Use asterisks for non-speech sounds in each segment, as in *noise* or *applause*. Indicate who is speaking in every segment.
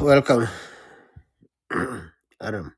Speaker 1: Welcome, *clears throat* Adam.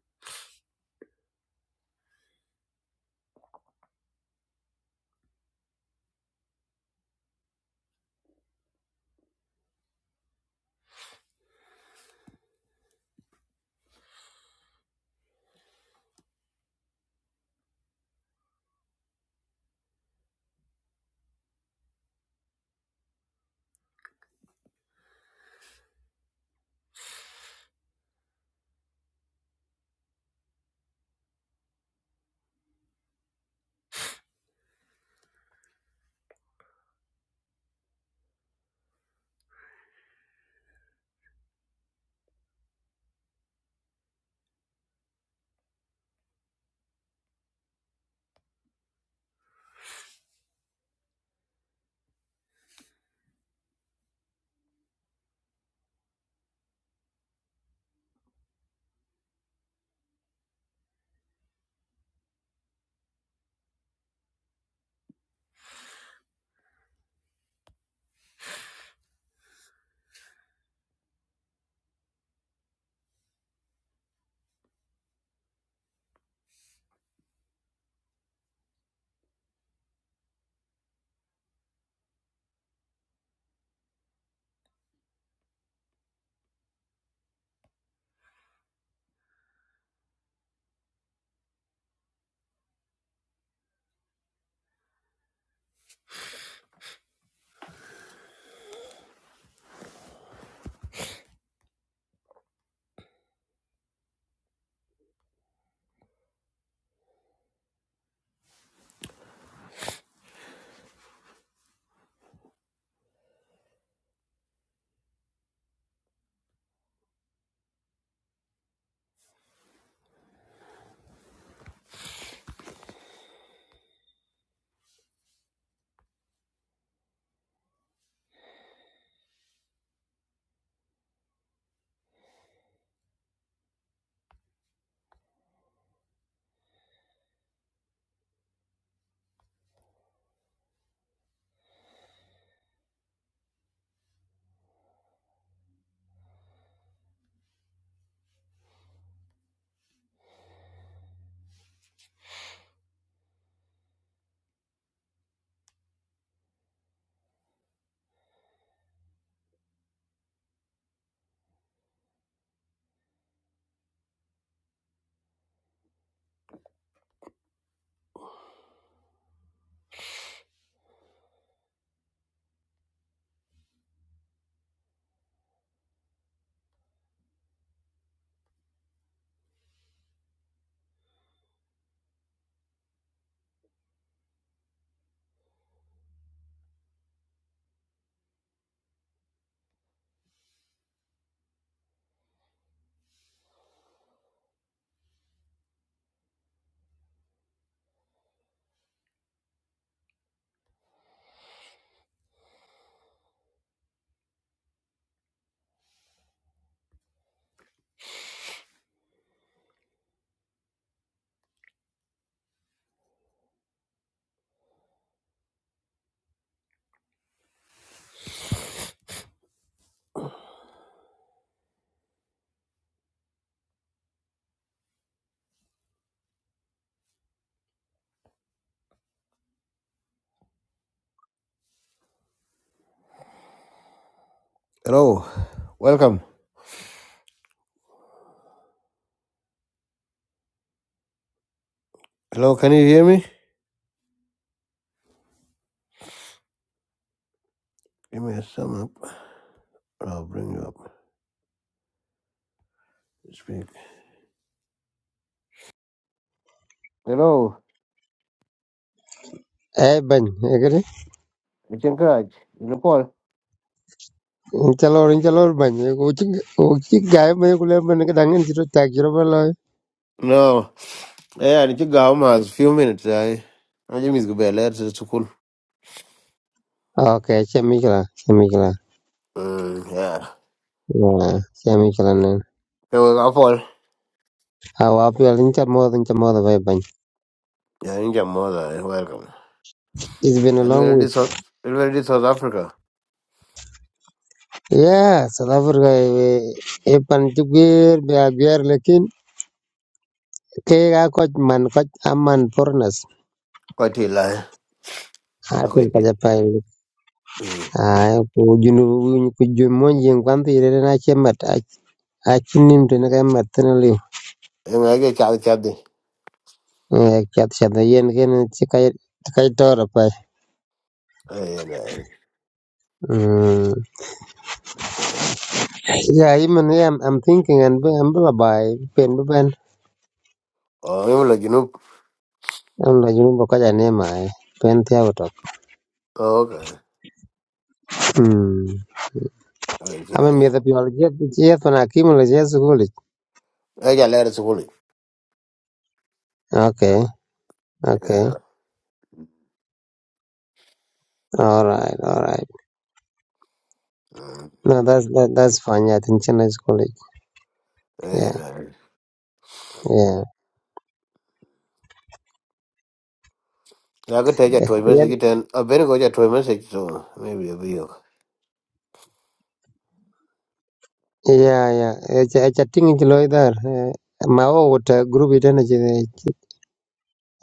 Speaker 1: Hello. Welcome. Hello, can you hear me? Give me a sum up. and I'll bring you up. to Speak. Hello.
Speaker 2: Eh bany egere
Speaker 1: It's encouraged. You know, call?
Speaker 2: in chalor bany uchi uchi gai me kule bany ka dangen chiro tak chiro bala
Speaker 1: No. Yeah, I need to go home a few minutes. I I just miss go bed late to school.
Speaker 2: okay chemi kala
Speaker 1: Mm, yeah.
Speaker 2: yeah chemi kala
Speaker 1: Hey, well, Apple.
Speaker 2: how up you in chamo in chamo the bany
Speaker 1: Yeah, in Jamaica. Welcome.
Speaker 2: it's been a long
Speaker 1: Hello,
Speaker 2: week
Speaker 1: this South hello, this South Africa.
Speaker 2: yeah south africa e pan jugir be abier lekin ke ga koch man koch aman foreigners
Speaker 1: Quite a lie.
Speaker 2: atin
Speaker 1: Quite
Speaker 2: ka
Speaker 1: a
Speaker 2: japai
Speaker 1: Hmm.
Speaker 2: ai ku junu ku jumonjen kwanti rena chemat achinin tena kemat
Speaker 1: I'm going to get chatty chatty.
Speaker 2: Eh, Katyana yen yen chikai chikai
Speaker 1: Oh, yeah, nah.
Speaker 2: Mm.
Speaker 1: Mm.
Speaker 2: Yeah, even yeah, I'm, I'm thinking and be- I'm by pen ben.
Speaker 1: Oh, you look, you know.
Speaker 2: I'm like you know because name I pen the
Speaker 1: Oh, okay.
Speaker 2: Hmm. I mean, me
Speaker 1: Eja
Speaker 2: the people get yes when I came to yes school.
Speaker 1: lere sikuli. I got letters to Wooly.
Speaker 2: Okay, okay.
Speaker 1: Yeah.
Speaker 2: All right, all right.
Speaker 1: Mm.
Speaker 2: No, that's that, that's fine. Yeah, I think Chennai Yeah,
Speaker 1: And,
Speaker 2: yeah.
Speaker 1: uh, I could take a toy
Speaker 2: Yeah,
Speaker 1: message again. I better go to toy message, so maybe it'll be okay.
Speaker 2: yeah, yeah. It's a it's a thing in Chiloy there. Eh, My old uh, group it energy.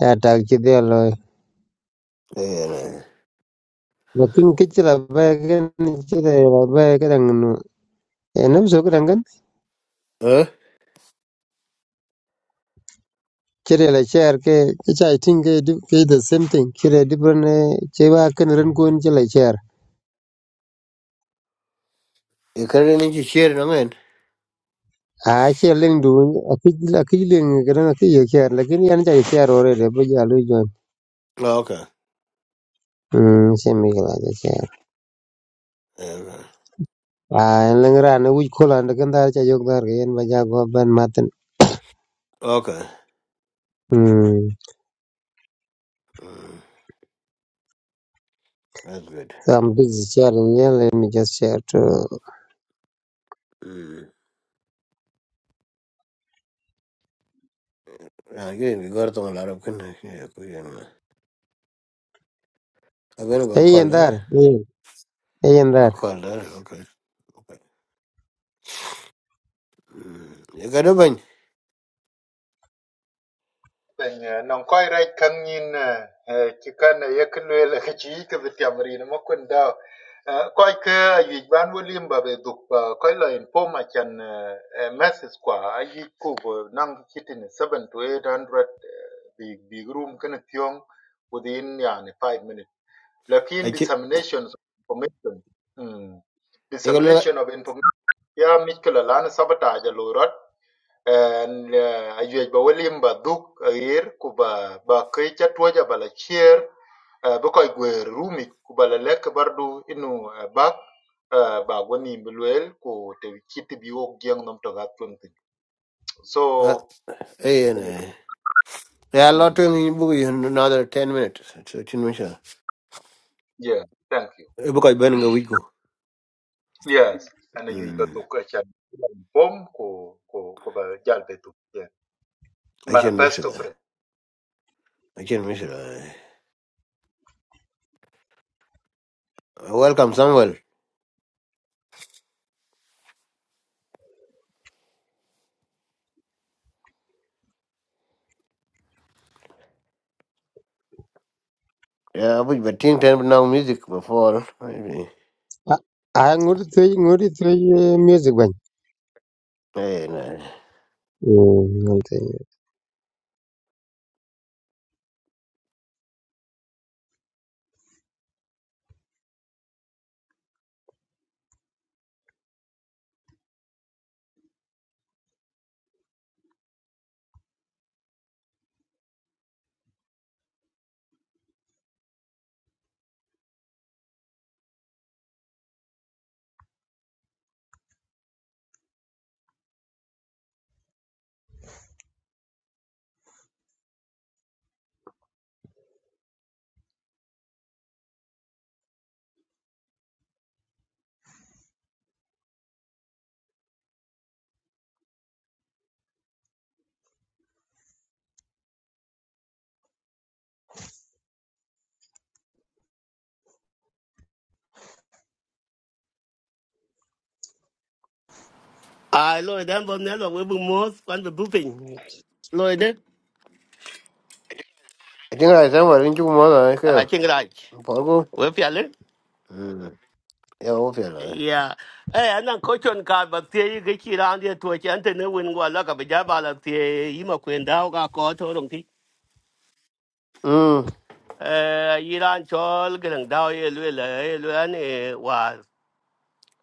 Speaker 2: Yeah, tag Chidelo.
Speaker 1: And, uh,
Speaker 2: Lakin kichila bagan chile la bagan no and also kurangan
Speaker 1: Huh?
Speaker 2: chile la share ke kicha I think ke di- ke the same thing chile different eh, che wa kan ran kun chile share
Speaker 1: You can't need to share it, I mean.
Speaker 2: a share ling du akil akil ling gran akil ye share lakin yan cha share ore le bu ya lu jon
Speaker 1: Oh, Okay.
Speaker 2: mm same ke la ja share
Speaker 1: Yeah,
Speaker 2: a lang ra ne wi kola ne kan dar cha yok dar ke yan ba ja go ban matan
Speaker 1: Okay.
Speaker 2: mm
Speaker 1: Mm, that's good.
Speaker 2: so I'm busy sharing yeah let me just share to
Speaker 1: Mm. Again, we got to a lot of connections. I'm going to go
Speaker 2: hey
Speaker 1: call
Speaker 2: and
Speaker 1: her.
Speaker 2: there hey
Speaker 1: I'll call her. Okay. Okay. Mm. You got a bunch.
Speaker 3: ben non koy rej kan yin ci kan ye kulwe le ci ke bitiam rin mo kun da koy ke yi ban wolim ba be duk koy la in poma chan message kwa yi ku bo nang kitin seven to eight hundred big big room kan pyong within yani 5 minutes lakin
Speaker 1: I check.
Speaker 3: dissemination of information mm.
Speaker 1: You got a lot.
Speaker 3: dissemination of information ya mikla lan sabata ja lorat and uh, ajuej ba welim ba dhuk ayer Kuba ba ba kai cha tuoja ba la chier uh, bu koy gwer rumi ku ba la lek bardu inu uh, bak uh, ba gwani mbilwel ku te kiti bi wok gieng nom to ga tun so
Speaker 1: Uh, Hey, and, uh, yeah, a lot
Speaker 3: mm,
Speaker 1: to me. Book you another 10 minutes. So 13 minutes.
Speaker 3: yeah thank you
Speaker 1: Bukai Benga Wiko.
Speaker 3: yes and ajuej ba
Speaker 1: Mm.
Speaker 3: dhuk acha pom ku ku ku ba jal betu yeah
Speaker 1: I can miss it.
Speaker 3: manifesto pre
Speaker 1: I can miss it. Uh, Welcome, Samuel. Yeah, but but think time now music before. Maybe.
Speaker 2: Ah, ah, ngori tey ngori tey eh, music ban.
Speaker 1: Hey, nah.
Speaker 4: à lôi đến bom nè lôi với bung mốt quan với bung pin lôi đến
Speaker 1: I think I Samuel in two months. I
Speaker 4: à
Speaker 1: care.
Speaker 4: chừng lại
Speaker 1: Porgo.
Speaker 4: với phía lên
Speaker 1: Mm. Yeah, okay.
Speaker 4: yeah ê anh đang có chuyện cả bác sĩ cái chỉ là anh đi tuổi trẻ anh thấy nó quên qua là cả bây giờ bà là thì ý mà quên đau cả có thôi đồng chí
Speaker 1: Mm.
Speaker 4: ê Iran cho cái thằng đau ấy lôi lại lôi anh ấy và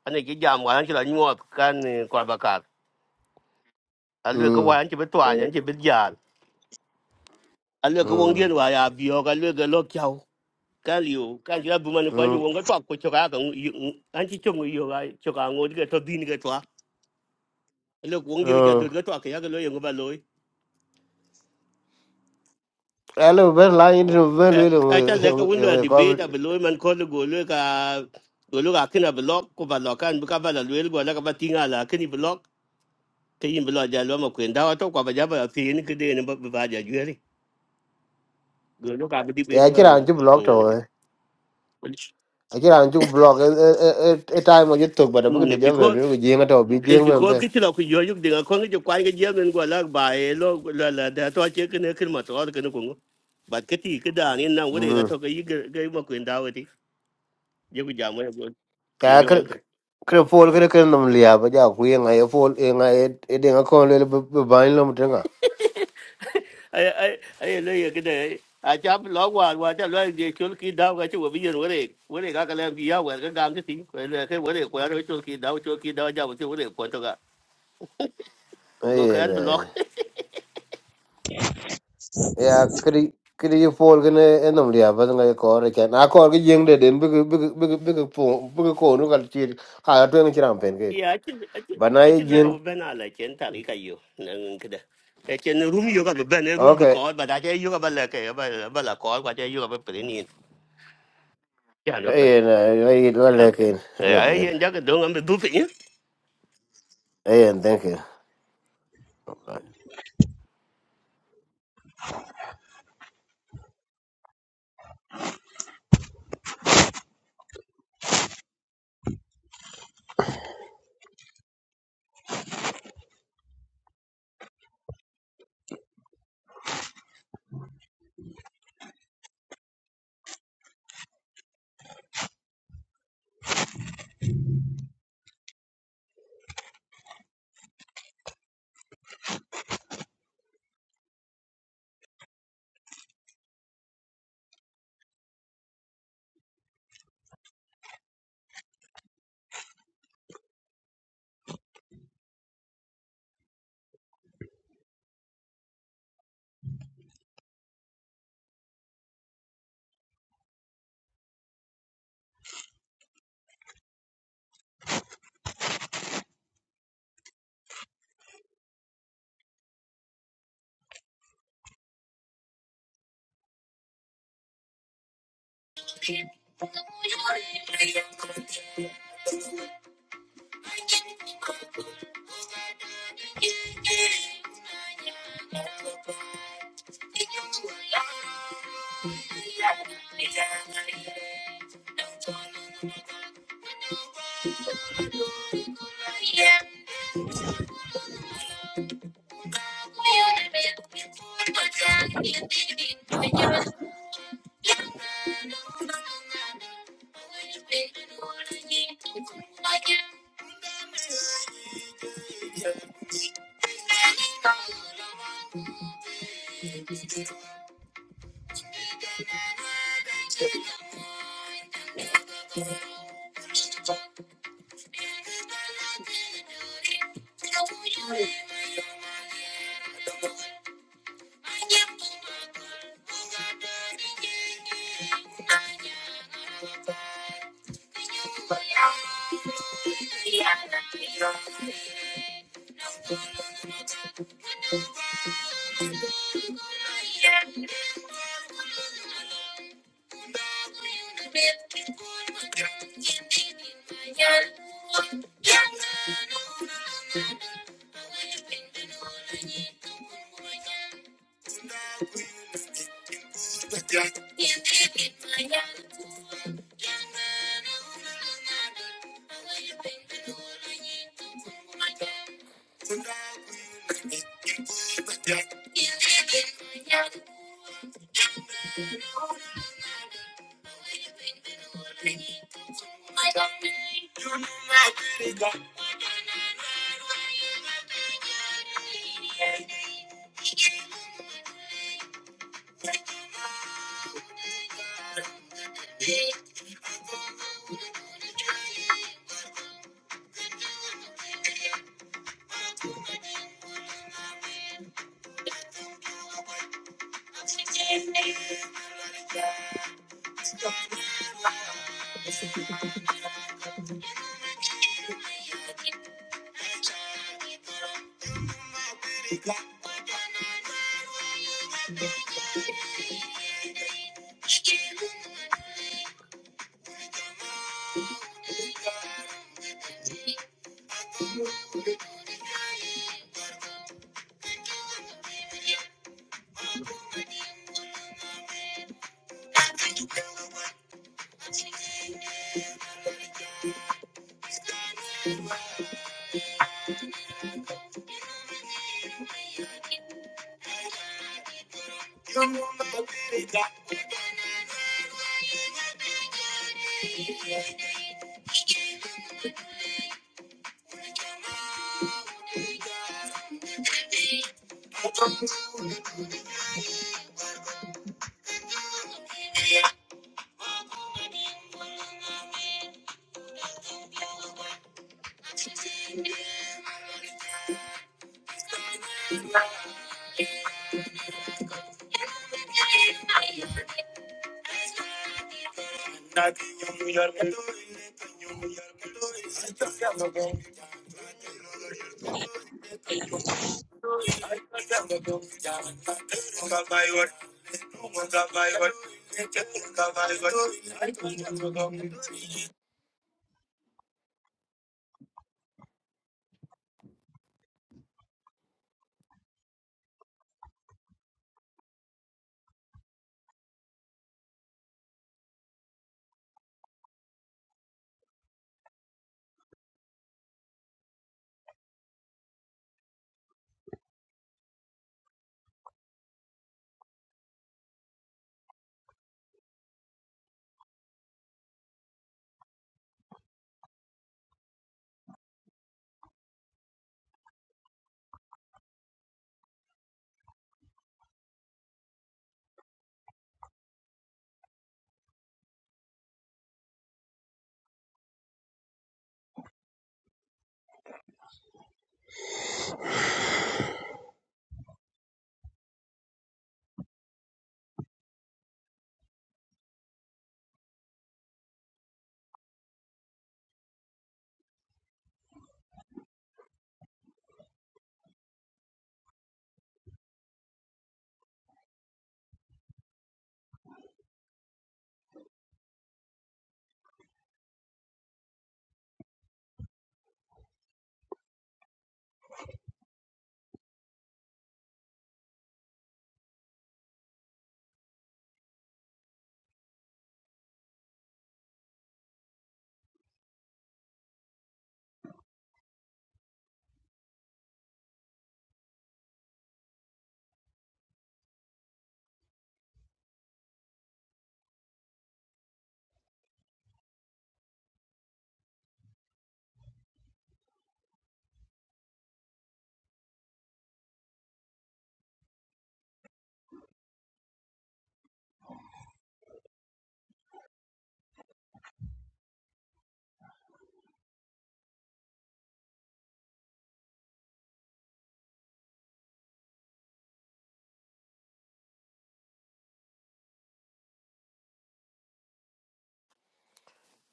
Speaker 4: anh ấy cái giảm và anh chỉ là nhọt can quả bạc cát anh lôi cái quả
Speaker 1: Mm.
Speaker 4: anh chỉ biết tòa anh chỉ biết giàn anh lôi cái vòng điên
Speaker 1: Mm.
Speaker 4: và à biểu anh lôi cái lốc kéo ka liu ka jia bu man kwa ju
Speaker 1: Mm.
Speaker 4: wong tok ko choka ka ngu an chi ga choka ngo de to din ga twa le wong de ja du
Speaker 1: Mm.
Speaker 4: ga twa ka ga lo yong ba lo
Speaker 1: Hello, Ben Lion, Ben
Speaker 4: a cha le ka
Speaker 1: William,
Speaker 4: wun
Speaker 1: you
Speaker 4: di be
Speaker 1: cover.
Speaker 4: da ba lo man ko le go le ka go lo ga kina block ko ba lo kan bu ka ba la le go la ka ba tinga la kini block ke yin block ja lo ma kwen da to kwa ba ja ba fi ni ke de ne ba ba ja ju ri go lo ka ba be
Speaker 1: Yeah, I
Speaker 4: lo la
Speaker 1: can't block
Speaker 4: mm
Speaker 1: to I can't block a time when you took, but I'm going
Speaker 4: Mm,
Speaker 1: to jump
Speaker 4: because
Speaker 1: and you're going
Speaker 4: If
Speaker 1: to
Speaker 4: because
Speaker 1: be
Speaker 4: cái chuyện là cái giáo dục thì con cái quan cái giáo nên gọi là bài lo là là đã tôi chơi cái này cái mà tôi cái nó cũng but cái thì cái đàn nên nào cái đấy
Speaker 1: jing.
Speaker 4: cái thôi cái cái cái mà quyền đào thì giáo cái giảm ấy rồi rồi
Speaker 1: Kaya
Speaker 4: lo ok
Speaker 1: kere kere fol kere kere nam liya ba ja ku yenga ye fol yenga ye ye denga kon lele be be bain lam tenga.
Speaker 4: ai ai ai lấy cái này à cha lo qua qua cha lo cái chỗ cái đào cái chỗ bây giờ rồi đấy rồi đấy cái làm gì cái làm cái gì cái cái rồi đấy qua rồi cái đào chỗ cái đào giờ cái rồi đấy qua tôi
Speaker 1: Ayer ya kere kere ye fol kene ye nam liya ba denga ye kor ye kyan. Akor ke jeng de den bege bege bege bege po bege ko nu kal chir kaya tu yenga chiram pen ke.
Speaker 4: Yeah, I think I think
Speaker 1: Bana
Speaker 4: I
Speaker 1: ye
Speaker 4: think look
Speaker 1: jeng
Speaker 4: at Ben Ala Chen Tarika you. Nankada. I can room you got a Ben a room
Speaker 1: okay.
Speaker 4: because but I tell you about like a bala call, what I you about pretty. Yeah, no,
Speaker 1: Ayer na ayer la
Speaker 4: okay.
Speaker 1: lekin lo
Speaker 4: Yeah, I
Speaker 1: ben.
Speaker 4: ain't jacket don't I'm a doofy.
Speaker 1: Ayer thank you.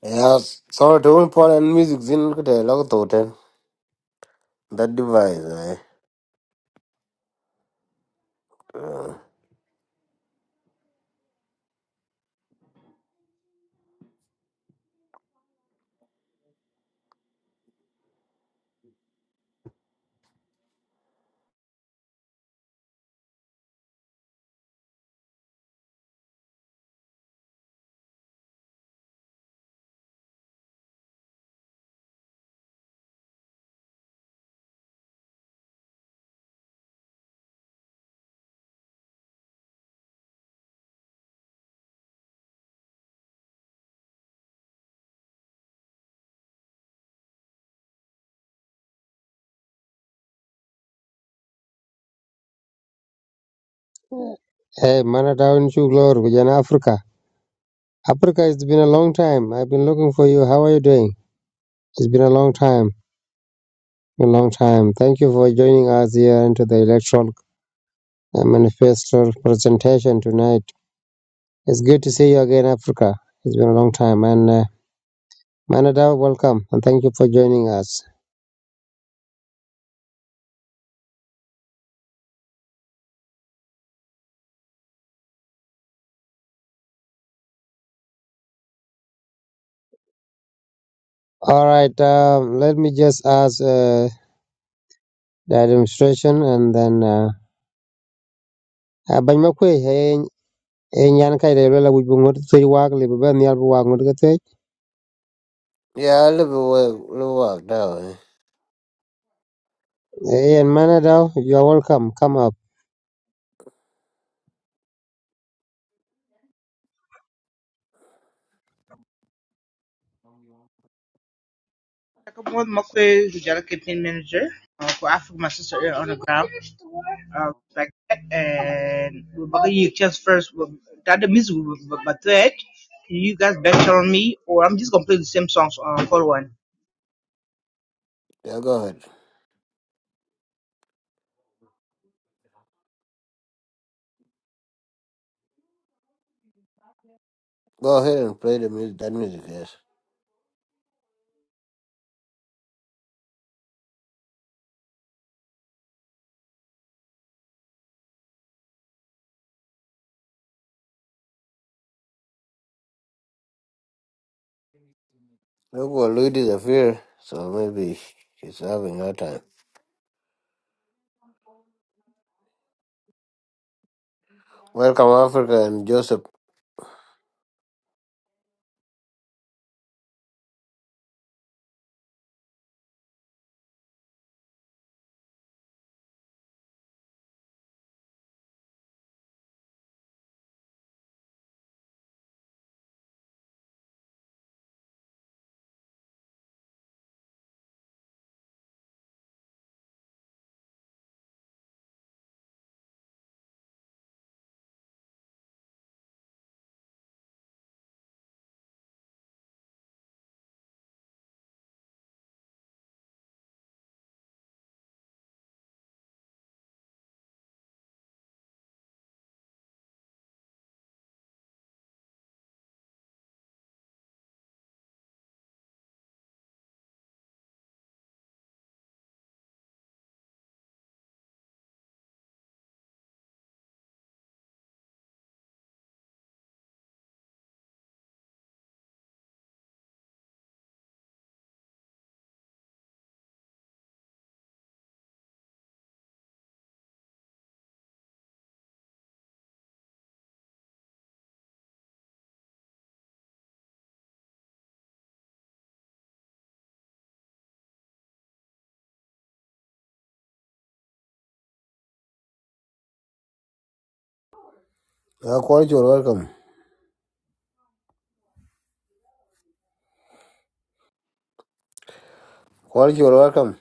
Speaker 1: Yeah, sorry to important music zin kete log toten that device. Eh.
Speaker 2: Hey, mana down chuklor kujana Africa. Africa, it's been a long time. I've been looking for you. How are you doing? It's been a long time, a long time. Thank you for joining us here into the electoral uh, manifesto presentation tonight. It's good to see you again, Africa. It's been a long time, and uh, Manadaw, welcome, and thank you for joining us. All right, um, let me just ask uh, the administration, and then. Uh, uh, Banymakwe, hey, e nyan kai de la wuj bu ngot te wag le ba nyal bu wag ngot te
Speaker 1: Yeah, a little work, little work that way.
Speaker 2: e en mana da you are welcome come up
Speaker 5: I Chakamoy Mokwe, who's the campaign manager uh, for Africa, my sister here on the ground. Uh, like that, and we're back you just first. we- That the music, we- we- we- but that you guys better on me, or I'm just gonna play the same songs uh, for one.
Speaker 1: Yeah, go ahead. Go ahead and play the music. That music, yes. Look what Luigi is so maybe he's having a hard time. Welcome, Africa and Joseph. Uh, quality or welcome. Quality or welcome.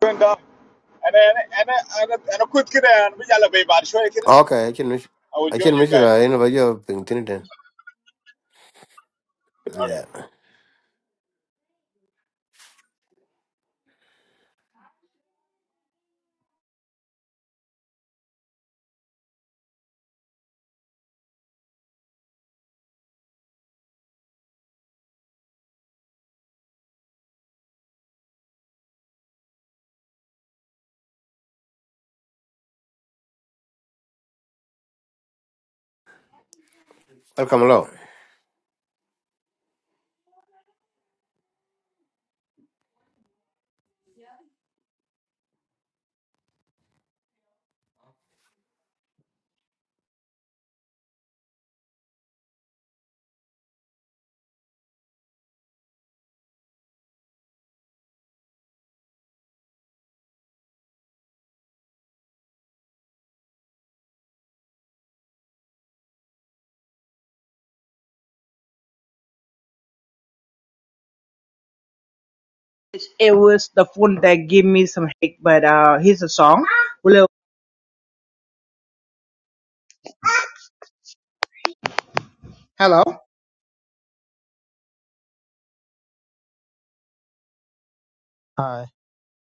Speaker 6: doing that. And then, and then, and then, and a quick kid and we got a baby body show kid. I
Speaker 1: Okay, I can miss.
Speaker 6: will
Speaker 1: I
Speaker 6: join
Speaker 1: can
Speaker 6: you
Speaker 1: miss it.
Speaker 6: guys.
Speaker 1: I know you are ping Tintin.
Speaker 6: Okay.
Speaker 1: Yeah. Welcome, hello.
Speaker 5: It was the phone that gave me some hate, but uh, here's a song. Hello, hello.
Speaker 7: Hai,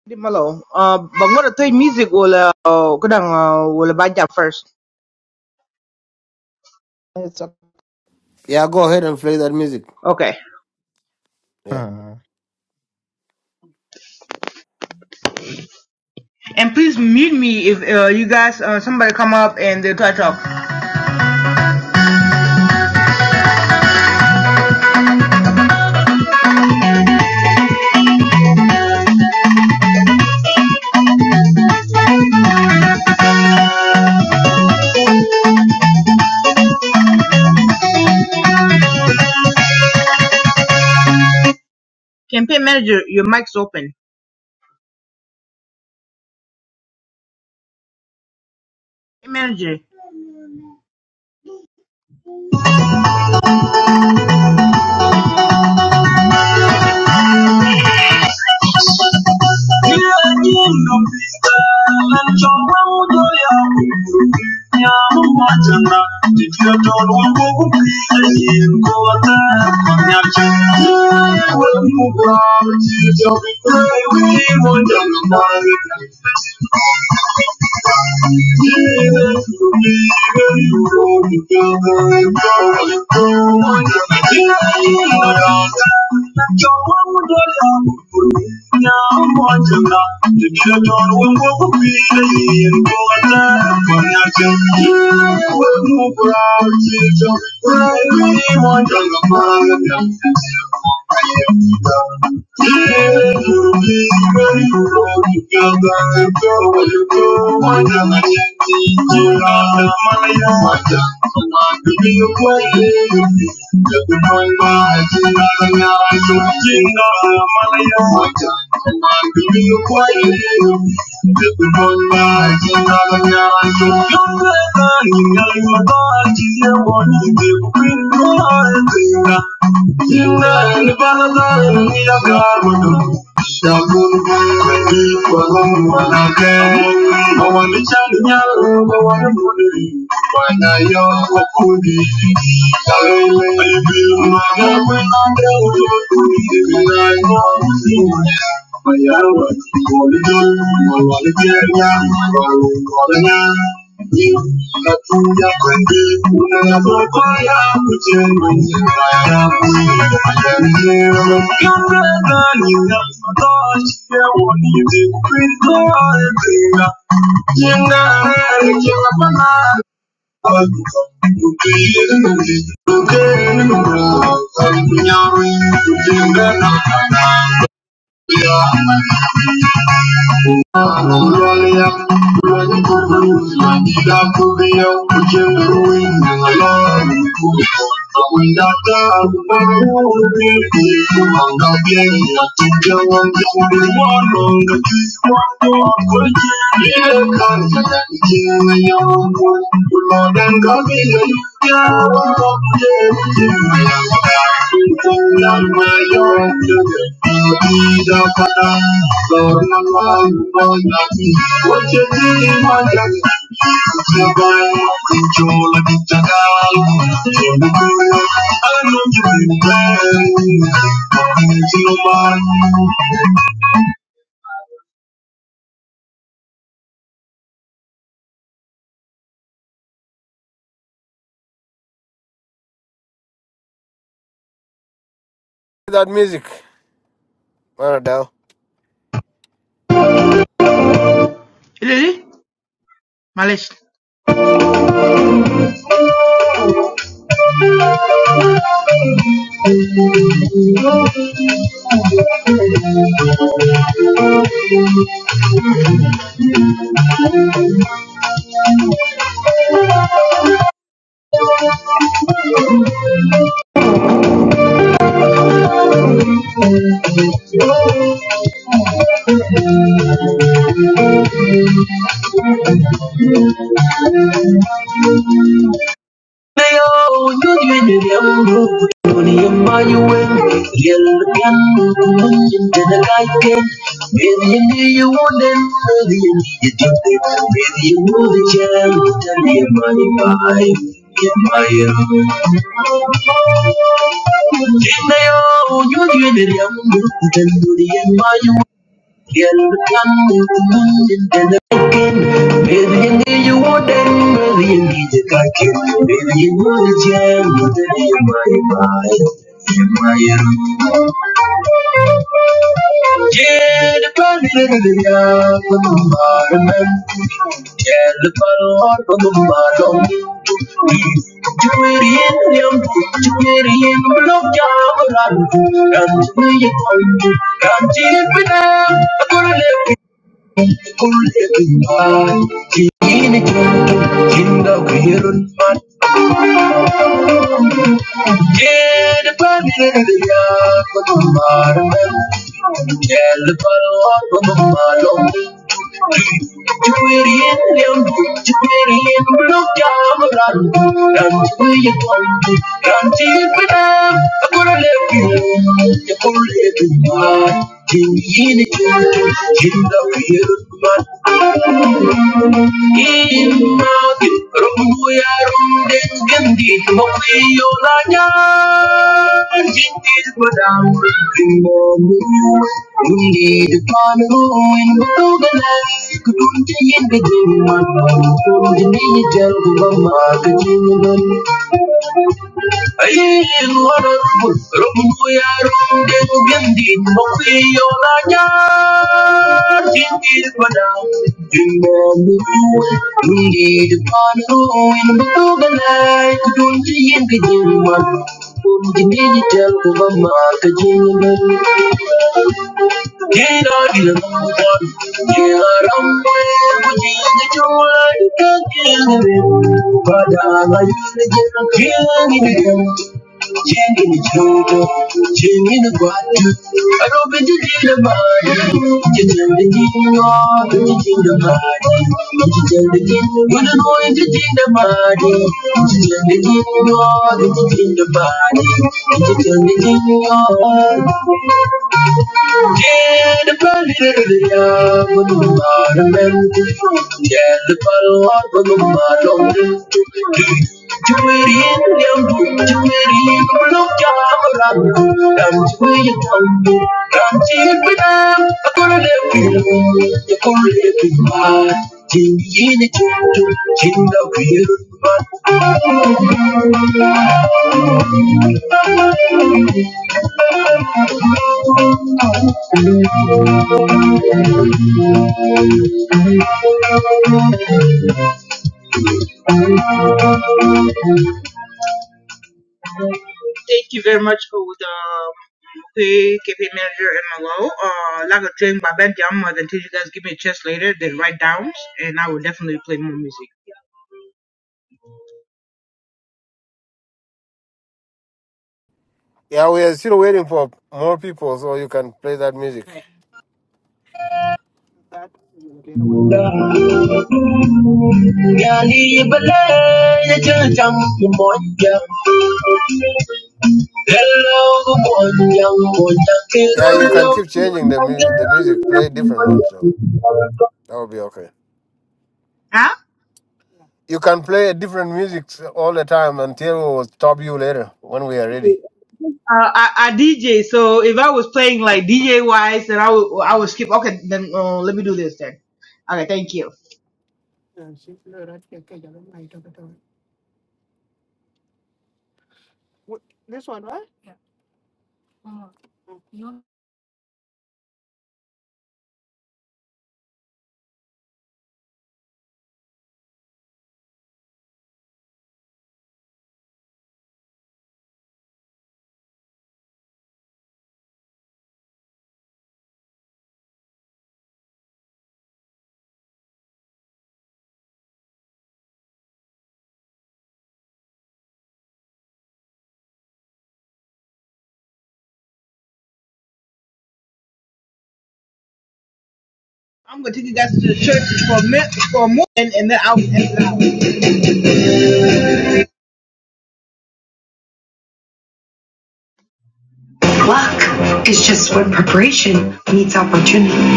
Speaker 5: Leave me alone. Uh, but I'm gonna play music. Will uh, go down. Uh, will buy that first.
Speaker 7: Esa
Speaker 1: Yeah, go ahead and play that music.
Speaker 5: Okay.
Speaker 1: Yeah.
Speaker 7: hmm,
Speaker 5: And please mute me if uh, you guys uh, somebody come up and they try to talk. Campaign manager, your mic's open. Campaign manager. Thank you. Thank you. Thank you. Thank you. Jingle, jingle, banana. I'll Yeah. Thank you.
Speaker 1: That music. Well,
Speaker 5: Lily, Malish. Yelken in the night with you knew you wouldn't with you you did it with you knew the jam tell me money by in my own in the own you did it young and do the in my own Yelken in the Baby, you want that? Baby, you need to cut Baby, you want to jam. Baby, you my mind. My Yeah, Yeah, You were in them, you were you are going to Thank you. Inagin, rumbuya rumden gandit makwiyo Jintis madang kimomu, mundi depan ruin batugalan, kutuntayin gajin matang, kutuntayin jal Ayin warabul Rabul kuyarong Deng gandin Makwiyo na nyar Tingil padang Tingmamukuin Hindi depan ruin Butuganay Kudun tiyin kajiman Kung dinididal Kubama kajiman Thank you. I Thank you. know. I'm gonna let you know. I'm gonna let you know. Thank you very much for the KP manager and Malo. Uh, like a train by Ben Diamond, and until you guys give me a chance later, then write downs, and I will definitely play more music.
Speaker 1: Yeah, we are still waiting for more people, so you can play that music.
Speaker 5: Hey. Yali balay ya jajang kumonjang. Hello kumonjang kumonjang
Speaker 1: Yeah, you can keep changing the mu- the music, play different ones, so
Speaker 5: kirurlo.
Speaker 1: that will be okay. You can play different music all the time until we'll stop you later when we are ready.
Speaker 5: Uh, I, I DJ, so if I was playing like DJ wise, then I would I would skip. Okay, then uh, let me do this then. Okay, thank you. I'm gonna take you guys to the church for a minute, for a moment, and then I'll exit out. Luck is just when preparation meets opportunity.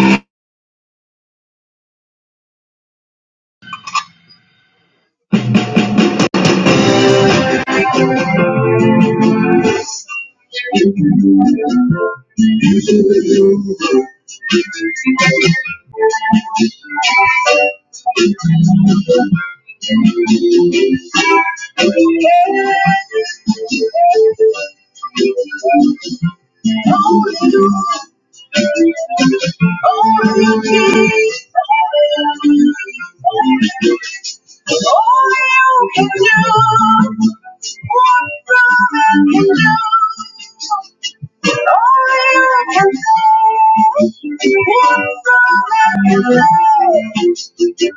Speaker 5: All you can do, one brother can do. I can say is all I can say.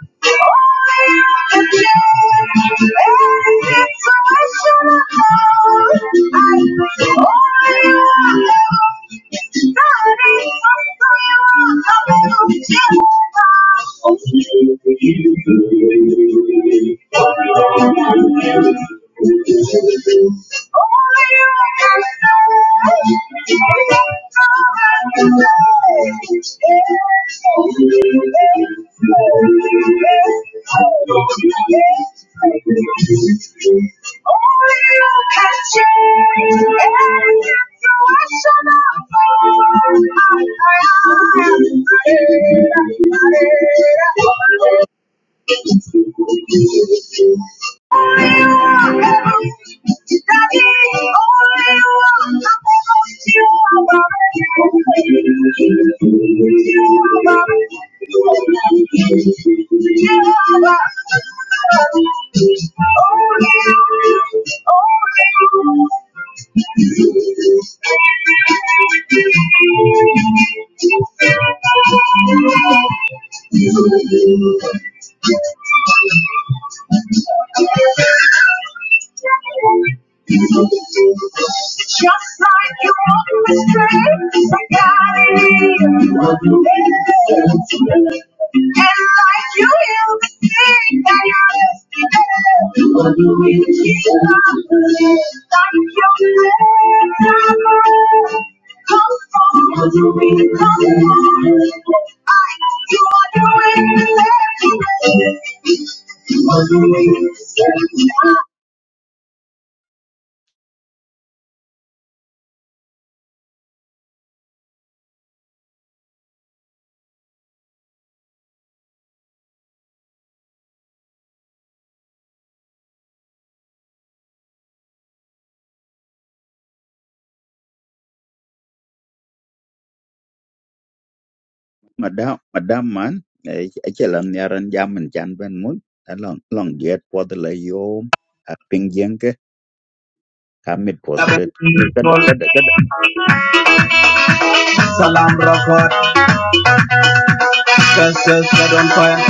Speaker 5: Thank you. Thank you. Thank you. Just like you walk the streets I got it. and like you heal the sick and you are lift the dead, Jesus, like you are live Come forward, you really come forward. I, you are doing it. Salam
Speaker 8: madam madam man achelam niaran jaman chan ben mu long long diet for the la yo ping yeng ke kamit for the red kad kad kad
Speaker 5: Rockford, Churches set on fire.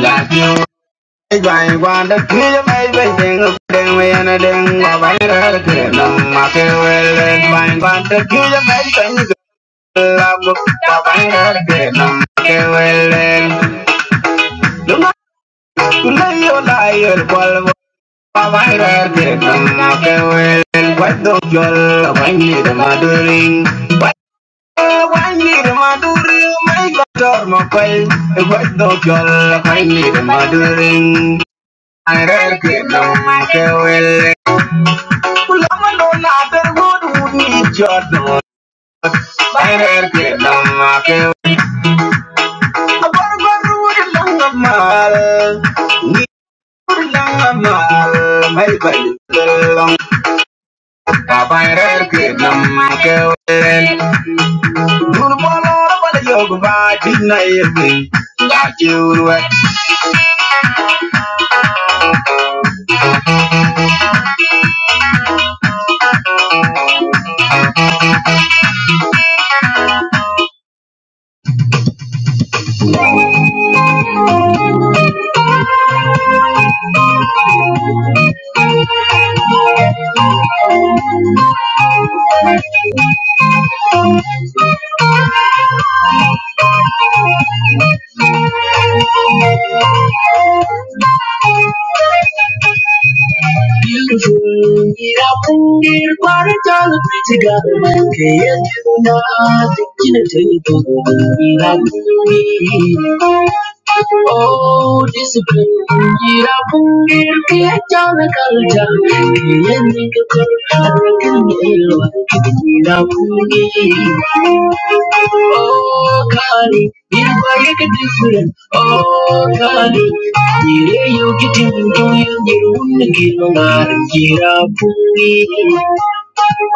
Speaker 5: Thank you. Bang one the kill my waiting up then we and a ding my viral kill my farewell and bang one the kill my thing love my viral kill my farewell and the man who lay your liar qual my viral kill my farewell and what the girl when you the mothering what when you the mothering my daughter my quail what the girl when you the mothering Ayer que no te huele algún ni yo no Ayer que no te huele mal Ni huele mal Me no Thank you. Oh, discipline, mira, pulir que ya chana kalja, que ya ni que te arreguen el mira, pulir. Oh, Kali, you vaya que different. Oh, Kali, you yo que te entiendo, yo no quiero nada, mira, pulir.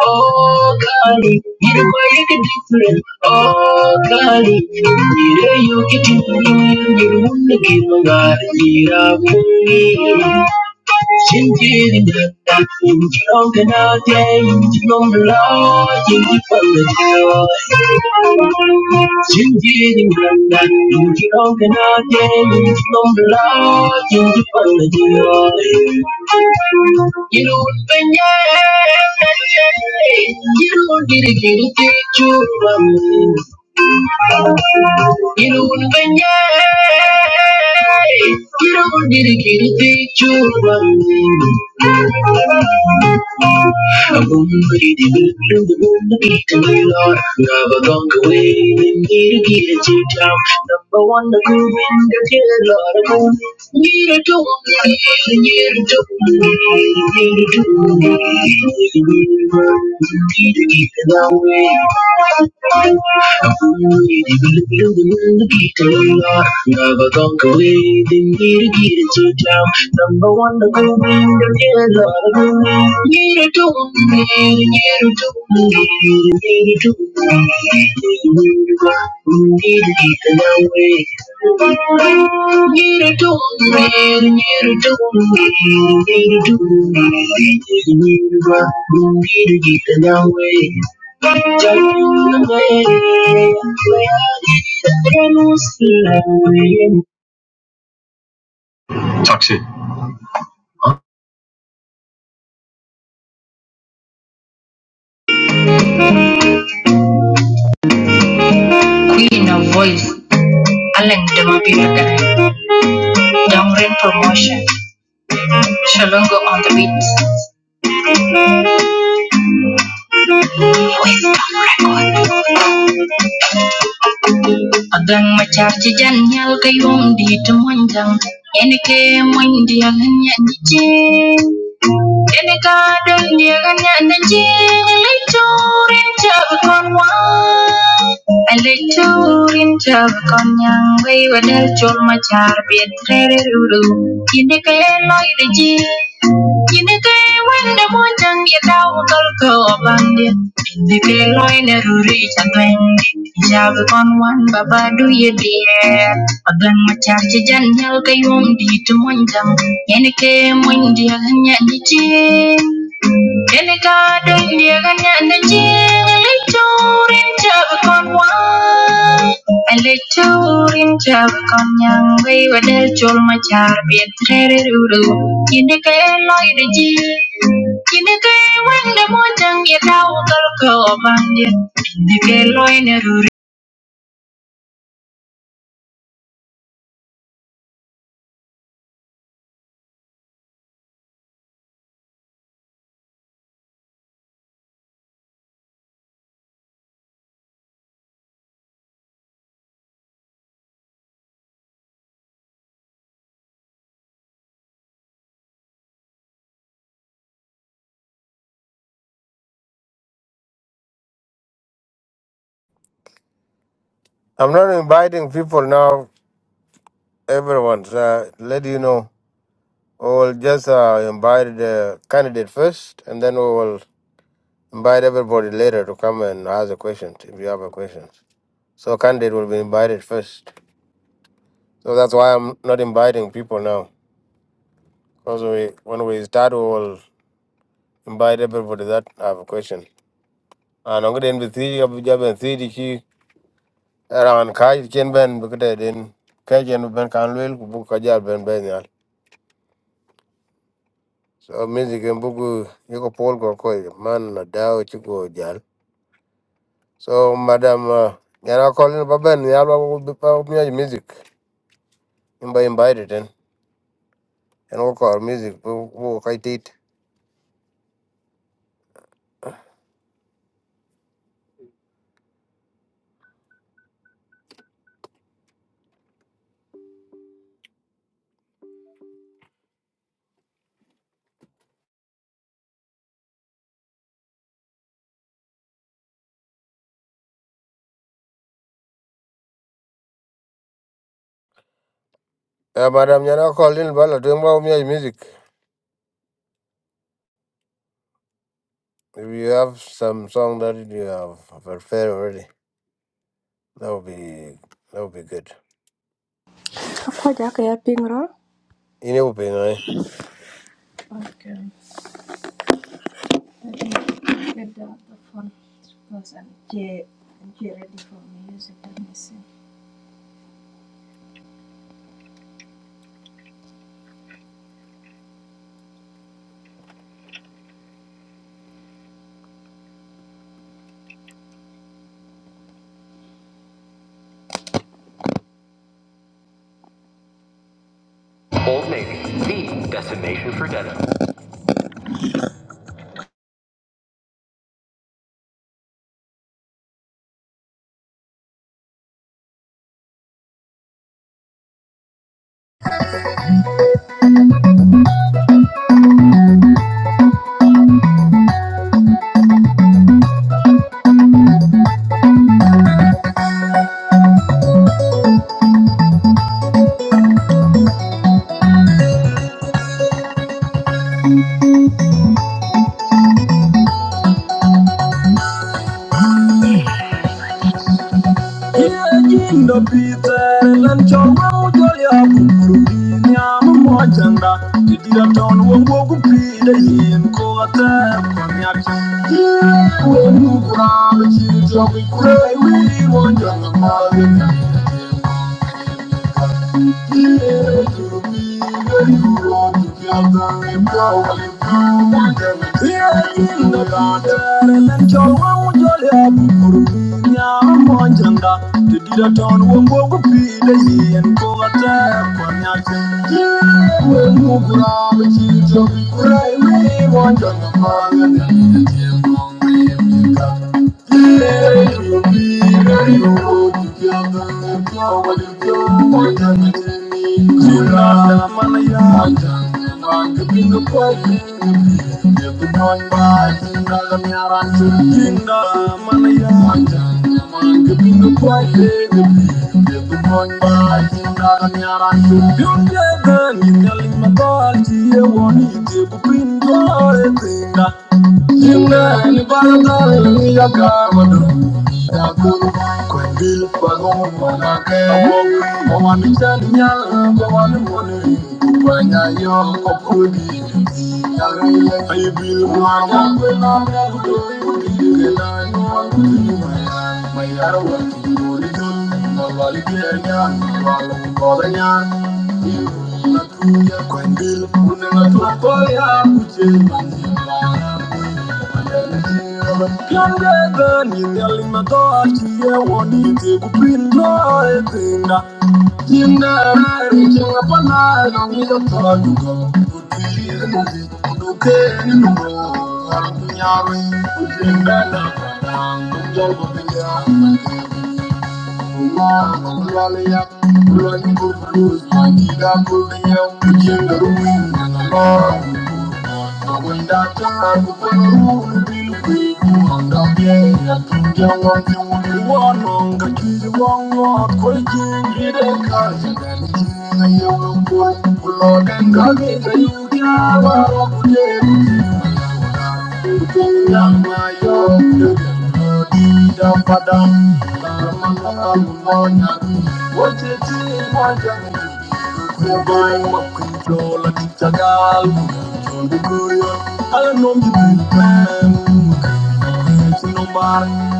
Speaker 5: Oh, Kali, you know why you get different. Oh, Kali, you know you get different. You know, look at my God, you know, Thank you. Number one, the good in the killer, Need to dog, need a dog, need a dog. Number one, the golden, the killer, the golden. Get it to me, get it to me, Queen of Voice, Alan Damabiraga, Dongren Promotion, Shalongo on the Beats, Voice of Record. a gaŋ makyarji jan nyal kayuumdi ti monjaŋ ene ke moyndi a ŋan yandi jeŋ ene ka doldi a ŋan yang jeŋ a lekturin tabi kon wan a lekturin tabi kon nyaŋ wey wadal col makyar biet rere rudu Yinike loy de ji Yinike wende mojang ye tol ko bandit Yinike loy ne ruri chatwendi Jab kon wan baba du ye diet Pagang machar ci di tu mojang Yinike mondi aganya di any garden near and the jelly tour in Jabcon one. A little in Jabcon young way with a jol my char be a treasure uru. In the gay light the jee. In the gay when the mojang yet out of go band.
Speaker 1: I'm not inviting people now, everyone. So let you know. We'll just uh, invite the candidate first, and then we will invite everybody later to come and ask a question if you have a question. So candidate will be invited first. So that's why I'm not inviting people now. Because we, when we start, we will invite everybody that have a question. And I'm going to invite you. Around kai chen ben bukete din kai ben kan luel ben ben So music en buku yoko pol ko man dao chiko jal. So madam uh, yana calling ba ben yal ba bu pa miya music. Imba invited in and we call music bu bu kai Um, if you have some song that you have prepared already, that would be that would be good.
Speaker 9: Akwaja akaya piny ro,
Speaker 1: In your opinion, eh?
Speaker 9: Indo Peter lan choma ujoya kumurudi nyamu mojanga. Tidira ton wongo kupi de yin ko ata konyak. Wonu kura bichi jogi kure wi wonjanga mawina. Thank you. Thank you. Nimrani barata niya karmadu. Yakul kwendil bagong manake. Oman chan nyal bawan mone. Kupanya yo kopudi. Yarele aibil mwana kwena mwana. Kudigelani wangudi mwana. Mayarwa kudigelani. Kwendil, unenga tuwakoya kuchemani Yangega ni ndali mato achiye woni te kupindo etinga Tinga rari kinga pana yongi jota dugo Kuti kuti duke ni dugo Arkunyari kutinga na pradang Kunjol kupinga Thank you. Thank you.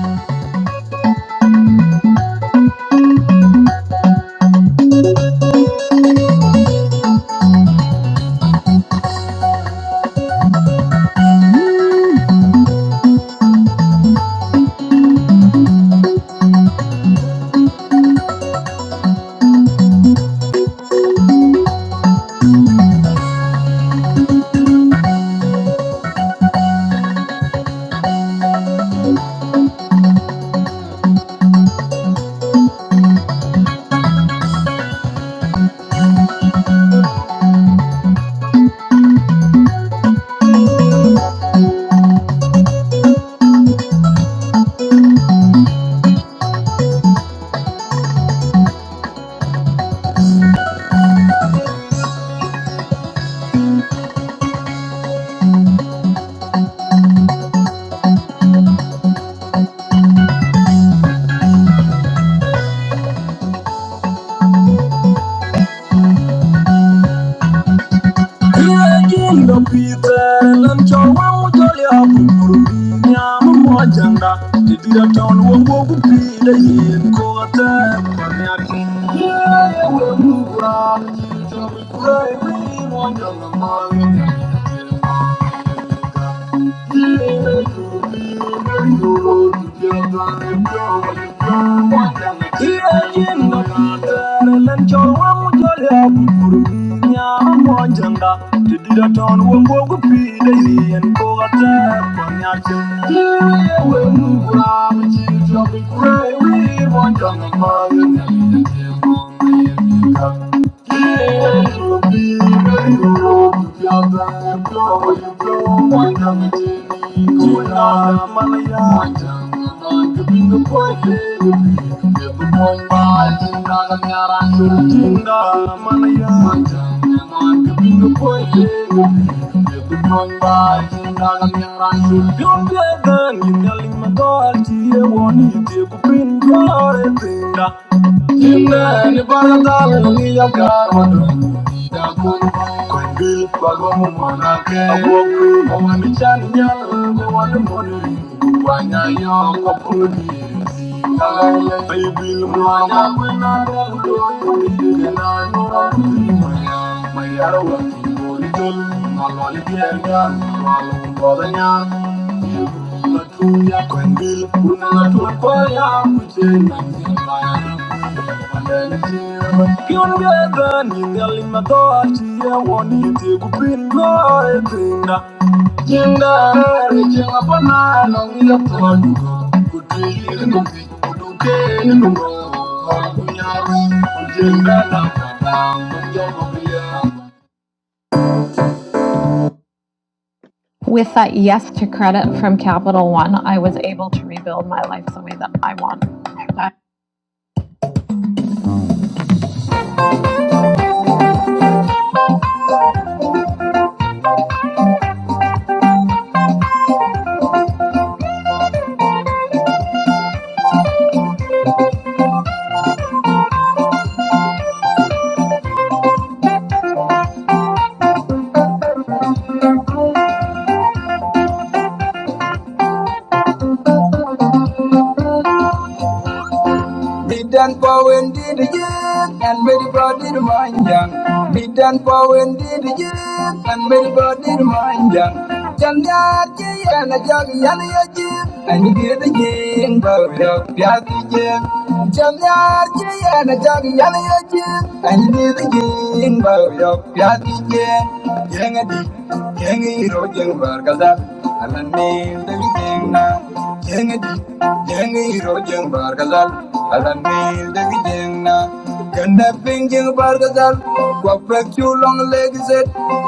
Speaker 9: I'm pitere nan cawan Thank you. Thank you. Thank you. You're the one who's no With that yes to credit from Capital One, I was able to rebuild my life the way that I want. I Bid and Powen did again, and very body to mind young. Bid and Powen did again, and very body to mind young. Jangaki and a jug yanaki, and you get the game, but up Yaki. Jangaki and a jug yanaki, and you get the game, but up Yaki. Yangadi, Yangi Rogin Bargaza, and the name the Jeng di, jeng iro jeng bar gazal, alam nil de jeng na. Ganda ping jeng bar gazal, gua prek long leg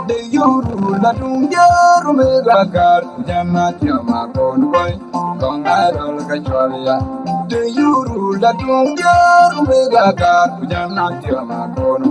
Speaker 9: De yuru la dung jaru me jama jama kon koi, kong adol De yuru la dung jaru me jama jama kon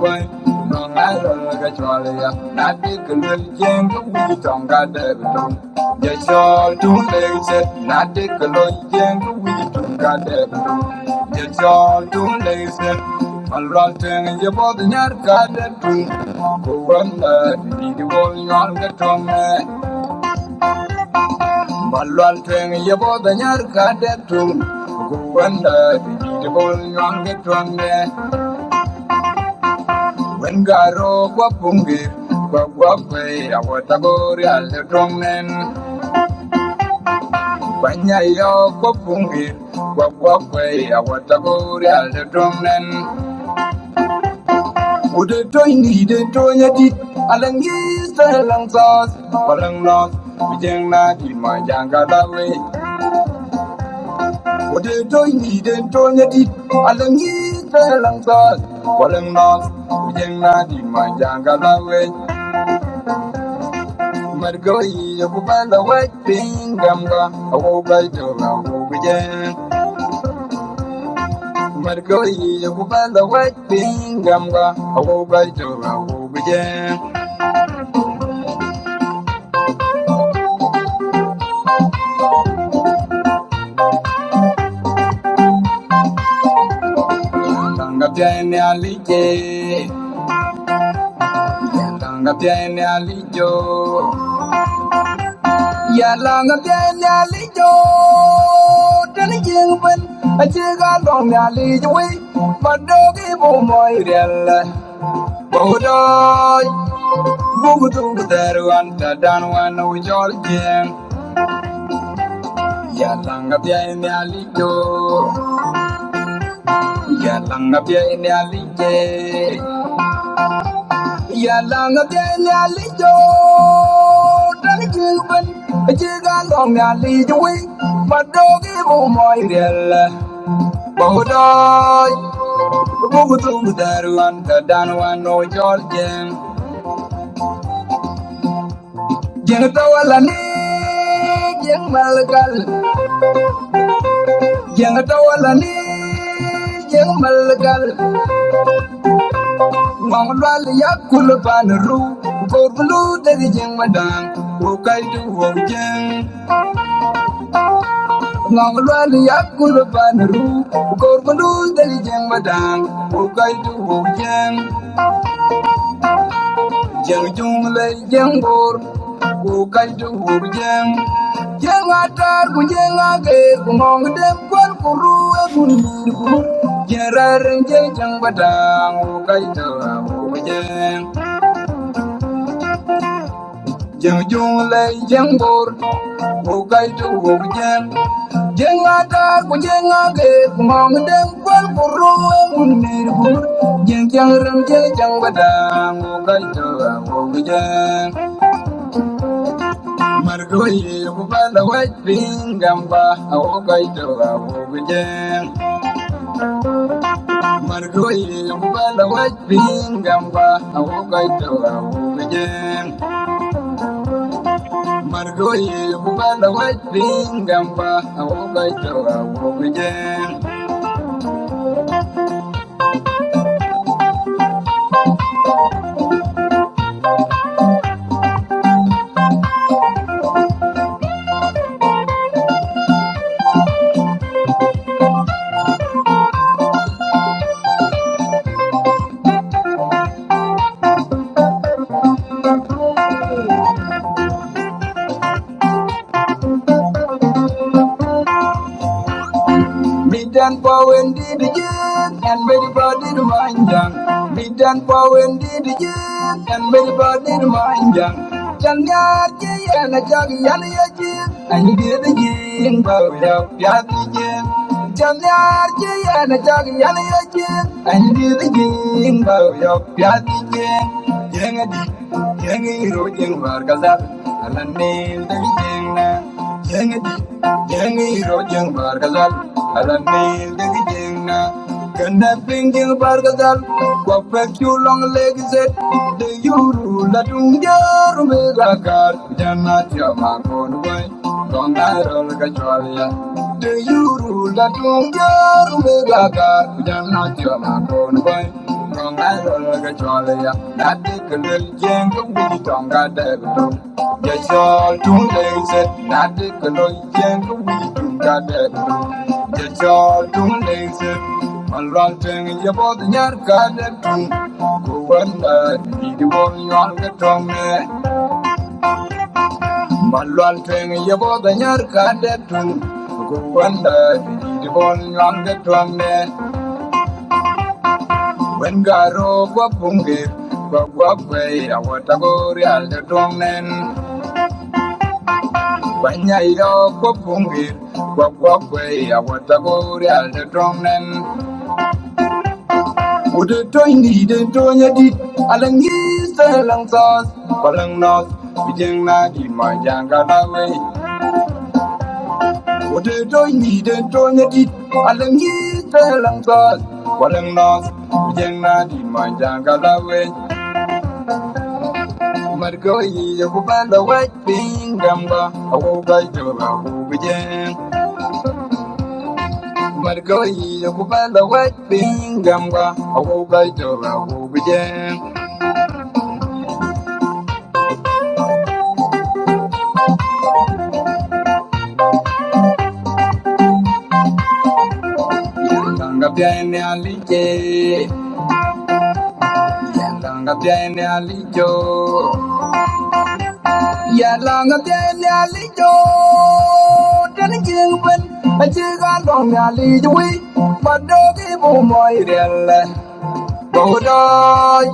Speaker 9: Thank you. Wengaro kwa pungi kwa kwa kwe ya watagori aledomen kwanya yo kwa pungi kwa kwa kwe ya watagori aledomen ude toini de tonya di alangi salang sauce palang nos bijeng na di majanga dawe ude toini de tonya di alangi salang sauce palang nos bijeng na di majanga dawe Margoyi ya kubala waiting gamba awogai tora awogai Margoyi ya kubala waiting gamba awogai tora awogai Tanga tiene alije Tanga tiene alijo Ya langa tiene alijo Tani jingben Achiga long alijo we Madogi bo moirel Bodoy Bugudu budaru anta danwana ujolje Yalanga pia ini alijo Yalanga pia ini alije Yalanga pia ini alijo Dani chilben Chiga long ni alijo wi Madogi bumoy riel Bugudoy Bugudu budaru anta danwana ujolje Jeng tawala ni Jeng malgal Jeng tawala ni jeng malgal ngong lwal yakul pan ru kor blu dari jeng madang bukai du wong ngong lwal yakul pan ru kor blu dari jeng madang bukai du wong jeng jeng jung le jeng bor bukai du wong atar ku jeng ager ku ngong dem kwan kuru agun Jararin je jang badang o kai ta o jeng jang jung lai jang bor o kai tu o jeng jeng ada ku jeng age ku mong deng kwal ku jeng jang jang badang o kai ta o jeng mar go ye ku ba la wai ping gam ba jeng Margoyle mbala wajbingamba awogaitawa umeje Margoyle mbala wajbingamba awogaitawa umeje Bidan Powen did again, and very body to mind young. Bidan Powen did again, and very body to mind young. Jangaki and a jug yanaki, and you did again, but without Yaki. Jangaki and a jug yanaki, and you did again, but without Yaki. Yangi, Yangi, Rodin Vargazar, and a name the beginning. Yang iro jeng bargazal, alam ni degi jeng na. Kena pinggir bargazal, kwa pek long legi zet. De yuru la dung jaru melakat, jana tiama kon boy. Dong darol kecuali ya. De yuru la dung jaru jana tiama kon Trong ai rồi rồi cái trò lìa Đã đi cần lên giang Cũng đi tròn cả đời của Giờ cho chúng đây dịch Đã đi cần lên giang Cũng đi chỉ tròn cả đời của tôi Giờ cho chúng đây dịch Mà loạn trên Giờ bó tình nhát cả đời trung Cô vẫn đời Đi đi bó nhọn cái tròn nè Mà loạn trên Giờ bó tình nhát cả đời trung Cô vẫn đời Đi đi bó nhọn cái tròn nè When Garo Wapungit, Wagway, Awatagorial, the Drongnen, when Yairo Wapungit, Wagway, Awatagorial, the Drongnen, would the Tony, the Tonya did, Alan East, Alan South, Alan North, Bijang Nagi, my Jangalaway, would the Tony, the Tonya did, Alan East, Alan South, Alan North, Bijang Nagi, my Jangalaway. Margoyi yahubanda wapingamba awubajoba ubujen Margoyi yahubanda wapingamba awubajoba ubujen Yandanga byane alije Yandanga byane alijo Yandanga byane alijo Dana jingwen Ajiga long alijo wi Badogi bu moirelle Bahudoy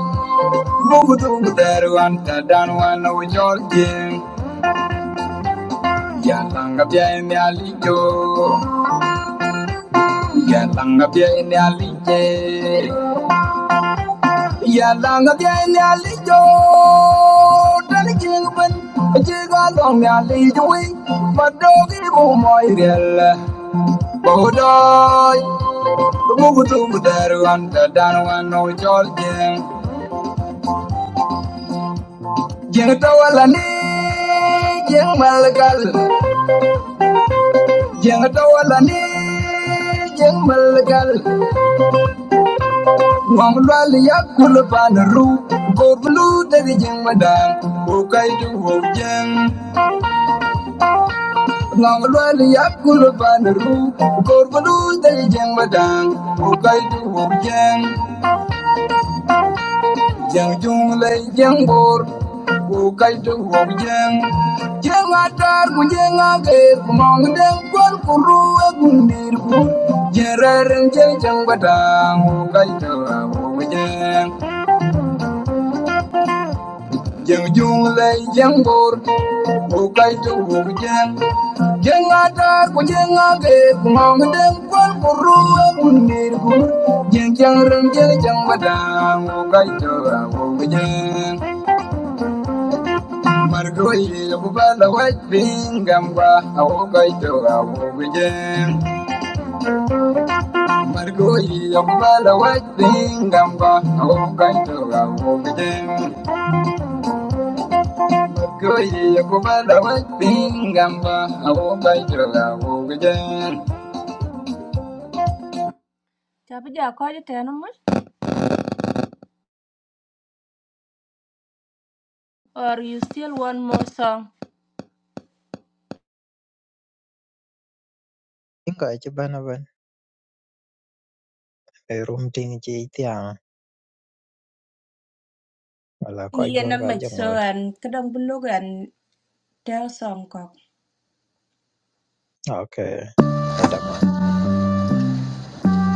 Speaker 9: Bukutukuteru anta danwana wujolje Jatanga pia ini alijo Jatanga pia ini alije Jatanga pia ini alijo Dani jingben Jiga dong ni alijo wi Madogi bumoy riel Bodoy Bukutukuteru anta danwana wujolje Jeng tawala ni Jeng malgal Jeng tawala ni jeng malgal ngom lwal yakul panru ru kor blu jeng madang o kai du ho jeng ngom lwal yakul panru ru kor blu jeng madang o kai du jeng Jeng jung lay jeng bor ku kai tu hok jeng jeng atar ku jeng ager ku mong deng kwan ku ruwe ku nir ku jereren jeng jeng batang ku kai tu hok jeng jeng jung lay jeng bor ku kai tu hok jeng jeng atar ku jeng ager ku mong deng kwan ku ruwe ku nir ku jeng jeng ren jeng jeng batang ku kai tu hok jeng Margolli bubala wajbin gamba awogai tora wogje Margolli bubala wajbin gamba awogai tora wogje Margolli
Speaker 7: inga ichi bana ban e rum ting ichi itiang wala ko igor ka jangot. Okay, eta ma.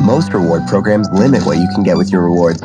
Speaker 9: Most reward programs limit what you can get with your rewards.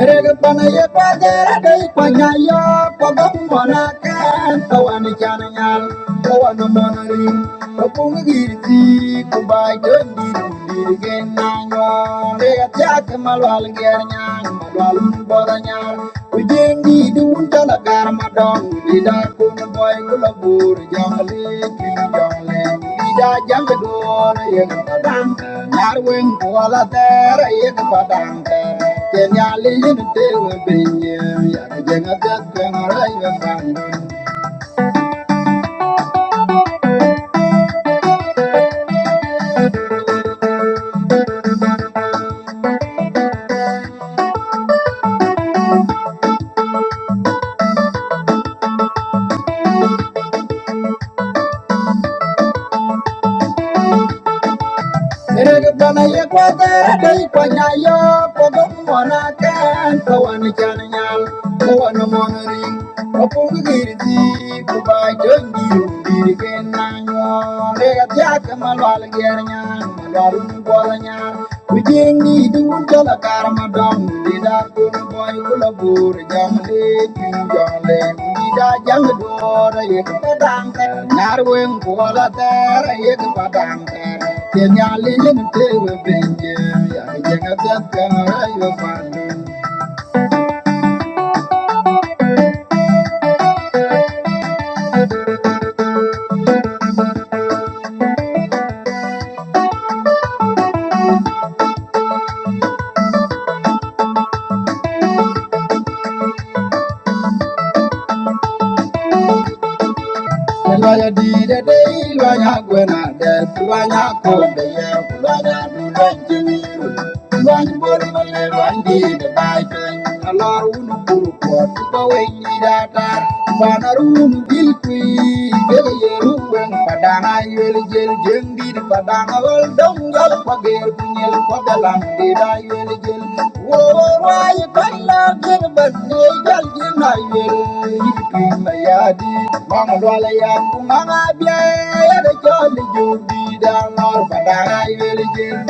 Speaker 9: Eregpanaye pagera dei panyayo pagambona kan kawan chananyal kawan monari kapung girti kubai dendi diri genanyo dega tiak malwal gernyang malwal bodanyal Ujengi dun tala gar madon Lida kun boy kula bur Jongle ki jongle Lida jang dun yek padang Nyar weng kuala ter yek padang ter Kenya li yin tewe binye Yak jenga tet keng rai Eregana ye kwate dai kwanya yo pogo mona kan kawan chan nyal kawan mon ring opung girdi ku ba jongi dir ken na yo le ga tya kamal wal ger nya wal bol nya we didn't need the wood color car, madam. We did our good boy, good of good, young lady, young lady. We did our young daughter, you can put down there. Narwing, all that there, you can put down there. Then you're living in the table, Ben. Yeah, you're a dead gun, you're a fun. Kulanya dire de kulanya gwena de kulanya kombe ye kulanya dulan jini kulanya bori male wandi de bai pe alar unu kuru kwa tuka wengi datar Banarum bilkui gele yeru weng padana yel jel jendi di padana wal dongal pager punyel padalang di da yel jel wo wo wa ye kala ger banne jal jina yel yitui mayadi mama wala ya kumanga bia ya de jol judi da nor padana yel jel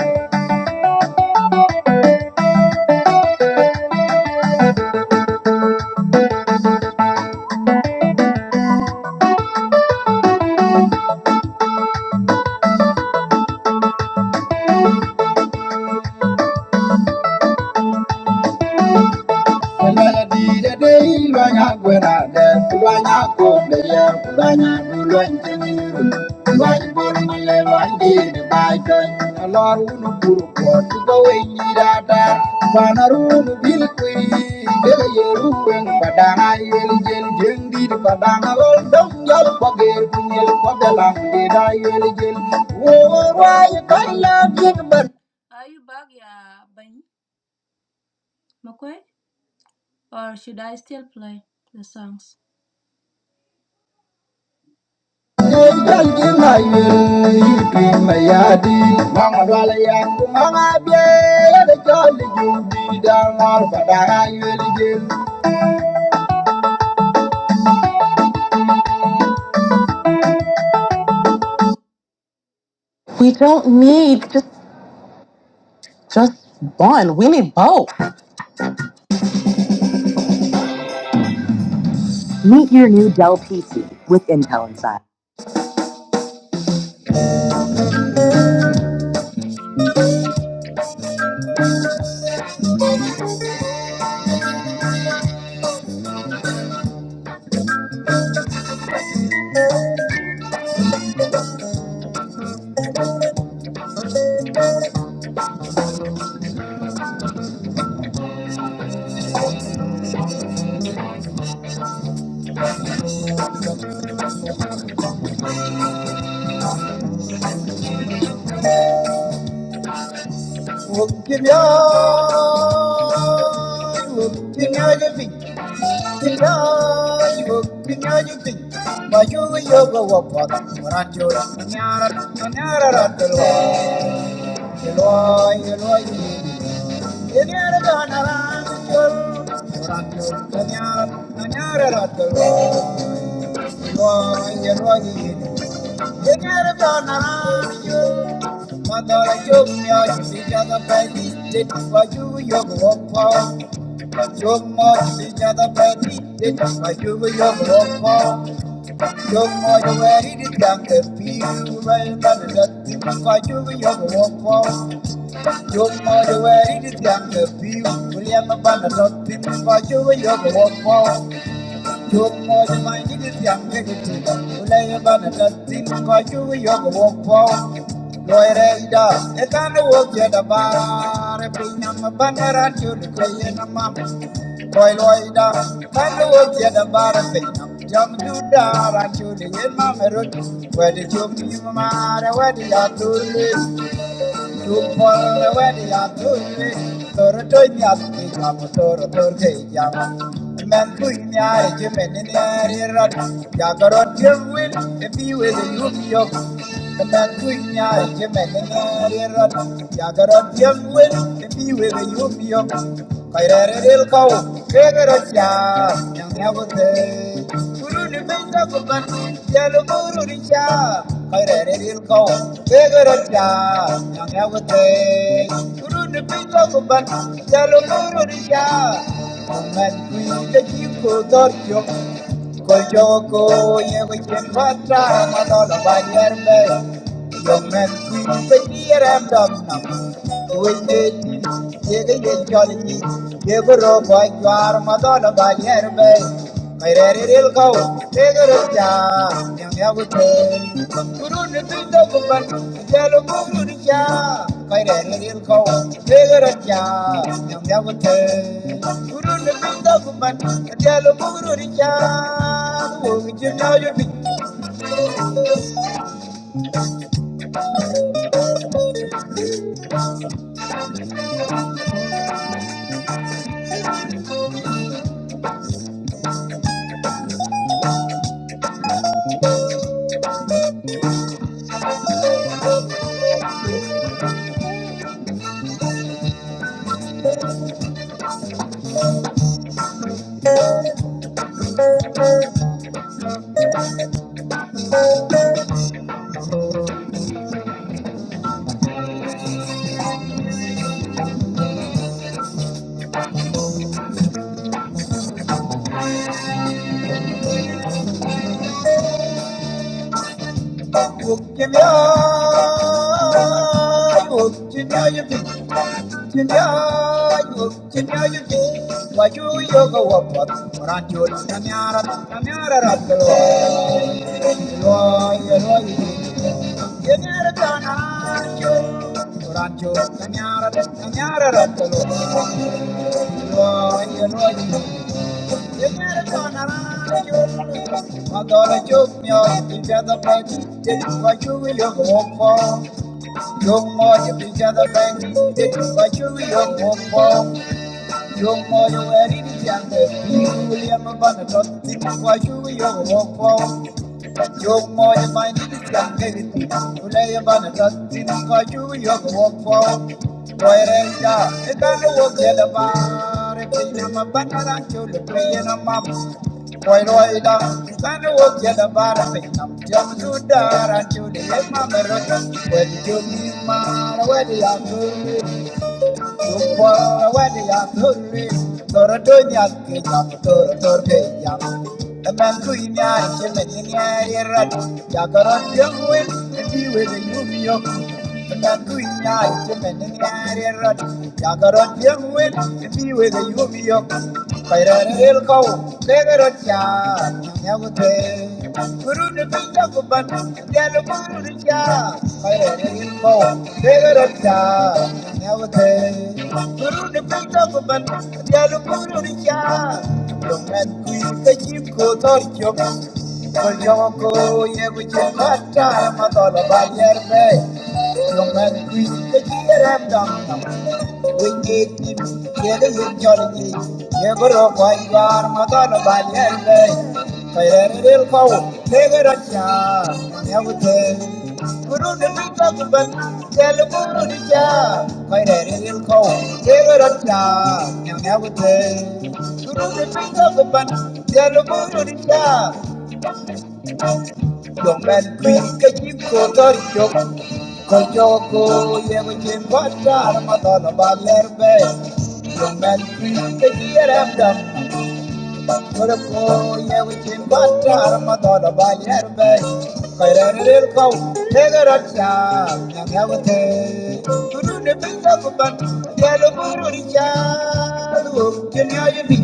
Speaker 9: Thank you. We don't need just, just one. We need both. Meet your new Dell PC with Intel inside. *laughs* Eloi, Eloi, Eliana Donaran, Ratul Kanyar, Kanyar Ratul. Eloi, Eloi, Eliana Donaran, Madara Jumya, Sija the Betty, did what you your walk for. Jumma, Sija the Betty, did what you your walk for. Jumma, you were in the damn the people, and that's what you your walk for. You're my way to get the view. William Banner, people by you, you're the walk. You're more than my needed young negative. William Banner, people by you, you're the walk. Lawyer Elda, a kind of work at a bar, Bring up a banner at you to play in a map. Boy, Loida, kind of work at a bar, Jump to dar at you to get mamma. Where did you, my, where did you do this? Thank you kairerel kau kegero cha nyabote kuluni benda kuban jalu buru cha kairerel kau kegero cha nyabote kuluni benda kuban jalu buru cha Mama, we the you Col gioco io mi faccia ma Koyoko yego chenpata madolo banyerbe Yomen kwi petire mdokna Wende yego yecholi yego robo ywar madolo banyerbe Thank you. know you be? Would you know you be? Yo, Thank you. are in the jungle. You William Bannerton, for you, young walk. Young boy, find the jungle. You lay a Bannerton, for you, young walk. Boy, it doesn't work the other bar. If you are a banana, you'll play in a map. Boy, it doesn't work the other bar. Jump to there and you'll let my brother. Where did you meet, man? Where did you go? Thank you. Thank you. The the the The me. Guru đến đi vào cái bên cha là Guru Thank you. Kayoko yevakin bashar madala balerbe Yomen kriyke yiyeremde Yoroko yevakin bashar madala balerbe Kayrerir kav tegerakya Yamyavate Turune bintakuban Yelu bururicha Duhuk dünya yedi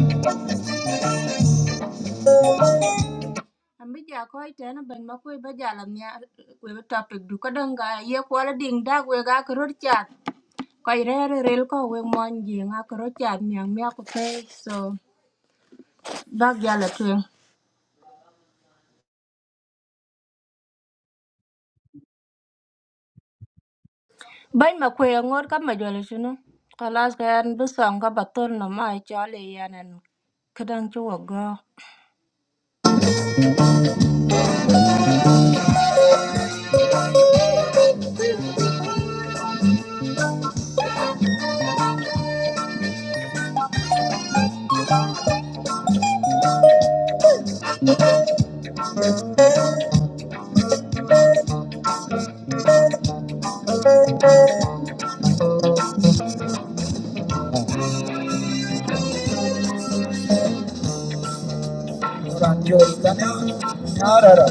Speaker 9: Yoran yorikana Yarara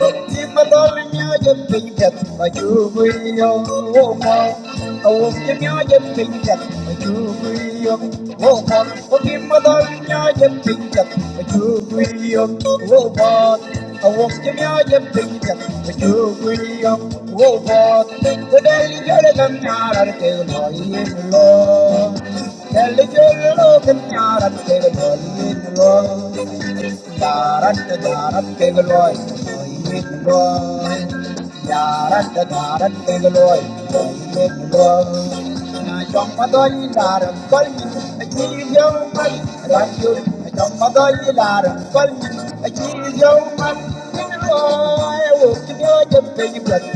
Speaker 9: Oh, Thank you.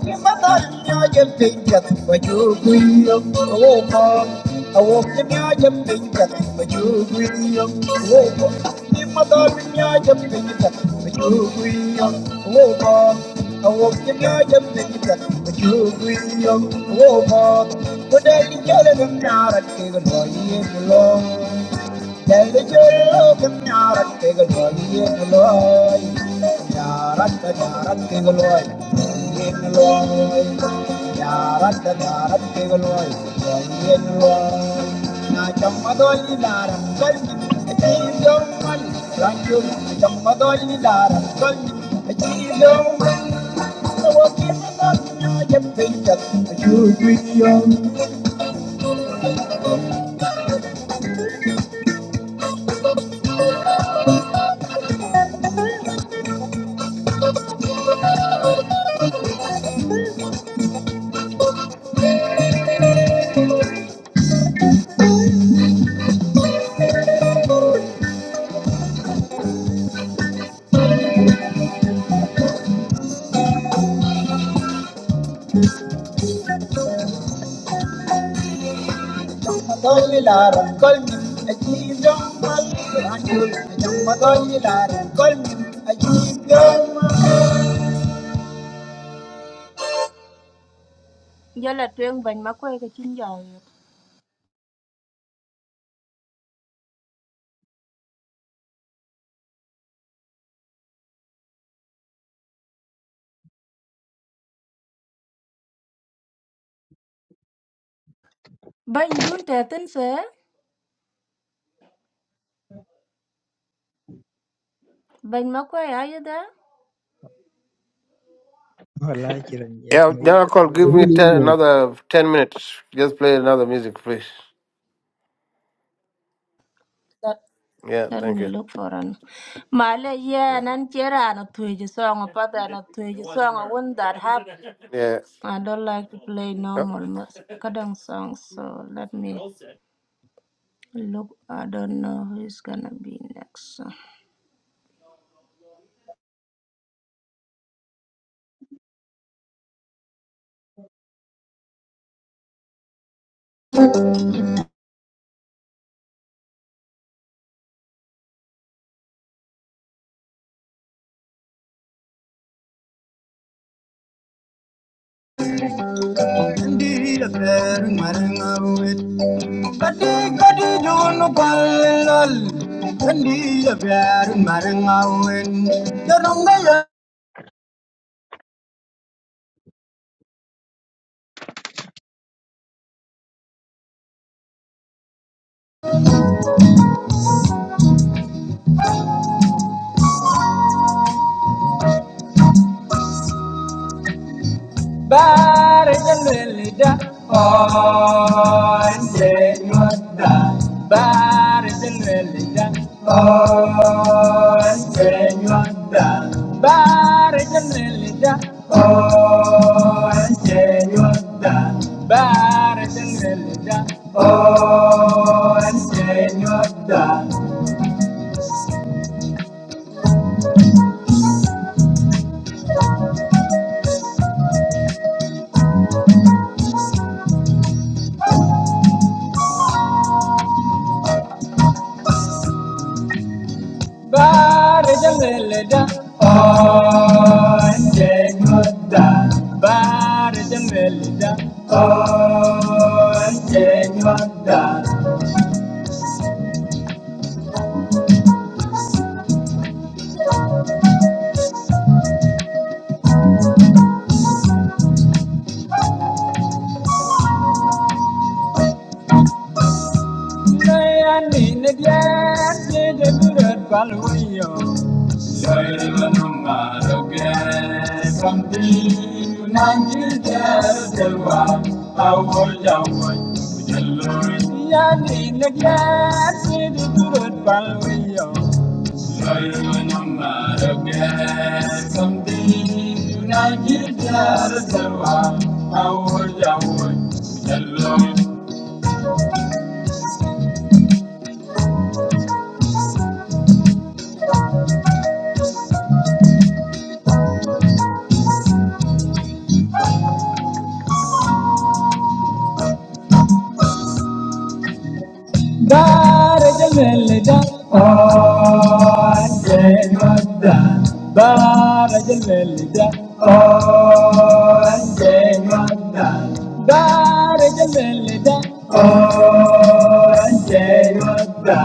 Speaker 9: Thank you. Thank you. Madonna Lara, call me, I keep young Mandul, Madonna Lara, call me, I keep young
Speaker 7: Wala ichi ran ye ichi
Speaker 1: Yeah,
Speaker 7: mai
Speaker 1: General
Speaker 7: gata
Speaker 1: Call,
Speaker 7: bona
Speaker 1: give
Speaker 7: ma.
Speaker 1: me ten, another 10 minutes. Just play another music, please. Yeah, thank you. Yeah.
Speaker 9: Indeed, a fair Marangawit. But they got it Baritelida, oh, enseñota. Baritelida, oh, enseñota. Baritelida, oh, enseñota. Baritelida, oh, enseñota. Bare jamelda, oh, jamelda. Bare jamelda, oh, jamelda. Naya ni nadiya, jede durat palwiyo. Shairi manuma roge, kampi nanji jawa, awol jawa. Yani nadiya, jede durat palwiyo. Knowing I'm not again something united, yeah, so I, get out of the way. I would, I would. Hello, Darja Melja, Aaye Madda. Darja Melja, Aaye Madda. Darja Melja, Aaye Madda.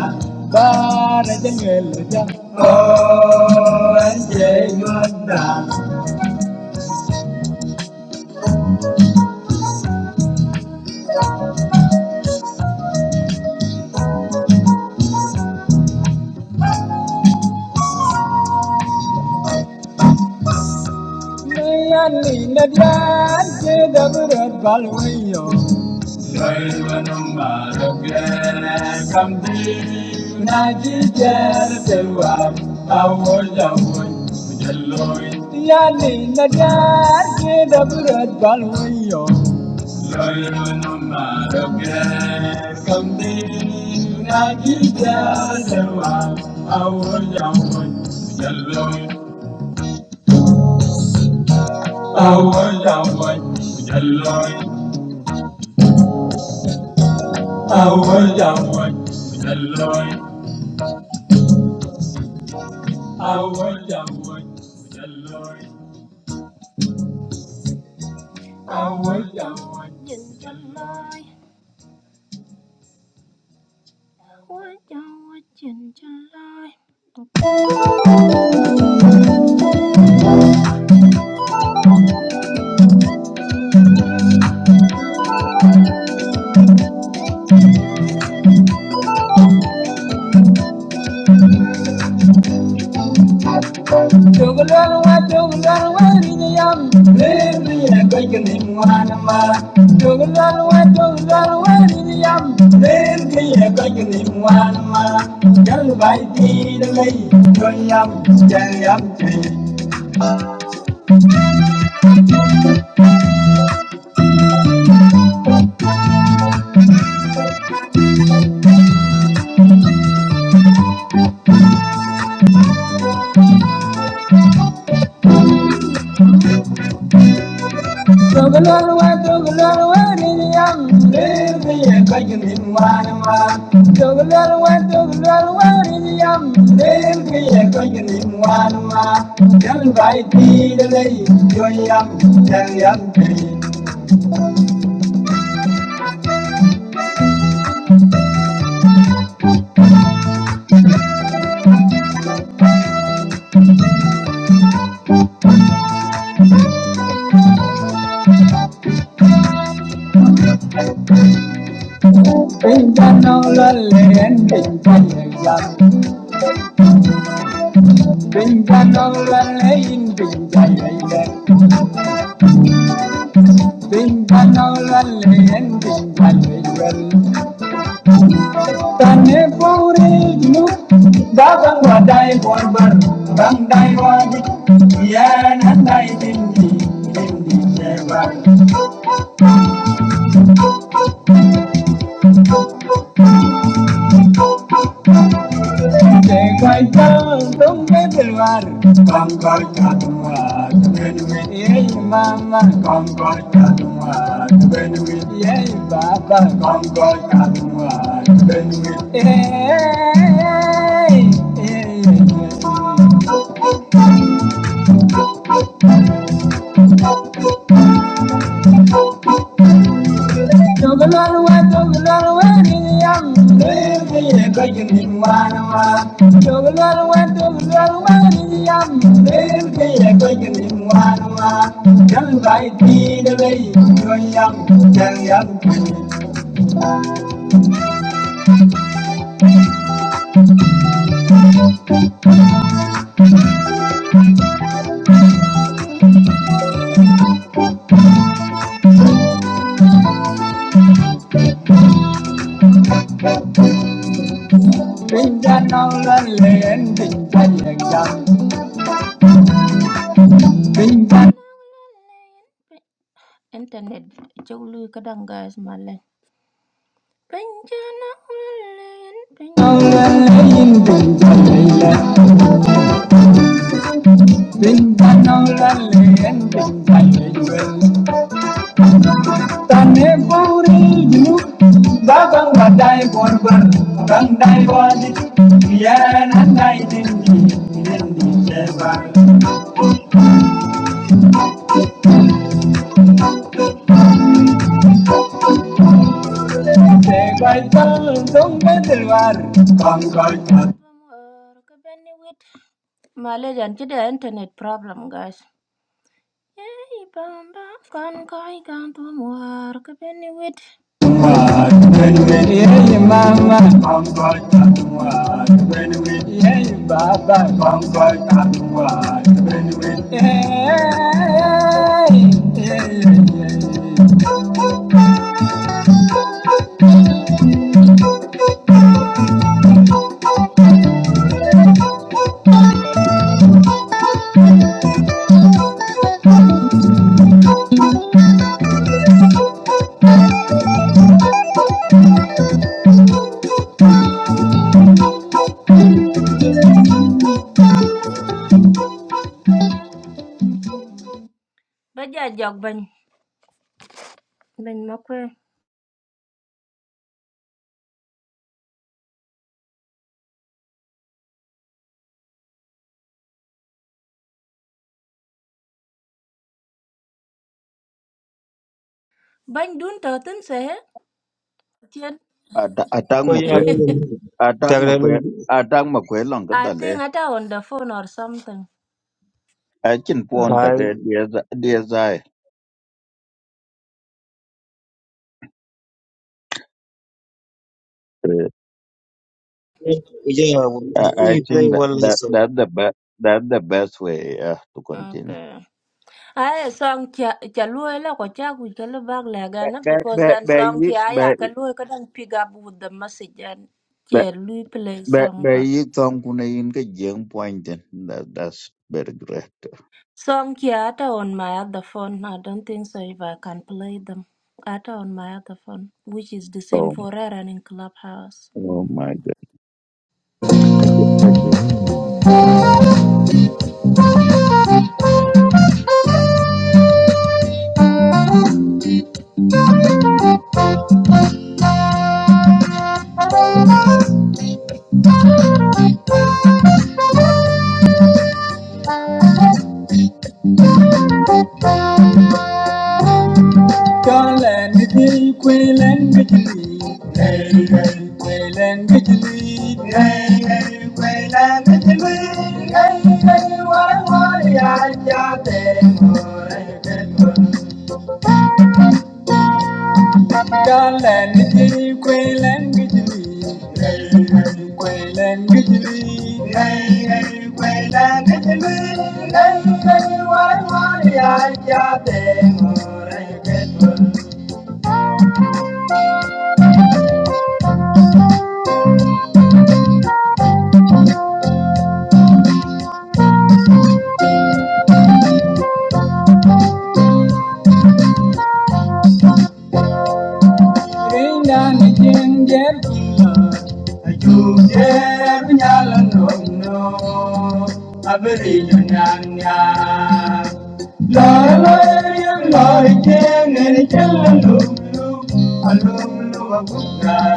Speaker 9: Darja Melja, Aaye Madda. Mayani Nadra, Dabra Balwayo. Yani na dar ke da burat balwiyo. Loyo no maroke kamdi na gida sewa awo jawoy jaloy awo jawoy jaloy awo jawoy jaloy Thank you. Dogalorwa, dogalorwa, niyam. Leviye kajmin wanwa. Dogalorwa, dogalorwa, niyam. Leviye kajmin wanwa. Yang bai ti lei yoyam, yang yam ti. Pinjanaulan leen pinjayayam. Pinjanaulan leen pinjayayam. Pinjanaulan leen pinjayayam. Tane paure nu dagang wadai borbar bang wadi yan handai tindi tindi sebar te kai tang tong me belwar kar kadwa ben me ye mama bang kar kadwa ben me ye baba bang kar kadwa ben me ye Bình dân ông lên lên bình dân lên lên Tane puri jinu, babang badai korban, randai wadi, biaran andai dindi, dindi sebar. Sebai tal dong bedelwar, bangkai tatuar, benwe yey mama, bangkai tatuar, benui yey baba, bangkai tatuar, benwe yey.
Speaker 8: atang mo kwe atang mo kwe atang mo kwe long ka dale achin pon da ke dia dia zai i think that that that the best that the best way uh, to continue be be be be But but you don't gonna in the young point then. that that's very great. Oh oh my god. Thank you, thank you.
Speaker 9: Garland, the Quayland, the Quayland, Quayland, the Quayland, the Garland, the Quayland, the Quayland, Thank you.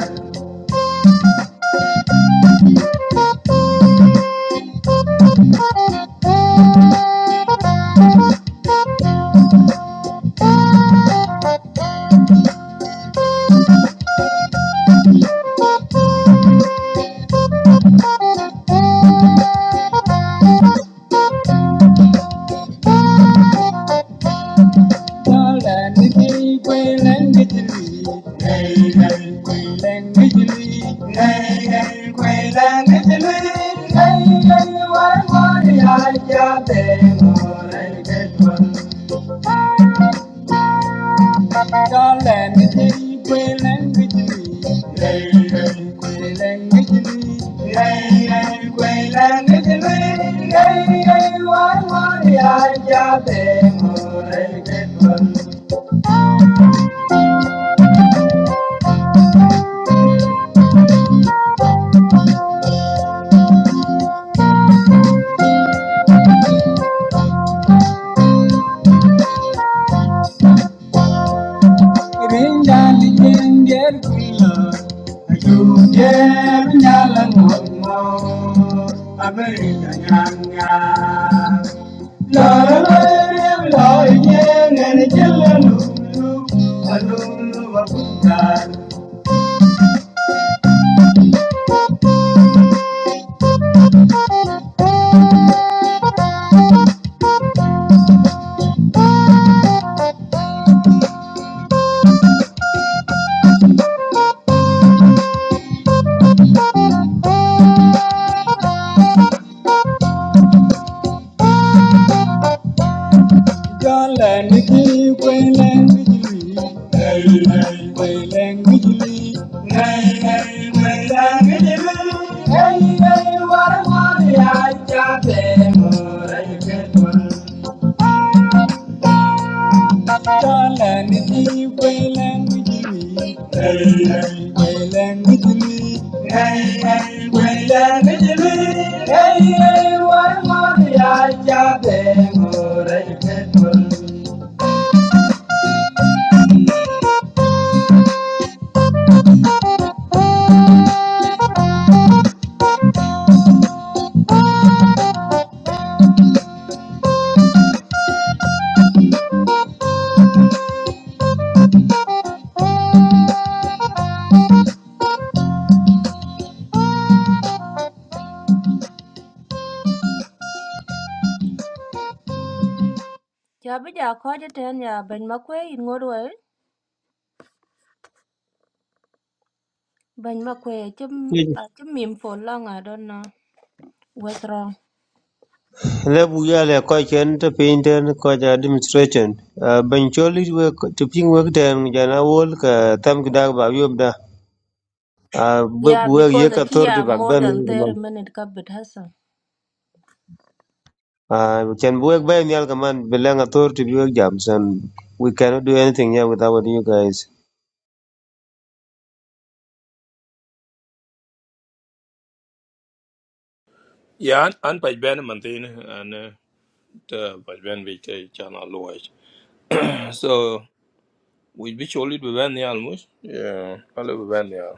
Speaker 9: Thank you. Lord, Jalan negeri, welang negeri, lai lai welang negeri, lai lai welang negeri, lai lai warman ya jate murai ketwa. Jalan negeri, welang negeri, lai lai welang negeri, lai lai welang negeri, lai lai warman ya jate murai ketwa.
Speaker 2: le bu ya le ko chen te pin ten ko ja administration Ah, ban choli we te pin we ten ja na wol ka tam ki dag ba yob da Ah, bu bu we ye ka tor ti bak ben Ah, chen bu we ba ni ka man be tor ti bi we jam san we cannot do anything here without you guys
Speaker 10: Yeah, an an paj ben mantin an eh, ta paj ben bi ke chana luwaj. So we bi choli bi ben nial almost. Yeah, ale bi ben nial.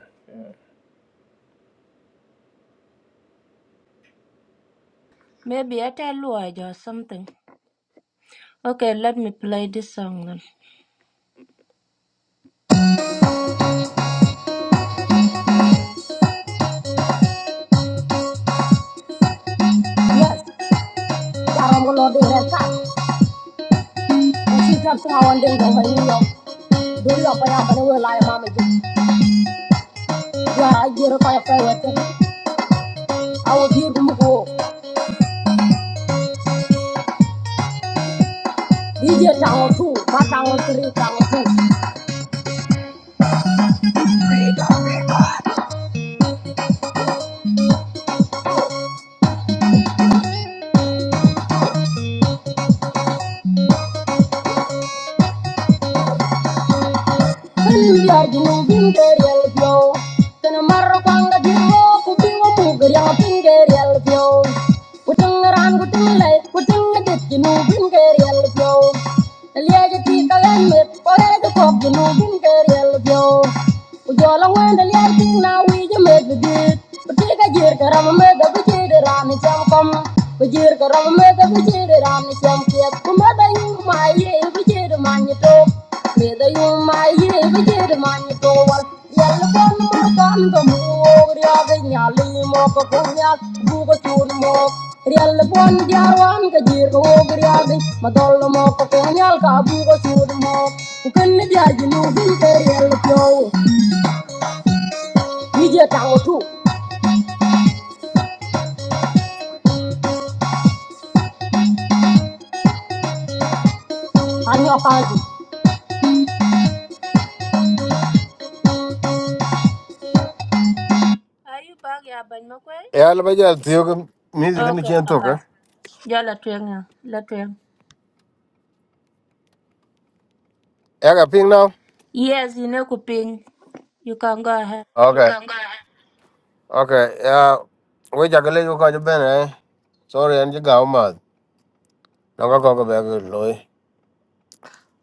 Speaker 9: Buri up ya bana we lai ma ya ajira ko ya fe wete awu di dum ko dije tango tu ma tango tri tango tu kan mi ar dum bin gerial bio kan mar ko anga di ro ku bi wo mu gerial bin gerial bio utung ran utung lai utung de di nu bin gerial bio Yar ting na wi je me de dit. Pati ka jir ka ram me da bu jir ram ni cham kom. Bu jir ka ram me da bu jir ram ni cham kiet. Ku me da yung ma ye bu jir ma ni to. Me da yung ma ye bu jir ma ni to wal. Yal ko no kan ka mu ria ga nya li mo ko ko nya bu ko chun mo. Riel bon jarwan ka jir ko wo ria ga ma dol mo ko ko nya ka bu ko chun mo. Ku I knew I found you,
Speaker 1: Yeah, let me just see you music in the chain talk. eh? Yeah, got ping now. Okay. Okay. Yeah. We just gonna let you go to bed, eh? Sorry, and you go mad. No go go go back to Loy.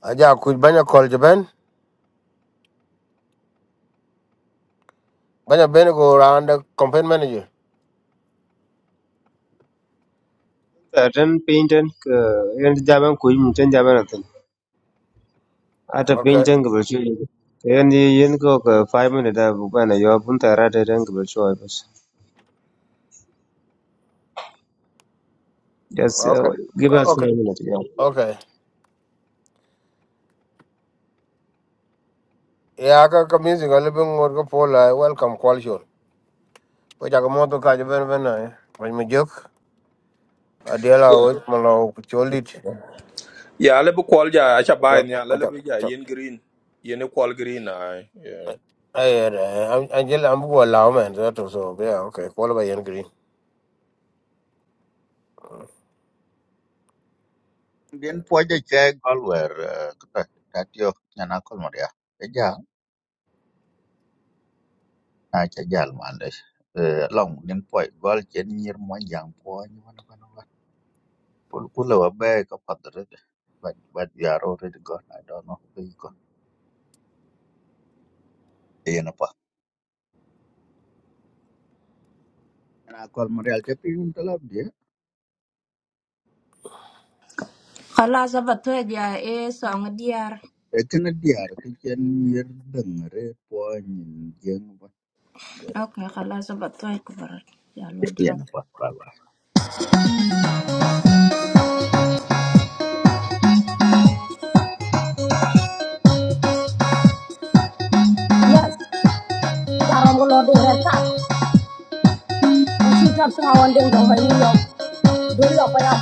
Speaker 1: I just could banya call you Ben. Banya Ben go around the campaign manager.
Speaker 2: Certain painting. ten and jaban ko yi mu ten Ata piny
Speaker 1: Okay.
Speaker 2: ta ngi bɛshuli yan yan ko ka five minutes, a buk bɛna yɔ pun ta rate ta ngi bɛshuli bas just uh,
Speaker 1: Okay.
Speaker 2: give us
Speaker 1: Okay.
Speaker 2: five minutes yeah
Speaker 1: Okay. Yeah, I got music a little bit more go for like welcome call you. We just go more to catch Ben Ben, eh? When we joke, I deal out
Speaker 10: Yeah.
Speaker 1: with my love,
Speaker 10: Yeah, ale bi kwal ja acha bai
Speaker 1: Chop,
Speaker 10: nial, ale
Speaker 1: chop,
Speaker 10: bi ja
Speaker 1: chop.
Speaker 10: yen green. Yen e kwal green ai. Yeah.
Speaker 1: Ay, Angel, I'm going to allow man that Yeah, okay. Call by Ian Green.
Speaker 8: Then po ja che galwer ka ta tio na kol moria. Ja na cha jal mande. Eh Long then po gol chen nyir mo jang po ni wana wana wana. Kul kul wa be ka padre. But but we are already gone. I don't know where you go. Yen pa. Na kol moria cha pin talab dia. Ekena diar ke chen nyir dengre po nyin Jaro yan pa baba.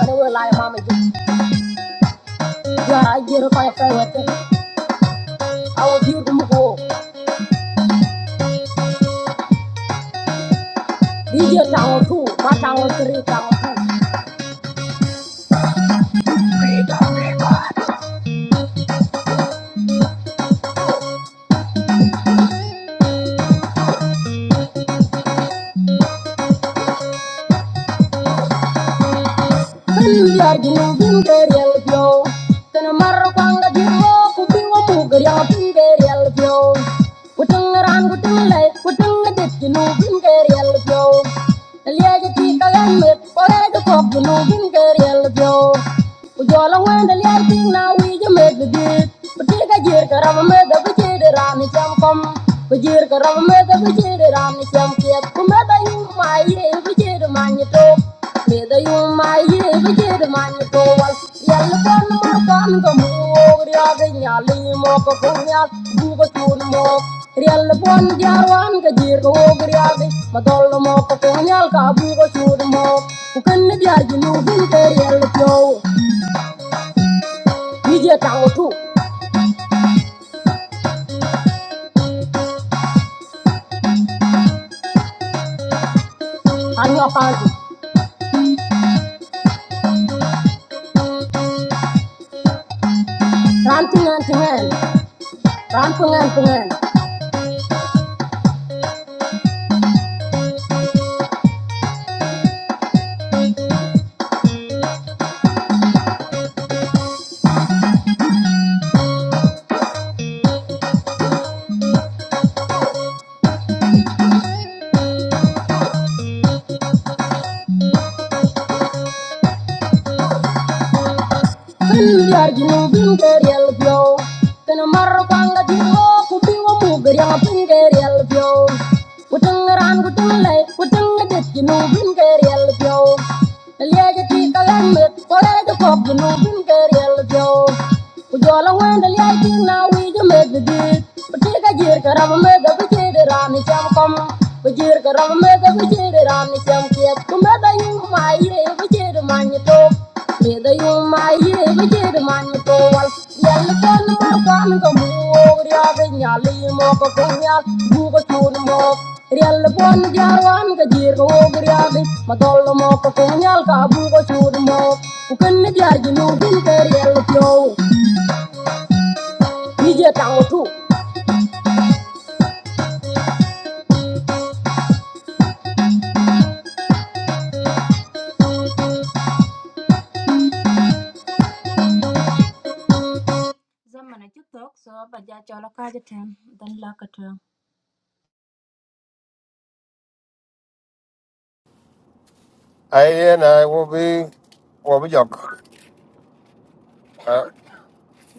Speaker 9: but it was like mama yeah, I get a kind with it. I was here to move These years town two, my town three, town two. I'm the same kid. Come you my year, we did a man you talk. Me the you my year, we did a man you talk. Well, yeah, the fun of my fun, the move, the other nyali, mock a punyal, move a tune mock. Real one, the other one, the dear, the ogre, the other, Madonna mock a punyal, kabu, the shoot mock. Who can the judge, you know, the real flow. DJ Tangutu, Anu Apagi, Rantingan Tingan, Rampungan Pungan. Kenyar jinung binter yel bio, kena marwanga jingo kuti wamu geryang binter yel bio. Kutung ran kutung lay, kutung ngedit jinung binter yel bio. Liaja ti kalan met, kolej kop jinung binter yel bio. Kujola wenda liaja ti na wija med bidit, kutika jir karama med, kutika rani jam kom. Jir ka ram me da bujir ram ni sam kiet ku me da yung ma ye bujir man ni to me da yung ma ye bujir man ni to wal yal kan ma kan ka bu ya ga nyal yi mo ko ko nyal bu ko chun mo Riel pon jarwan ka jir ka wo guriabi ma tol mo ko ko nyal ka bu ko chun mo ku ken ni ja ji nu bin ka
Speaker 1: I and I will be, will be jock.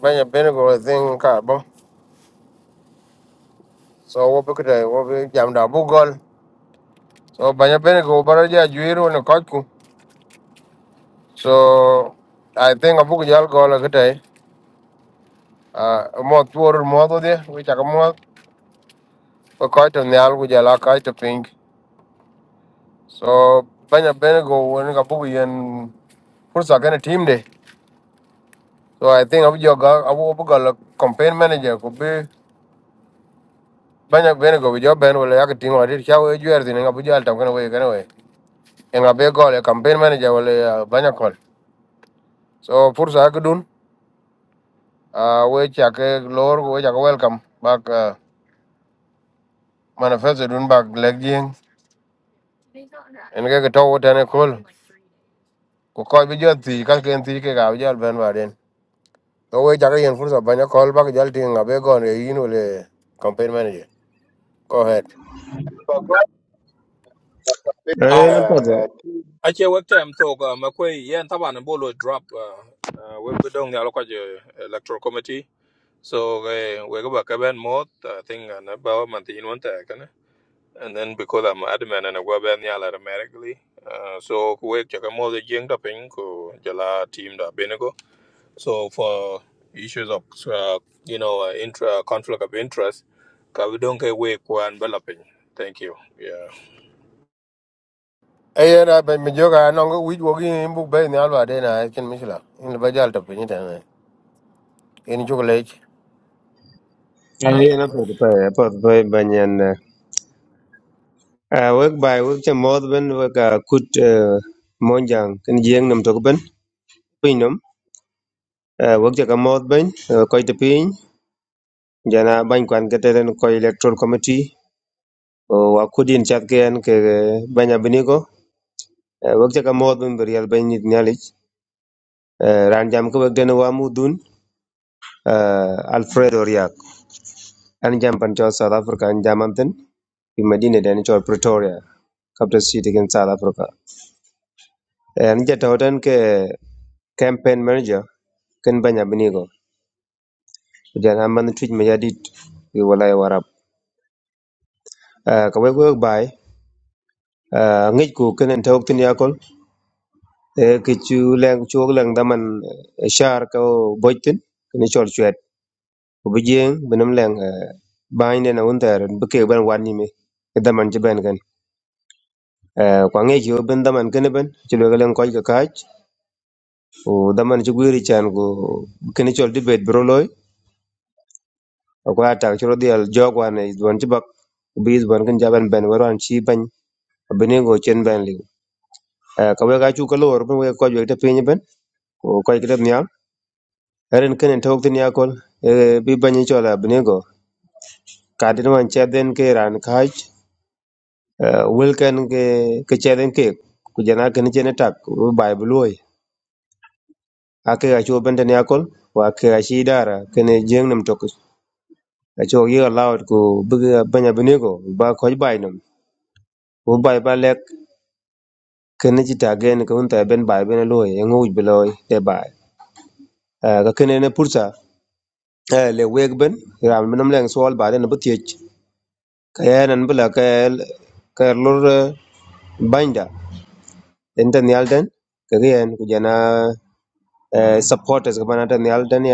Speaker 1: Banya Benego, I think, carbo. So, what we could I will be jammed up Google. So, Banya Benego, Baraja, Juiro, and a Kotku. So, I think a book yell call a good day. Uh, a more tour model there, which I come out. But quite on the al, which I like, I pink. So, Banya Benego, when a book and Pursa kind team day. So I think abu joga abu abu gal campaign manager could be banyak bene go bijo ben wala yak ting wala cha we jwer tin abu jal tam kana we kana we en abe go le campaign manager wala banyak call. So fursa ak dun a we cha ke lor we cha welcome back uh, manifesto dun back leg jing en ke ke to tane kol ko ko bijo ti ka ken ti ke ga jal ben waren. So we cha ke en fursa banyak kol back jal ting abe go le yin wala campaign manager. Go ahead.
Speaker 3: ba ko
Speaker 2: eh
Speaker 10: Ai.
Speaker 2: yan pɔtɔ
Speaker 3: na
Speaker 10: Ache wek tem tok uh, makwe yen taban bolo drop uh, uh, we bi dong nial kwa je electoral committee. So eh, we go back ben mot I think an ba mantin won ta and then because I'm admin and I go back there automatically. Uh, so we check more the jing tapping ko jala team da binigo. So for issues of uh, you know uh, intra conflict of interest, ka we don't get we kwan developing. Thank you. Yeah.
Speaker 1: Ê, na, bên mình chưa nó có quý vô cái bút bê này là đây mấy là, in là bây giờ tập như thế này, in chụp lấy.
Speaker 2: eh yan pɔtɔ pa ya pɔtɔ pa ba nyan eh Eh, wek bai wek che mod ben wek a kut eh monjang kin jeng nam tok ben piny nom eh wek che ka mod ben ko te piny jana ban kwan ke te ko electoral committee o wa kudin chat ke ke eh, banya biniko Eh, wek che ka mod ben berial ben nit Eh, ran jam ko begden wa mudun eh, alfredo riak an jam pan south africa an jam amten fi medina den cho pretoria capital city in south africa Eh, an jata hoten ke campaign manager ken banya binigo jan amman tuj me yadit fi walay warab Eh, ka we go bay uh, ngej ku kenen tawk tin yakol e ke chu leng chu leng daman eh, shar ka bojtin ni chol chu ku bi jiëŋ bi nëm lëŋ baany dɛna wuntaŋaren bi kee bɛn wat nyime ki dhaman ci bɛn kën Eh, kwa ci o daman dhaman këni bɛn ci lo geleŋ kɔc kakaaj ku dhaman ci gwiri can ku këni cɔl di bet bi ro loi aku a tak cï ro dhiɛl jɔɔk wan dhuɔn ci bak ku bi dhuɔn kën ca bɛn bɛn wɛr wan ci bɛny abinego cen bɛn liu Eh, ka wek acu ka loor bin wek kɔc wek tɛ piny bɛn ku kɔc ki tɛ nhial ɛrɛn kënin tɔɔk thïn ya kol eh, bi bɛny icɔl abinego kadit wan cɛt dhën ke raan kaac Eh, wel ken ke ke cheren ke ku jana ken chene tak bu bai bu ake ga cho bende ne akol wa ke ga shi dara ken jeng nam tok a cho ye allowed ku bu banya bene ba ko bai nam bu bai ba lek ken ji ta gen ko unta ben bai bene loy en u bu te bai Eh, ga ken ne pursa eh, le weg ben ram nam leng sol ba den bu tie ka ya nan bu ka ka lor eh, banda enten yalden ka gen ku jana eh, supporters kabanata ban atan nyal dan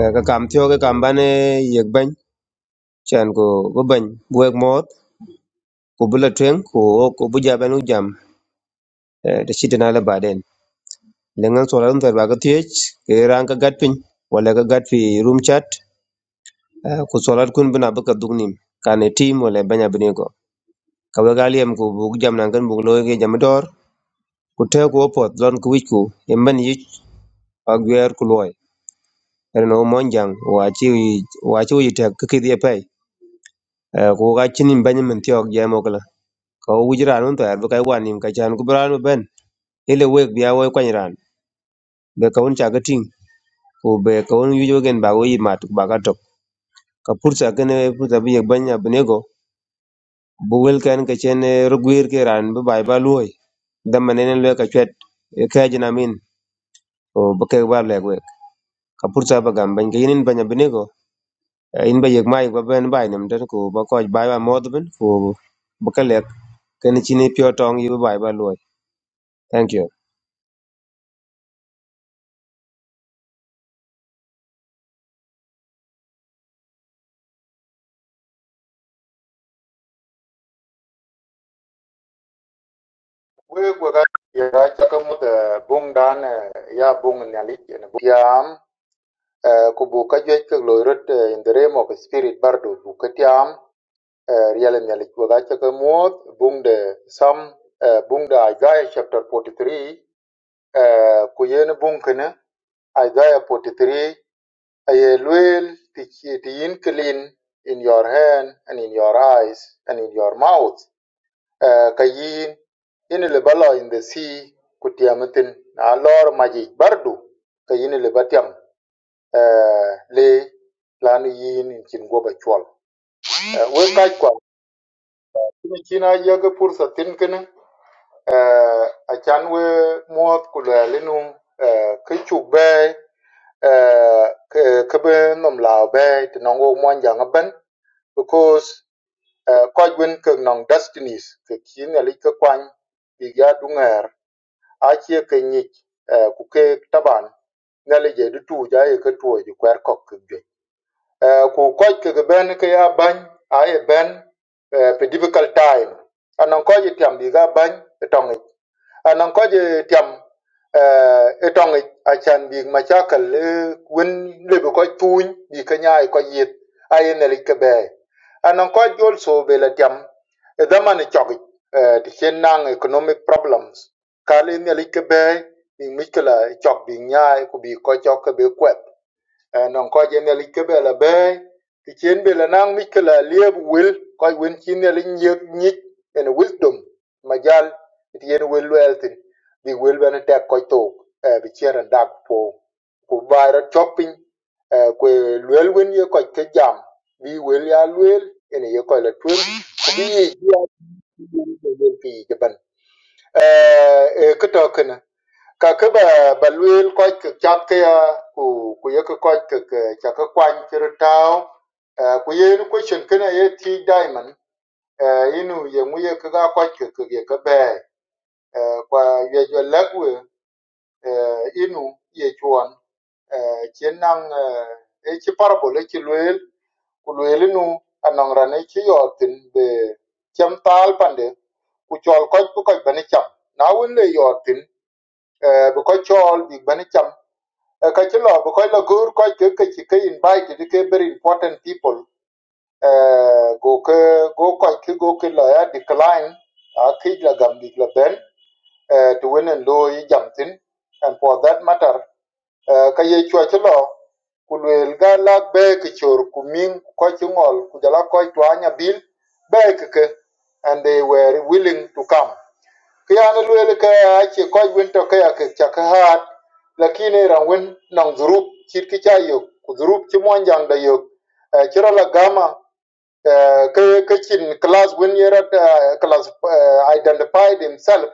Speaker 2: Eh, ka kam thio ka kam ban yek ban chan ko bu ban bu ek mot ko bu la twen ko ko bu ja jam eh, da la baden lengan solar ter ba ka thiech ke ran ka gat pin wala ka gat fi room chat eh, ku solar kun bina bu ka dug kane team wala banya bini ko ka ba galiem ko bu jam nan kan bu lo ke jam dor ku te ko pot lon ku wich ku yemban yich agwer ku loy ren o monjang wa chi wa chi tek ki kidhi e Eh, ko ka chinin banyi min tiok jam okla ka wuj ran un to yar bu kai wan nim ka chan ku bran ben ile wek bia wo kwany ran be ka un cha ka ting ku be ka un yujo gen ba wo yi mat ba ka tok ka pursa kene pursa bi yek banya bnego bu wel kan ka chen rugwir ke ran bu bai ba luoi dam manen le ka chet ka jina min o bu ke war le wek ka pursa ba gam ban ke yin banya bnego in ba yek mai ba ben bai nim den ku ba ko bai ba mod ben ku bu ka lek kene chini pyo tong yi bu bai ba luoi Thank you.
Speaker 3: we gwe ga yera chaka mu da bung dan ya bung nyalit ne bu yam eh, ku bu ka jwe ke lo rot eh, in the realm of spirit Bardu bu ka tiam eh, riel nyalit gwe ga chaka mu bung de sam eh, bung da Isaiah chapter 43 eh, ku yen bung kene Isaiah 43 aye luel ti ti yin clean in your hand and in your eyes and in your mouth Ah, ka yin yin liba lo in the sea ku tiamitin na lor maji bardu ka yin liba tiam ah, le lanu yin in chin goba chwal Ah, we kaj kwa ni china yaga pursa tin kini ah, a chan we muat ku le linum ka chuk be ah, ka ka be nom lao be tinong wo mwan jang a ben because ah, kaj wen ka nong destinies ka kin ali ka kwany bigya dunger acie ke nyic eh, ku keek taban ŋëli je dituu ja ye ke tuo ji kuɛr kɔk ke juɛc Eh, ku kɔc keke bɛn ke ya bany a ye bɛn eh, pe difficult time anɔŋ kɔc itiam bi ke abany anan ko je tiam eh etong achan bi machakal wen le ko tuny bi kanya ko yit ayen le kebe anan ko also be la tiam e daman chog eh ti chen nang economic problems kale ne le kebe bi mikla chog bi nya ko bi ko chok be kwet non ko je ne like be la be ti chen be la nang mi ke la lieb wil ko win chin ne li nyek nyik en wisdom majal ti yen wel wel tin bi wel be ne tek ko to bi chen dak po ku bara chopping ku wel win ye ko ke jam bi wel ya wel en ye ko la twen ku bi ye ya ti yen e ke to kana ka ke ba ba luel ko ke chak ke ya ku ku ye ke ko ke ke cha ke kwan ke ro tao Eh, ku ye ni question kana ye ti diamond eh, inu ye mu ye ke ga ko ke ke ye ke be Eh, kwa ye jo lagwe eh, inu ye chuan eh, chien nang eh, e chi parable e chi luel ku luel inu anong ran e chi yotin be cham tal pande ku chol koch ku koch bani cham na wun le yotin Eh, bu ko chol bi bani cham Eh, ka ci lo bu ko la gur ko ke ke ci ke invite di ke very important people eh, go ke go ko ke go ke la ya decline a ke la gam di la ben eh, to win and lo yi jam tin and for that matter eh, ka ye chwa ci lo ku lwel ga la be ke chor ku min ko ci ngol ku jala ko to anya bil be ke ke and they were willing to come Kiyan lwel ke ci koc win töke ca kï hat lakini rang win nɔŋ dhurup cït kï ca yök ku dhurup cï mön jaŋ da yök Eh, cï rö lagama eh, kë kë cin kilas win yërö kilas identified himself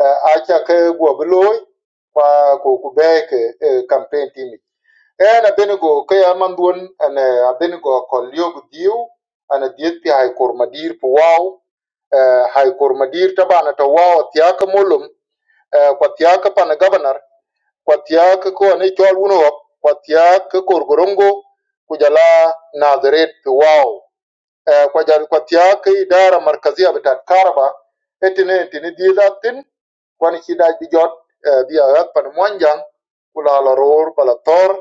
Speaker 3: eh, acha ke gwo bloy kwa ko ku be ke eh, campaign team en abenego ke aman duon an abenego ko liog diu an diet pi hay kor madir pu waw hay kor madir tabana to waw tiaka molum eh, kwa tiaka pan governor kwa tiaka ko ne chol uno kwa tiaka kor gorongo kujala nadret pi waw ko jal ko tiya ke idara markazia bitat karba etine etine diza tin kwani chida dijot eh, biya pan mwanjang kula la ror bala tor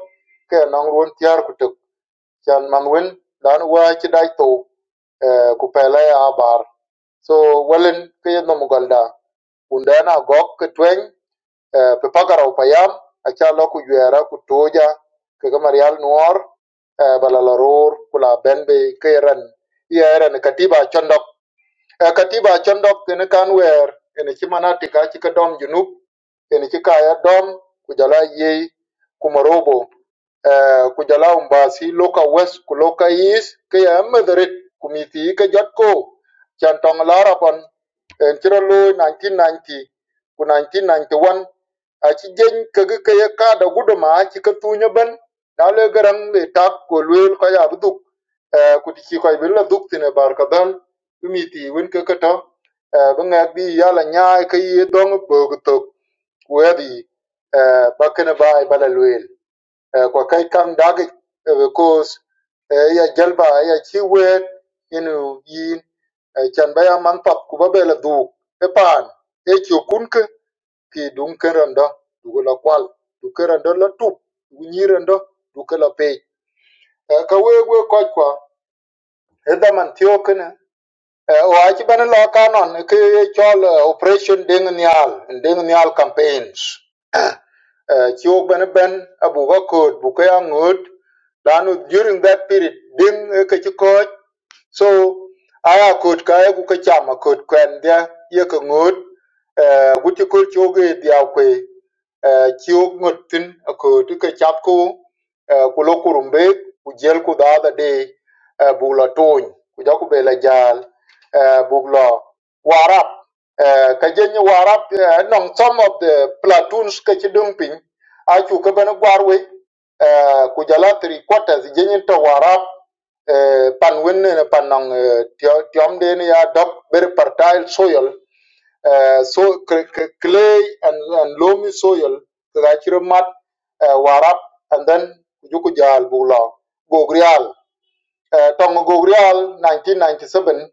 Speaker 3: ke nang ruon tiar kutuk كان مانويل لأنه واجد دايتو kupele abar so welen ke no mugalda undana gok ke tweng eh, pe pagara upayam acha lo ku yera ku toja ke gamarial nuor balala ror kula benbe ke ran ye ran katiba chondok Eh, katiba chon dok kene kan wer ene ci manatika ci ka dom junub ene ci kaya dom ku jala yei kumorobo eh, ku jala umbasi loka west ku loka east ke ya mederit ku miti ke jot ko chan tong lara pon en chiro lo 1990 ku 1991 a ci jeng ke ke ke ya ka da guduma ci ka tunya ban na le garang le tak ko luel ka ya buduk eh, ku ti ci ko bi la duk tine barka dal miti wun ke keto eh, bi ŋɛk bi yala nyaai ke yi dɔŋ böök thok wedi eh, ba kene ba ai bala lueel Eh, kwa kai kam dagic eh, because eh, ya jalba ya ci weet inu yin eh, can ba ya man pap ku ba be la dhuuk e paan e cio kun ke ki duŋ ken rɔndɔ duke la kwal duke rɔndɔ la tup du nyi rɔndɔ duke la pei Eh, ka week we kɔc kwa e dhaman thiöökene Eh, wach bene loka non ki chol eh, operation ding nial ding nial campaigns Eh, chi wok bene ben abu ko kod bu ke angut lanu during that period ding eh, ke chi koch So aya kot ka ku ka chama kot kwen dia ye ka ngot eh guti ko choge dia kwe eh chiok ngot tin ko ti ka chap ko eh ku lo kurumbe ku jel ku da da de eh bu la ton ku ja ku be la jal eh bu la warap eh ka je ni warap eh, nong some of the platoons ka chi dung pin a chu ka ban gwarwe eh ku jala three quarters je ni to warap eh, pan wenne ne pan nang tiom den ya dop very fertile soil eh, so clay and, and loamy soil ka chiro mat eh, warap and then juku jal bula gogrial uh, tong gogrial 1997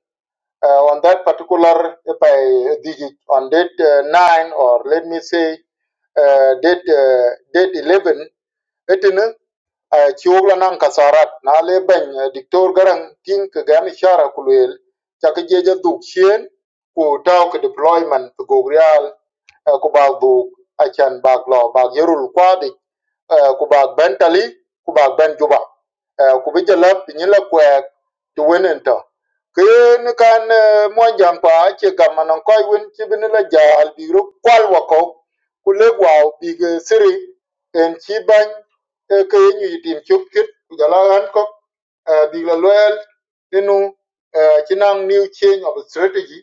Speaker 3: uh, on that particular by digit on date uh, 9 or let me say uh, date uh, date 11 etene uh, chiwogla nan kasarat na le ben uh, diktor garan tin ka gam shara kulwel ta ka duk chen ku taw ka deployment to go real uh, ku ba du achan ba lo ba yerul kwadi uh, ku ba ben ku ba ben juba uh, ku bi jalap ni kwek to wenen ken kan monjang pa che gamanan koy win chibin la jahal bi ru kwal wako kule gwa bi siri en chi ban ke nyu yitim chuk kit gala an ko bi la loyal inu chinang new change of strategy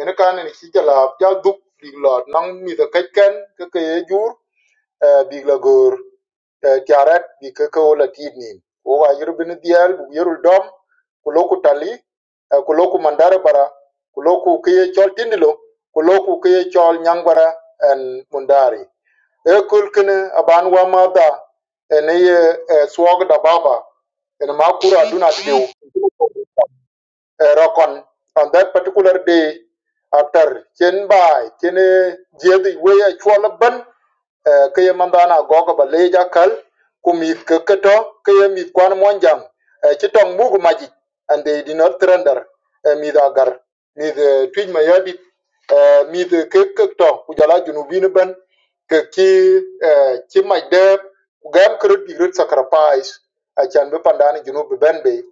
Speaker 3: en kan ni chi jala ja duk bi la nang mi da kai ken ke ke jur biglagor jarat bi keko la tidnin o wa yuru dial bu yuru dom ku loku tali eh, ku loku mandara bara ku loku kiye chol tindilo ku loku kiye chol nyangbara en mundari e kul kene aban wa mada ene ye eh, swog da baba ene ma duna diu eh, rokon on that particular day after chen bai chen jedi we a chwala ban keye mambana gogo baleja kal kumith ke keto keye mith kwan monjang eh, ci tong mugu majic and they did not surrender eh, mith agar mith eh, tuic ma yadit eh, mith ke kek to ku jala junubin ben ke ci eh, ci mac deb ku gam kerot dik ret sacrifice acan be pandani junub be ben be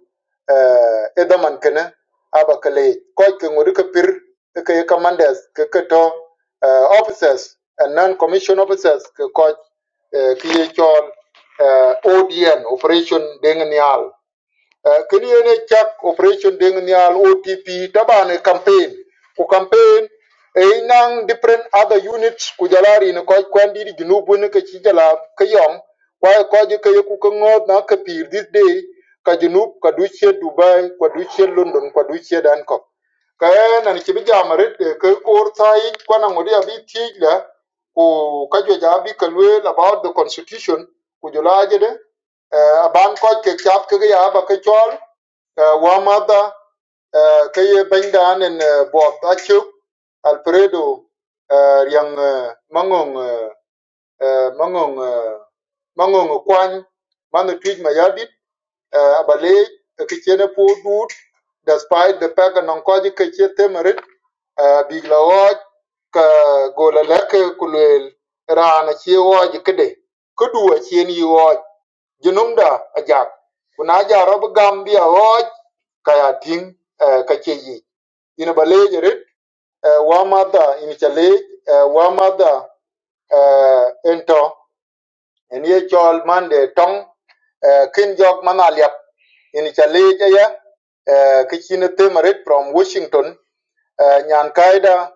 Speaker 3: eh, e daman kene aba kaleec koc ke ŋodi ke pir e ke ye kamandes ke keto uh, officers and non-commissioned officers ke coach uh, ke chol uh, ODN Operation Deng Nial Uh, kiliene chak operation ding nial OTP tabane campaign ku campaign e inang different other units ku jalari ne ko kwandi di junubu ne ke chi jala ke yom kwa ko je ke ku ko ngot na ke pir this day ka junub ka duche dubai ka duche london ka duche danko ka e, na ni chi jamare ke ko tai kwa na ngodi abi tijla ku ka jo ja bi ka lwe about the constitution ku jala je de aban ko ke chap ke ya ba ke chol eh, wa mata eh, ke ye benda nen bo ta chu alfredo eh, yang eh, mangong eh, eh, mangong eh, mangong kwan man twij ma yadit eh, abale eh, ke chene po dut despite the fact non ko ke che temerit eh, big la waj ka gola lek kulel rana chi waj kede kudu a chien yi waj junumda ajak kuna ja rob gambia hoj kaya ting eh, ka ce yi ina ba leje rit eh, wa mada ina cha lej eh, wa mada eh, ento en chol mande tong eh, kin jok mana liap ina cha lej ya eh, ka chine temarit from washington eh, nyan kaida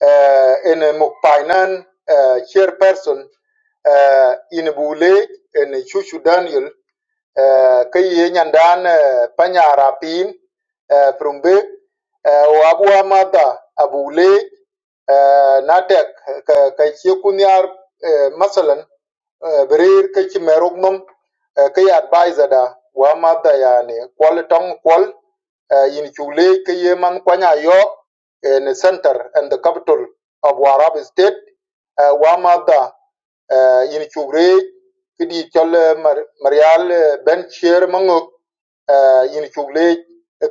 Speaker 3: eh, en mukpainan eh, chairperson eh, in bule en chuchu daniel ke ye nyandan eh, panya rapin frumbek wagwa mata abule eh, natek ke ke kunyar eh, masalan eh, berir ke chimerok mum ke advisor da wa mata yani kwal tong kwal eh, yin chule ke ye man kwanya yo in the center and the capital of Warab state uh, Wamada eh, yin chugre kidi chol eh, Mar- marial eh, ben chier mangok eh, yin chugle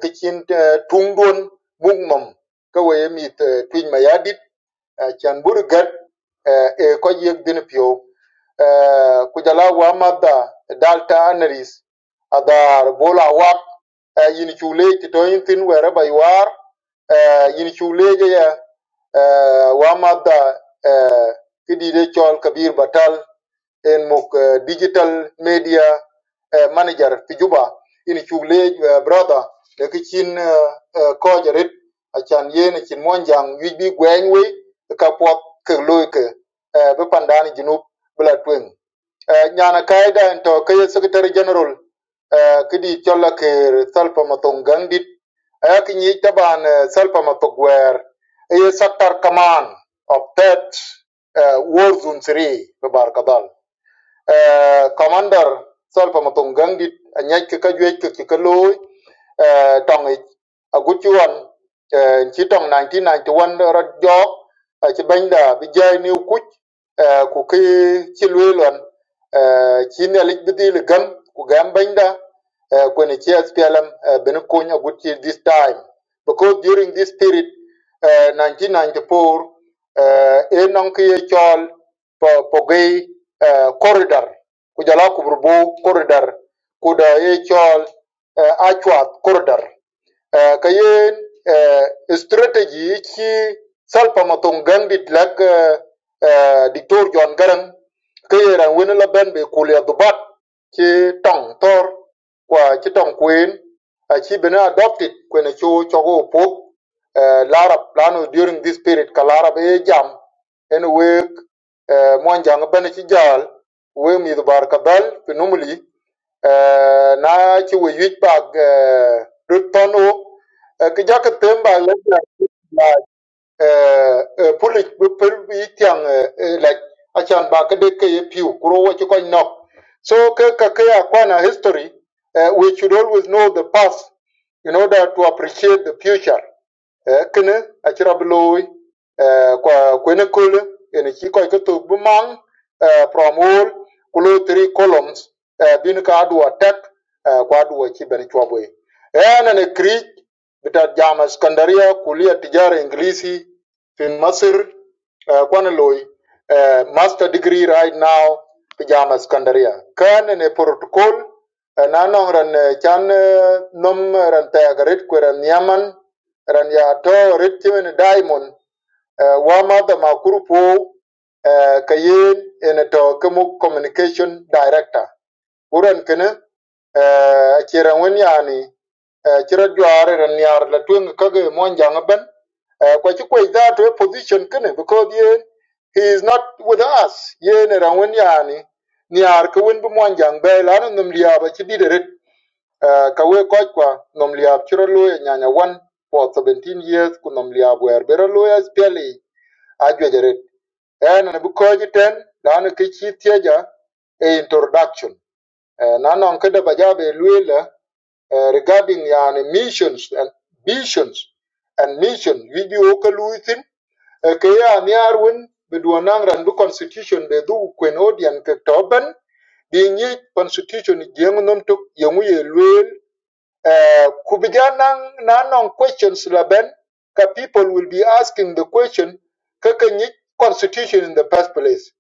Speaker 3: ke chin eh, tung don mung mom ka we mit eh, twin mayadit eh, chan burgat eh, e ko yek din pio eh, kujala wa madda dalta anaris adar bola wak eh, yin chugle ti to yin tin wera baywar eh, yin chugle ya eh, wa madda kidide chol kabir batal en mok eh, digital media eh, manager fi juba ini chugle eh, brother de kichin uh, uh, ko jarit achan yen chin monjang yuj bi gweng we ka pop ke loy ke eh, be pandani junub bla tweng Eh, nyana kaiga en to kaye secretary general eh, kidi cholla ke salpa matong gandit ayak ni taban eh, salpa matog wer ye sector command of that eh, war zone 3 babar kadal eh, commander sol pa matong gangi anyai ke ka juech ke ke loy eh, tong ich a guchuan eh, chi tong 1991 rot jok a chi benda bi jai ni kuch eh, ku ki chi lwe lon eh, chi ne lik bidi le gam ku gam benda eh, ku ni chi SPLM eh, bin kuny a guchi this time because during this period eh, 1994 eh, e nong ki ye chol pogey corridor ku jala kubur bu corridor kuda ye chol achwat corridor Eh, ka yen eh, strategy yi ci salpa matong gang dit lak eh, eh, diktor John Garang ka yeran wen la ben be kulia dubat ci tong tor kwa ci tong kwen a ci bena adopted kwen cho chogo pok eh, larab lano during this period ka larab e jam en wek eh, mwan jang ben ci jal we mi dubar ka dal Eh, na ci we yuc bak rut thon wok ki ja ki tem bak la ja pulic bi pel bi tiang lac acan ba ki dit ke piu kuro wo ci kony nok so ke ka ke ya kwana history uh, we should always know the past in order to appreciate the future eh, kene acïdhö bï looi eh, kwen ekole eni cï köc kethok bï mang eh, from all ku loo three columns eh, bino ka adwo tek eh, ku adwo cï bene cwöbö ï ën ene kiric bï tat jam Iskandariya kulia tijara ingilisi fin Masir eh, kwan looi eh, master degree right now bï jam Iskandariya kën ene protocol eh, na nön rën eh, can eh, nom rën thëk rit kwe rën nyaman Raniyato rittiw ni daimon eh, Wamata Makurpo eh, Kayen in to Kemu Communication Director. Buran kene eh, chiran wen yani eh, chira jware raniyar la tuing kage monjang ben eh, kwa chikwa idha to position kene because ye he is not with us ye ne ran wen yani niyar ka wen bu monjang be la num liya ba chidire Eh, ka we koch kwa nom liab chiro lo e nyanya wan for 17 years ku nom liab wer bero lo e speli a jwejeret en ne bu koji ten dan ke chi tieja e introduction Eh, na non ke da bajabe luela eh, regarding yani missions and visions and mission video ka luitin ke ya ni arwen be duonang ran bu constitution be du kwen odian ke toben bi nyi constitution jeng nom tok yengu ye luel uh, ku begin non questions laben ka people will be asking the question kaka nyi constitution in the first place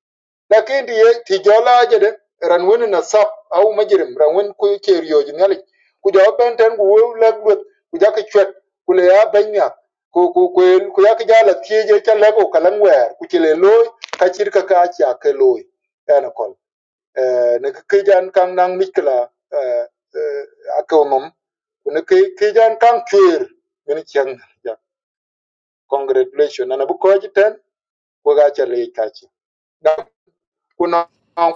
Speaker 3: lakin di ti jola jede ran wen na sap au majirim ran wen ku ke riyo nyali ku jo ben ten ku wo la gut ku ja ka chwet ku le ya ben nya ku ku ku ku ya ka jala ti je cha le ko kalan wer ku ti le loy ka chir ka ka cha ke loy ana ko ne kijan kan nang mikla atomum ne kijan kan chwer min chang ja congratulation na bu ko jiten ko ga chale kachi da kuna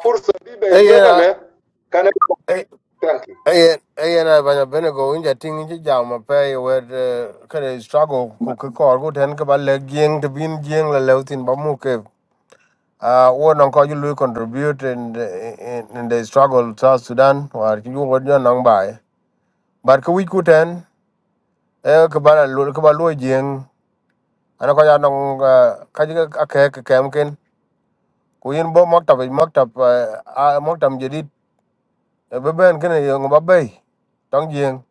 Speaker 3: fursa bi be
Speaker 1: Ê, ra,
Speaker 3: yegale kana
Speaker 1: ê,
Speaker 3: kanki
Speaker 1: ê, ê, ra bên là bên này có in inja tiếng chỉ giàu mà phải về struggle,
Speaker 8: Ma
Speaker 1: cô cái cỏ cô thèn cái bà lấy giang, tập in giang là lấy tin bà mua cái. À, ô nó có những contribute in in, in the struggle South Sudan, và cái vụ cái nó bay. But cái quý cô thèn, ê, cái bà là lùi, cái bà lùi giang, anh có nhà nó cái cái cái cái cái cái ku yin bo maktab maktab a maktab jadid be ben kene yong ba bay tong jing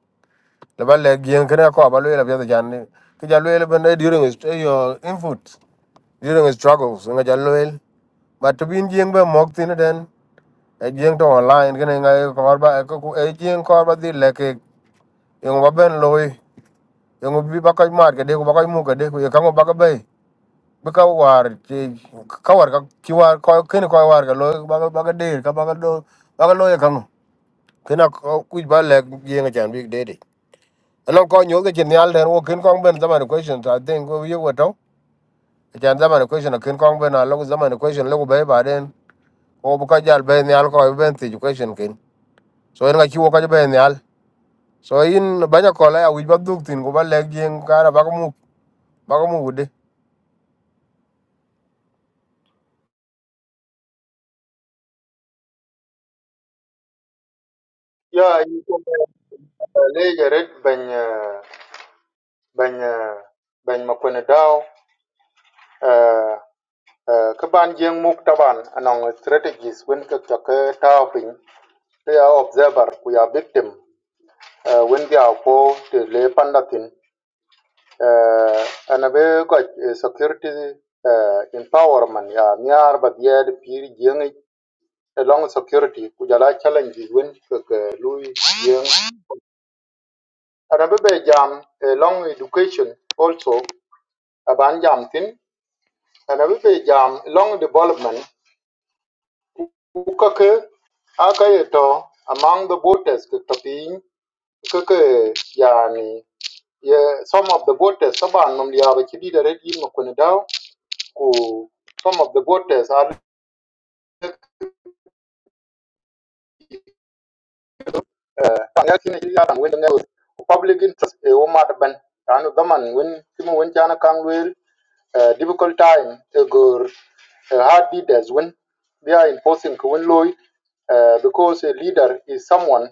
Speaker 1: le ba le jing kene ko ba le la pya jan ke ja le ben e during is your input during his struggles e nga ja le but to be in jing ba mok tin den e jing to online kene e nga ko ba ko e jing ko ba di le ke yong ba ben loy yong bi ba ka mar ke de ko ba ka mu ke de ko ka ngo ba ka bay bi ka war ti ka war ka ki war ko kene ko war ka loy ba ka ba ka de ka ba ka do ba ka loy e ka kena kuj ba lek yeng chan big dede anon ko nyoge chen nyal den wo ken kong ben zaman questions i think we you were to chan zaman question ken kong ben a log zaman question log be ba den o bu ka jal be nyal ko ben ti question ken so en ga chi wo ka be nyal so in banya ko la ya wi ba duk tin go ba lek yeng kara ba ko mu ba ko mu wude
Speaker 3: ya yi ko le yeret ban eh, ban eh, ban makone daw eh, eh, ka ban jeng muk taban anong strategies wen ka ka ka taw pin ka are observer we are victim uh, when they are for the lay pandatin uh, and a very good uh, security uh, empowerment ya near but yet peer young along security kujala challenges when lui young and a very jam along education also aban jam tin and a very jam long development ukake akayeto among the voters kutapin kake yani Yeah, some of the voters, طبعا ممليا بكدي دريد يم كون داو كو some of the voters are تانيا كنا كدي يارم وين نيو public interest e wo mat ban tanu daman wen timu wen jana kan difficult time e gor eh, hard leaders when they are imposing when wen loy eh, because a leader is someone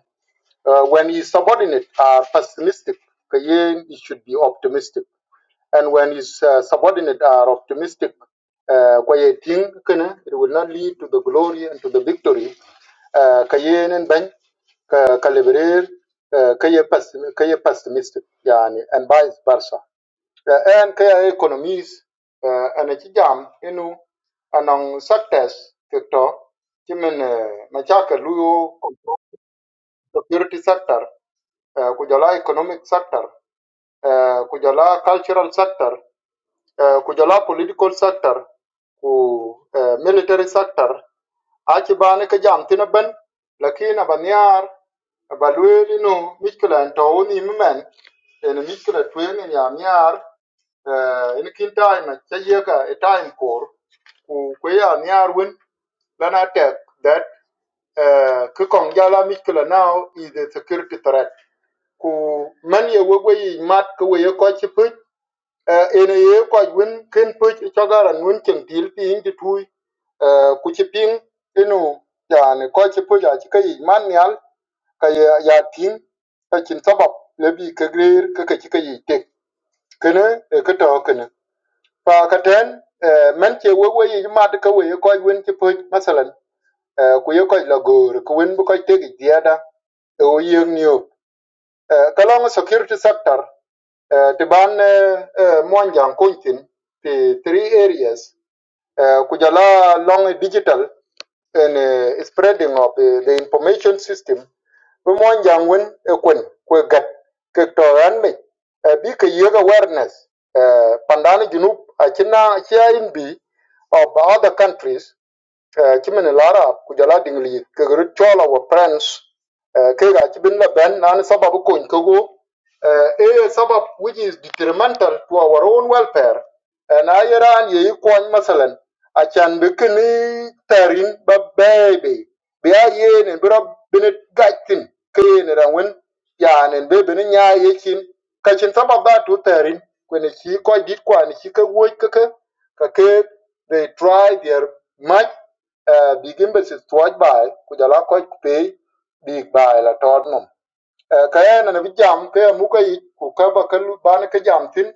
Speaker 3: uh, when his subordinate are pessimistic kayen he should be optimistic And when his uh, subordinates are optimistic, uh, kwaye kana, it will not lead to the glory and to the victory. Uh, kayen and bang, ka ka uh, kaye pes- kaye pessimistic, yani, and vice versa. Uh, and kaya economies, uh, and a chijam, inu, anong sectors, kito, chimen, uh, machaka luyo, security sector, uh, kujala economic sector, uh, kujala cultural sector, eh, kujala political sector ku eh, military sector aci bani ka jam tini ben lakin aba niar aba lueel inu mishkila n tou ni mimen eni mishkila tuen en mikla tweni ya niar eh, ini kin time ca yeka e time kor ku kwe ya niar wen lan atek that eh, ki kong jala mishkila now is a security threat ku men ye wegwe yi mat ki we ye kochi piny ene ye koch win ken puch chogaran win chen dil pi ing ti tui ku chi ping inu yani koch chi puch achi ka yi man nyal ka ya ya ting ka chin sabab le bi ka grer ka ka chi ka yi tek kene e ka to kene pa ka ten eh, men che we we yi mad ka we ye koch win chi puch masalan eh, ku ye koch la gor ku win bu koch tek diada e o yeng niyo kalong security sector Eh, ti ban eh, eh, mon jang three areas Eh, kujala long digital and eh, spreading of eh, the information system bi mon jang win e kun ku gat ke me Eh, bi ke yeg awareness eh, pandani junub a chia in B of other countries eh, kimin lara ku jala dingli kegru chola wa friends eh, kega kibin la ben nan sababu ko nkogo eh, a sabab which is detrimental to our own welfare and ayeran ye kwany masalan achan bikini tarin ba baby be aye ne bra bin gatin kene rawin yanen be bin nya yekin kachin sabab da to tarin kwene chi ko dit kwani chi ka woi ka ka ka ke they try their much uh, big embassy tuwaj bai ku jala koj ku pei big bai la tod nom uh, ka en na jam ke amuka yi ku ka ba ka ban ka jam tin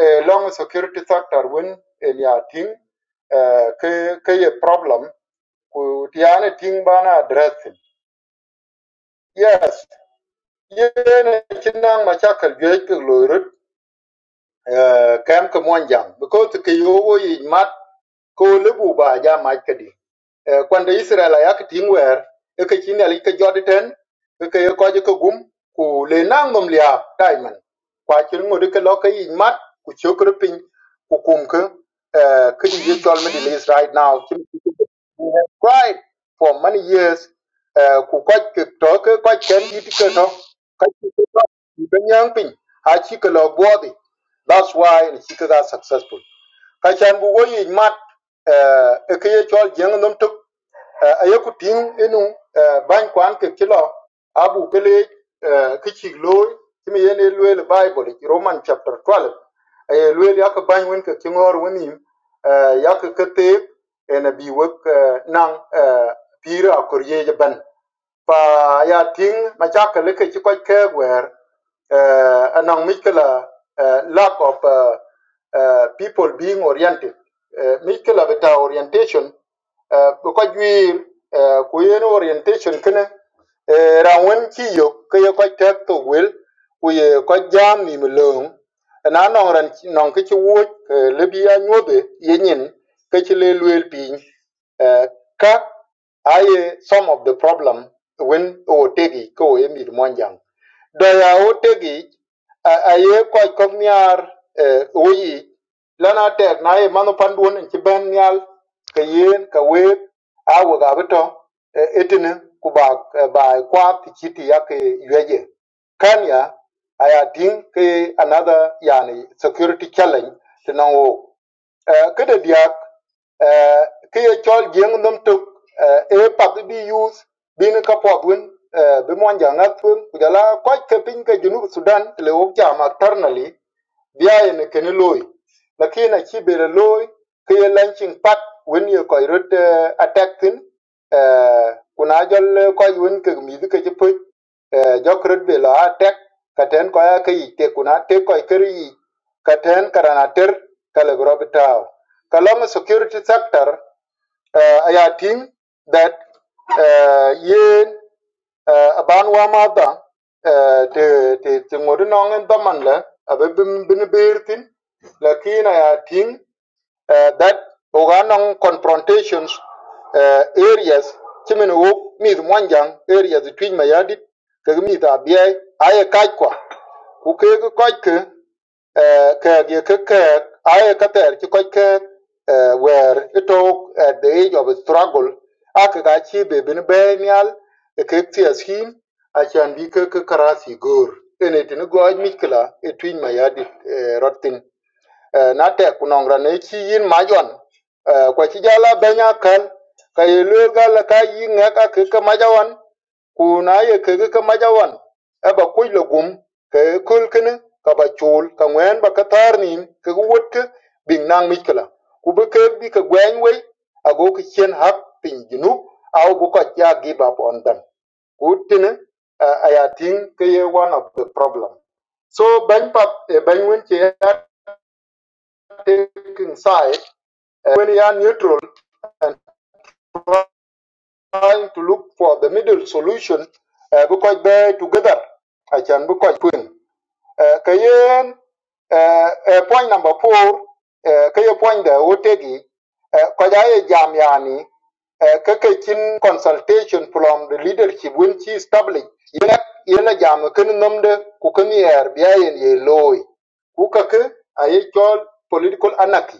Speaker 3: uh, long security sector wen en ya ting uh, ke ke ye problem ku tiane ting bana address it. yes yene kinang machakal gej ke loirut uh, kem ke jam, because ke yo wo yi mat ko lebu ba ja mach kadi Eh, kwande Israel ya ki ting wer e ke chin ali ke jodi ten e ke ko je ke gum ku le nang nom lia taiman kwa chin ngode ke lo ke yin mat ku chokre pin ku kum ke eh ye tol me di right now Chin ku ku- we have cried for many years eh ku ko ke to ke ko chen yit ke to ka chi ke to ni ben yang pin a chi ke lo body that's why ni chi ke successful ka chan bu wo yin mat eh e ke ye tol jeng nom tuk ayökötyïn ïnü bany kwan kï kï lö abu kelec kï cïk looi cë mïn yen elwel baibul ï roman chapter 12 aye elwel yakï bany wen kï ngör wen nïm yakï kethek ën abï wek eh, nang pir akor yec bën pa ya ting ma cha ka le ke chi ko ke wer eh anong mi eh, lack of uh, uh, people being oriented Eh, mi ke la beta orientation eh, ko ko jwi eh, ku yen orientation kene eh, ra wen chi yo ke yo ko tek to wel ku ye ko jam ni mi long na nong ran nong ke chi wo eh, le bi ya nyobe ye nyin ke chi le luel piny eh, ka I uh, some of the problem. wen otegich ko emil mwanjang doya otegich a- aye koch kok niar eh, oyich lan atek na ye mano panduon en ci ben nial ka yen ka wek awe ka bito eh, etini ku ba eh, ba kwa ti chiti ya ke yweje kanya aya ting ke another yani security challenge tinango Eh, Ki de diak, eh, ki ye chol jeng nom tuk, eh, e pap bi bi yus, bi ni ka pot win, eh, bi mwan ja ngat win, ku jala kwaj ke piny ke junub Sudan, tile wok jam externally, biaye ni keni loy. Lakin achi bere loy, ki ye launching pad, win ye koi rut eh, attack thin, eh, kuna jol eh, koj win ke gmidhi ke chi jokrut be lo a tek katen ko ya ke yik te kun a tek ko ker yik katen karana ter kale bro bitaw kalong security sector eh, a ya ting that eh, yen eh, aban wa ma da eh, te te te ngodu nong en daman le abe bin bin birtin lakin a ya ting uh, that oganong confrontations uh, areas chimin wo mith mwanjang areas twij mayadit kegi mith abiai aye kaj kwa ku kegi koj ke uh, kek ye ke kek aye kater chi koj kek uh, where itok at the age of struggle ake ka chi be bin be nial e kek tias him achan bi ke ke karasi gor ene tini goj mikla e twij mayadit uh, rot thin eh, na tek ku nɔŋ rɔn ci yin ma jɔn Eh, kwa ci jala bɛnya kɛl ka ye luel ga la ka yi ŋɛ ka ke ke maja wan ku na ye ke ke ke maja wan e ba kuc le gum ke e kol kene ka ba chul ka ŋwɛn ba katarni ka taar nim ke ke wot ke biŋ naŋ mic kela ku bi keek bi ke gwɛɛny wei ago ke cien hak piny junub au bu kɔc ya give up on them ku tene eh, a ya tiŋ ke ye one of the problem so bɛny pap e bɛny wen ce ya tekin sai uh, when you are neutral and trying to look for the middle solution, uh, because they together, I can because queen. Uh, kayen, uh, uh, point number four, uh, kaya point da otegi, uh, kaya ye jam yani, uh, kaka kin consultation from the leadership when she established, yela yela jam kan nomde ku kan yer biya yen ye loy. Ku kaka aye chol political anarchy.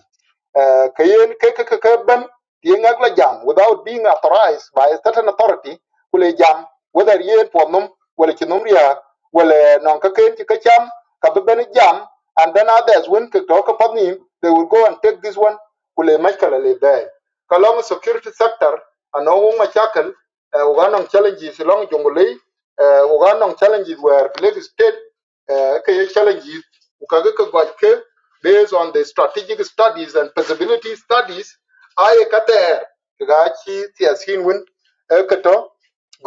Speaker 3: Uh, kayen ke ke ke ke ben yen jam without being authorized by a certain authority kule jam whether yen po num wala ci num riya wala non ka ken ci ka cham ka be jam and then others when ke talk upon him they will go and take this one kule mashkala le bay kalong security sector ano wo machakal uh, uganong challenges long jongulei uh, uganong challenges where police state uh, key challenges ukaga ka gwaj ke based on the strategic studies and feasibility studies aye kater ga chi tiasin win e kato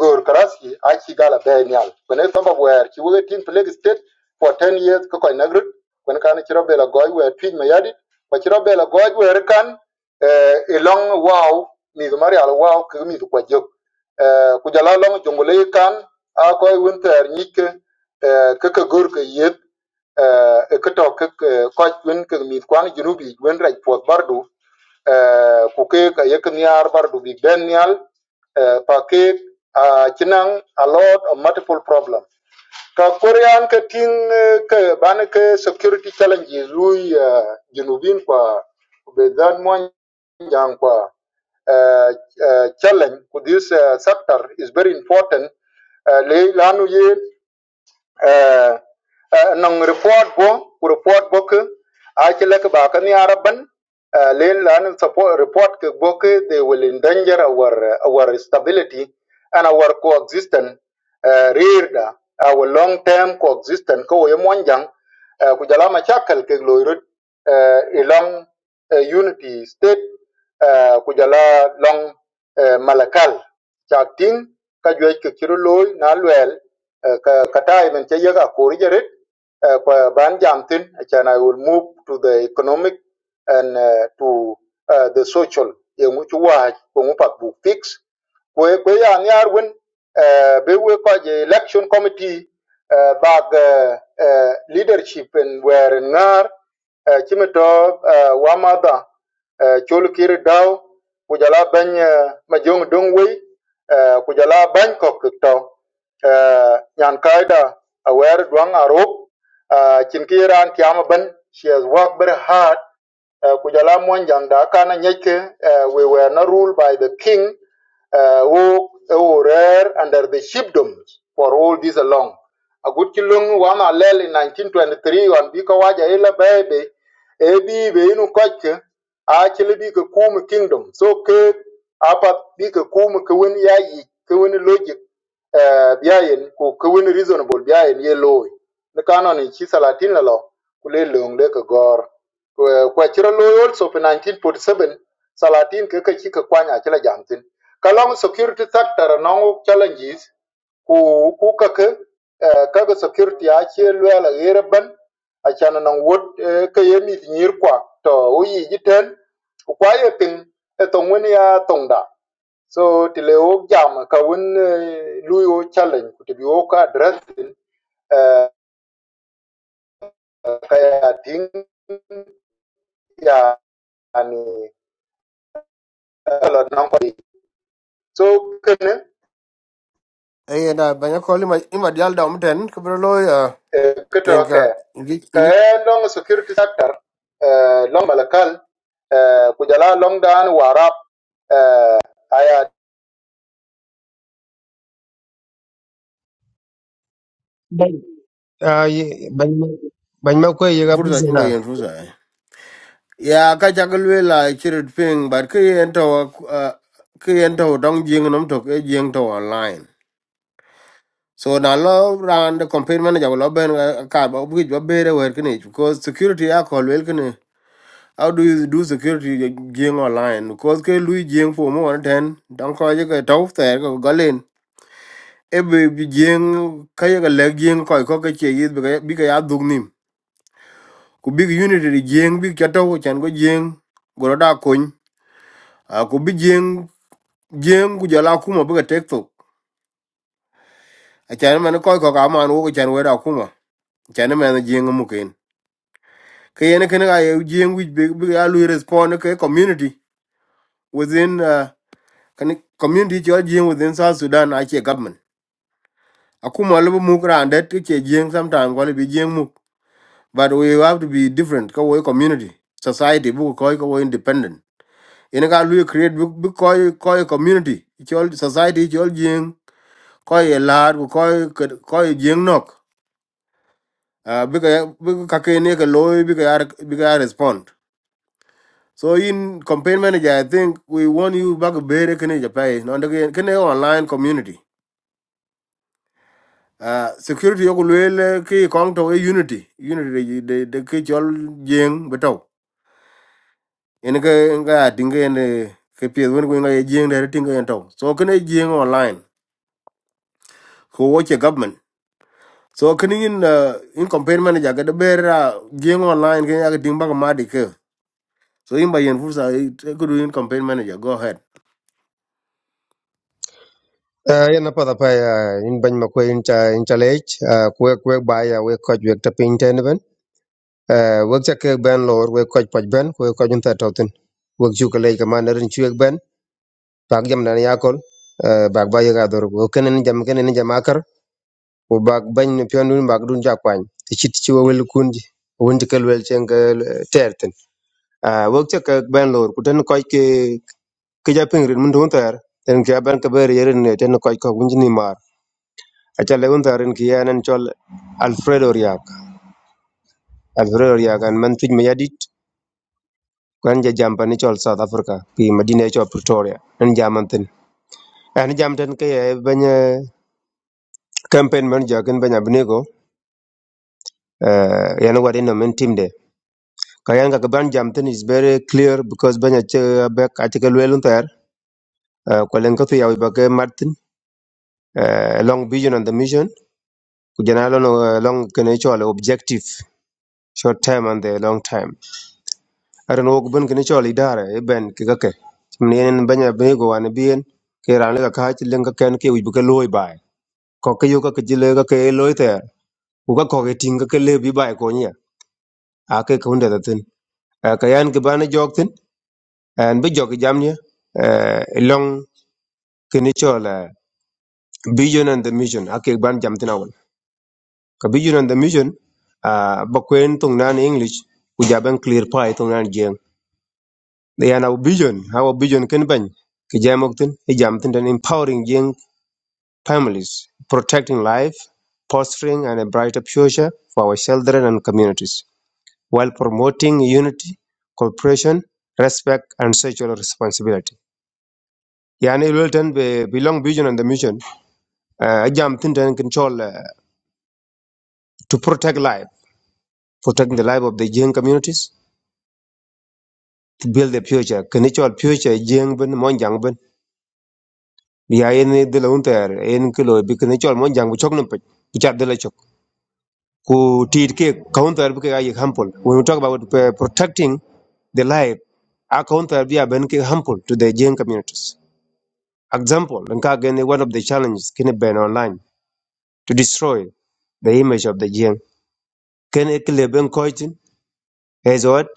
Speaker 3: gor karasi a chi gala be nyal when e samba wer chi wo tin plague state for 10 years ko koy nagrut when kan chi robela goy wer twin me yadi ko chi robela goy wer kan eh e long wow mi mari al wow ke mi ko jok eh ku jala long jongole kan a koy winter nyike ke ke gor ke yek eh, ke to ke ko wen ke mi kwan junubi wen raj pot bardu eh, ku ke ke yek niar bardu bi ben nial eh, pa ke a kinang a lot of multiple problem ka korean ke tin eh, ke ban ke security challenges lui eh, junubin kwa be dan mo jang kwa eh, eh, challenge ku this eh, sector is very important uh, lanu ye eh eh, nong report bo ku report bo ke a chile ke ba kan yara ban eh, le lan support report ke bo ke they will endanger our our stability and our coexistence eh, rear da our long term coexistence ko ye monjang Eh, ku jala ma chakal ke lo irot eh, eh, unity state eh, ku jala long eh, malakal chak ting ka jwe ke chiro loy na lwel eh, ka katai men che yaga kori jarit eh, kwa ban jam tin will move to the economic and uh, to uh, the social ye mu chu wa ko mu pak bu fix kwe kwe ya niar wen eh, be we ko je election committee eh, bag eh, eh, leadership en wer ngar eh, chimito eh, wamada eh, chol kir daw kujala bany eh, majong dong wei eh, kujala bany ko kto eh, nyan kaida awer duang arop eh, chin kiran tiam ban she has worked very hard Uh, Kujala Mwanjang da uh, we were not ruled by the king uh, who, who were under the chiefdoms for all this along. Agutchilung wan alel in 1923 on Bika Waja Ila Bebe, Ebi Beinu Koche, actually Bika Kum Kingdom. So Ke Apa Bika Kum Kawin Yayi, Kawin Logic, uh, Biayin, ku Kawin Reasonable, Biayin Ye Loy. The canon in Chisalatin Lalo, Kule Lung Lake Gore. Kwa kwa chira loy also for 1947 Salatin kaka chika kwanya chila jamtin. Kalong security sector nong challenges ku ku kaka eh, kaka security a che lwela gere ban a chana nang wot eh, ka yemi nyir kwa to uyi jiten ku kwa ye ping e tong wen ya tong So tile wo jam ka wen eh, challenge ku tibi wo ka address eh, ka ya ting ya ni So kene
Speaker 1: e na banya ko li ma ima dial da umten ko bro lo ya
Speaker 3: kato
Speaker 1: ten
Speaker 3: ke
Speaker 1: ka ingi
Speaker 3: ke
Speaker 1: ingi
Speaker 3: long security sector eh, long malakal eh, kujala long dan warap aya
Speaker 2: Ban- Ah, ye- bany ma bany ma kwe yiga
Speaker 1: furza
Speaker 2: pisi
Speaker 1: imba yen furza ya ka chakal we la chirit ping but ke yen to uh, ke yen to dong jing nom to ke jing to online so na lo ran the campaign manager lo ben uh, ka ba bi ba bere wer kini because security ya ko wel kini how do you do security ye jing online because ke lu jing for mo ten dong ko ye ke to ter ko galen e be bi jing ka ye ga le jing ko ko ke che yi bi ka bi ka ya dug nim ku big unity di jing bi ka to ko chan go jing goro da kun Uh, ku bi jeng ku jala kuma buga tek tok achan man koy ko ka man wo chan wera kuma chan man jeng mu ken ke yen ken ga ye jeng wi be be ya lu respond ke community within uh, kan community jo Jing within south sudan a che government akuma lu mu gran det Jing. jeng sometime ko bi Jing mu but we have to be different ko we community society bu ko ko we independent yen ga lu create bu ko ko community jo society jo jeng ko ye lar ko ko ko Jing nok uh, bika bika kakene ka loy bika yar bika yar respond so in campaign manager i think we want you back Better bere kene japai no can kene online community uh, security yoku lwele ki kong to e unity unity the the de ki chol jeng beto en ka en ka tinga en ke When wen ko ngai jeng de tinga en to so kene jeng online ko woche government so kene in uh, in campaign manager ga better bere jeng online can you ga ding back madi ke. So in by Fursa, I could win campaign manager. Go ahead.
Speaker 2: Ah, yana pada pa ya in bany ma in cha in cha lech ah, kwe kwe ba ya we koj we ta pin ten ben Ah, we cha ke ben lor we koj poj ben kwe koj in ta totin we chu ke lech ma na rin chu ek ben bak jam na ya kol Ah, bak ba yiga dor ko ken ni jam ken ni jam akar ko bak ban ni pion dun bak dun ja kwany ti chit chi we wel kun ji won ti kel wel chen ke ter ten Ah, cha ke ben lor ku ten koj ke ki ja piŋ rin mun dun ter ten ki aben ke ber yerin ne ten ko ko wunj ni mar acha le un tarin ki yanen chol alfredo riak alfredo riak an man tuj me yadit kan ja jam pani chol south africa pi Medina, chol pretoria en jaman tin en jam ten ke ye banye campaign man jakin banya bnego uh, yan wadi no men timde ka yan ka ban jam tin is very clear because banya che back acha ke le un ter ko len ka tu yawi ba ke martin uh, long vision and the mission kujana lo no eh, long kene chol objective short time and the long time aran wok bun kini choli dare e ben ki kake nien banya bego an bien ke ran ga ka chilen ka ken ke wibu ke loy bai ko ke yo ka ke jile ka ke loy ter u ka ko ke ting ka ke le bi bai ko nya a ke ko nda tin Eh, ka yan ke bana jok tin an bi jok jam nya Eh, long kini chola vision and the mission a ke ban jam tin awal ka vision and the mission a ba kwen tung nan english ku jaban clear pai tung nan jeng. They are our vision, our vision can bany ke jamok tin e jam empowering young families, protecting life, fostering and a brighter future for our children and communities, while promoting unity, cooperation, respect and social responsibility. Yani Wilton be belong vision and the mission. Uh, a jam control uh, to protect life, protecting the life of the young communities, to build the future. Can it all future young ben, monjang ben. ya yen de la unter en kilo bi ken chol mon jang bu chok num pe ki chat de la chok ku tit ke counter bi ke ga when we talk about uh, protecting the life a counter bi a ben ke hampol to the jain communities example nka again one of the challenges can ben online to destroy the image of the jain ken ek le ben koitin as what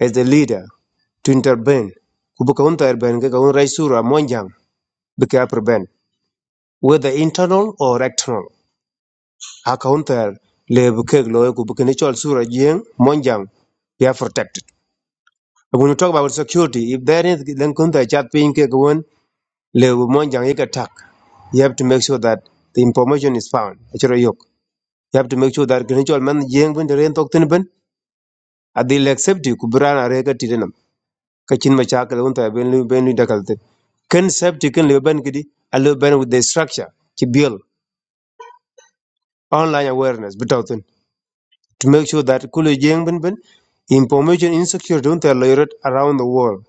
Speaker 2: as the leader to intervene ku bu counter ben ke ga un raisura mon jang bi ke prevent whether internal or external Accounted le bukeg lo ku bukeni chol sura jeng monjang they are protected. When you talk about security, if there is then kunta chat ping ke gwen le monjang ik attack, you have to make sure that the information is found. Achiro yok. You have to make sure that kini chol man jeng ben ren tok tin ben adil accept you ku brana re ka tidenam ka chin ma cha ka unta ben lu ben lu dakal te. Ken safety ken le ben kidi a le ben with the structure ki build online awareness bitautin to make sure that kule jeng bin bin information insecure don't tolerate around the world.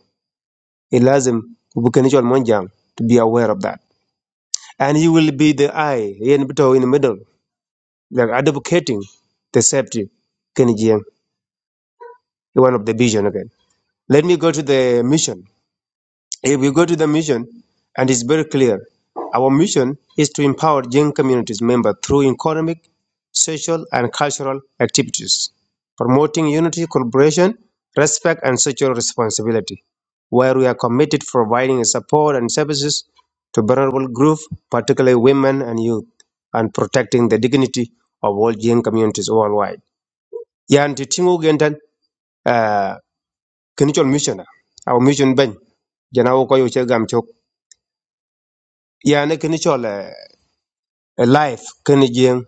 Speaker 2: It lazim monjang to be aware of that. And you will be the eye in between in the middle, like advocating the safety Kenny Jeng, one of the vision again. Let me go to the mission. If we go to the mission, and it's very clear, our mission is to empower young communities members through economic, social, and cultural activities, promoting unity, collaboration, respect, and social responsibility, where we are committed to providing support and services to vulnerable groups, particularly women and youth, and protecting the dignity of all young communities worldwide. Yan ti tingu gentan uh, kinichol mission, our mission ben, jana wo ko che gam chok. yani kini chol eh, eh, life kini jing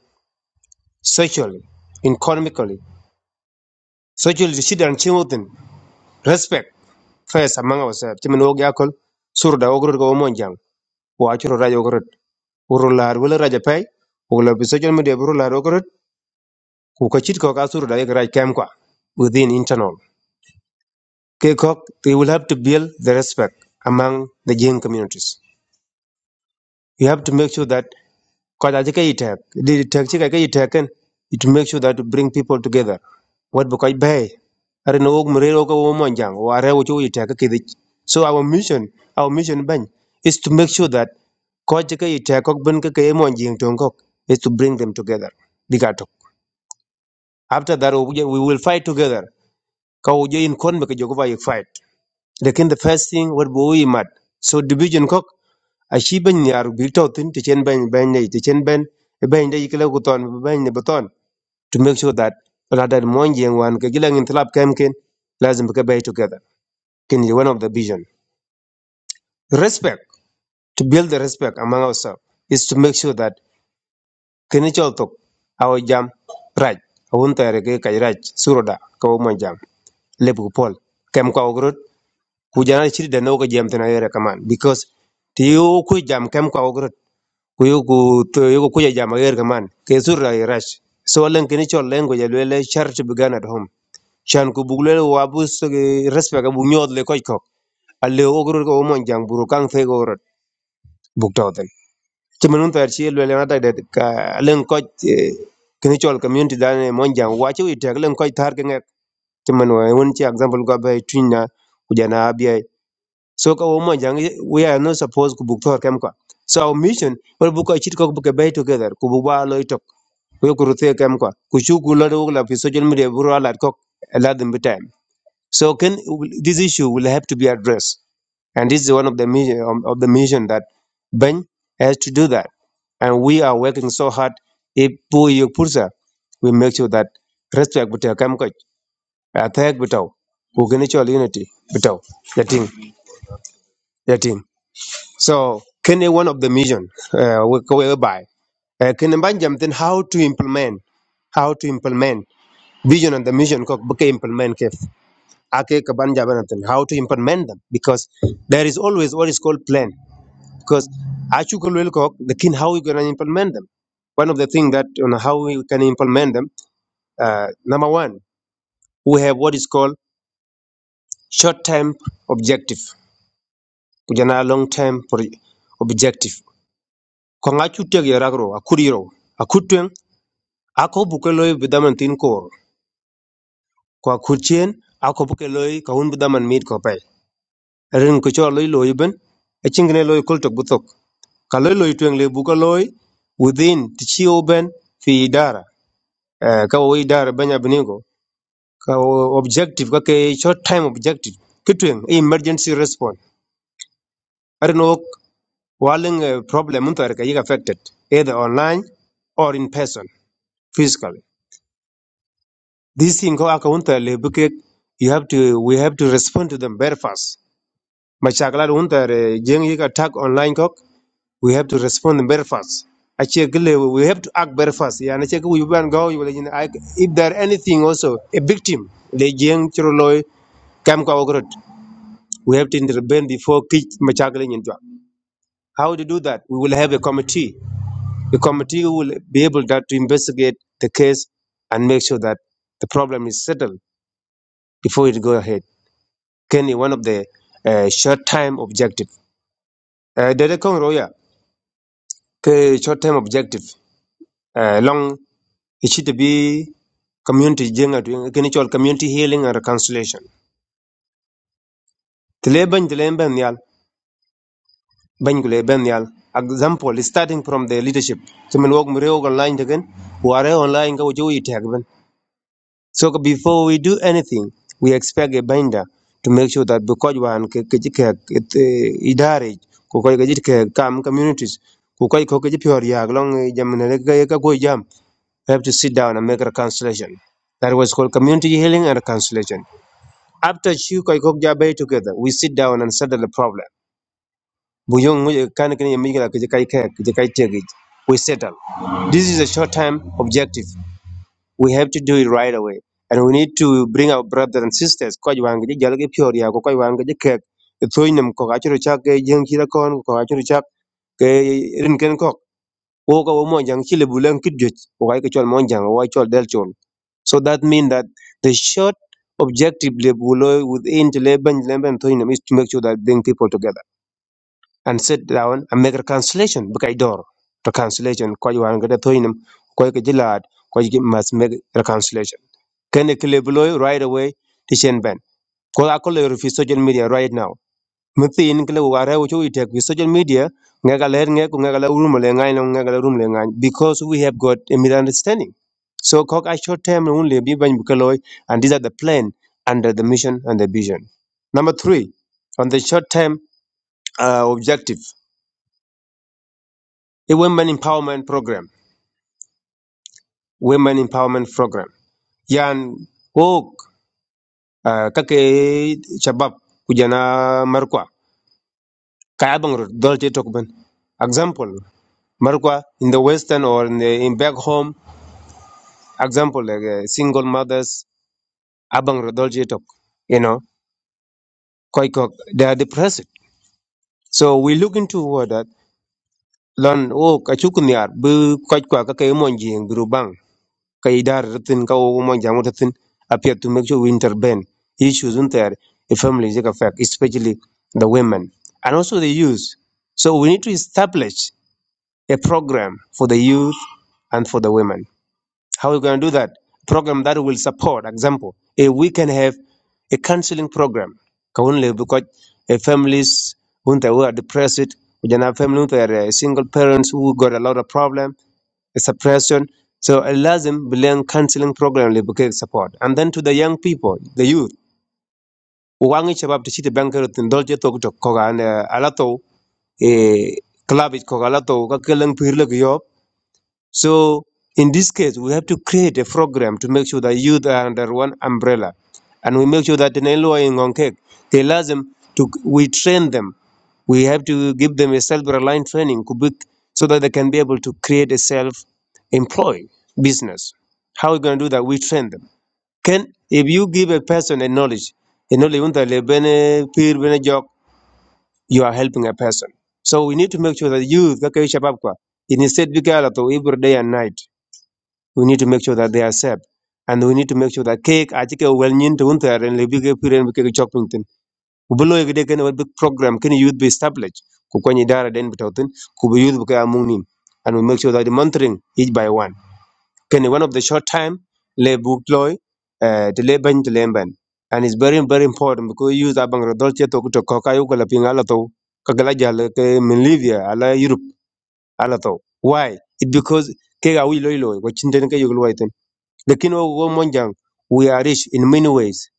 Speaker 2: socially economically socially the children children respect first among ourselves timin og yakol surda ogrod go monjang wo achuro rajo ogrod uru lar wala raja pay wala bi social media buru lar ogrod ku ka chit ko ka surda yek raj kem kwa within internal ke kok they will have to build the respect among the jing communities you have to make sure that Because I think it take, it take, it take, it take, it make sure that to bring people together. What because bay, I don't know, Murray, Oka, Womanjang, or I would you take a So our mission, our mission, Ben, is to make sure that Kojaka, it take, Benka, Monjing, Tongkok, is to bring them together. Digato. After that, we will fight together. Kawo in Konbeka, Jogova, you fight. Lekin the first thing what we mat. So division cock a she ben yar big to thin to chen ben ben ye to chen ben a ben ye kilo guton ben ye baton to make sure that rather mon yang wan ke gilang in tlap kem ken lazim ke bay together. Ken ye one of the vision. Respect to build the respect among ourselves is to make sure that ken chol tok our jam right. Awun tare ke kaj raj suroda ka wo mon jam lebu pol kem ka ku jana chiri da nauka jam tana yere kaman because ti yo ku jam kam ka ogro ku yo ku to yo ku jam yere kaman ke sur la rash so len kini chol len go jalo le chart began at home shan ku bugle wa bu so respect bu nyod le koy ko alle ogro ko mon jang buru kan fe go rot buk taw ti menun tar chi le na da ka len ko kini chol community dan mon jang wa chi wi tek len koy tar ke ngek ti men wa won chi example go bay twinna ku jana so ka woman jang we are not supposed to book to kem kwa. So our mission we book a chit book a bay together ku bu ba lo itok we ku ruthe kem kwa ku chu ku lo do la fi social media bu ra lat kok a lat them time. So can this issue will have to be addressed and this is one of the mission of, of the mission that Ben has to do that and we are working so hard if pu yu pursa we make sure that respect but kem kwa attack but ku unity but the thing so kene one of the mission uh, we- whereby uh, kene banjam then how to implement how to implement vision and the mission ko buke implement kef ake ka banjam na then how to implement them because there is always what is called plan because achu ko lel ko the kin how we going to implement them one of the things that you know, how we can implement them uh, number one we have what is called short term objective kujana long term objective. ko ŋaju tek yarakro a kut yiro a kut bidaman tin kor ko a ako bukeloy kaun bidaman mit ko pai rin ko cho loy loi ben a chingne loi kul butok ka loy loi tweŋ le bu within ti ben fi idara Eh, ka wo idara banya binigo ka wo objective ka ke short time objective ki emergency response arin ok waling eh, problem mun tar ka yik affected either online or in person physically These things go counter because you have to we have to respond to them very fast. Machakala unter jeng attack online kok we have to respond very fast. Ache we have to act very fast. Yeah, and ache we ban go you will in if there anything also a victim the jeng churloy kam ka ogrot. We have to intervene before kich machakala into. How to do that? We will have a committee. The committee will be able that to investigate the case and make sure that the problem is settled before it go ahead. can be one of the uh, short-term objective. Uh, Dede Kong Roya, ke short-term objective. Uh, long, it should be community jenga tu, kini chol community healing and reconciliation. Tile ban tile ban yal, ban gule ban yal. Example, starting from the leadership. So Tumen wog mreo online again, ware online ka ujo itag So before we do anything, we expect a binder to make sure that because one kajike idarage ko ko kajike kam communities ko ko ko kajike pior ya long jamne ka ka ko jam we have to sit down and make a reconciliation. That was called community healing and reconciliation. After chu ko ko jabe together, we sit down and settle the problem. Buyong mu kan kan yemi ka kajike kai ka kajike kai tege. We settle. This is a short term objective we have to do it right away. And we need to bring our brothers and sisters. Kwa jwangi jalgi pure ya kwa jwangi je kek. Thoi nam ko achuru chak ke jeng chira kon ko achuru chak ke rin kok. Wo ka wo chile bulang kidjot. Wo kai ke chol monjang wo chol del chon. So that means that the short objective le bulo within the leben leben thoi nam is to make sure that bring people together and sit down and make a cancellation bukai door. The kwa jwangi de thoi nam ko ke jilat ko must make reconciliation can kile below right away to Shen Ben. Because I call it social media right now. Mithi in kile ware wuchu itek with social media ngaga leher ngek ngaga le room le ngai no ngaga le because we have got a misunderstanding. So kok a short term only be ban bukaloi and these are the plan under the mission and the vision. Number three, on the short term uh, objective, a women empowerment program. Women empowerment program. Yan wok uh, kake shabab kujana markwa kaya bang rot dol te tok ben example markwa in the western or in, the, in back home example like uh, single mothers abang rot dol te tok you know koi kok they are depressed so we look into what that Learn oh kachuk niar bu koi kwa ka kay mon jing gru bang kay dar tin ka o mon jang appear to make sure we intervene issues in there a family is a fact especially the women and also the youth so we need to establish a program for the youth and for the women. How are we going to do that? Program that will support, example, if we can have a counseling program. Kaunle, Because uh, families who are depressed, we can have families who are uh, single parents who got a lot of problem, uh, suppression. So I lazim bilang counseling program le buke support. And then to the young people, the youth, wangi chabab tishite bankerot ndolje tok tok koga an alato e club it koga alato ka kelang pirle so in this case, we have to create a program to make sure that youth are under one umbrella. And we make sure that in Elua in Ngongkek, they allow them to, we train them. We have to give them a self-reliant training kubik- so that they can be able to create a self-employed business. How are we going to do that? We train them. Can, if you give a person a knowledge, a knowledge won't they bene peer bene jok, you are helping a person. So we need to make sure that youth, kaka yi shabab kwa, instead bika every day and night we need to make sure that they are safe and we need to make sure that cake achi ke wel nyin to unta ren le bige piren ke chok pinten u blo ye de ken big program can youth be established ku ko ni dara den bitoten ku be youth ka among nim and we make sure that the monitoring each by one Can one of the short time le book loy eh de le ban de le and it's very very important because youth abang ro dol che to to ko kayu ko la pinga la to ka gala jal ke min livia ala europe ala to why it because ke ga wi loy loy ko chinten ke yuglo Lakini wao monjang we are rich in many ways.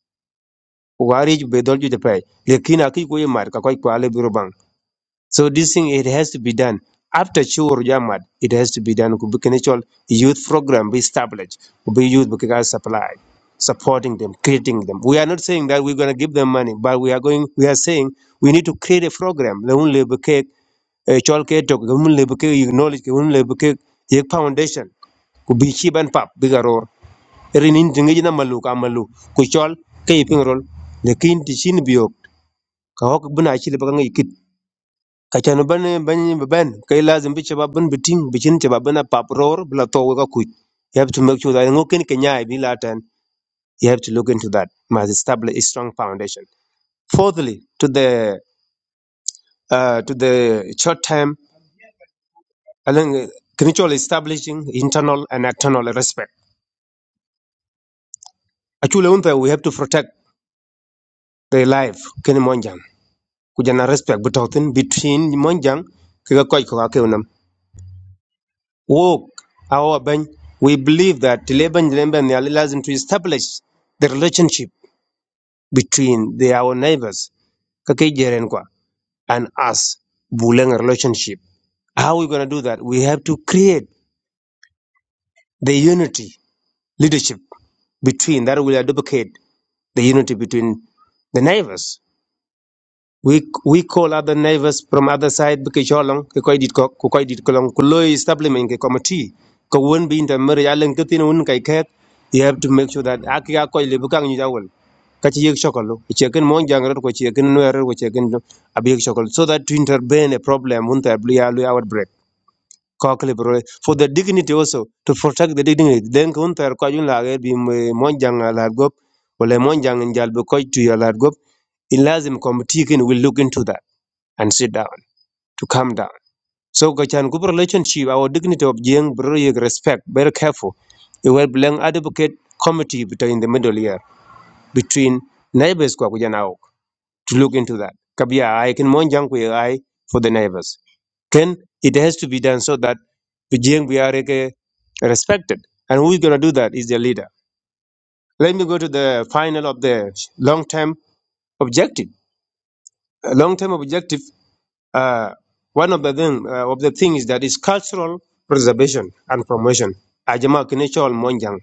Speaker 2: We are rich be dolju de pay. Lakini aki ko yemar ka koi kwale biro bang. So this thing it has to be done after chur jamad. It has to be done. Could be actual youth program be established. be youth because supply supporting them, creating them. We are not saying that we're going to give them money, but we are going. We are saying we need to create a program. The only cake, a chol ke tok, the only cake, knowledge, the only cake, foundation. Could be cheap and pop renin tingeji na malu ka malu ku chol ke ipin rol le kin ti shin biok ka hok buna chi le bang ikit ka chan ban ban ban ke lazim bi chaba bun biting bi chin chaba bana pap ror bla to ka ku you have to make sure that ngokin ke nyai bi latan you have to look into that must establish a strong foundation fourthly to the uh, to the short term along mutual establishing internal and external respect actually one thing we have to protect the life kini monjang ku jana respect bu between monjang ke ga ko ga wo awa ban we believe that leben leben ya lazim to establish the relationship between the our neighbors ka kwa and us bulang relationship how are we going to do that we have to create the unity leadership between that will advocate the unity between the neighbors we we call other neighbors from other side because cholong ke koy dit ko ko koy dit kolong ku loy supplement ke committee ko won bi inter mer yalen ke tin un kai ket you have to make sure that akia koy le bukang ni jawol ka ci yek chokol ci ken mon jangrat ko ci ken wer ko ci ken abi yek chokol so that to intervene a problem un ta bli alu Kokli Brole, for the dignity also, to protect the dignity. Then Kunter Kajun Lage be Monjang Alargop, or Le Monjang and Jalbukoj to your Largop, Ilazim Comitikin will look into that and sit down, to calm down. So Gachan good relationship, our dignity of Jiang Brole respect, very careful. It will belong advocate committee between the middle year, between neighbors Kwakujanao to look into that. Kabia, I can monjang ku I for the neighbors. Then it has to be done so that Vijayang Biareke respected. And who is going to do that is the leader. Let me go to the final of the long-term objective. A long-term objective, uh, one of the thing, uh, of the things that is cultural preservation and promotion. Ajama kinechol monjang.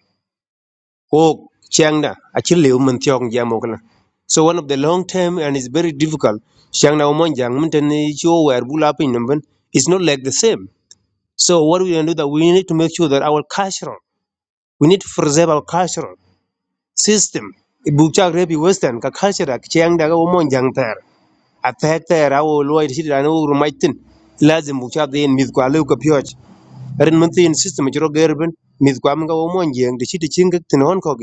Speaker 2: ko changna achille um tiong jam okna so one of the long term and it's very difficult changna umon jang mten jo wer bula pin numben it's not like the same so what we can do that we need to make sure that our cultural we need to preserve our cultural system bukcha repi western ka culture ak chang daga umon jang ter atek ter awo loy shit anu rumaitin lazim bukcha den mit kwa leu ka pyoj ren mtin system jro gerben mit kwa mga umon jang de shit chinga tin hon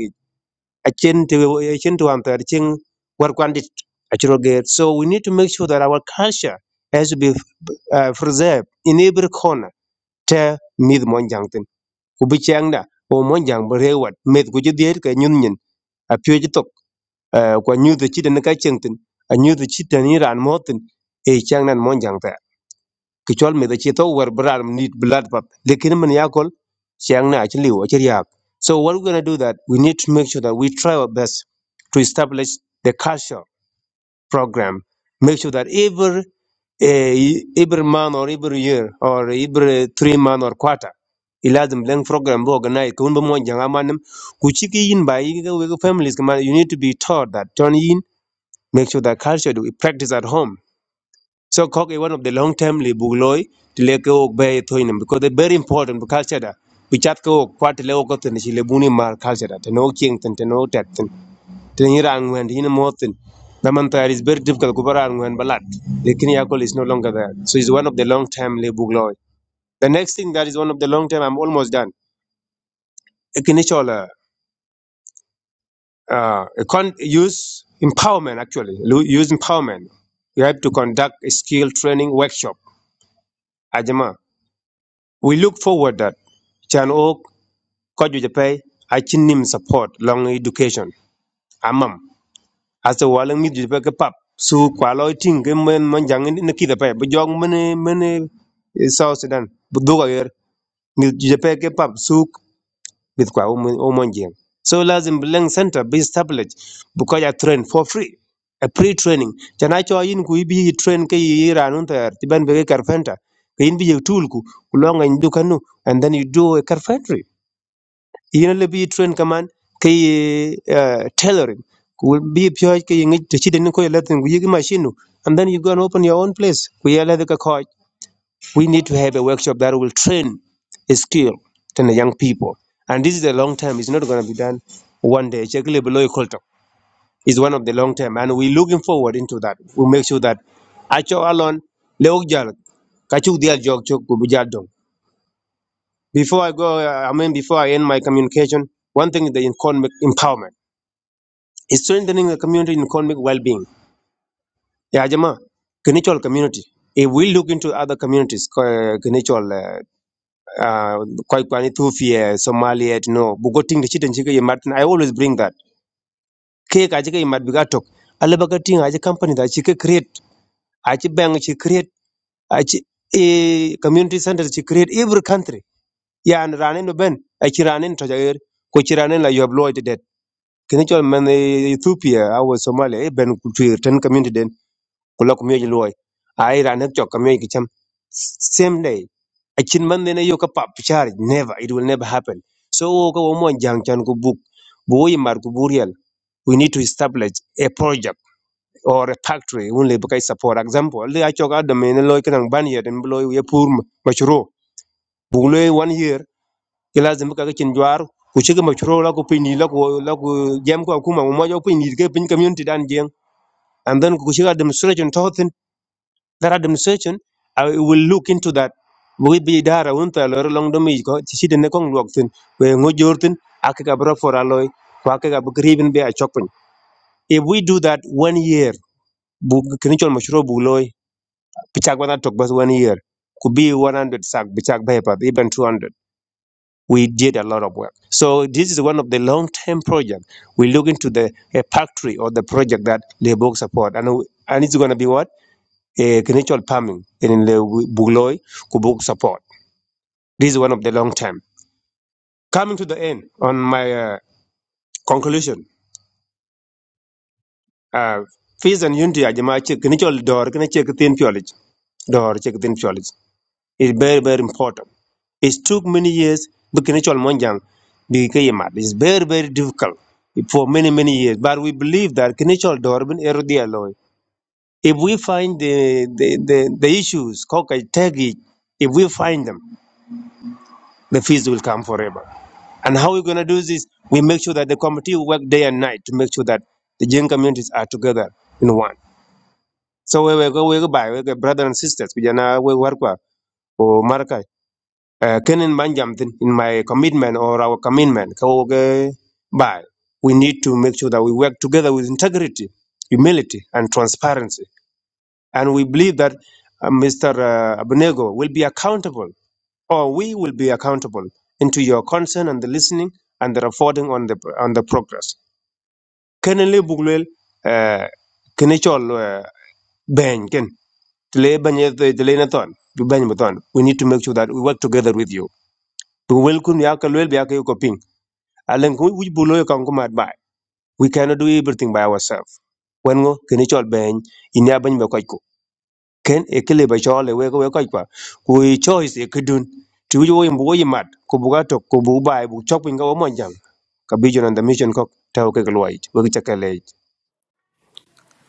Speaker 2: achen te achen to am ter ching war kwan dit achro get so we need to make sure that our culture has to be uh, preserved in every corner te mid mon jang tin ku bi chang da o mon jang bre wat met ku jidit ka nyun nyin a pye ji tok uh, kwa nyu de chi de ka cheng tin a nyu de chi de ni e chang nan mon jang ki chol me the cheto wer bran need blood pap lekin man yakol siang na actually wa chiriak so what we're going to do that we need to make sure that we try our best to establish the culture program make sure that every eh, every month or every year or every three month or quarter ilazim leng program bo organize kun bo mon janga manem ku chiki yin ba yin ga wega families kaman you need to be taught that turn in make sure that culture that we practice at home so Kok is one of the long term li bugloi to le ke ok bay toinem because they very important for culture da. Pichat ke ok kwat le ok ten si le buni mar culture da. Teno king ten teno tek ten. Ten yira angwen hina moten. Namantar is very difficult kubara angwen balat. Lekin yakol is no longer there. So it's one of the long term li bugloi. The next thing that is one of the long term I'm almost done. Ekinichola uh uh, e con- use empowerment actually. Lu- Use empowerment. You have to conduct a skill training workshop. Ajama. We look forward that Chan Ok Koju Japai Achin Nim support long education. Amam. As the Walang Mid Japai ke Pap. Su Kualo Ting Gemen Manjang in the Kidapai. But Mene many many South Sudan. Buduga Yer Mid Japai ke Pap Suk with Kwa Omanjang. So Lazim Belang Center be established because I train for free. A pre training. Chanacho Ayin ku ibi train Ke Yiranun Ter Tiban Bege Carpenter. Kayin Bi tool Tulku Kulong and do kanu, and then you do a carpentry. yen le bi train kaman ke ye uh, tailoring ku bi pyo ke ye ngi chi den ko le tin yi machine nu. and then you go and open your own place We are le ka coach we need to have a workshop that will train a skill to the young people and this is a long term it's not going to be done one day check le below culture is one of the long term and we are looking forward into that we make sure that acho alon le ok jal ka chuk dial jog chok ku bu jal dong before i go uh, i mean before i end my communication one thing is the economic empowerment is strengthening the community in economic well-being. Yeah, Jama, Kenichol community. If we look into other communities, uh, Kenichol, uh, uh, Kwai- Kwai, Ethiopia, Somalia, you know, Bugoting the Chitin Chika Martin, I always bring that. Cake Ajika Madbigatok, Alabagating Aja company that she create, Achi Bang she create, Achi a community center she create every country. Yeah, and Ranen no Ben, Achi Ranen Tajair, Kochiranen la you have loyalty debt. Kenichol man eh, Ethiopia, our Somalia, eh, Ben Kutu, ten community den. ku lo ku miyoj luwai ai ran hak chok ka ki cham same day a chin man ne yo ka pap char never it will never happen so wo ka wo mon jang chan ku buk bu yi mar ku burial we need to establish a project or a factory un le bukai support example le a chok adam ne loy kan ban yer en loy ye pur ma- mashru bu loy one year ilazim ka ka chin jwar ku chika mashru la ku pini la ku la ku jam ko kuma mo jo pini ke pin community dan jeng and then ku chika demonstration that administration I will look into that we be dara won ta lor long do mi ko ci de ne kong lok tin we ngo jor tin ak ka bro for aloy ko ak ka gribin be a chokpin if we do that one year bu kin chol mashro bu loy pichak wana tok bas one year could be 100 sack pichak be pa even 200 we did a lot of work so this is one of the long term project we look into the a factory or the project that Lebok support and and it's going to be what a natural farming in the Bugloi Kubuk support. This is one of the long term. Coming to the end on my uh, conclusion, uh, peace and unity are Jama Chik Kinichol Dor check Thin Piolage. Door, check Thin Piolage is very, very important. It took many years but natural Monjang became mad. It's very, very difficult for many, many years. But we believe that natural door bin Erodi Aloy. If we find the, the, the, the issues, Kokai Tagi, if we find them, the fees will come forever. And how we're going to do this, we make sure that the committee work day and night to make sure that the Jain communities are together in one. So we we go we go by we go brothers and sisters. We jana we work wa o marka. Eh, Kenin manjam tin in my commitment or our commitment. Ko ge by we need to make sure that we work together with integrity, humility, and transparency. And we believe that uh, Mr. Uh, Abnego will be accountable or we will be accountable into your concern and the listening and the reporting on the on the progress kene le buglel eh, kene chol eh, beny ken tle banye tle ne ton bi beny mo ton we need to make sure that we work together with you to wel kun ya ka lwel bi ya ka yo ko ping alen ku wi bulo ka ngum adbai we cannot do everything by ourselves when go kene chol beny inya bany be ken e kile ba chole we ko we kai kwa ku i choice e kidun ti wo yim wo mbo yi mat ku bu ga to ku bu bai bu chok pin ga wo mon jang ka bi jonan da mission ko ta ke ga loy we ga chakale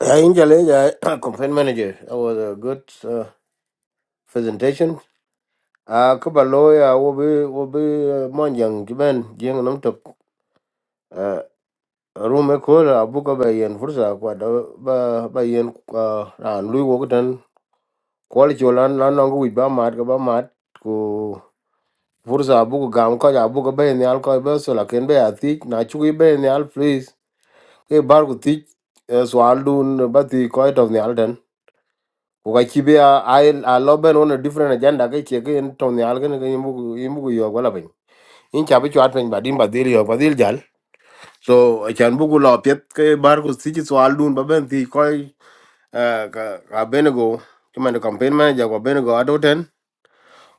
Speaker 1: I *clears throat* in Jaleja, campaign manager. That was a good uh, presentation. Ah, kuba lawyer will be will be uh, monjang jiben jing nam tok. Uh, room call abuka by Ian Fursa kwa da ba by Ian uh, ran Louis Wogan quality lan lan nong with ba mat ka ba mat ku Fursa abuka gam ko abuka bay in the alcohol vessel. I can be a thick. Nachu be in the al please. ke bar ku tic so al dun ba thi ko to ni alden ku ka chi be a a lo ben on a different agenda ke che ke en to ni algen ke imu imu yo wala ben in cha bi chat ben badin badil yo badil jal so a chan bu ku lo pet ke bar ku tic so al ba ben thi ko ka benego kuma da campaign manager ko benego adoten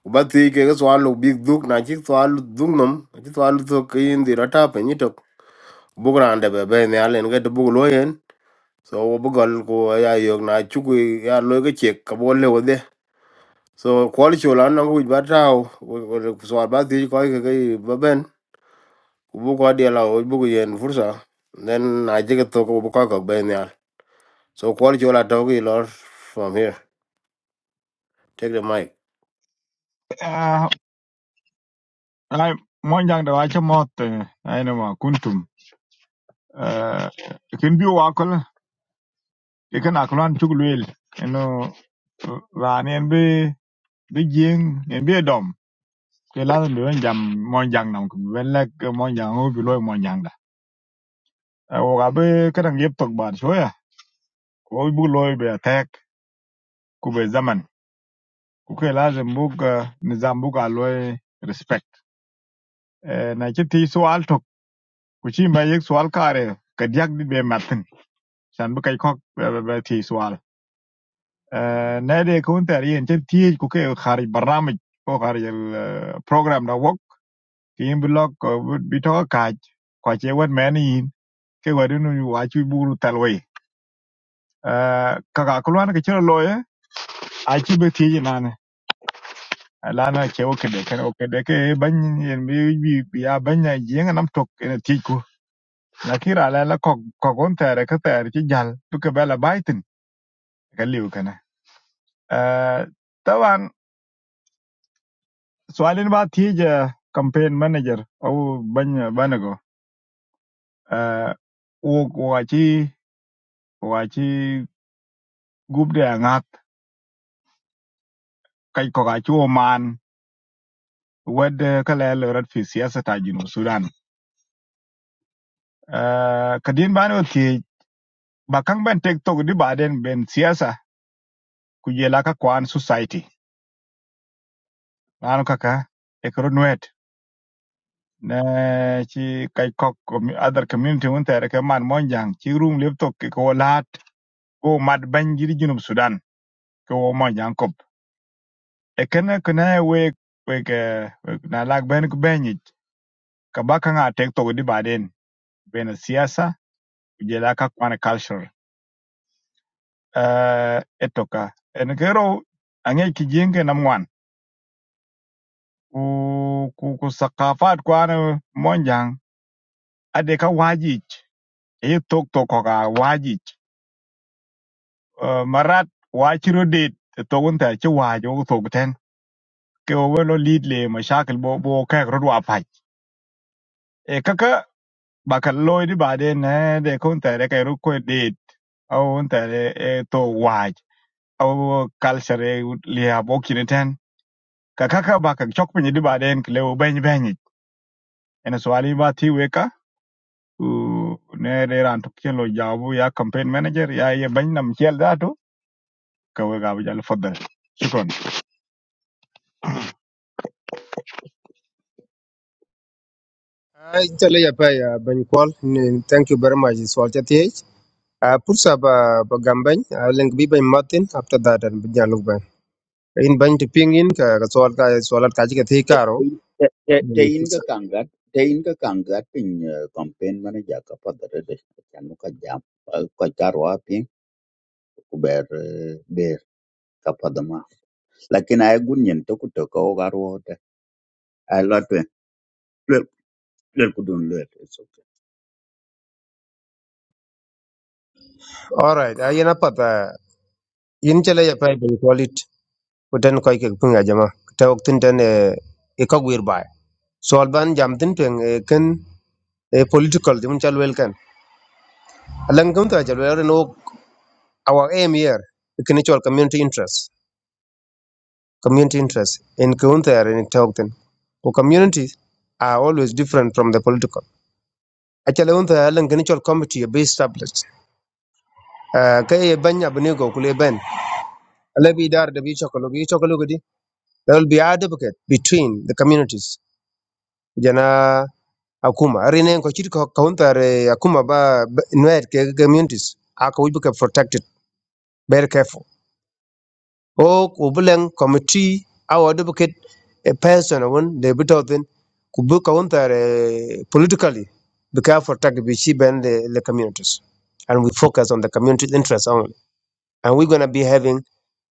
Speaker 1: ku ba thi ke so al big duk na chi so al duk nom chi so al to ke in di rata pe ni to bugrande be be ne alen ke to bu lo yen so wo bugol ko ya yo na chugu ya lo ke che ka bo le wo de so kwal chu la no wi ba tao so ba ti ko ke ke ba ben ku bu ko de la wo bu ko yen fursa then I je ke to ko bu ko ko ben ya so kwal chu la to ki lor from here take the mic
Speaker 6: Ah, ai mon jang da wacho mot ai no ma kuntum. Eh, kin bi wa kol e kana klan chuglwel. Eno ran en bi bi jing en bi dom. Ke la lu en jam mon jang nam ku ben lek mon jang o bi loy mon jang da. O ga be kadang yep tok bar shoya. O bu loy be attack ku be zaman. Ku ke lazim bu nizam bu ga Eh, na ci ti sual tok ku ci ma yek sual kare ka diak di be matin san bu kay kok be be ti sual Eh, na de ko ter yen ci ti ku ke khari barnamij ko khari el program da wok ki im blog bi to ka kwa che wet men yin ke wadu nu wa ci buru talwe e ka ka kulwan ke ci loye a ci be ti nan lana ke o ke de ke o ke de ke ban yen bi bi bi ya ban ya jeng nam tok ene ti ku na kira la la kok kokon tere ka tere ci jal bu ke bela baitin ka liu kana eh tawan sualin ba tije campaign manager au banya banago eh wo wa ci wa ci gubde ngat kai ko ga ci man wed ka la la rat fi siyasata jinu sudan eh kadin bano ti bakang kang TikTok di baden ben siyasa ku jela ka kwan society nanu kaka ekro ne ci kay kok commu- other community won tere ke man monjang ci room laptop ke ko lahat ko mad banjiri junub sudan ko monjang kop e kene kene we we ke we- na lag ben ko benyi ka baka nga tek to di baden bena siyasa ujela ka kwana culture eh etoka en kero ange ki jenge nam wan ku ku ku sakafat kwana monjang ade ka wajij e tok to ko ka wajij ጠጦጪቱን እአሰታ በርጃ ለርስ ላኔ በርሚጽመረር ውጬረርመች እልስች መላግማ በሚጻዮ እስ ሁርቋራ በርራሬስ ውርጀረ እቁራሮበ እኩስ ሊርረርሎ ብዜር�
Speaker 2: Ai, Chale ya pa ya Ben Kwal, ni- thank you very much. Swal cha thiech. Uh, pursa ba ba gambany uh, link bi ben Martin after that and bin jaluk ben. In ben to ping in ka ka swal ka swalat ka chi ka thi karo.
Speaker 8: te te te
Speaker 2: Ye
Speaker 8: ka
Speaker 2: pursa.
Speaker 8: kangat te ka kangat pin campaign mana ja ka padare de chan ka jam Eh, ko karwa pin ku ber eh, ber ka padama lakin ay gunyen to ku to ko garwo te ay lotwe lel lel ku dun lel it's okay
Speaker 2: All right, uh, yana pata. In chale ya pa Ben Kwal it. Uten koi ke pinga jama. Ta waktin ten eh, e kog wir bai. So alban jam tin ping e e political dim chal wel kan. Alang kum ta chal wel no our aim here e community interest. Community interest in kun ta in ta waktin. Ko communities are always different from the political. Achale un ta alang ken committee be established. Uh, e banya bani kule ben. Alabi dar da chokolo bi chokolo gudi. There will be advocate between the communities. Jana akuma arinen ko chiri ko counter eh, akuma ba ba- nuer ke communities aka we be protected very careful o ko bulen committee our advocate a person won de bitotin ku be counter eh, politically be careful protect be she ben the, the communities and we focus on the community interests only and we're going to be having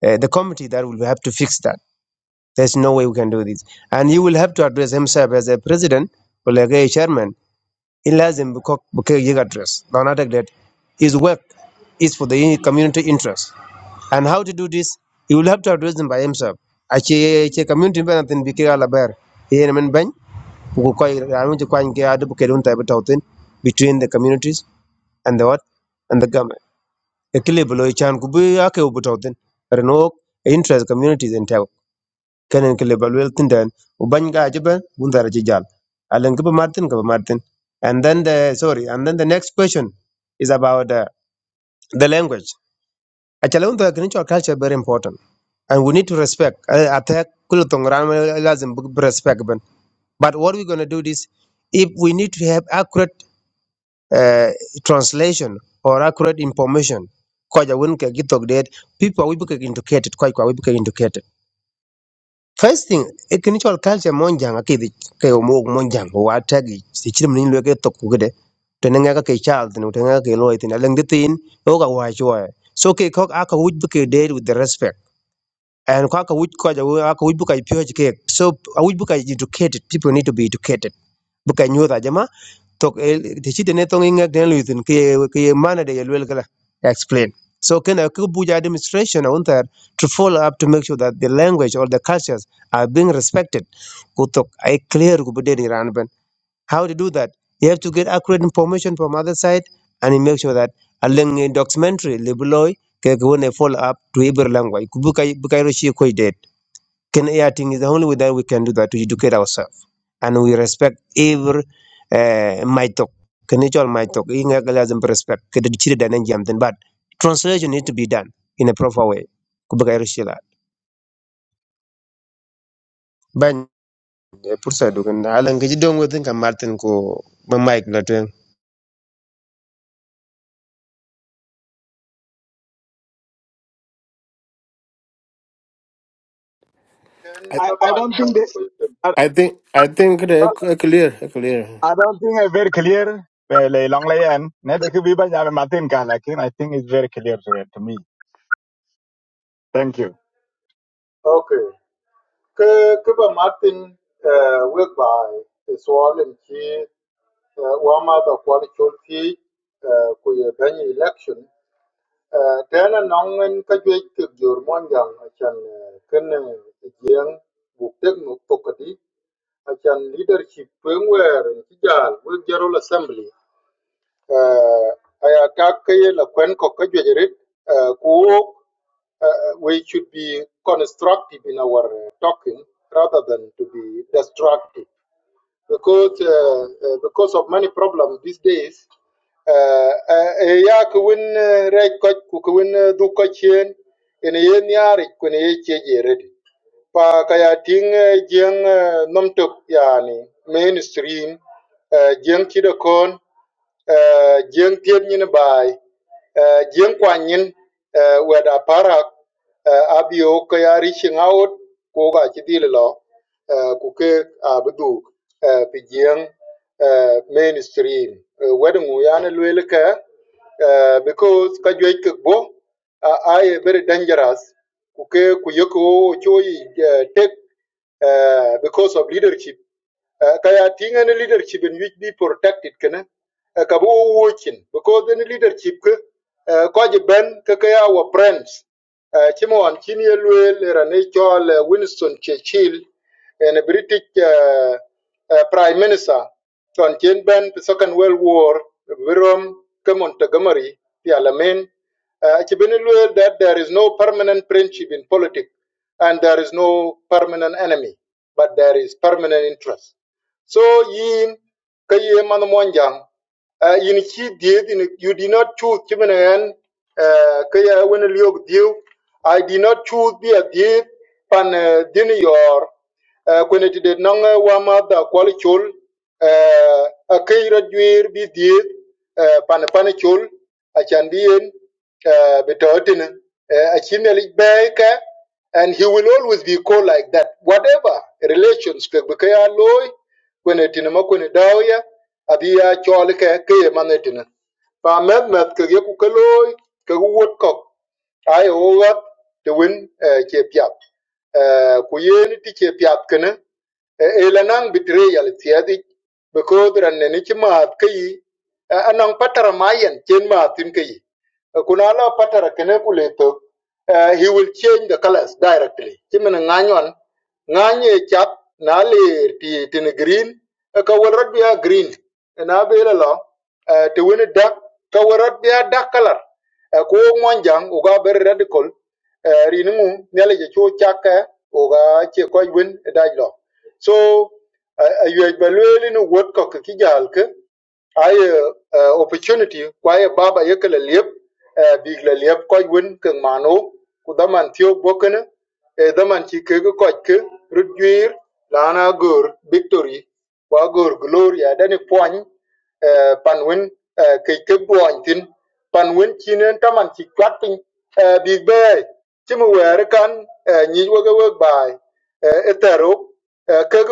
Speaker 2: uh, the committee that will have to fix that there's no way we can do this and he will have to address himself as a president or like a chairman in lazim Bukeke address. Now not like that his work is for the community interest. And how to do this? He will have to address them by himself. Ache che community ba natin bikira labar. Iyan man bany ko ko anu je kwan ke adu ke dun tabe tawtin between the communities and the what and the government. Ekile bolo chan kubu ake ubu tawtin. Reno interest communities in tau kenen ke lebal wel tin den u bany ga jibe un dara ji jal alen ke ba martin ke ba martin and then the sorry and then the next question is about the, the language achala un dara kin culture very important and we need to respect Eh, attack kul tong ram lazim bu bu respect ben but what we are going to do is, if we need to have accurate uh, translation or accurate information koja won ke gitok det people we be educated koi kwa we be educated First thing, a cultural culture monjang akidi ke omog monjang o atagi si chirim ni lweke to kugede. Tenenga ke child no tenenga ke loy tin aleng ditin o ka wa chwa. So ke kok aka wuj buke date with the respect. And kaka wuj ko ja aka wuj buka pure ke. So a wuj buka educated people need to be educated bukan nyuta jama tok ti ci ne tong inga den luitin ke ke mana de yelwel kala explain so kana ku buja demonstration on that to follow up to make sure that the language or the cultures are being respected ku tok ai clear ku bede ni ran ben how to do that you have to get accurate information from other side and you make sure that a leng documentary libeloy ke ku ne follow up to every language ku bukai bukai ro shi ko can Airting is the only way that we can do that to educate ourselves. And we respect every uh, my talk. Can you my talk? In a galazim respect. Can you chiri dan enjam then but translation need to be done in a proper way. Kubaga irishila. Ban eh, pursa dugan alan gaji dong within ka Martin ko ba mic na tuwing.
Speaker 3: ten
Speaker 1: i
Speaker 3: taban eh, kuy-
Speaker 1: i think i think it uh, clear it clear
Speaker 6: Adolphine, rất clear về long lây anh. Nên tôi biết rằng em mất tin cả. Nhưng I think it's very clear to to me. Thank you.
Speaker 3: okay ke ke ba martin work by, bai swal en ki eh, wa ma da kwal chol ki eh, ku election eh, tena nong en ka jwe ki jur mon jang chan eh, kene jieng buk tek nuk tokati acan leadership wen wer ci jaal we general assembly uh, aya kak ke ye la kwen ko ke jejerit uh, ku wok, uh, we should be constructive in our uh, talking rather than to be destructive because uh, uh, because of many problems these days. Uh, uh, eh, ya ku win uh, red coach ku ku win uh, du coach yen in yen yari ku ye je ready pa ka ya ting jeng nomtok yani mainstream jeng kida uh, jeng tiep nyin bai uh, jeng kwan nyin uh, weda parak uh, abio ka ya reaching out ko ga chi dil lo uh, ku ke abdu uh, pi jeng uh, mainstream uh, wedu ya ne lwel ka uh, because ka jwe ke bo uh, i very dangerous ku ke ku yeko choi uh, take uh, because of leadership uh, kaya tinga na leadership in which be protected kana eh, wuchin because the leadership ke eh, ko ji ben ke ke our friends Eh, chi mon chin ye luel rane chol eh, Winston Churchill and British eh, eh, prime minister on chen ben the second world war virom ke Montgomery the alamein uh, ci that there is no permanent friendship in politics and there is no permanent enemy, but there is permanent interest. So yin ka ye man monjang uh, yin chi did in you did not choose chimen en uh, ka ye wen liog diu I did not choose be a did pan uh, din your uh, when it did nong uh, wa ma da kwal chul uh, a kay dwir bi did uh, pan pan chul a chan bi yen uh, betotin uh, a chimel be and he will always be called like that. Whatever relations, because kweni tini ma kweni dawya abi ya chol ke ke ye mane tini pa met met ke ye ku ke loy ke ku wot kok ai o wat te win eh, che piat Eh, ku ye ni ti che piat kene e la nang bitre yal tiadi because ran ne ni chi maat ke yi anang patara mayen chen maatin ke yi Kunala patara kene kuleto uh, he will change the colors directly chimene nganyon nganye chap na le ti tin green eh, ka warad green na bela lo uh, te wene dark ka warad dark color uh, ko monjang uga ber radical rinu riningu nyale cho chaka uga che koi win dajlo so uh, aywej balweli no word ko kijal ai uh, opportunity kwai baba yekle lep uh, bigle lep koy win ke mano ku daman tio bokene e daman ci ke ko ke rudwir lana gor victory wa gor gloria dani poñ panwin pan win uh, tin panwin win ci nen taman ci kwat uh, big bay ci mu wer kan uh, nyi woga wog bay uh, etero uh, ke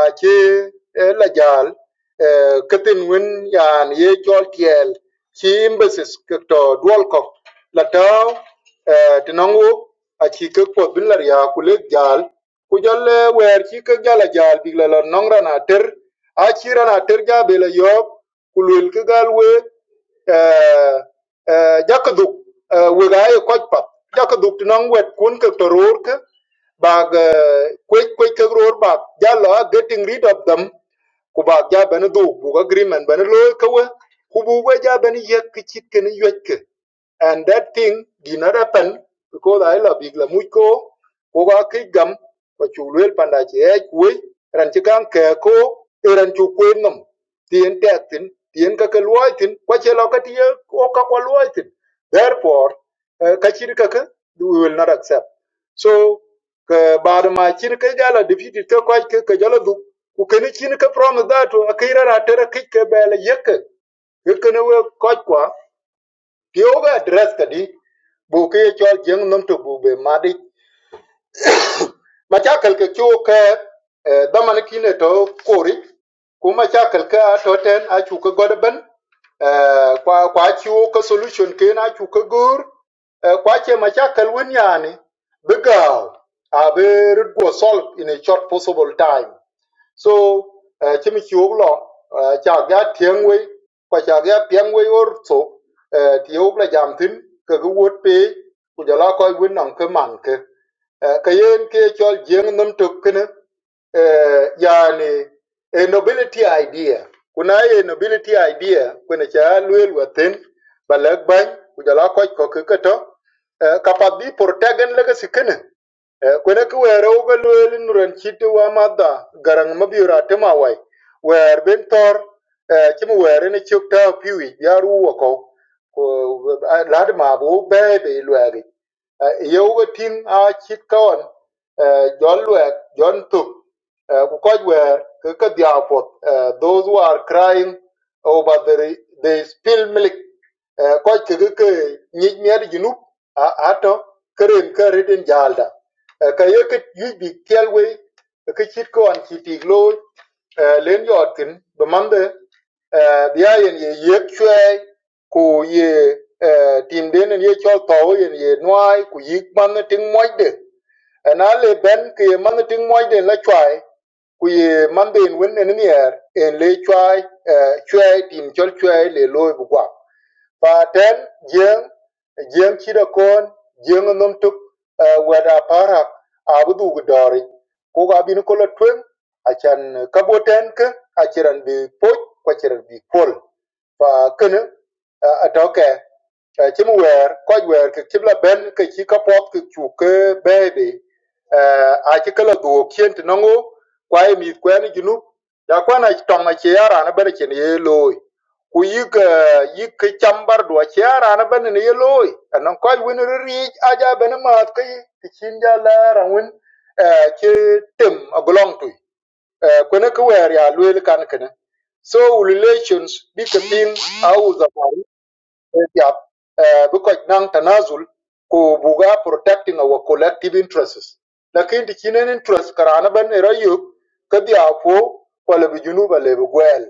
Speaker 3: ajé la jal këtin win yan ye jol tiel ci mbesis to duol ko la taw tinangu a ci kek pot bin lar ya ku lek jal ku jol eh, wer ci kek jala jal bi la la nong rana ter a ci rana ter ja be la yob ku lul ke gal we jakaduk wegaye kochpat jakaduk tinong wet kun ke toror ke bag kwech kwech ke ror bag jala getting rid of them ku bag ja ben du bu agreement ben lo ke we ku bu we ja ben ye ke chit ke ni yek ke and that thing did not happen because I love big la much ko ko ga ke gam ko chu lwel panda che e ku ran che kan ke ko e ran chu kwen nom tien det thin tien kaka luoi thin kwa che lo ka tie o ka kwa luoi thin therefore eh, ka chir kaka we will not accept so ka bar ma chir ka jala defeat ka kwa ka ka jala du ku ka ni chin ka from that to akira ra ter ka ka bele yek ka ka ne we kwa kwa ti o ga address ka di bu ke chol jeng nam to bu be ma Macha kalka kyo ke eh, daman kine to kori kuma cha kalka to ten a chuka godban eh, kwa kwa chiwo ka solution ke na chuka gur eh, kwa che macha kalwin yani bigaw a be rudgo solve in a short possible time so uh, chimi chiwok lo uh, cha ga tieng wei kwa cha ga pieng wei or so uh, ti ok la jam tin ka ga wot pe ku ja la ko win nang ka man ka uh, ka yen ke chol jeng nam tok kne uh, yani a nobility idea kuna a nobility idea kuna cha luel watin balak bang ku ja la ko ko ka to uh, ka pa bi protegen la ka Kwenye kiwere ubelwele nurenchiti wamadha garaŋ mabiyora tima wai. Wer bin thor eh, chima were ni chuk ta piwi ya ruwa ko. Ko- eh, Ladi ma bu bebe ilwegi. Yeu ga ting a chit kawan eh, jon lwek jon tuk. eh, Ku koj wer ka ka dhia pot. eh, Those who are crying over the re- the spilled milk. eh, Koj ka ka ka nyik miadi jinup ato keren ka riten jalda. Eh, ka ye ke yuc bi tiɛl wei eh, ke cit ke ɣɔn ci tiik looi eh, len yɔɔt thin bi mamde eh, bia yen ye yek cuɛɛi ku ye eh, tim den en ye cɔl thɔu yen ye nuaai ku yik man ne tiŋ muɔcde na le bɛn ke ye man ne tiŋ muɔcden la cuai ku ye man de en wen en nier en le cuai eh, cuɛɛi tim cɔl cuɛɛi le looi bi Faaten jeŋ, jeŋ cidakoon, jeŋ nomtuk uh, wet a parak a bi dhugi doori ku ka bini ko lo tweng acan ka bo ten ki a ciran bi poc ku a ciran bi pol. fakene atoke cïm wer köc wer kï cïb lëbën kï cï ka pop kï cuk kë bërëbë acï kelo dhwo kyen tï nwongo kwa emïth kwën ï junup ja kwan töngö acë aranö bënë cë nï ye looi ku yïk yïk kï cam bar dwö acë aranö bënë nï ye looi ënön köc wen riric aja bënë math kï kï cin ja lër angwen cë tem agülöng tui eh, kwene ki wɛɛr ya lueel kan kene so wu relations bi ki piin a wu zamani eh, yap eh, bi kɔc naŋ tanazul ko buga protecting our collective interests lakin ti cinen interest karaana ban era yök ka bi a po kɔle bi junub a le bi gwɛɛl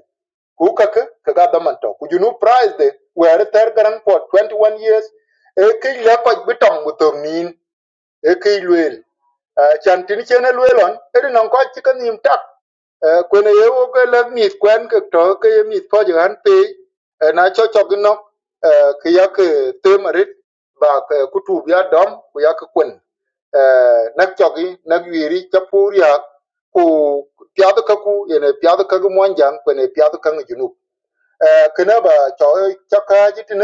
Speaker 3: ku kakä ki ga dhaman tɔ ku junub prize de wɛɛr thɛr garaŋ puɔt 21 years e kec lɛ kɔc bi tɔŋ bi thöŋ niin e ke luel chan tin chen e luel on e non ko chi kan nim tak kwen e wo ke le mit kwen ke to ke ye mit ko je han pe na cho cho gi no ke ya ke te marit ba ke kutu ya dom ku ya ke kwen nak cho gi nak yiri cha pur ya ku piado kaku ku piado kagu piadu ka piado mon jang kwen e piadu ka ngi kena ba cho cha ka ji tin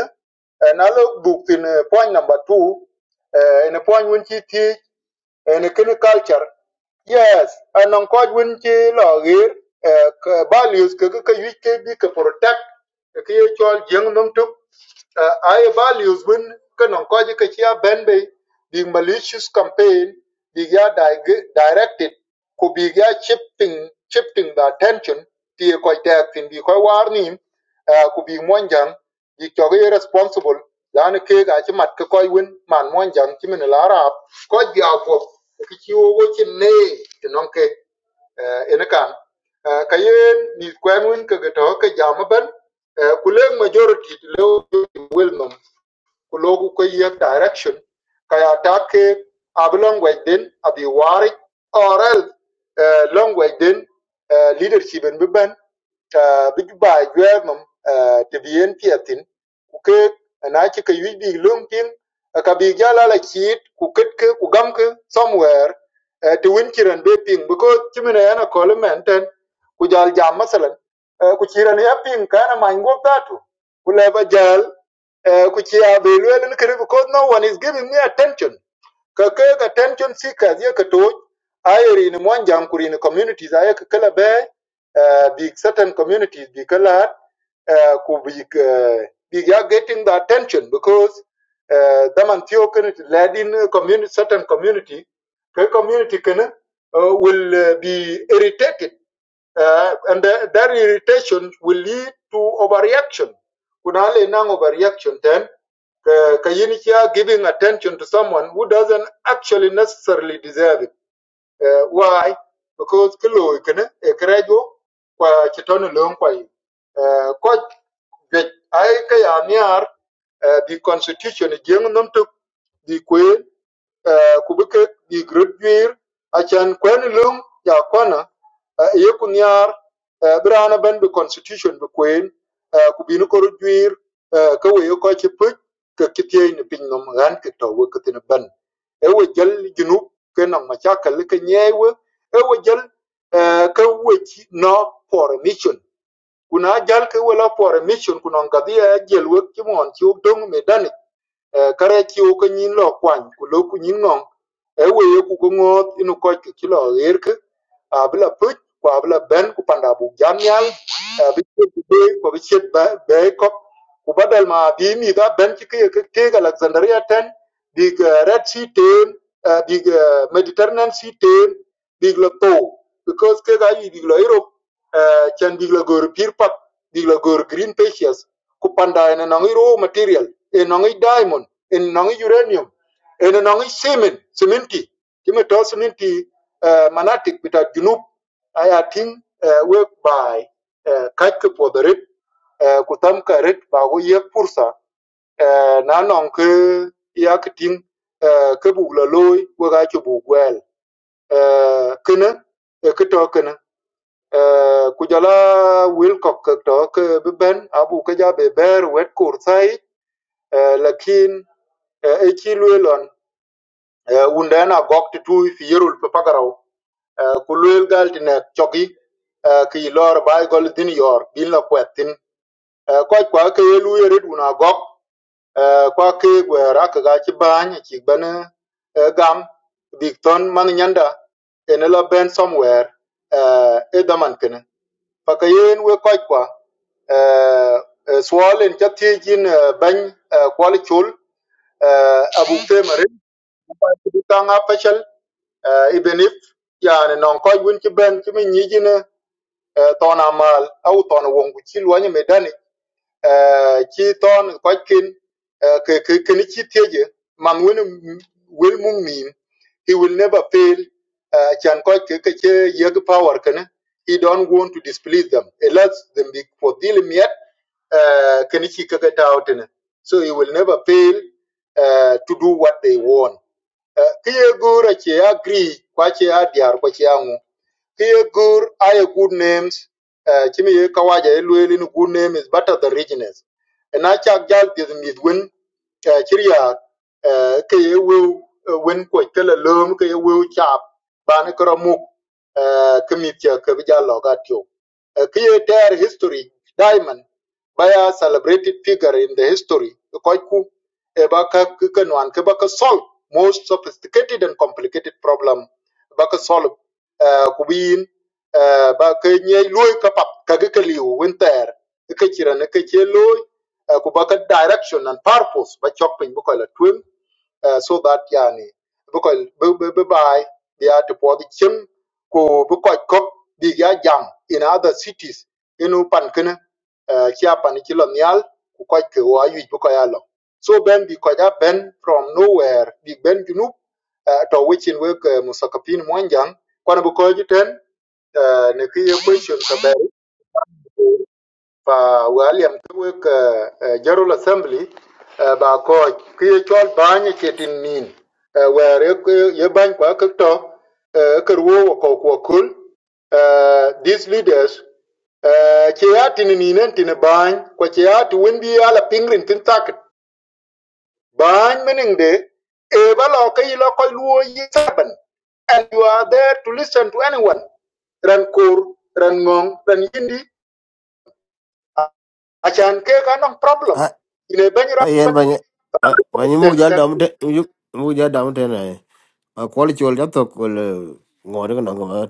Speaker 3: na lo buk tin point number 2 ene point won chi ti and kin culture yes anan ko win ti lo gir values ke ke can be protect the ye chol jeng num took. Uh, I values when kanong ko ji ka chia ben be the malicious campaign be ya dig- directed could be ya shifting shifting the attention to ko tax in be ko warning uh, could be monjang the choge responsible lan ke ga chi mat ko koi win man monjang chi min la rap ko ja ko ki chi wo wo chi ne ti nong ke Eh, ene kan Eh, ka yen ni kwen win ke ke to ke jam ban eh, ku leg majority to le wel nom colloquial direction, kaya take ab language din abi warik or else uh, language din uh, leadership in biban ta big ba jwemum uh, ta biyen piatin ku ke na ki ka yubi lumtin uh, ka bi jala la kit ku kitke ku gamke somewhere uh, to win kiran be ping because kimina yana kolmenten ku jal jam masalan uh, ku kiran ya ping kana mango tatu ku leba jal Eh, ku ci because no one is giving me attention ka attention seekers ye ka to ayeri ni mon jam kuri ni communities aye ka kala be eh, big certain communities bi kala eh, ku bi eh, bi ya getting the attention because eh, daman tiyo kini led in community certain community ke community kini uh, will uh, be irritated uh, and that that irritation will lead to overreaction kuna le nang overreaction then. Ka giving attention to someone who doesn't actually necessarily deserve it. Uh, why? Because kilo ikene ekerejo kwa chitoni leon kwa yi. Uh, kwa jwe ai ka ya niar uh, the constitution jeng nom tuk eh, kubikek bi gridgwir achan kwen lung ya kwana eh, ye kunyar eh, birana ben bi constitution bi kwen eh, kubini koro jwir eh, ka we ko ci puc ka kitiyai ni piny nom ran ki to we kitin ban e we jal junub ke na machakal ke nyewe e we jal eh, ka we ci no for a mission kuna jal ke we la for a mission kuna ngadhi ya jel we ki mon ci dong medan Karachiwo ka nyin lo kwany ku lo ku nyin ngong eweye ku ko ngot inu koch ki ki lo ger ki abila puc ku abila ben ku panda buk jam nyal abichet be ku abichet be kop ku badal ma bi mi da ben ki ke ke ke alexandria ten big eh, red sea ten eh, big eh, mediterranean sea ten big lo to because ke ga yi big lo europe eh, chan big lo gor pir pap big lo gor green pages kupanda ene nongi raw material ene nongi diamond ene nongi uranium ene nongi cement cementi kime to cementi uh, manatik bita junub aya ting uh, we by uh, kachke podorit uh, kutam ka rit ba go ye pursa uh, na nong ke ya kiting uh, ke bugla loy we ga chu bugwel uh, kito kene Uh, ku jala Wilcock to ke ben abu Kaja ja be ber wet kur sai uh, lakin uh, e chi uh, unda na gok ti tu fi yerul pe pagaraw uh, ku lwel gal ti nek chogi uh, ki lor bai gol din yor bin la kwetin uh, ko kwa ke lu yere duna gok uh, kwa ke gwera ke ga chi bany chi bane uh, gam big man nyanda en la ben somewhere uh, e daman kene pakayen we ko kwa Sualien ka tijin beng kuali tjol abukte marim kibukang apachal ibenif jani nanko ywin ki beng kimi nyijin tawna maal au tawna wongu tjilwa nye me dani uh, chi ton kwa kin uh, ke ke kin chi teje man wen will mung min he will never fail uh, chan kwa ke ke che yeg power kana he don't want to displease them he lets them be for dealing yet uh, kin chi ke ke tao tene so he will never fail uh, to do what they want uh, ke ye go ra che agree kwa che a diar kwa che angu Here good I your good names. Uh, Chimi ye kawaja elueli ni good name is better than richness. And I chak jal pis midwin uh, chiria uh, will uh, win kwa kela lom ke ye will chap Banakaramuk. kara muk uh, ke mit cha ke Uh, history diamond by a celebrated figure in the history ke koi ku e ba ka solve most sophisticated and complicated problem ba solve kubin ba ke nye loy ka pap ka ke liu winter ke chira ne ke che loy ku ba ka direction and purpose ba chok pin bu ko la twin uh, so that yani bu ko bu bu bu bai ya to po di chim ku bu ko ko bi ya jam in other cities inu pan kana chia pan ki lo nyal ku ko ke wa yu bu ko ya lo so ben bi ko ja ben from nowhere bi ben junub uh, to which in work uh, musakapin monjang kwan bu ko jiten uh, ne ki ye question ka ber pa wali am tuwe ka uh, general assembly uh, ba ko ki ye chol banye chetin nin uh, where ye, ku- ye bany kwa ka to uh, ka ruwo ko ko kul uh, these leaders uh, che ya tin ninen tin e bany kwa che ya tu win bi ala pingrin tin tak Bany meaning de, eba lo ke ilo koi luo ye saban. And you are there to listen to anyone. Ran kur, ran ngong, ran yindi. a- Achan ke kanong problem.
Speaker 1: a
Speaker 3: Ine banyi
Speaker 1: a yen
Speaker 3: rapan.
Speaker 1: ba ni ba ni mu
Speaker 3: Thank
Speaker 1: ja da mu
Speaker 3: you.
Speaker 1: te mu ja da mu te na a kwal chu to ko le ngor ko no ba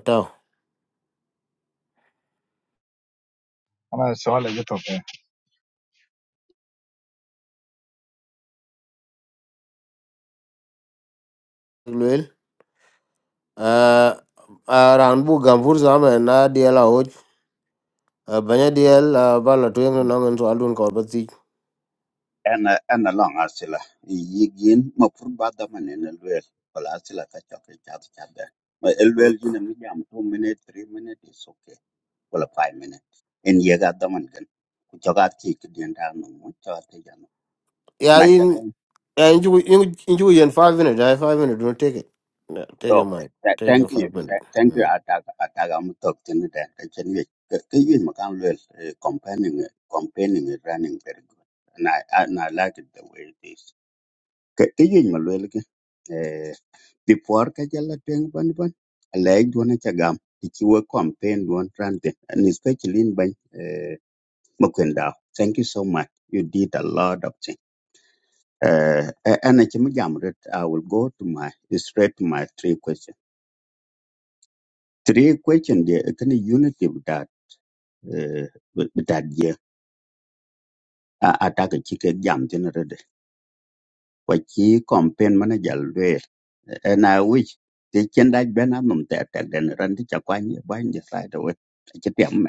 Speaker 6: Cảm ơn Shwala rất nhiều.
Speaker 1: tao uh, aran bu gambur zame na diel ahoc uh, banya diel uh, ba la tuyen nongen twal dun kor ba thic
Speaker 8: ana ana long asila yigin ma fur bada manene lel wala asila ka chok e chat chat de ma lel jina mi jam 2 minute 3 minute it's okay qualify mene en yega daman gan ku joga ti ki den da no mu to te jan
Speaker 1: ya
Speaker 8: na
Speaker 1: in ya injugu injugu yen 5 minutes. ai 5 minutes. don't take it yeah, take your
Speaker 8: okay
Speaker 1: mind
Speaker 8: Tha-
Speaker 1: take
Speaker 8: thank
Speaker 1: your
Speaker 8: you
Speaker 1: 5 minutes.
Speaker 8: Tha- thank you
Speaker 1: mm.
Speaker 8: ataga ataga mu tok tin da ka chen ye ke ye ma kan le campaigning e, campaigning is running very good and i and i like it the way it is ke ke ye ma le eh before ka jala teng ban ban one. dona cha gam ti chi wo campaign don ran and especially in ban eh Mukunda, thank you so much. You did a lot of things. Uh, a- and I can jam it. I will go to my straight to my three questions. Three questions. there. Can unity with that? Uh, with with that year. Attack a chicken jam generated. What key campaign manager there. And I wish they can like Ben Adam that and then run the Chakwanya bind the side away. Chitiam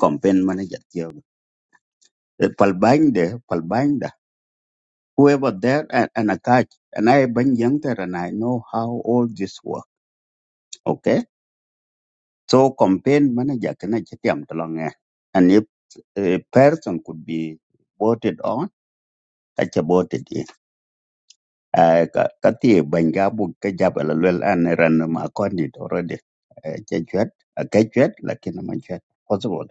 Speaker 8: campaign manager here. Palbind there, Palbinda. Whoever there and, and a catch. And I been younger and I know how all this works. Okay. So campaign manager kana am talong eh. And if a person could be voted on, that's a voted in. Uh, ka- Kati banjabu kajab lalwel and random according already. Chachuet, a kachuet, lakin a machuet, possible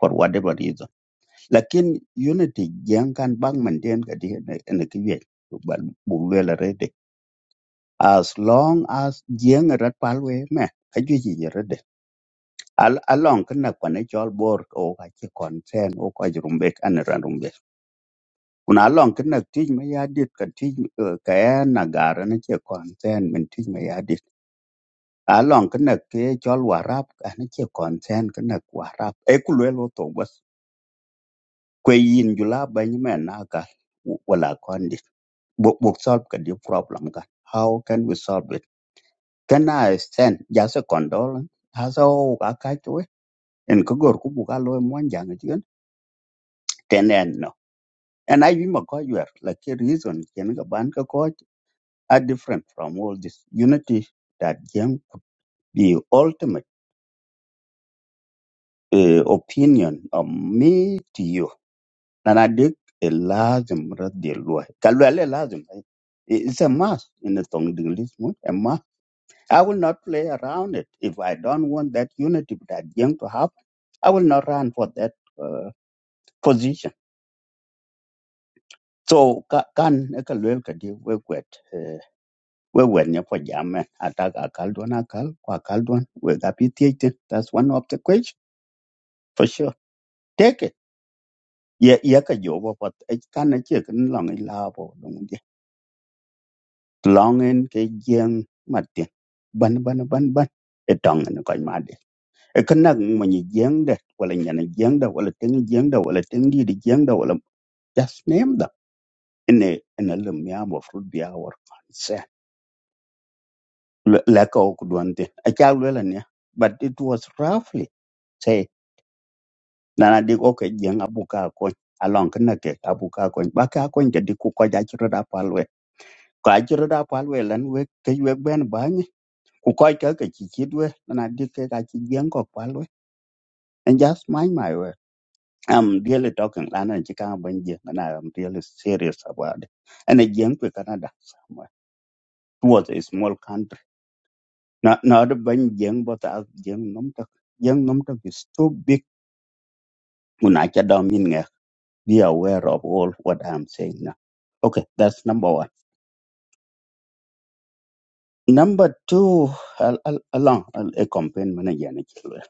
Speaker 8: for whatever reason. Lakin unity yang kan bang maintain kadi and a kiwe. But bulwel already. As long as yang rat palwe me, kajuji already. Al along kina kwan ëcöl bor o ka cï konsën o köc Rumbek ënë rwën Rumbek. Kun along kïnëk tic më ya dit ka tic k'ën na garë na cë konsën mën tic më ya Along kena kï ëcöl warap ënë cë konsën kena warap E lwel otho bës. Kwe in jüla bëny mën na gal wala kön dit. Bok solve ködë problem ka. How can we solve it? Can I send just a condolence? Asa o ka kach we en kogor kubuka loe mwanjanga And I am a coyer, like a reason can ban ka coach are different from all this unity that young the ultimate uh, opinion of me to you. And I dig a lazim radialua. Kalwale lazim. It's a mass in the tongue English, a mass. I will not play around it. If I don't want that unity that young to have, I will not run for that uh, position. So ka- kan ekalwel kadi wekwet we wer nya ko jamen ataka akal duan akal ko akal duan we ga pi tie that's one of the question for sure take it ye ye ka jo go pat e kan che kan long i la bo je long en ke jeng ma ban ban ban ban e tong en ko ma de e kan na ma ni jeng de wala nya na jeng de wala ten jeng de wala ten di di jeng de wala just name them in a in a lum ya bo fruit bi our consent la ka ok duan te a cha lu la ne but it was roughly na na dik oke abuka akony along ki nekek abuka akony ba ki akony ke dik ku kɔc acirot apual wɛk ku acirot apual wɛk lan wek ke yuek bɛn ba ku kɔc ke ke ci cit wɛ na na dik kek aci jieŋ kɔk pual and just mind my word I'm really talking lan en ci kaŋ abɛn jieŋ and I'm really serious about it ɛn e jieŋ kwe Canada somewhere it was a small country Not na na ɔdi bɛn jieŋ bɔtɔ ak jieŋ nomtok jieŋ nomtok is too big ku na ca dɔm yin ŋɛk be aware of all what I'm saying Okay, that's number one. Number two, al- al- along al- a campaign manager ni chilwe.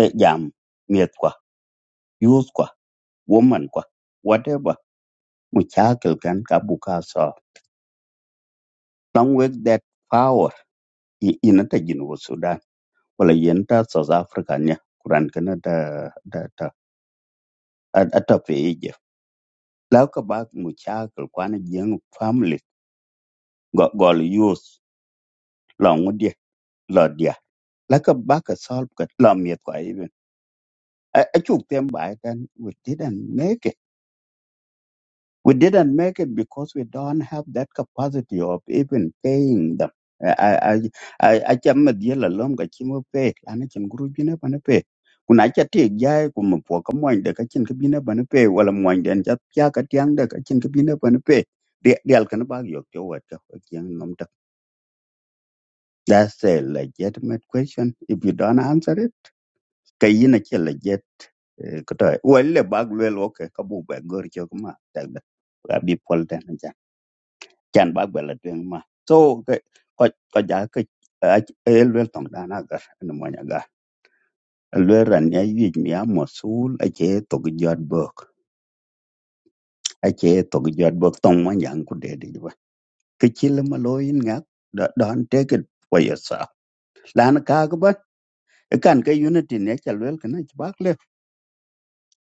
Speaker 8: E jam miet kwa, youth kwa, woman kwa, whatever. Muchakel kan kabuka so. Long work that power i- inata jinu Sudan. Wala yenta South Africa nya. Kuran kana da da da at- ata peje. Lauka bak muchakel kwana jeng family go gol youth. Long dia, lo dia. Laka baka solve kat lo miet kwa I, I took them back and we didn't make it. We didn't make it because we don't have that capacity of even paying them. I I I I chăm mà dia là lom cái chim mà pay, anh ấy chăm guru bina bana pay. Kuna cha tiệc giai của một phố cái mồi để cái chân cái bina bana pay, hoặc là mồi để anh cha cha cái tiếng để cái chân cái bina bana pay. Dia dia cái nó bao giờ cho vợ cho cái tiếng nom That's a legitimate question. If you don't answer it, cái gì nó chỉ legitimate. Eh, ko to welle bag wel oke ka bu ba gor cho ma ta da ga bi na jan jan bag wel ma so ke ko ko ja ke el tong da na no ma ga el ran ya yi mi a mo to gi bok a to gi bok tong ma ku de de ba ke chil ma lo don take it for yourself lan ka ga ba e kan ke unity ne chal wel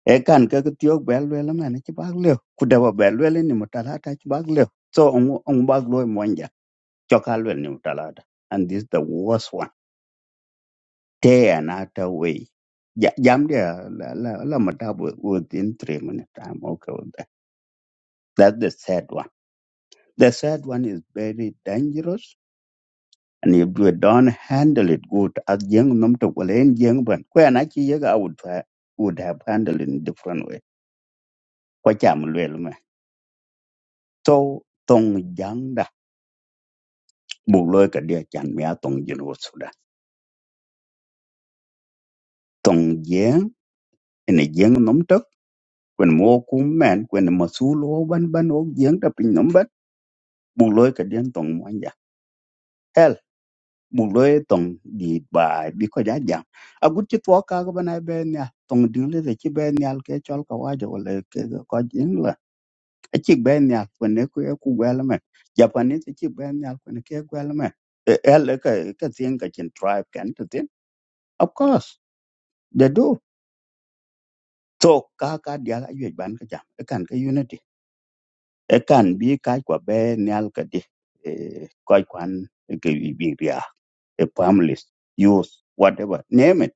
Speaker 8: ekan ke tiok bel wel men ci bag le ku de bel wel ni mu talata ci bag le so on on bag lo monja cokal wel ni mu talata and this the worst one day another way ja, jam dia la la, la matabu within three minutes i'm okay with that that's the sad one the sad one is very dangerous and if you don't handle it good as young num to kolen young ban ko na ci yega i would ha- would have handled in different way ko jam wel me so tong jang bu lo ka dia chan mia tong jin wo suda tong jeng ene jeng nom tok kwen mo ku men kwen ma su lo ban ban o jeng ta pin nom bat bu lo ka dia tong mo ja hel bu lo tong di bai bi ko ja jam a gut chi to ka ga ban be nya tong ding le chi be nya ke chol ka wa jo le ke ga ko jing la a chi be nya kwen ne ku e ku gwa la me japanese chi be nya kwen ke gwa la me el ka ka sien ka chin tribe kan to tin of course they do So ka ka dial a yuej ban ka jam e kan ka unity e kan bi ka kwa be nyal ka di e ko kwan e ke bi bi ya e families youth whatever name it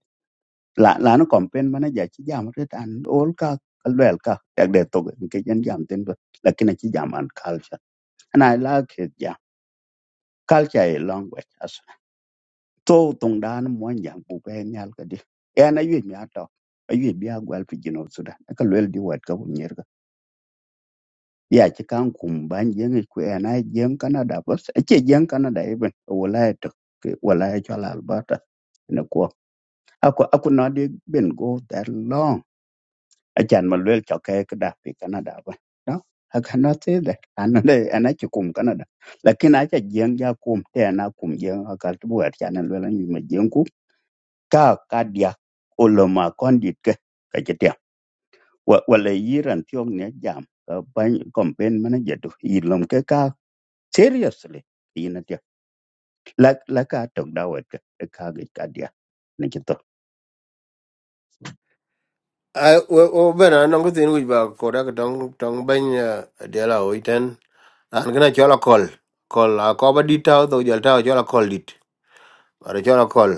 Speaker 8: la la no campaign mana ja chi jam re tan all ka kalwel ka yak de to ke jan jam ten do lakini chi jam an culture and i like it jam culture is language as so tong dan mo jam bu be nyal ka di e na yuej mi ato a yuej bi a gwal fi jino sudan ka lwel di wat ka bu ya ci kan kum ban jeng ku na jeng canada bas ce jeng canada even walaya to ke walaya to alberta ne ko aku aku not been go that long a chan ma lwel to ke da pi canada ba no i cannot say that an le ana ci kum canada lakin a ce jeng ya kum te na kum jeng aka tu wa chan lwel ni ma jeng ku ka ka dia oloma kondit ke ka ce te wala yiran tiong ne jam ban campaign manager to ilom ke ka Seriously. Ina tia. Lak laka tok dawet ka kagit kadia. Nikito.
Speaker 1: I well, well ben an nong tin wich ba koda ka tong tong ben diala o iten an gonna chola call call a ko ba dit tao do jal tao chola call dit ara chola call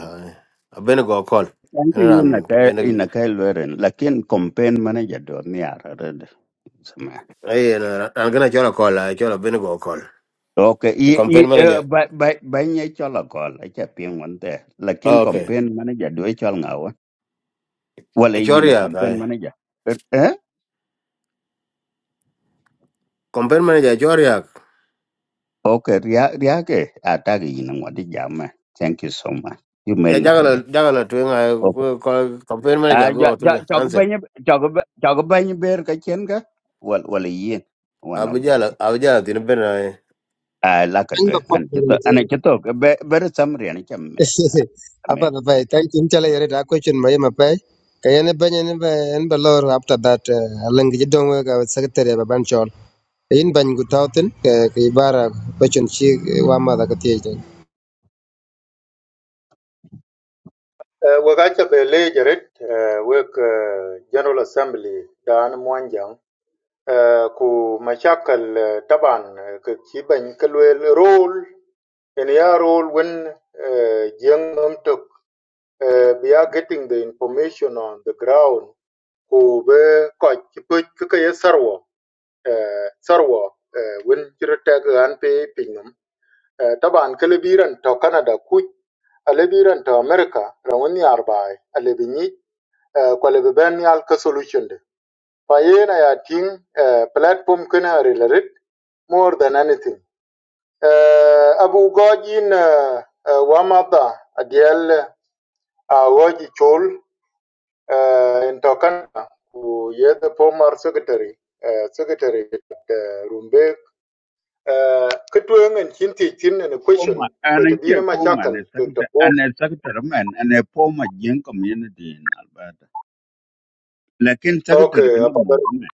Speaker 1: a ben go call
Speaker 8: Thank
Speaker 1: en
Speaker 8: you
Speaker 1: an
Speaker 8: na kay
Speaker 1: en
Speaker 8: ina ka lweren. Lakin campaign manager do ni arad. Sama.
Speaker 1: ai en an gonna chola call a chola ben go call
Speaker 8: Okay.
Speaker 1: the
Speaker 8: I i
Speaker 1: campaign
Speaker 8: eh,
Speaker 1: manager
Speaker 8: ba ba ba nye chola kol. Acha ping wante. Lakin
Speaker 1: oh, okay
Speaker 8: campaign manager do chol ngawa. Wala
Speaker 1: e
Speaker 8: ina
Speaker 1: choria
Speaker 8: campaign
Speaker 1: ka
Speaker 8: manager. Er- Eh?
Speaker 1: campaign manager choria
Speaker 8: Okay. Ria ria ke atagi ina ngwadi jama. Thank you so much. You make
Speaker 1: ya
Speaker 8: my
Speaker 1: jagala
Speaker 8: day.
Speaker 1: jagala tu nga
Speaker 8: Okay.
Speaker 1: ko campaign manager
Speaker 8: Ah, ja
Speaker 1: go tu
Speaker 8: ja chok
Speaker 1: answer
Speaker 8: bany chok ba- chok ber ka chen ka wal wal yin one of the
Speaker 1: abijala
Speaker 8: day.
Speaker 1: abijala tin ben ai
Speaker 8: Ah la ka
Speaker 2: Thank
Speaker 8: twe
Speaker 2: the
Speaker 8: an
Speaker 2: Pope very
Speaker 8: chito an
Speaker 2: much.
Speaker 8: chito be ber samri an cham
Speaker 2: *laughs*
Speaker 8: me
Speaker 2: Apa na pai? Thank you. Chala yare da question mai ma pai. Kaya ne banya ne ba en ba lor after that. Alang gidi don ga secretary ba ban in bany gu tawtin ke ke ibara bachun chi wa da kati ite
Speaker 3: Uh, wakacha bele jarit, uh, wek uh, General Assembly dan mwanjang. Uh, ku mashakal uh, taban uh, ke chiban kalwel role. En ya role wen uh, uh, we are getting the information on the ground ko be ko ko ko ye sarwa uh, sarwa uh, when kira ta ga an pe pinum uh, taban kele biran to canada ku ale to america rawon ni arbai ale binyi uh, ko le ben ni al ka solution de pa na ya tin uh, platform kana related more than anything uh, abu gojin uh, uh, wamada adiel awoji chol uh, in Tokana, who yet the former secretary, uh, Secretary uh, Rumbek, uh, Kitwing and Chinti Chin and a
Speaker 8: Poma
Speaker 3: question,
Speaker 8: an
Speaker 3: it
Speaker 8: che
Speaker 3: been a
Speaker 8: poma ne
Speaker 3: machakal,
Speaker 8: sakta an sakta man an poma jeng community in Alberta. Lakin sakta
Speaker 3: Okay,
Speaker 8: kin
Speaker 3: about?
Speaker 8: mo
Speaker 3: the
Speaker 8: me.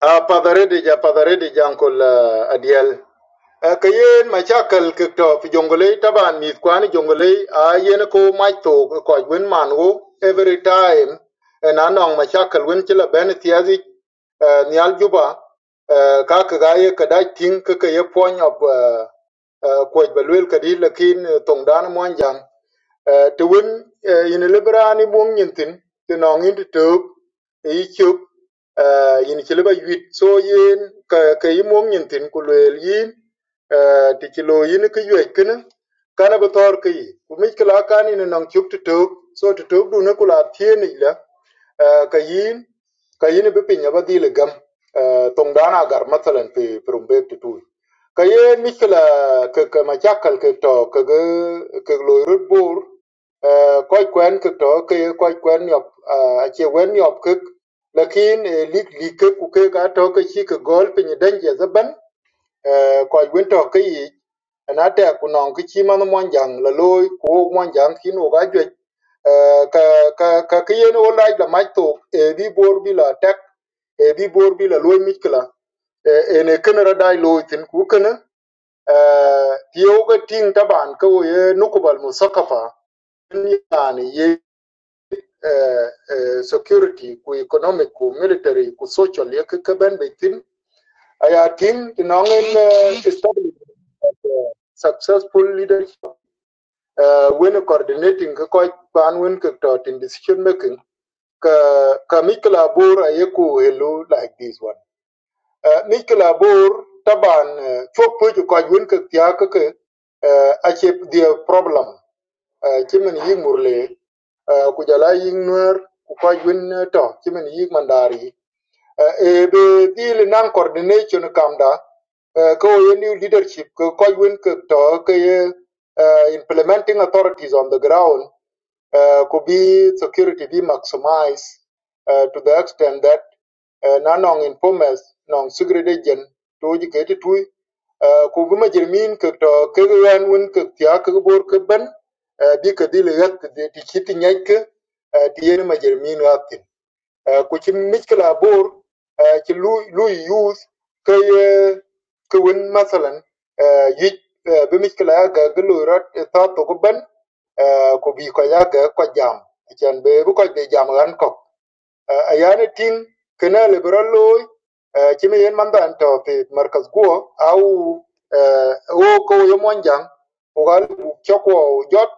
Speaker 3: A padaredija padaredija ankol ah, adiel. Ah, Ka yen machakal kikto fi jongolei taban mith kwani jongolei a yen ko mach to koj wen man wo every time en anong machakal wen chila ben thiazi ah, nial juba ah, ka kaga ye kadach ting kaka ye pony of ah, ah, kwaj balwel kadi lakin tongdan mwanjang Ti wun yini libera ni buông nhìn tin, ti nòng yin ti tớp, yi chụp, yini chỉ liba yuit so yin, ka buông nhìn tin ku lùel yin, ti chỉ lùi yin ki yuet kini, kana bi thor ki yi. Ku mít kila kan yini nòng chụp ti tớp, so ti tớp du ni kula thiên ni la, Ah, ka yin ka yin bi pinya ba dil gam ah, tong dana gar mathalan fi fi rumbe tu tu ka ye mikla ka ka machakal ka to ka ga ka lo rut bur koy kwen ka to ka ye koy kwen yop ah, a che wen yop ka lakin lik lik ka ku ka ga to ka chi ka gol pinya danje zaban Koch Winthrop ki yic ëna tëk künön kï cï mënë mwanjang Laloi kwöö mwanjang kino k'ajuëc ka këyen o lac lamac thok ebi bor bï latek ebi bor bï lalwony mic këla ene kënë daï loi thïn ku kënë pyeu k'ëtïng taban ka ye nukubal musakafa yani ye eh, eh, security ku economic ku military ku social ye kï këbën ba thïn I think Nongin uh, established uh, successful leadership uh, when coordinating quite ban when cooked out in decision making. Ka ka Mikela Bor ayeku hello like this one. Uh, Mikela Bor taban chop puju ka when cooked ya ka ka achep the problem. Uh, Chimen ying murle kujala ying nuer ku ka when to chimen ying mandari ebe dil nan coordination e kamda eh, ko new leadership ko ko win ko to ke eh, implementing authorities on the ground eh, could be security be maximized eh, to the extent that eh, na non uh, informers non secret agent to ji ke ti tu ku bi ma jirmin ko to ke yan win ko tya ko bor ko ben eh, bi ko dil yat ti ti ti nyai ti ye ma jirmin Eh, ku ci miskila bor eh, ci lu lu youth ke eh, ke win masalan eh, yi eh, bi miskila ya ga gulu rat eh, ta to ku ban eh, ku bi ko ya ga ko jam chan be ru ko be jam ran ko ayane ting kena liberal loy eh, chimi yen manda anto pe markaz guo au eh, wo ko yo monjang ugal chokwo jot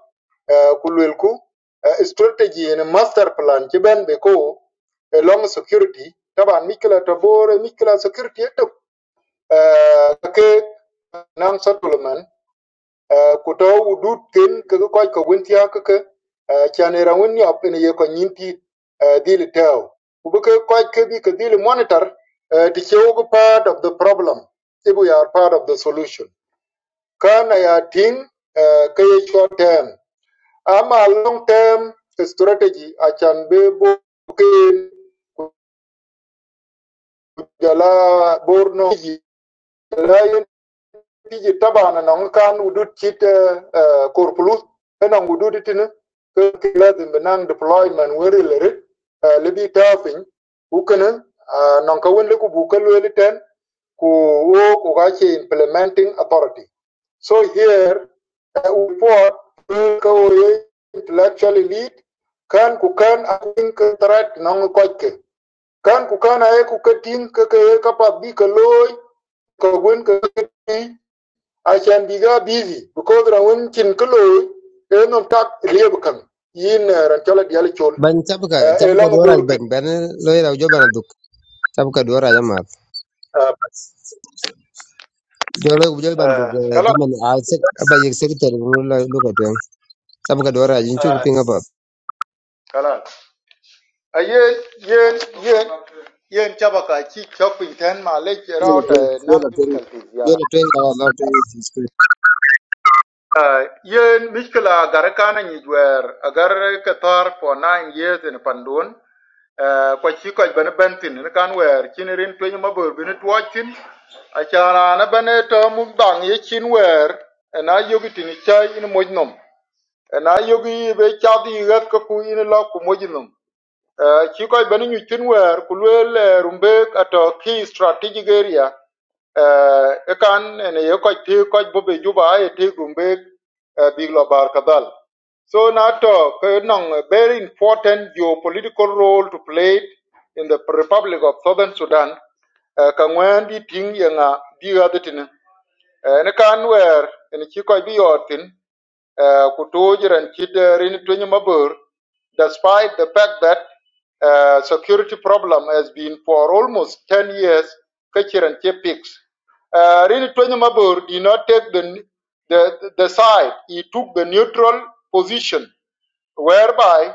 Speaker 3: eh, kulwelku eh, strategy and master plan chiben be ko eh, long security taban mikla tabore mikla security eto eh, ke nang settlement Kuto hudud ken ke ke koch ke wuntia ke ke chane ra wuni ap ene ye ko nyinti dili teo. Kubu ke koch ke bi ke dili monitor eh, ti chewu ke part of the problem. Ibu ya part of the solution. Kana ya ting eh, ke ye short term. Ama long term strategy achan be bo ken jala borno la tiji tabana non kan udut chit eh, korpulus ena udut tin ke ke lazim benang deployment weri lere libi tafin ukene non ka wen leku bukel weli ten ku wo ku ga che implementing authority so here uh, report ka wo ye intellectual elite kan ku kan a tin ke threat non ko ke kan ku kan a ye ku ke tin ke ke ka pa bi ke loy ka wen ke I can be very busy because ra wun kin kilo en um tak lieb kan yin eh, ran chola dial chol
Speaker 2: bany chapka
Speaker 3: eh, e
Speaker 2: chapka
Speaker 3: lang
Speaker 2: dora
Speaker 3: bor kan
Speaker 2: bany ban loy ra jo ban duk chapka dora Jamat. jo lo jo ban
Speaker 3: Eh,
Speaker 2: duk de
Speaker 3: kalan
Speaker 2: man a se ba yek se ter ngu lo lo ka chapka dora jin chu
Speaker 3: eh,
Speaker 2: pinga ba
Speaker 3: kalan a yen yen yen yen chaba ka chi chok pin ten ma le rao ta
Speaker 2: yo
Speaker 3: nang
Speaker 2: la
Speaker 3: jibu
Speaker 2: ten
Speaker 3: kalti
Speaker 2: yo la ten ka la ten
Speaker 3: Uh, yen miskila agar kana nyi jwer agar kathar for nine years in pandun uh, kwa chi kwa bane bentin ni kan wer chin rin twenye mabur bini tuwachin achana na bane to mugdang ye chin wer na yogi tini chai in mojnom na yogi be chadi yigat kaku in la ku mojnom Uh, ci koy beni nyuc tin uh, rumbek ato key strategic area uh, ekan ene ye koc ti koc bobe juba aye ti rumbek uh, bar kadhal so na to a very important geopolitical role to play in the republic of southern sudan uh, ka ngwen di ting ye nga bi ga de tin uh, ne kan wer ene ci koc bi uh, Kutuj and Kid uh, Mabur, despite the fact that uh, security problem has been for almost 10 years, Kachir and Chepix. Uh, Rini Mabur did not take the, the, the side. He took the neutral position whereby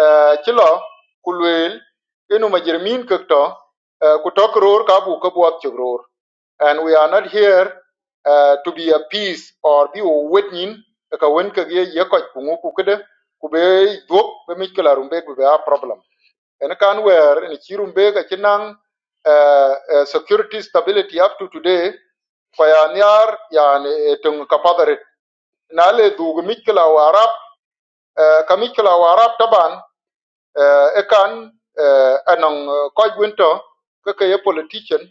Speaker 3: uh, ci lo ku lueel inu majir min kek uh, ror ka bu ka and we are not here uh, to be appeased or be a witness e ka wen ka ye ye ko ku ngu ku kede be dok rumbe ku be a problem en kan where en ci rumbe ka ci uh, uh, security stability up to today ko ya nyar yani tung ka padare na le dug mi kala warap kamikula warab taban uh, ekan uh, anong uh, koj winto keke politician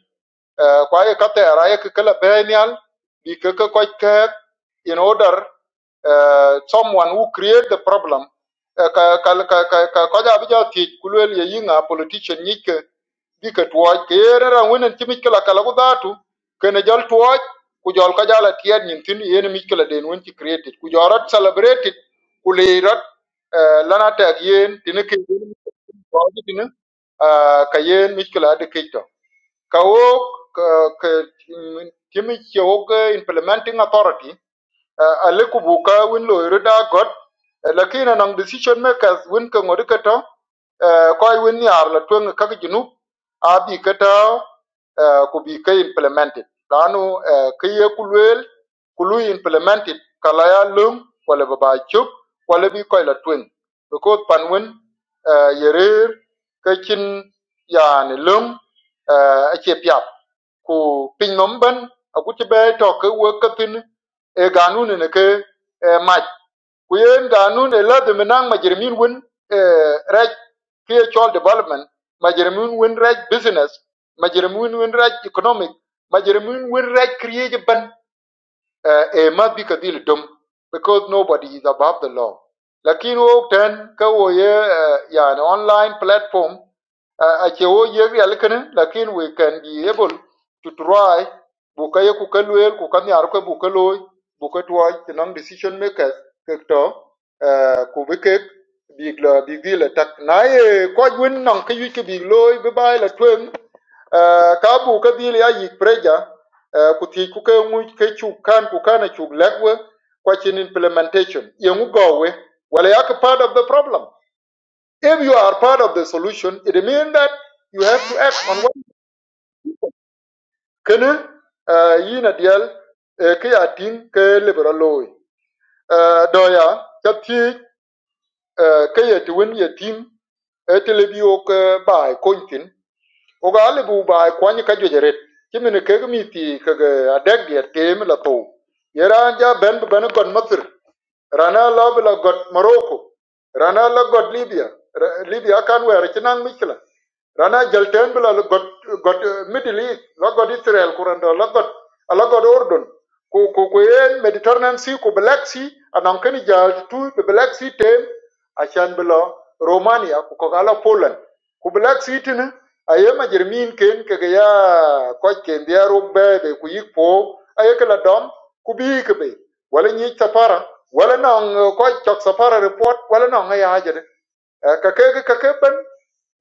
Speaker 3: uh, kwa ye katera kekela benial bi keke koj kek in order uh, someone who create the problem uh, ka ka ka ka koja bija kulwel yinga politician nyike gi ka tuwaj ke yere ra wenen ci mikila kala ku dhatu kene jol tuwaj ku jol ka jala tiyad nyin tin yene mikila den wen ci created ku jorat celebrated ku lirat uh, lana tag yen tini ke yen tuwaji tini uh, ka yen mikila adi kito ka wo ka ka- timi ci wo ka implementing authority uh, ale ku bu ka win lo ru da got uh, lakin anang decision makers win ka ngori ka to uh, ko win yar la twen ka gi nu a bi ka to uh, ku bi ka implemented lanu uh, ka ye ku lwel ku lu implemented kala ya lum wala ba ba chup wala bi ko la twen because pan wen uh, yerer ka chin y a n lum uh, ache piap ku pin nom ban aku ti be to ke wo ka tin e ganun ne ke eh, mach ku yen ganun e lad menang majrimin wen eh, raj ke chol development majrimin wen raj business majrimin wen raj economic majrimin wen raj create ban uh, e mat bi ka dil dum because nobody is above the law lakin wo ten ka wo ye an online platform uh, a che wo ye real kan lakin we can be able to try bu ka ye ku ka luel ku ka nyar ka bu ka loy decision makers kekto ku bi kek big là big deal la tak na ye ko win nong ke yik big loy bi bai la twen ka bu ka deal ya yik preja ku ti ku cái mu ke chu kan ku kan chu lekwe kwa chin implementation ye ngu go we wala yak part of the problem if you are part of the solution it means that you have to act on what kenen yina dial ke ya tin ke liberal loy doya ka ti eh, ke ye te wen ye tim etele bi ok eh, bai kontin o ga le bu bai kwani ka jo jeret kimene ke mi ti ke adeg ye tem la to yera ja ben ben kon masir rana lob la god morocco rana la god libya Ra- libya kan wer chinang mikla rana jalten bla la god god eh, middle east la god israel kurando la god la god ordon ku ku ku en mediterranean sea ku black sea anan kan jal tu be black sea tem achan bla romania ku ko gala poland ku black sea tin aye ma jermin ken ke ga ya ko ken biaro be be ku yik po aye kala dom ku bi ke be wala nyi sapara wala nong ko chok sapara report wala nong eh, ya ajede ka ke ka ke ben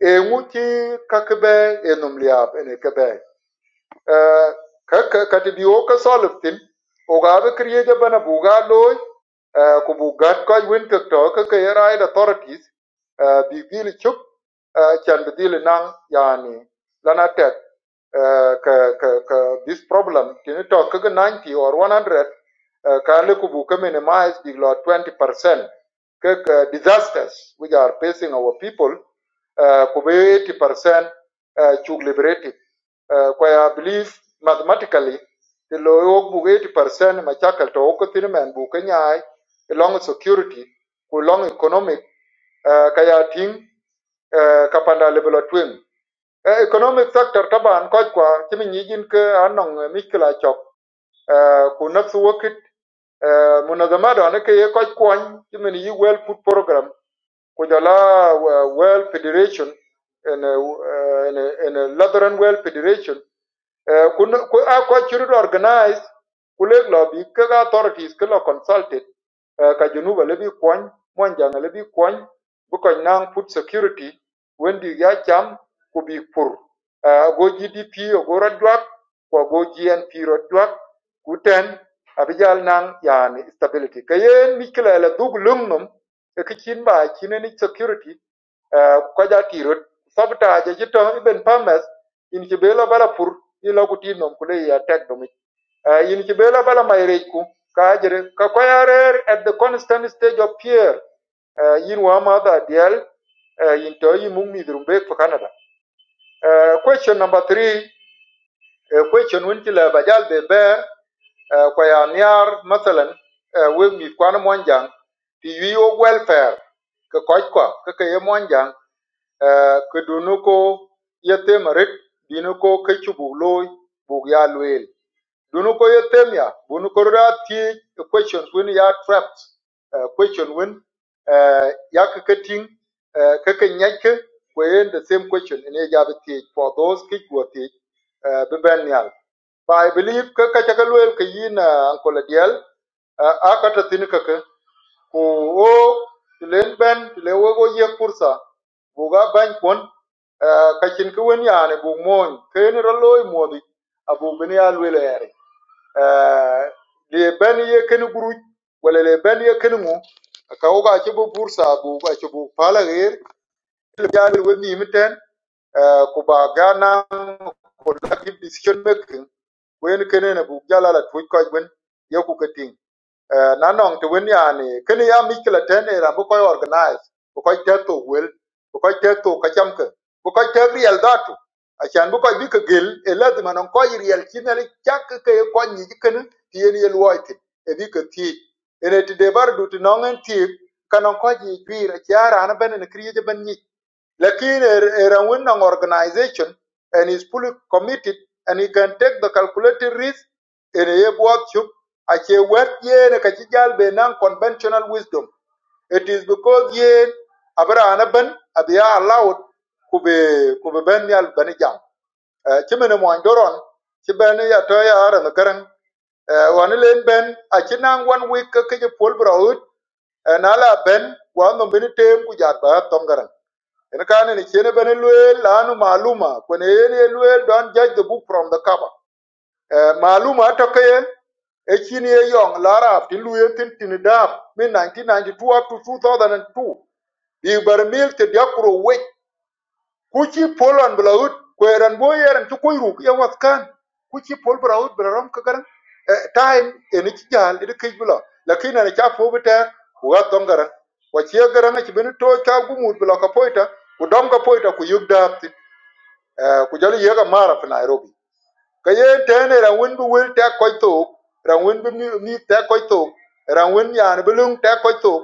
Speaker 3: e nguti ka ke be e num liab ene ke be Eh, ka ka ka ti bi wo ka solve tin o ga be kriye ja bana bu ga loy eh, ku bu gat ko ka to ka ka era ida authorities eh, bi bi eh, nang yani lana tek eh, ka ka ka this problem tin to ka 90 or 100 eh, ka le ku bu ka minimize bi 20% ka ka disasters which are facing our people uh, ku be 80% uh, chuk liberated Uh, kwa I believe mathematically the low book 80% ma chakal to ko tin men bu ka nyaai long security ku long economic uh, ka ya tin uh, ka panda level of twin uh, economic factor taban ko kwa kimi nyijin ke anong mikla chok uh, ku nafsu wakit uh, munazamada ne ke ye ko kwon kimi ni yi well food program ku jala uh, well federation and a, uh, and a, and a Lutheran well federation Eh, kun ku- a churu organize kuleg lo bi ke authorities ke lo consulted eh, ka junuba le bi kwany monjang le bi kwany bu ko nang food security wendi ya cham ku bi pur Eh, go gdp o go radwak ko go gnp radwak ku ten abijal nang yani stability kayen mikle le dug lungnum e kichin ba chineni security ko ja kirot sabta je jito iben pames in ki bela bala pur in lo kuti nom kule ya tek domi Eh, in ki bela bala mayre ku ka jere ka ko ya rer at the constant stage of fear Eh, yin wa ma da dial eh, yin to yi mung mi drum be for canada Eh, question number 3 question won ki la bajal be ber eh, kwa ya niar masalan eh, we mi kwana monjang ti wi o welfare ke koch kwa ke ke ye monjang kidunuko yetemaret binuko kechubulo buk ya luel dunuko yetemia bunuko ra ti questions win ya trapped uh, question win ya kakating uh, kakanyake when the same question in a job for those kick what teach uh, bibenial but i believe kakachakaluel kayina ankola dial akata tin kaka Kũũ woo tɨ lee ɓɛn tɨ lee we ko yek pursa bù ga bany pon kacin kɨ wen yaanì bù moony keeni ra looi mòdhi à bù bɨni yaa lwelè ɛ̀rì. Eh, Lee bɛn ye keni guruj wala lee bɛn ye keni ŋù ka ku ka cï bɨ pursa bù aci bù pala ɣeer yaa lwel we miim tɛn eh, ku bà ga naŋ ku laki decision making wen kenene bù jala la tuj kɔc wen ye ku ka tiŋ. Eh, na nong ti wen yani kini ya mikla tene ra bu koy organize bu koy teto wel bu koy teto ka chamke bu koy te real datu achan bu koy bi ke gel e lazima non koy real chimel chak ke ko ni ken ti en yel woite e bi ke ti ene ti de bar du ti nong en ti kanon ko ji twir a chiara na bene ne kriye je ben ni Lakin a winning organization and is fully committed and he can take the calculated risk in a workshop. Ache wet ye ne kachijal be non conventional wisdom. It is because ye abra anaban abia allowed kube kube ben yal banijam. Chimene mo andoron chibene ya toya ara nakarang wan len ben achinang wan week ke je pol braut na la ben wan no bin tem ku jar ba tom garang. Enikane ni chene bene luel lanu maluma kwene yene luel don't judge the book from the cover. Eh, maluma atoke yen echini ye yong larab ti luel tin tin dab min 1992 up to 2002. Bi bar mil te diakro we kuchi polon bla ut kweran bo yeran ci koy ru ya wat kan kuchi pol bla ut bla ram ka garan time en ci jal de kay bla la kay na cha fo bita ku ga ton garan wa ci garan ci ben to cha gumur bla ka poita ku dom ka poita ku yugda ku jali yega mara fi Nairobi Ka yen tene ra win bi wil tɛk kɔc thok ra win bi mi- miik tɛk kɔc thok ra win yani bi lüŋ tɛk kɔc thok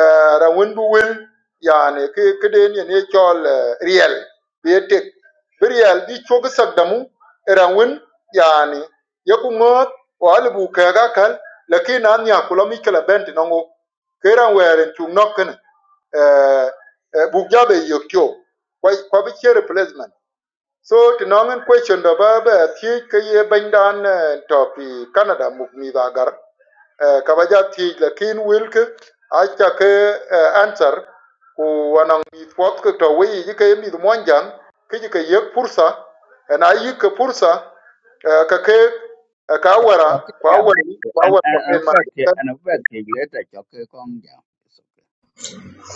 Speaker 3: eh, ra win bi wil yani ki kiden yen ye cɔl eh, riɛl bi ye tek bi riɛl bi cök sakdamu ra win yani ye ku ŋööt o alibu kɛɛk akal laki na nya ku lɔ mic kela bɛn tɩ nɔŋok ke ra wɛɛr n cuŋ nɔk kene eh, eh, buk ja be yök tio kwa bi ce replacement So to nong in question da ba ba thi ke ye ban dan eh, topi Canada muk mi da gar Eh, ka ba ja thi la kin wil ke a cha ke eh, answer ku wanang mi twat ke to wi ji ke mi du mon jang ke ji ke ye pursa en a yi ke pursa eh, ka ke eh, ka
Speaker 8: Chok
Speaker 3: wara
Speaker 8: chok
Speaker 3: kwa
Speaker 8: jam
Speaker 3: wara
Speaker 8: an
Speaker 3: kwa wara
Speaker 8: an an
Speaker 3: campaign ma
Speaker 8: ba che
Speaker 3: ka
Speaker 8: an ba che le kong jam.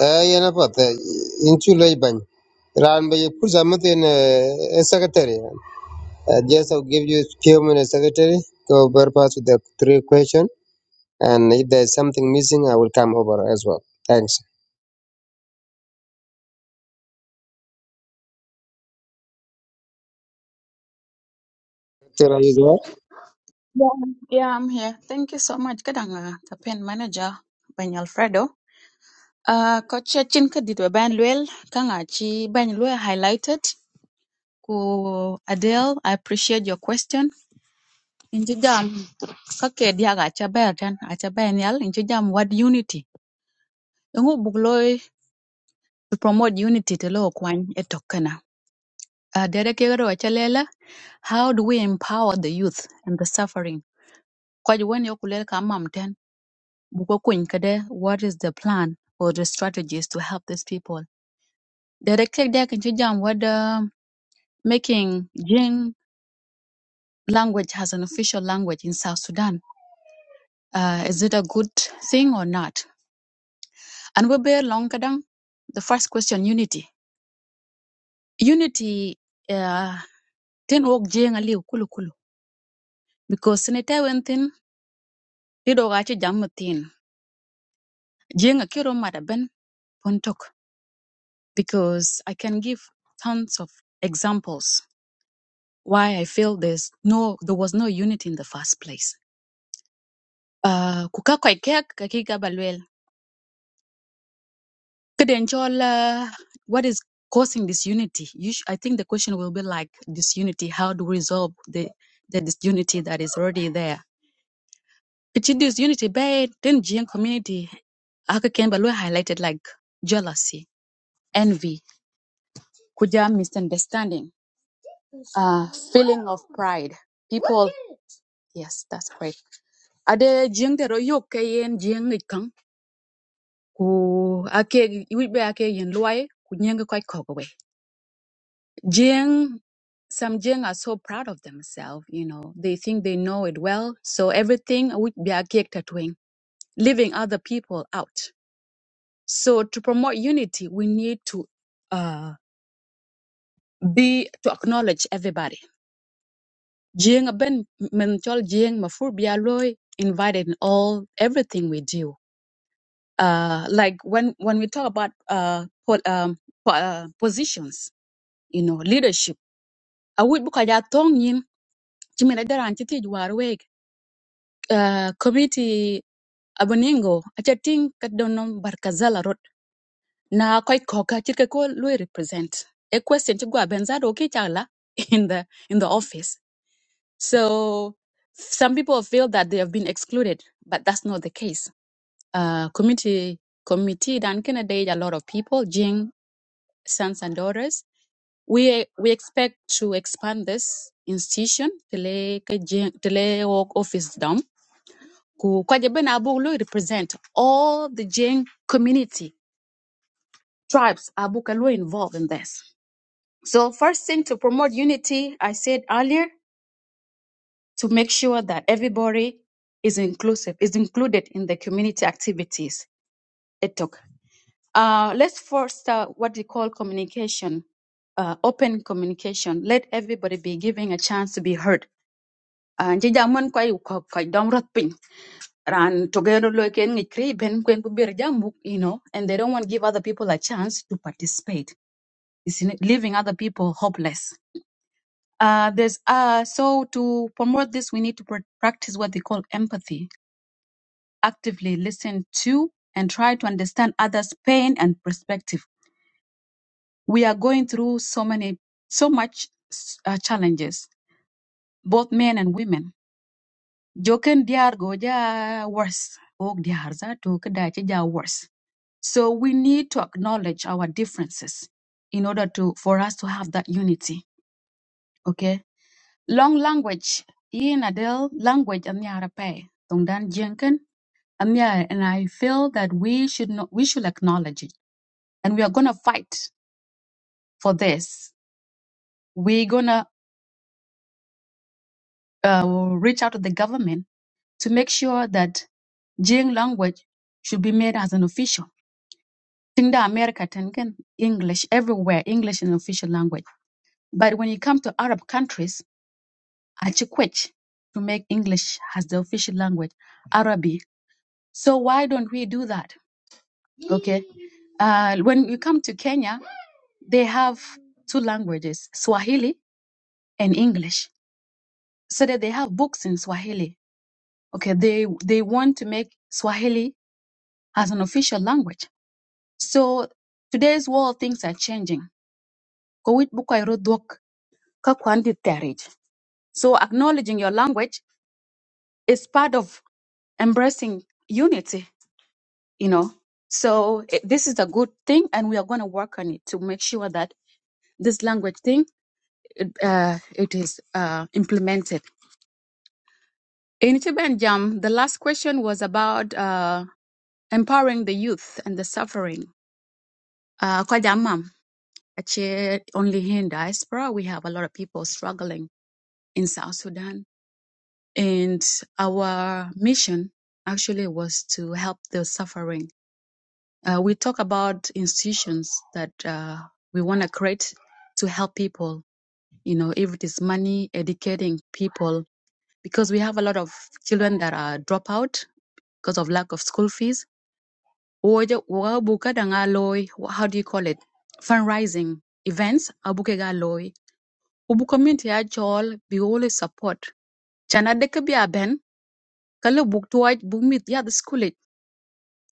Speaker 2: eh yana pa te in chu loy bany ran ba ye pur zamat in secretary uh, just i'll give you few minutes secretary to bypass with the three question And if there's something missing, I will come over as well. Thanks. Doctor, are you there?
Speaker 11: Yeah, yeah, I'm here. Thank you so much. Kadang uh, campaign manager Ben Alfredo. Uh, coach Chin Kadidwe Ben Luel Kanga Chi Ben Luel highlighted. Ku Adele, I appreciate your question. Inji jam kake diaga acha ber tan acha ber nyal inji jam what unity. Ngu bugloi to promote unity to lo kwany etokana. Uh, dere kegero acha lela how do we empower the youth and the suffering? Kwa juweni yokulel kamam Kada, what is the plan or the strategies to help these people? There click there can jam whether making Jing language as an official language in South Sudan. Uh, is it a good thing or not? And we bear long kadang. The first question, unity. Unity uh tin wok Jing aliu kulu kulu. Because sinita wentin lido gachi jam Jing akiro madaben puntok. Because I can give tons of examples why I feel there's no there was no unity in the first place. Uh kuka kwa ikek kakiga balwel. Kidenchola what is causing disunity? You sh- I think the question will be like disunity. How do we resolve the the disunity that is already there? It's in disunity by then Jian community Aka Ken Balwe highlighted like jealousy, envy, kuja misunderstanding, uh feeling of pride. People yes, that's right. Ade jing de royo kayen Jian ku ake iwit be ake yin luai ku nyeng ko ko we jeng some jeng are so proud of themselves you know they think they know it well so everything which be ake tatwing leaving other people out so to promote unity we need to uh be to acknowledge everybody jeng ben mental chol jeng mafur be aloy invited in all everything we do uh like when when we talk about uh, po- um, po- uh positions you know leadership awi buka ja tong yin chimina daran chiti war wek uh, committee aboningo acha ting kadonom barkazala rot na koy koka chirke ko lui represent a question to gwa benzado ki chala *laughs* in the in the office so some people feel that they have been excluded but that's not the case uh, committee committee dan kena day a lot of people jing sons and daughters We we expect to expand this institution tele ka Jen- tele work office dom ku kwaje ben abu lo represent all the Jing community tribes abu ka lo involved in this. So first thing to promote unity, I said earlier to make sure that everybody is inclusive, is included in the community activities. It took. Uh, let's first uh, what we call communication, uh, open communication. Let everybody be given a chance to be heard an ci jam man koy ko koy dom rot piny ran togero lo ken ngi kri ben kwen bu bir jamuk you know and they don't want to give other people a chance to participate it's in- leaving other people hopeless uh there's uh so to promote this we need to pr- practice what they call empathy actively listen to and try to understand others pain and perspective we are going through so many so much s- uh, challenges both men and women jokin diar go ja worse og diar za to kada ci ja worse so we need to acknowledge our differences in order to for us to have that unity okay long language in Adele language and yara pay tongdan jenken and yeah and i feel that we should not we should acknowledge it and we are going to fight for this we're going to uh, reach out to the government to make sure that Jing language should be made as an official Think the America Tangan, English everywhere, English is an official language. But when you come to Arab countries, Achikwech to make English as the official language, Arabi. So why don't we do that? Okay. Uh, when you come to Kenya, they have two languages, Swahili and English. So that they have books in Swahili. Okay, they they want to make Swahili as an official language. So today's world things are changing. Kowit bukai rodok ka kwan di terich. So acknowledging your language is part of embracing unity, you know. So it, this is a good thing, and we are going to work on it to make sure that this language thing it, uh, it is uh, implemented. In Chibanjam, the last question was about uh, empowering the youth and the suffering. Uh, kwa jamaa, actually, only here in diaspora, we have a lot of people struggling in South Sudan and our mission actually was to help the suffering. Uh, we talk about institutions that uh, we want to create to help people. You know, if it is money, educating people, because we have a lot of children that are drop out because of lack of school fees. Wojo- wa buka da nga loy, How do you call it? Fundraising events. abuke ga loy. Ubu community actual be always support. Chana deke bi aben, kalo buk tuwaj, buk mit ya the school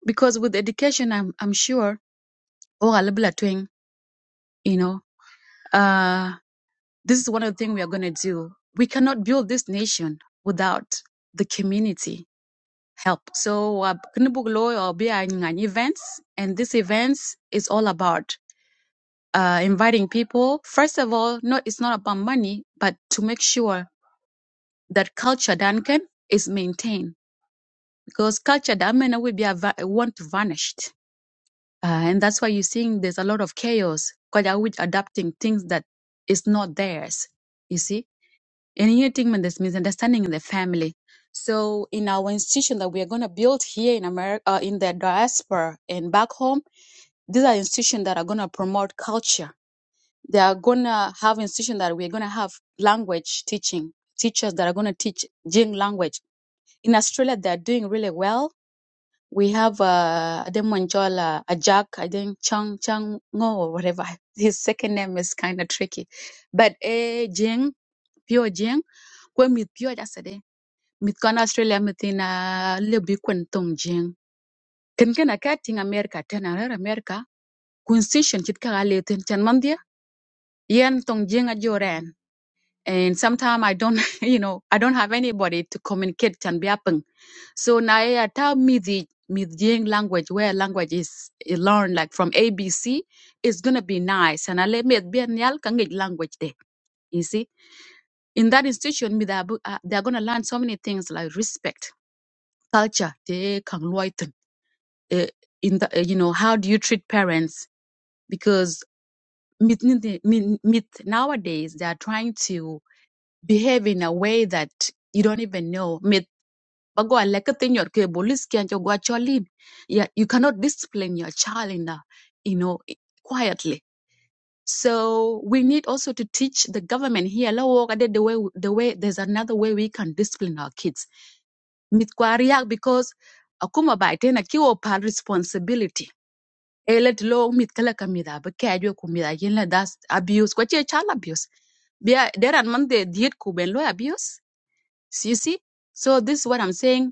Speaker 11: because with education i'm i'm sure oh alabla twing you know uh this is one of the things we are going to do we cannot build this nation without the community help so uh, Kinibugulo or be an events and this events is all about uh, inviting people first of all no it's not about money but to make sure that culture Duncan is maintained because culture that many will be a va- want to vanish Uh, and that's why you're seeing there's a lot of chaos because they're always adapting things that is not theirs. You see? And here thing when there's misunderstanding in the family. So in our institution that we are going to build here in America, uh, in the diaspora and back home, these are institutions that are going to promote culture. They are going to have institutions that we're going to have language teaching, teachers that are going to teach Jing language. In Australia, they're doing really well we have uh, Ademonjola Ajak, I think Chang Chang Ngo or whatever. *laughs* His second name is kind of tricky. But eh, Jing, pure Jing, when we pure that's a day. Mit kon Australia mit in a little bit kun tong Jing. Ken ken a kating America, ten another America. Constitution chit kagaletin ten mandia. Yen tong Jing a joran. And sometimes I don't, *laughs* you know, I don't have anybody to communicate and be happen. So Naya, tell me the Midying language, where language is learned like from ABC, is gonna be nice. And I let me be nyal kangit language there. You see, in that institution, me they are bu- uh, they are gonna learn so many things like respect, culture, they can loiten. Uh, in the uh, you know how do you treat parents? Because mit ninte- min- mit- nowadays they are trying to behave in a way that you don't even know. But go and like a thing your ke bolis can you go at your Yeah, you cannot discipline your child in a, you know, i- quietly. So we need also to teach the government here. "Lo, wo ka de The way, the way there's another way we can discipline our kids. Mit kwa riak because akuma ba tena kiwo pa responsibility. Elet lo mit kala kamida ba kajwe kumida yela that's abuse. Kwa che child abuse there are man they did Kuben law abuse. So you see? So this is what I'm saying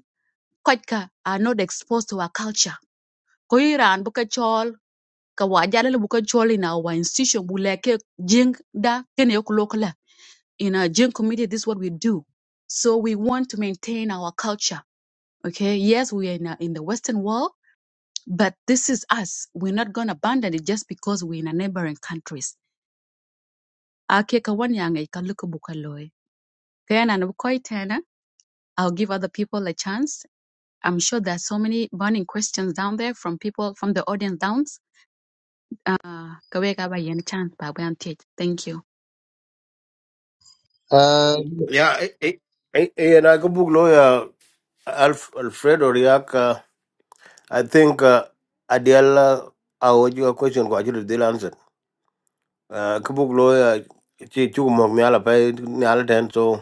Speaker 11: koc ka are not exposed to our culture ko i raan bi ka cɔɔl ka waa jalil bu in our institution Buleke jing da kene yok in our jing community this is what we do so we want to maintain our culture okay yes we are in, a, in the western world but this is us we're not going to abandon it just because we're in a neighboring countries ake ka wan yaŋe ka kaya na bu koi tena i'll give other people a chance I'm sure there are so many burning questions down there from people from the audience down. Ah, kawek aba yen chan pa ban tej. Thank you.
Speaker 2: Uh,
Speaker 1: ya ai ai ai na ko buglo Alf, Alfredo Riak, uh, I think uh, Adiala, I would your question, what you did answer. Uh, Kabuk lawyer, Chi Chugum, Miala Pay, Niala Tan, so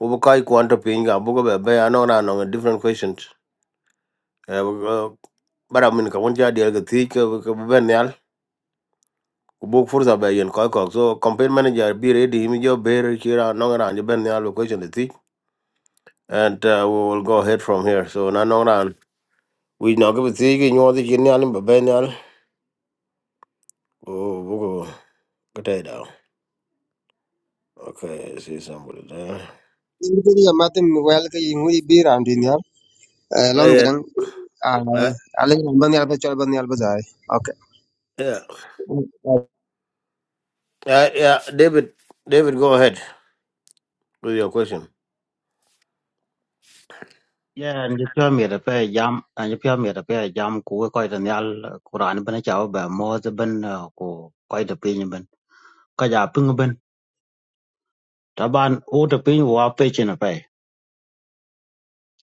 Speaker 1: Ubukai Quanta Ping, Abuka Bay, I know I know different questions. Uh, But I mean, Kawanja, the Agatik, Benial, Kubuk Furza Bay and Koikok. So, campaign manager, be ready, him, your bear, Kira, Nongan, and Benial question the thick. And uh, we will go ahead from here. So, Nanongan, we now give a thick in your the Genial, Benial. Oh, Potato. Okay, I see somebody there.
Speaker 2: Ingrid, your mother, well, you will be around in here. Uh,
Speaker 1: Oh,
Speaker 2: long
Speaker 1: Yeah,
Speaker 2: run. I
Speaker 1: right,
Speaker 2: I like Bani Alba Chalbani Albazai. Okay.
Speaker 1: yeah, uh, yeah. David, David, go ahead with your question.
Speaker 12: Yeah, and you pure me the pay jam, and you pure me the pay jam, ku koi the nyal, Quran ben chao ba mo the ben, ku koi the pin ben, ka ja ping ben, ta ban u the pin wa pe chin a pay,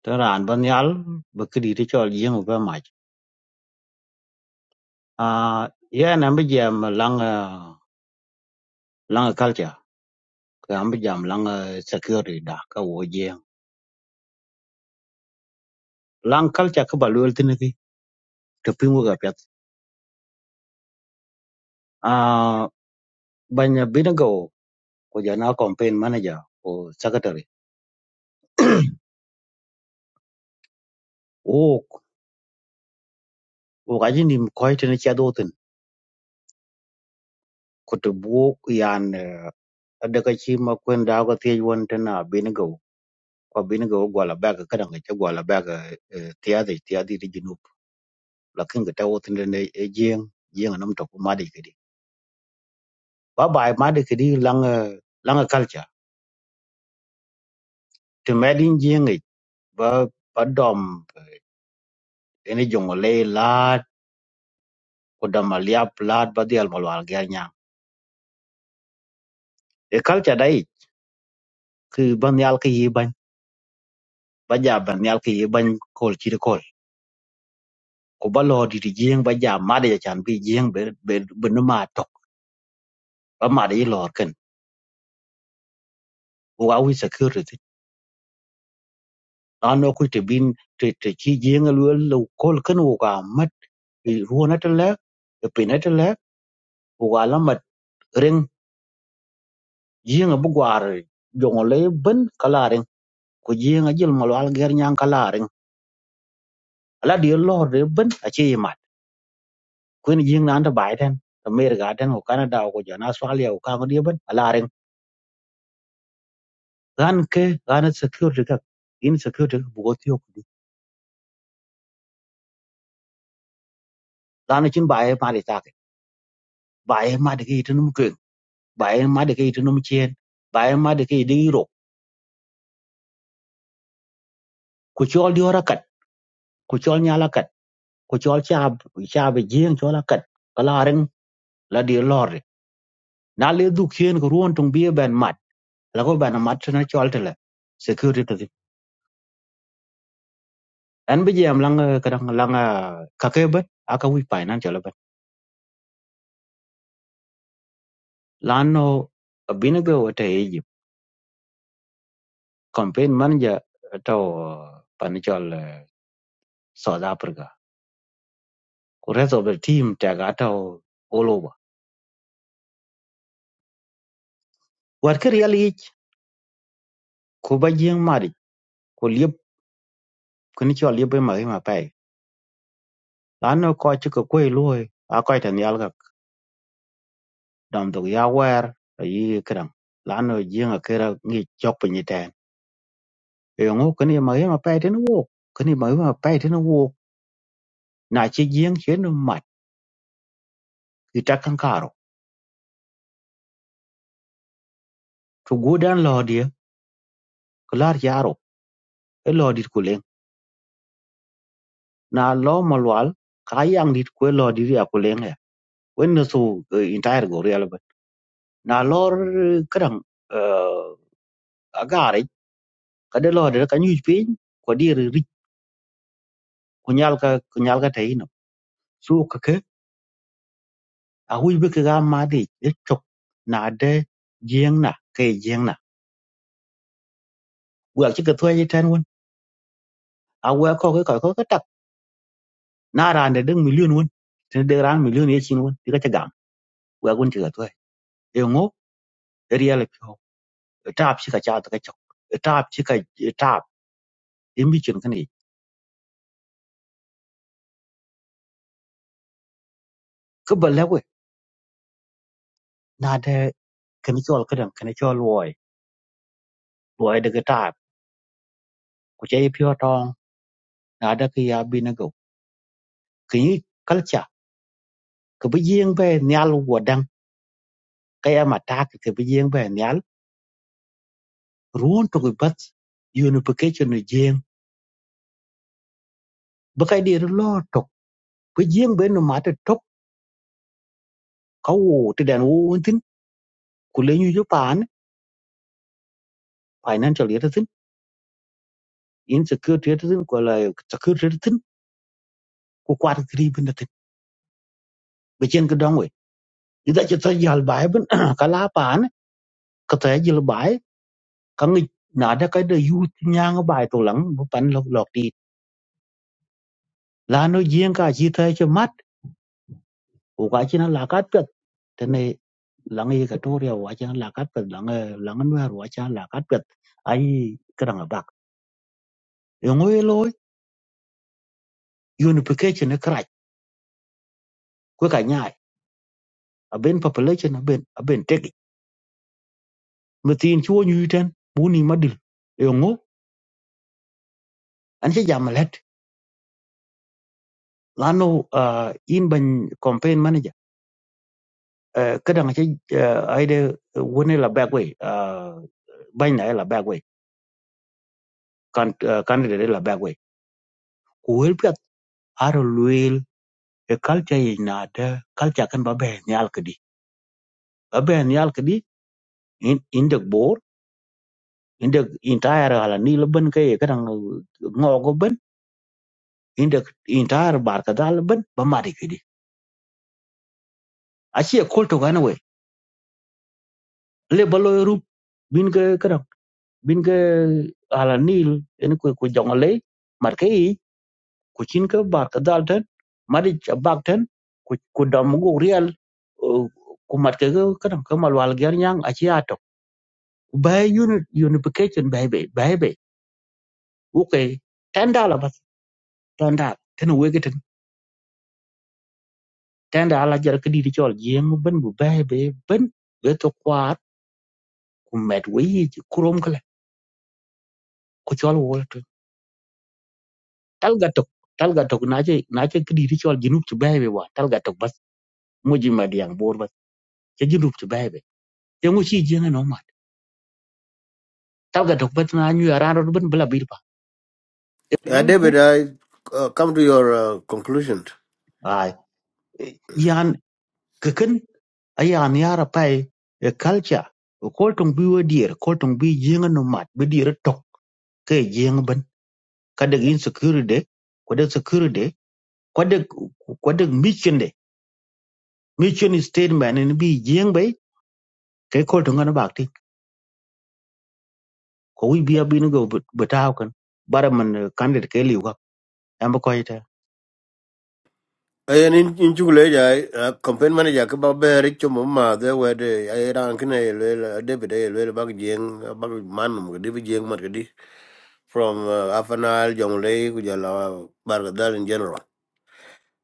Speaker 12: ta ran ban nyal, ba kri ti chol yeng ba ma. Ah, yeah, and ambi jam lang, ah, lang culture, ka ambi jam lang ah, security da ka wo jeng. Lang culture ka ba lul tin ki, the pin wo ga pet. Ah, ban binago, ko ja na campaign manager, ko secretary. wokaji nim koy tene ci adotin ko to bo yan daga ci ma kwen da ga te won tana bin go ko bin go gola baga kada ga ci gola baga tiyadi tiyadi di junub lakin ga tawo tene ne jeng jeng nam to kuma de kidi ba ba ma de kidi lang lang culture to medin jeng e, ba ba dom eh, ene jongo le lat ko dama liap lat ba dial malwal ga e culture dai ki ban yal ki yi ban ba ja ban yal ki yi ban kol ci ku ba lor dit jieng ba jam made ja ma de chan bi jieng be be be no ma tok ba made i lor ken ku ga wi security an no ku te bin te te chi jieng lu lu kol ken ku ga mat i ruo na te le e pe na te le ku ga la mat reng jieng bu gwar jong le ben kala reng ku jieng a jil ma lwal ger nyang kala reng ala di lor de ben a chi mat ku ni jieng na an ta bai ten America ten ku Canada ku jana Australia ku ka ko di ben ala ren ganke gana security ka in security ka bugo tiyo kudi gana chin bae mali take bae made ke itinum ke bae made ke itinum chien bae made ke idi ro ku chol di ora kat ku chol nyala kat ku chol chab chab jien chola kat kala ren la di lor na le du kien ko ruon tung bie ben mat la ko ben mat na chol tele security to en bi jam lang kadang lang eh, ka ke ba aka wi finance la ban lano binigo wata campaign manager to panichol eh, South Africa. Ku rest of the team tag ato all over. War ke real ich ku ba jing mari ku liep kuni chol liep e ma e ma pai. Lano ko chu ko kwe loy a ko tan yal ga dam dog ya war yi kram. Lano jing a kera ngi chok pinyi tan. E ngo kuni ma e ma pai tin wo kuni ma e ma pai tin wo na chi jing chen mat ki ta kan karo. To go dan lo dia klar yaro e lo dit na lo malwal ka yang dit kwe lo di ya kuleng ya wen no su eh, entire go real ba na lo kran agare ka de lo de kan yuj pin ko di ri ko nyal ka ko nyal ka tai no su ka ke a hu be ka ma di e chok na de jeng na ke jeng na wa chi ka thwe ji tan won a wa ko ke ko ka tak na ran de ding million won te de ran million ye chin won ti ka ta gam wa gun ti ka thwe e ngo real ko taap ci ka cha ta ka chok taap ci ka taap in bi chun kani ka ba lewe na da kani chol ka dan kani chol loy loy da ka taap ku che pyo tong na da ka ya bi na go kini kalcha ka ba yeng ba nyal wo dang ka ya ma ta ka ba yeng ba nyal r u n to ku bat unification ni jeng ba ka dir lo tok ba yeng ba no ma ta tok ka wo ti dan wo tin ku le nyu ju pan financial year tin insecurity r tin ko la security a r tin ku kwat tri bin chen ke dong we ida che to jal bai ben *coughs* kala pan *clears throat* ka to jil bai ka ngi na da ka de yu nyang bai to lang bu pan lok lok ti la no jien ka chi thai che mat u ka chi na la ka pet te ne lang ye ka to ria wa cha la ka pet lang eh, lang no ro cha la ka pet ai ka dang bak e ngoi loy unification e kra ko ka nyai a ben population a ben a ben teki mutin chuo nyu ten bu ni madil e ngo an che jam let lano uh, in ban campaign manager Uh, cái Eh, ka dang ci ayde woni la bagwe bañ na la bagwe kan eh, candidate la bagwe ku wel pet aro luil cái culture yi na de culture kan ba ben yal kedi ba ben cái đi, in in inde bor in được entire là ni la cái kay ka dang ngogo in được entire bar ka dal ben ba mari kedi achi e kolto gana we le balo rup bin cái ka dang bin ga hala nil cái ko ko jongale mar kay ku chin ka bar ka dal ten mari cha bak ten ku ku dam gu real uh, ku mat ka ga ka dam ka mal wal ger nyang a chi ato bay unit unification bay bay bay bay u ke ten dala bas ten dala ten we ke ten ten dala jar ka di di chol jeng ben bu bay bay ben we to kwat ku met we yi chi krom kala ku chol wol to tal ga to tal ga to na che na che ka di di chol jinup chu bay bay wa tal ga to bas mo ji ma diang bor bas che jinup chu bay bay ye ngo chi jeng no ma tal ga dok bet na nyu ara ro ben bla bil pa e
Speaker 1: Yeah,
Speaker 12: pinyu ku
Speaker 1: David, I uh, come to your uh, conclusion.
Speaker 12: ai yan keken ayan yara pai e culture, ko tong bi wo dier ko tong bi jinga no mat bi dier tok ke jing ben ka de insecurity de ko de security ko de ko de mission de mission statement ni bi jing bai ke ko tong na bakti ko wi bi abi go betaw kan baraman candidate ke liwa am ko ite
Speaker 1: Ayan in in chukule jai campaign manager ke ba be rich mo ma de we de ay ran kne le David ay le bag jeng bag man mo de bi jeng mat di from uh, afanal jongle ku jala bar dal in general.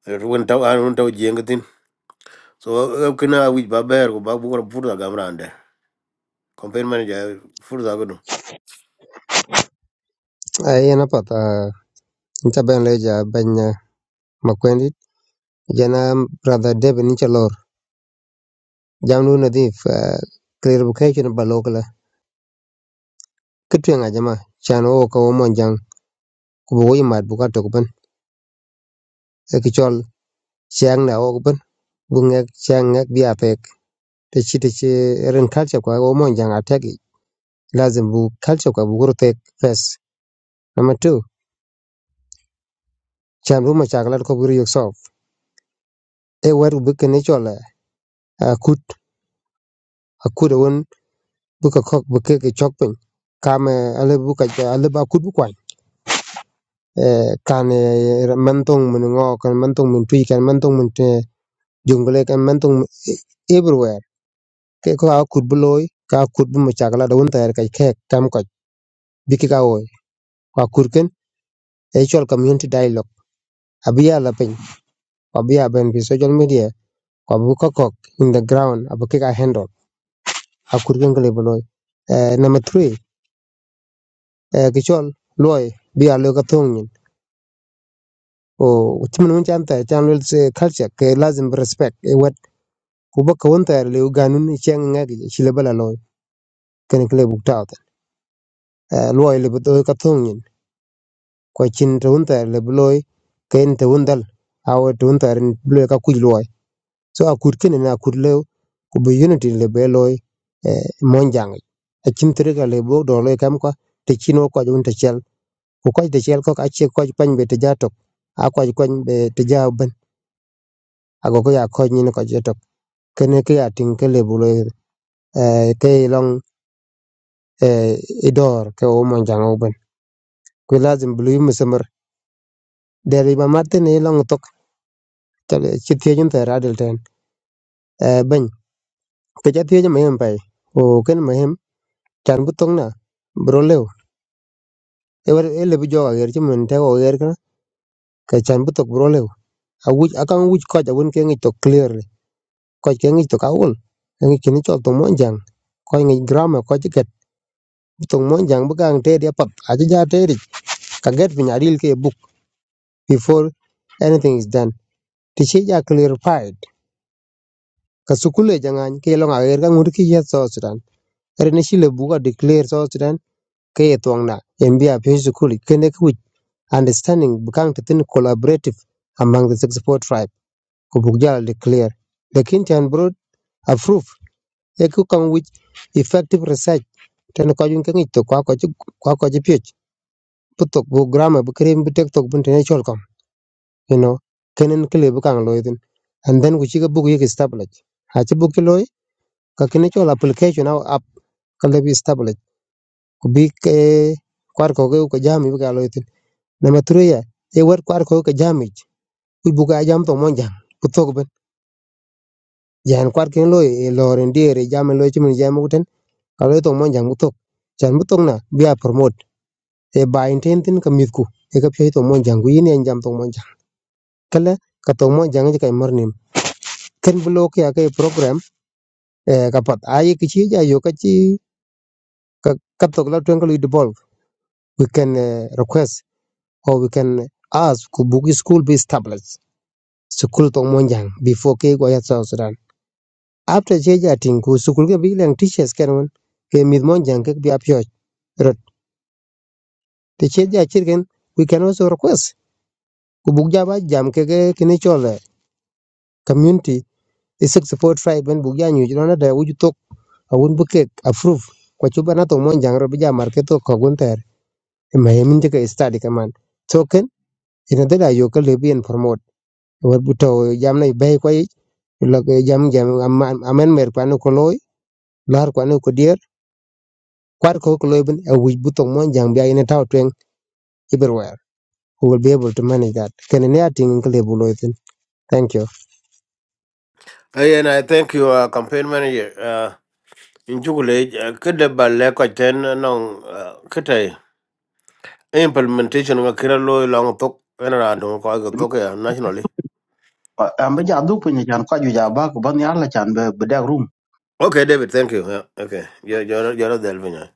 Speaker 1: Ruwen taw an ruwen taw jeng tin. So kna wij ba ber ku ba bu ko pur da gamrande campaign manager further go
Speaker 2: I am a pata. Intaban Leja, Banya Makwendi, Jana, brother Deb Nichalor, Jamlu Nadif, uh, clarification about local. Kitwing Ajama, Chan Oka Omonjang, Kuboy Mad Bukato Open, Ekichol, Chiang Na Open, Bungak, Chiang, techi techi erin culture kwa wo mon jang ategi lazim bu culture kwa bu guru tek first number two chan bu ma chaklar ko guru yok sof e wer bu ke ne chola akut akut won bu ka kok bu ke ke chok pin kam ale bu ka ale ba kut bu kwa kan e, mentong mun ngo kan mentong mun tui kan mentong mun te jungle kan mentong everywhere ke ko akut bu loy ka akut bu ma chaklar da won ter ka kek kam ko biki ka oy akut ken e chol community dialogue abiya la pin obi aben fi social media ko bu kokok in the ground abu kika handle akur gen gele beloy Eh, number 3 eh, kichol loy bi a lo ka thong o timin mun chan ta chan lel se culture ke lazim bi respect e wat ku ba ka ta le ganun cheng ngagi chile bala loy ken kle bu ta ta loy le bu to ka thong nyin ko chin to won le loy ken to won dal to won ren loy ka kuj loy so akur ken na akur le ku bi unity le be loy eh, mon jang a chim tre ga le bo do le kam kwa te chino ko jun te chel ku ko te chel ko ka ko pan be te ja a ko ko be te ja ben a go ko ya ko ni ko je kene ke ya tin ke le bu le eh, ke long idor ke o mon o ben ku lazim bu yu musumar de ma mat ne long tok ci jun te radel ten Eh, ben ke ja tie ma yem pai o ken ma chan bu na bro lew e wer e le bu ger ci te o ger ka ke chan bu tok bro lew a wuj a kan wuj koch awun ke ngi tok clearly koch ke ngi tok awul ngi kini chol tong mon jang koch ngi grammar koch ket bu tong mon jang bu kang te dia pap a ja te ri ka get pin aril ke book before anything is done ti ja clarified ka sukule jangan ke long ager er ka ngur ki ye so sudan er shile bu declare so sudan ke ye tong na mbia pe sukuli kene ku understanding bu kang collaborative among the 64 tribe ko declare lekin chan bro approved e ku kong which effective research ten ko yun kengi to kwa ko ju- kwa ko ji pich putok bu grammar bu krim bu tek tok bu intellectual kam you know kenen kile bu kang loy din and then ku chi ga book yek establish ha chi book loy ka kene chol application au app kale bi establish ku bi ke kwar ko ge ko jami bu ka loy din number 3 e wer kwar ko ka jami ku bu ka jam to monja putok ben jan kwar ken loy e loren diere jam loy chi mun jam uten a lo itoŋ monjaŋ i chan bi na bi a promote e bayin ten tin ka mit ku e ka pyo itoŋ monjaŋ ku yin en jam tok monjaŋ kele ka tok monjaŋ i ka imor nim ken bi lo ki a ke program e ka pat a ki chi ja yo ka chi ka ka tok la twen ka lu devolve we can uh, request or we can ask ku book school be established school tok monjaŋ before ke go ya South Sudan after che ja tin ku school ke bi leng teachers ken won ke mit monjaŋ ke bi a rot te che ja chir we can also request Kubugja ba jam ke ke kini chole community isik support tribe ben bukja nyu jino na da wuju tok awun buke approve kwa chuba na to mon jang ro bija mar ke ko gun ma yemin je ke study kaman token ina da da yo ke lebi en promote war buto jam na be ko yi lo jam jam am- amen mer kwa no ko loy lar kwa no ko dier kwar ko ko loy ben awuj buto mon jang bia ina taw tweng everywhere we will be able to manage that kenene ating ke lebu loy thin. thank you
Speaker 1: Hey, and I thank you, uh, campaign manager. Uh, in Chukule, kada ba le ko ten nong kada implementation of kira lo long tok ena ra dong nationally.
Speaker 12: am ba jadu punya jan ko ju ja ba ko ban yar la chan be be
Speaker 1: Okay, David, thank you. Yeah, okay, you're you're you're delving. yeah.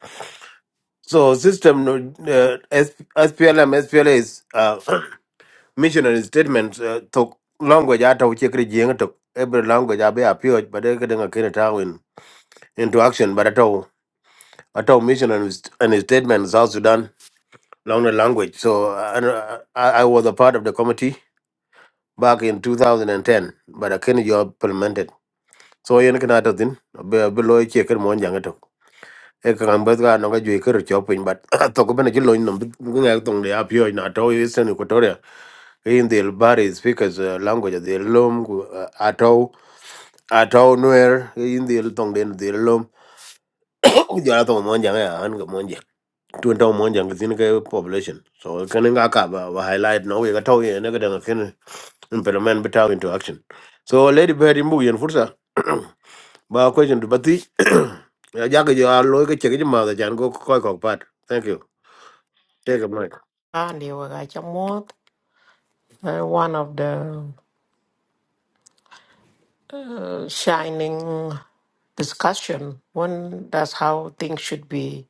Speaker 1: So system no, uh, S- SPLM SPLA is uh, *coughs* *clears throat* missionary statement uh, tok language ata uche kiri jeng tok every language abe appeared but they kada ga kira tawin into action but at all. Atau mission and his, and his statement in South Sudan along the language. So uh, and, uh, I, I was a part of the committee back in 2010, but I can't job implemented. So yen kana ta tin be Below loy che ken mon jang to e kan ba ga no ga ju ke ro pin but *laughs* *clears throat* to ko bene ju loy no ngal tong le apio na to eastern equatoria in the bari speakers uh, language of the lom gu- uh, ato ato nuer in the tong den the lom *coughs* ja to mon jang ya an ga twen tong mon jang tin ke population so kan nga ka ba ba highlight no we ga taw ye ne ga dang ken implement bitaw into action so lady very move yen fursa *clears throat* ba *coughs* question to bati *clears throat* ya ja ga ya lo ga che ga ma da *coughs* jan go ko ko pat thank you take a mic
Speaker 13: Andy Wagachamot, uh, one of the uh, shining discussion when that's how things should be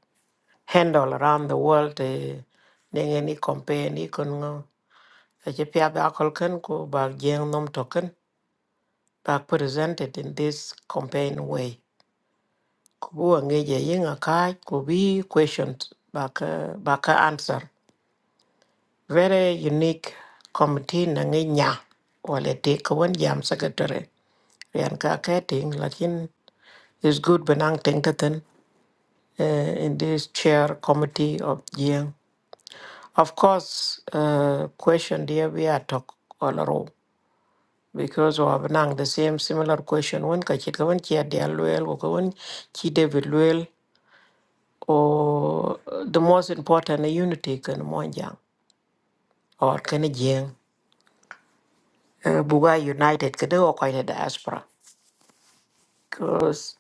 Speaker 13: handled around the world. eh, Ning any compare ni kun ngo. Ethiopia ba kolken ko ba jeng nom token ba presented in this campaign way. Kubu angeje ying akai kubi questioned baka baka answer. Very unique committee nange nya wale take one jam secretary. Rian ka keting lakin it's good benang ting taten uh, in this chair committee of Jiang. Of course, uh, question dear we are talk all around because we have nang the same similar question when ka chit ka when chia dia luel or ka when chi David luel or the most important uh, unity kan monjang or kan Jiang. Uh, Buga United kada o koy diaspora because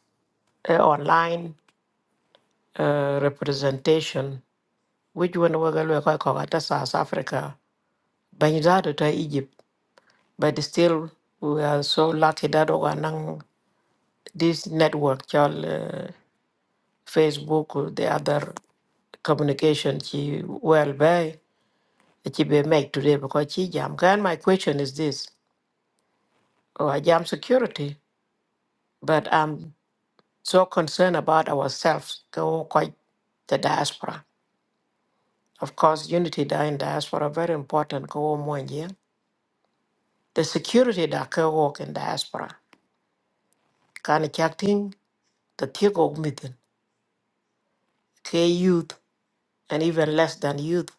Speaker 13: uh, online uh, representation which one we go look like at South Africa, Banjado to Egypt, but still we are so lucky that we are this network, called uh, Facebook, the other communication, she well by she be make today because she jam. And my question is this: Oh, I jam security, but I'm so concerned about ourselves. Go quite the diaspora. Of course, unity da in diaspora very important. Go more The security that go work in diaspora. Kana chakting the tiego mitten K youth and even less than youth.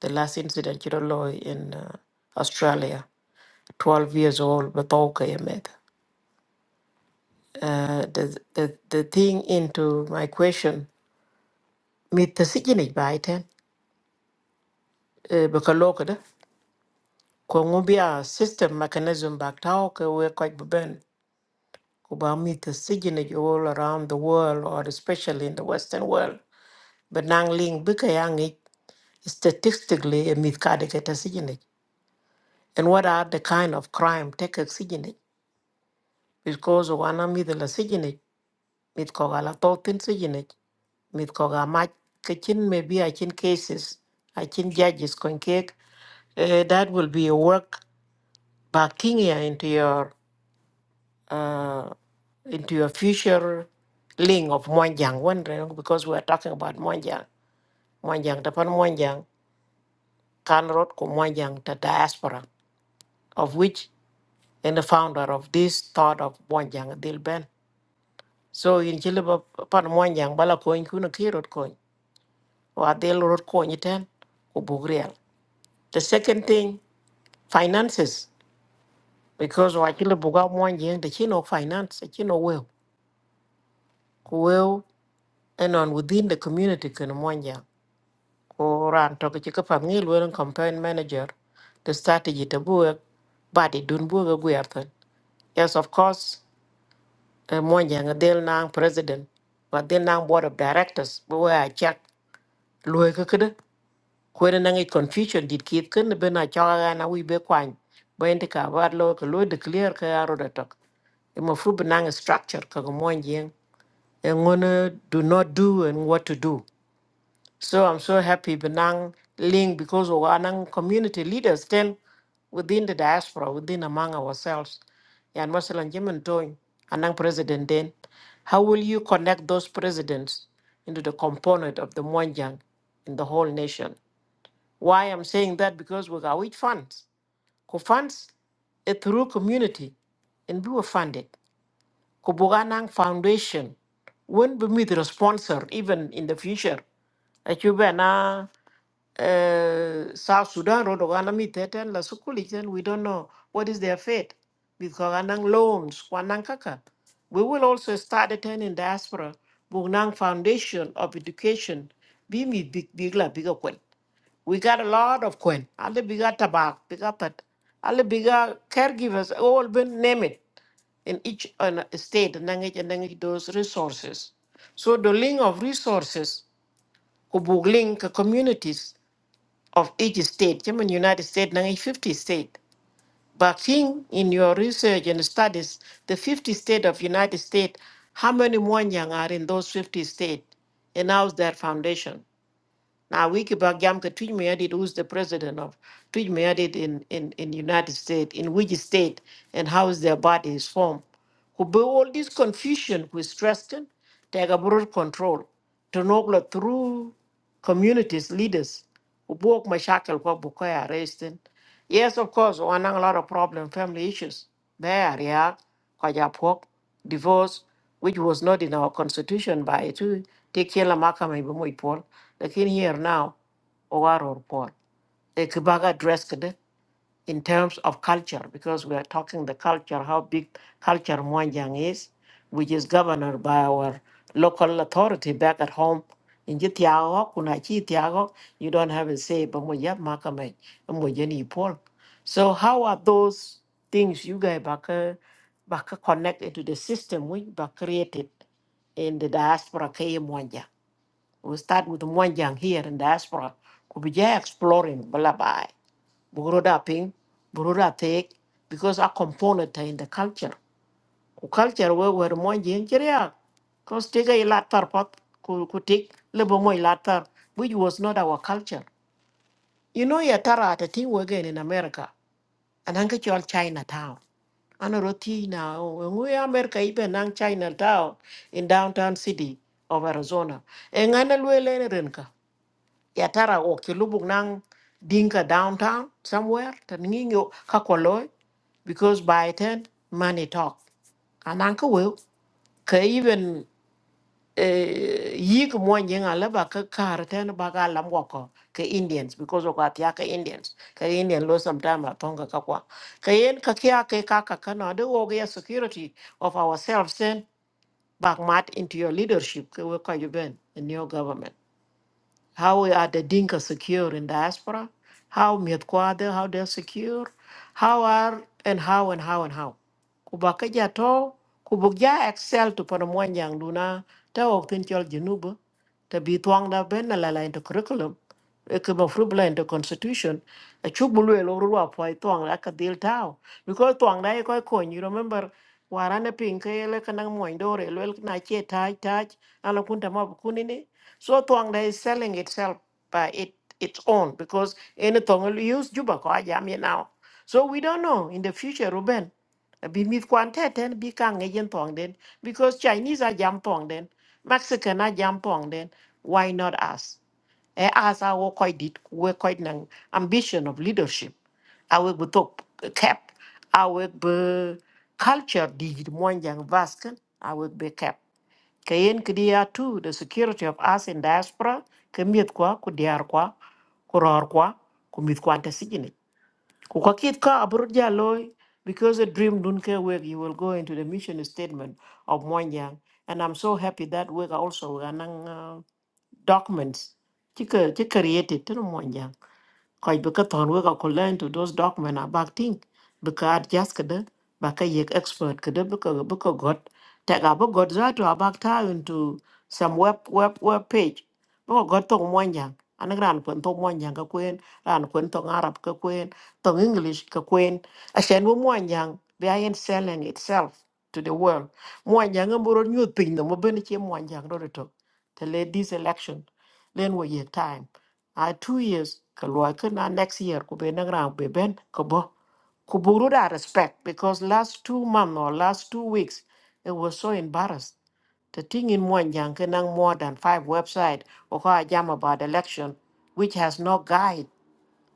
Speaker 13: The last incident chiroloi in uh, Australia, 12 years old, but okay met. Uh, the, the the thing into my question, meet the signage by ten, because Kongobia system mechanism back talk we quite ben kuba meet the signage all around the world or especially in the Western world. But nang ling bika yang statistically a meet kadikata And what are the kind of crime take oxygen? Because wana mi the oxygen, mit koga la totin oxygen, mit koga ma kachin maybe I chin cases, I chin judges kon cake. Uh, that will be a work backing you into your uh, into your future link of Mwanjang wondering because we are talking about Mwanjang. Mwanjang Tapan Mwanjang, Kan Road ko Mwanjang the diaspora, of which and the founder of this thought of Mwanjang Dilben. so in ci liba pan moanjang bala koñ ku na ki rot ko, wa del rot koñ ten ko bug real the second thing finances because wa ci liba ga moanjang the ci no finance ci no wew ko wew and on within the community kan moanjang ko ran to ci ka pan ngi lo campaign manager the strategy to work body dun buga gwerthan. Yes, of course, uh, Monjang, a del nang president, but del nang board of directors, but where I check, loy kwene nangi confusion dit kit ken ben a chaga na wi be kwan ben te ka war lo ko lo de clear ka aro da tok e mo fu benang structure ka ko mon yen e ngone do not do and what to do so i'm so happy benang link because of our community leaders then within the diaspora within among ourselves and masalan jemen toy anang president then how will you connect those presidents into the component of the monjang in the whole nation why I'm saying that because we got which funds. Ku funds a through community and we were funded. Ku Buganang Foundation won't be with the sponsor even in the future. Achuba na eh, South Sudan road ogana mi teten la sukuli then we don't know what is their fate. With Koganang loans, Kwanang Kaka. We will also start attending diaspora, Bugnang Foundation of Education, be me big big la big we got a lot of Queen. Alle biga tabak, biga pat. Alle biga caregivers, all been name it in each uh, state, nangich and nangich those resources. So the link of resources could link communities of each state. in United States, nangich 50 state. But in, in your research and studies, the 50 state of United States, how many Mwanyang are in those 50 states? And how's their foundation? Now we keep back jam Tweet Mayadid, who's the president of Tweet Mayadid in, in, in United States, in which state and how is their body is formed. Ube all this confusion with Streston, take a broad control. To know through communities, leaders, who Ubok Mashakal kwa Bukoya arresting. Yes, of course, one a lot of problem, family issues. There, yeah, Kwajapok, divorce, which was not in our constitution by to take care of Makama Ibumo Paul. The king here now, Owar or Paul. A Kibaga dress in terms of culture, because we are talking the culture, how big culture Mwanjang is, which is governed by our local authority back at home. In Jitiago, Kunachi Tiago, you don't have a say, but Mwajab Makame, Mwajani Paul. So how are those things you guys back, uh, back connected to the system we back created in the diaspora K Mwanjang? We start with Mwanjang here in diaspora. Could be exploring Balabai. Burudapi, Burudapik, because a component in the culture. Ku culture we were more injuria. Because take a latar pot could take little more latar, which was not our culture. You know, Yatara at a thing again in America, and Ankachual Chinatown. Anaroti now, when we America even Nang Chinatown in downtown city of Arizona. And Anna ya tara o ki lubuk nang dinka downtown somewhere tan ngi yo ka ko because by then money talk anan ka we ka even eh, yi ko mo ngi nga la ba ka kar ten ba ga ko ka indians because of at ya ka indians ka indian lo sometime atonga ka kwa ka yen ka kya ka ka ka no de wo ga security of ourselves then back mat into your leadership ka we ka you in your government how are the Dinka secure in diaspora? How Mietkwade, how they're secure? How are and how and how and how? Kubakaja to, kubukja excel to Panamwanyang Luna, ta tin Chol Junuba, ta Bitwang da Ben la la into curriculum e ke ma fruit blend the constitution a chuk bu lwe lo ruwa po ai tong la ka dil tao because tong dai ko ko you remember warane pin ke le kanang mo ndore lo na che tai tai ala kunta ma kuni so tong dai is selling itself by it its own because any tong will use juba ko ajam ye now so we don't know in the future ruben bi mit kwan te ten bi ka nge yen tong den because chinese are jam tong den mexican are jam tong den why not us e asa wo koy dit we koy nang ambition of leadership awe bu top cap awe bu culture di mon jang vasken awe be cap kayen kdia tu the security of us in diaspora kemiet kwa ku diar kwa ku ror kwa ku mit kwa ta sigine ku ka kit ka abur ja loy because a dream dun ke work you will go into the mission statement of Mwanjang and I'm so happy that work also anang uh, documents ci ka ci created tene mo jang koy bi ka ton we ka ko learn to those document about thing because just kada ba ka yek expert kada bi ka bi ka got ta ga bi got za to about ta into some web web web page bi ka got tong mon yang an gran pon tong mon yang ka kwen ran pon tong arab ka kwen tong english ka kwen a shen wo mon behind selling itself to the world mon yang mboro nyu pin no mo ben che mon yang ro to to this election len wo ye time I two years ka luai ka na next year ku be nang rang be ben ka bo ku buru da respect because last two month or last two weeks it was so embarrassed the thing in Mwanjang can have more than five website or jam about election, which has no guide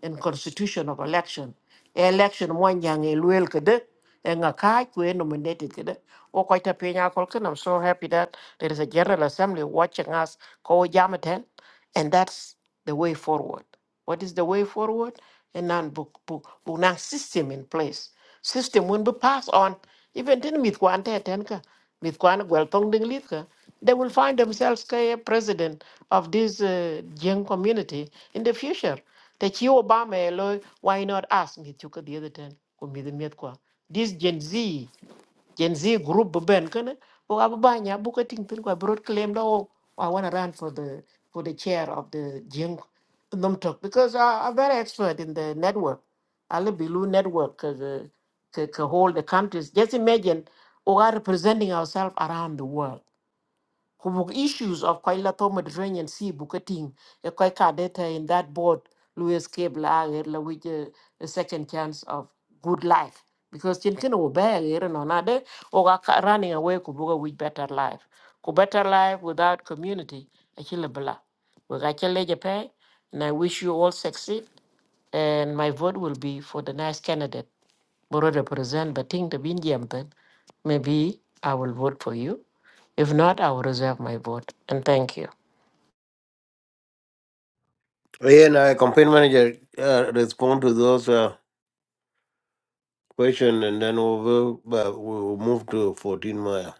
Speaker 13: in constitution of election election one young e luel kede e nga kai ku e nominated kede o ko ta pe nya i'm so happy that there is a general assembly watching us ko jamaten and that's the way forward what is the way forward a non book book book nang system in place system when be pass on even tin mit kwan te ten ka mit kwan gwel tong ding lit ka they will find themselves a president of this uh, young community in the future te chi obama e lo why not ask mit chu the other ten ko mi the met kwa this gen z Gen Z group ben kana o abanya buka ting tin kwa broad claim da oh, I want to run for the for the chair of the Jing Numtok because I, I'm very expert in the network. Ali Bilu network ka ka hold the countries. Just imagine we are representing ourselves around the world. Kubuk issues of Koilato Mediterranean Sea bucketing a Koika data in that board, Louis Cable Aguirre, which a, second chance of good life. Because Chinkin Obey here and another or running away Kubuga with better life. Ku better life without community, a chillabla. We got your leg a pay, and I wish you all succeed. And my vote will be for the nice candidate. Boro represent the thing to be Jamten. Maybe I will vote for you. If not, I will reserve my vote. And thank you.
Speaker 1: and na campaign manager uh, respond to those uh, question and then we will uh, we will move to 14 mile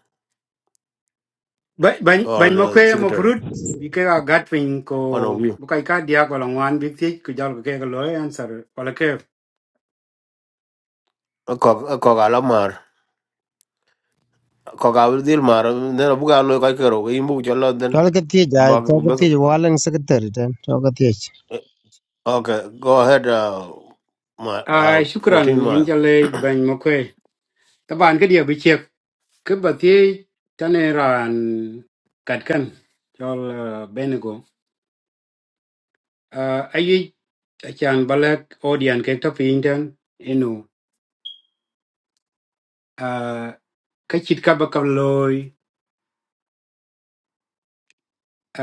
Speaker 14: Ba- bany
Speaker 1: or
Speaker 14: bany ma
Speaker 1: uh,
Speaker 14: kwe ma
Speaker 1: secretary
Speaker 14: purut bi ke ga gat pin ko
Speaker 1: one of you
Speaker 14: bu kai ka dia ko langwan bi ti ku jal ko ke ga loy answer wala ke
Speaker 1: a ko a ko ko ga wi dil mar ne bu ga lo ka kero i bu jo lo den
Speaker 2: Chalakatiyej,
Speaker 1: ba ba
Speaker 2: chalakatiyej, walang secretary ten, chalakatiyej.
Speaker 1: okay go ahead uh, my
Speaker 14: a
Speaker 1: uh,
Speaker 14: shukran
Speaker 1: 14
Speaker 14: in
Speaker 1: mile
Speaker 14: jale bany ma kwe taban ke dia bi chek ke ba ti tane ran kat kan jol eh, benego a ayi achan balak odian ke to pin den inu a ka chit ka ba ka loy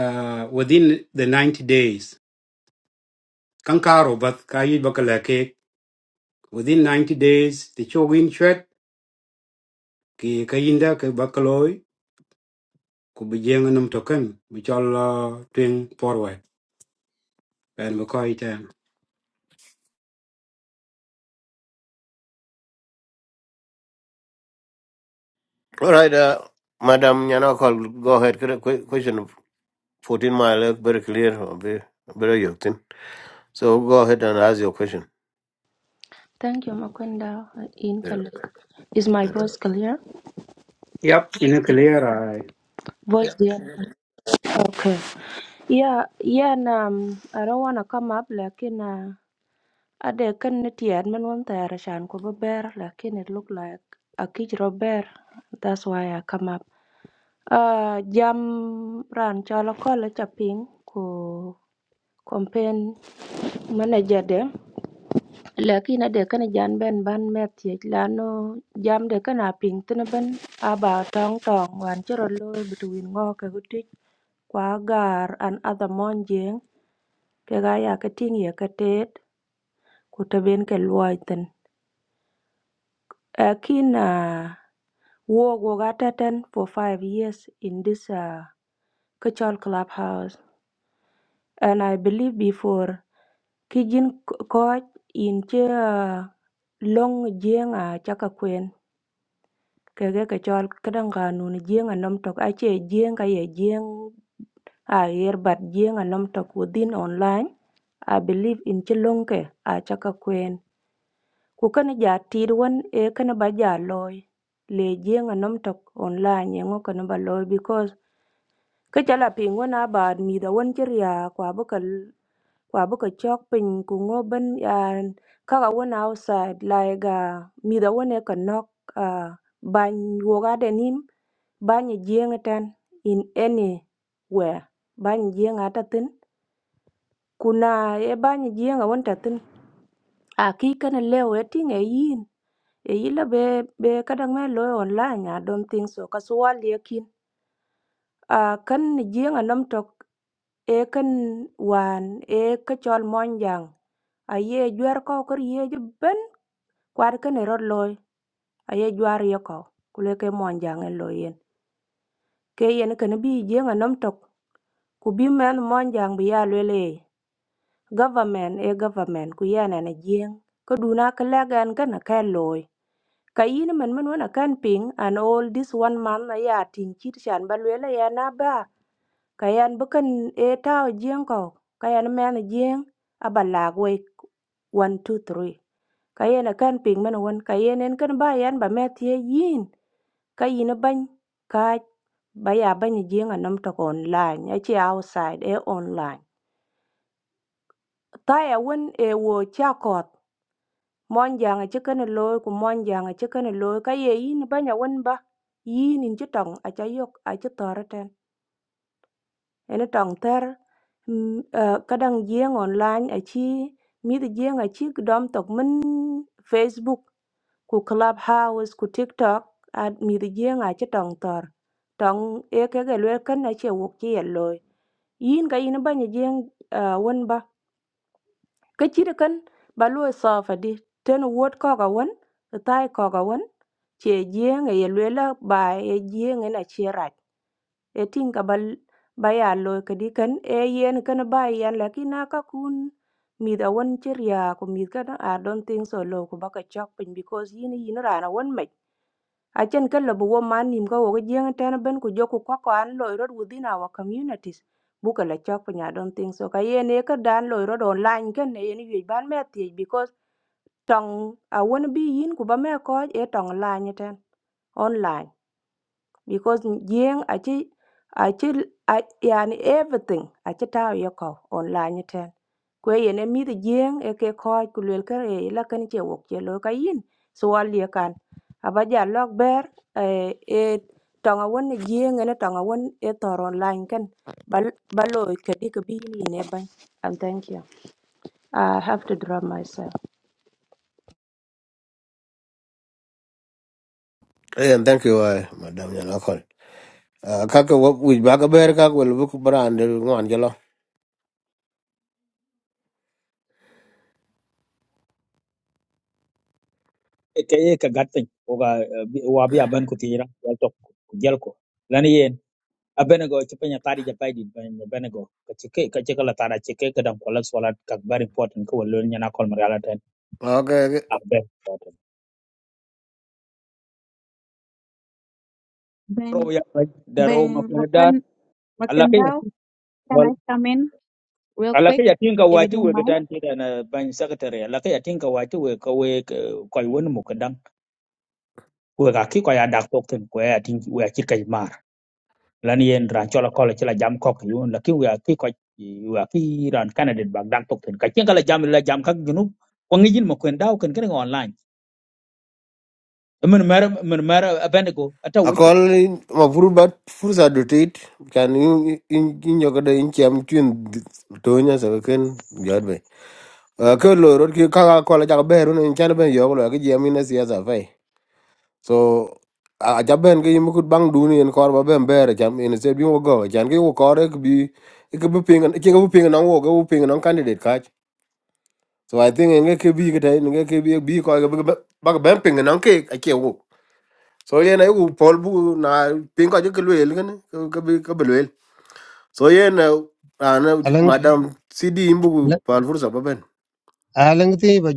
Speaker 14: ah, within the ninety days kan karo bat ka yi ba within 90 days the chogin chwet ki kayinda ke bakaloy ku bijeng nam token bi chol uh, twing forward and we call it um,
Speaker 1: all right uh, madam nyana call go ahead Qu- qu- question of 14 mile uh, very clear uh, very very you thing. so go ahead and ask your question yeah
Speaker 14: yep in a clear eye
Speaker 1: yeah and thank you uh, madam nyana call uh, kaka wo- wij ba ka ber ka wel bu ku brande ngwan
Speaker 15: Kaya ye ka gatin oga wa bi aban ku tira wal tok ku jel ko lan yen abene go ci penya tari ja paydi ben bene go ka ci ke ka ci kala tara ci ke ka dan kolas wala ka very important ko wal nya na kol mar ala tan abbe ro
Speaker 11: Ben,
Speaker 15: ya pay da ro ma
Speaker 11: Ben
Speaker 15: ko da
Speaker 11: Mokwen,
Speaker 15: alla ke
Speaker 11: Mokwendao, can
Speaker 15: wal
Speaker 11: I come in real
Speaker 15: alla ke
Speaker 11: quick
Speaker 15: yatin
Speaker 11: if you
Speaker 15: wati we
Speaker 11: don't
Speaker 15: ga
Speaker 11: mind?
Speaker 15: tan tira na ban secretary alla ke yatin wati we ka we ko won mu ka we ga ki ko ya dak tok ten ko ya tin we ya ki kay lan yen ran chola kola chila jam kok yu la ki wa ki ko wa ki ran candidate bag dang tok ten ka chen kala jam la jam kak ginu ko ngi jin mo ken daw ken ken online men mer men mer abendego ata weche
Speaker 1: akol in- ma pur bat fursa dutit kan in in in yogodo in cham chun tonya sa ken jadbe ko loro ki ka ko la jak beru ne chan ben yogo la ki jam ina siasa fai so a jaben ke yimukut bang duni en kor ba ben bere jam in se bi wo go jan ke wo kor ek bi ek bi ping ke bu ping na wo ke bu ping na candidate ka so i think nge ke bi ke tai nge ke bi bi ko ke ba ba- ba ben ping na ke ke wo so yen ai ku pol bu na pin ko ke luel ken ke bi ke bi luel so yen ana
Speaker 2: Alang,
Speaker 1: madam cd imbu ku pal fursa ba ben
Speaker 2: alang ti ba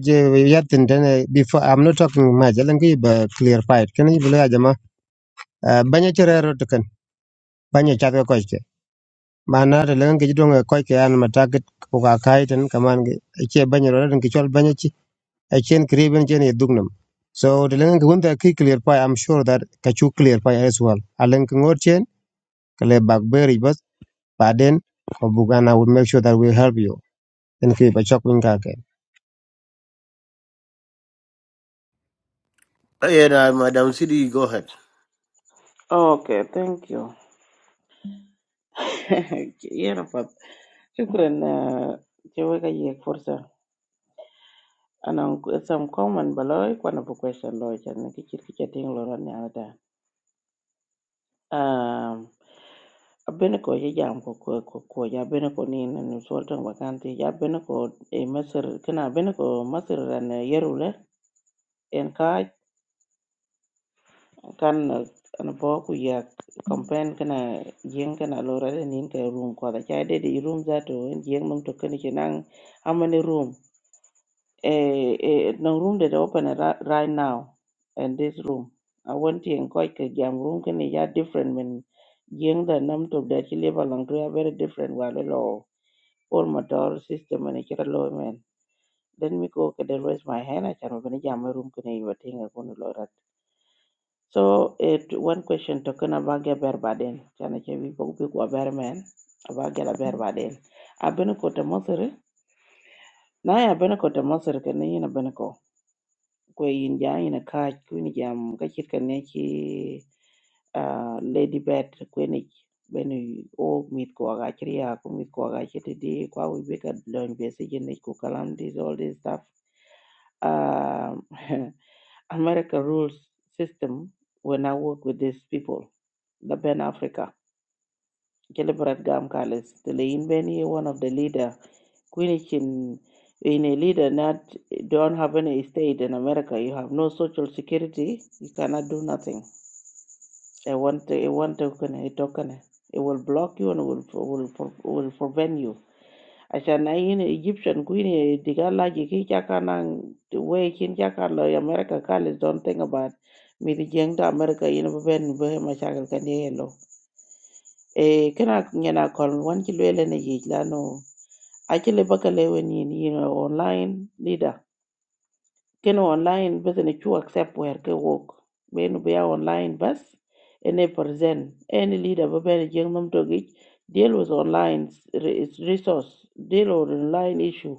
Speaker 2: yatin ten, before, I'm not talking much, alang ti ba clear fight, kan i bila jama, banya chere ro tekan, banya chatka koike. Mana ta lang ki jidong koike an matakit kuka kai ten, kaman ki, che banya ro ten, kichol banya chi, chen kriben chen yedugnam. So, the lang ki wunta ki clear fight, I'm sure that kachu clear fight as well. Alang ki ngot chen, kale bakberi bas, baden, Bugan, I will make sure that we help you. en ki ba chok min ka ke
Speaker 1: yen ah, madam cd go ahead
Speaker 16: Okay, thank you. *laughs* Yana fat. Shukran na cewa ka yi fursa. Ana some common baloi kwana bu question loy chan na kichir kicha ting loro ni ada. Um abene ko ye jam ko ko ko ko ya bene ko ni na ni sultan wakanti ya bene ko e masir kana bene ko masir ran yerule en ka kan an bo ku yak campaign kana yin kana lura da nin ka room ko da chai de di room za to yin mum to kan ke nan amani room eh eh no room that open ra- right now in this room i want to encourage ka jam room kan ya different when yin da nam to da ki level lang to ya very different wa lo all motor system ne kira lo men let me go ka the raise my hand i can open jam room kan yi thing ga kun lo so it one question talking about get berbaden. Chana chevi boku big wa berman about get a berbaden. Abeno kota mosere. Na ya abeno kota mosere kene yin abeno ko. Kwe yin ja yin a kaj kuni jam kachit kene ki ah, lady bed kweni benu o meet ko aga chiri ya ku meet ko aga chiri di kwa we big at learn basic yin ku kalam this all this stuff um, *laughs* America rules system when I work with these people, the Ben Africa. Gelibrat Gam Kalis, the Lein Beni, one of the leader, Quinich in, in a leader not don't have any estate in America. You have no social security. You cannot do nothing. I want I want token, a token. It will block you and will will will prevent you. Acha na in Egyptian queen eh, diga laji ki chaka nang the kin chaka lo America kalis don't think about mi di jeng to America yin bu ben bu he mashakal kan ye lo e kana ngena kon wan ki lwele ne yi la no a ki le baka le wen yin yin online leader Kena online bes na chu accept wer ke work benu be ya online bas ene present any leader be bene jeng nom to gi deal with online re- resource deal with online issue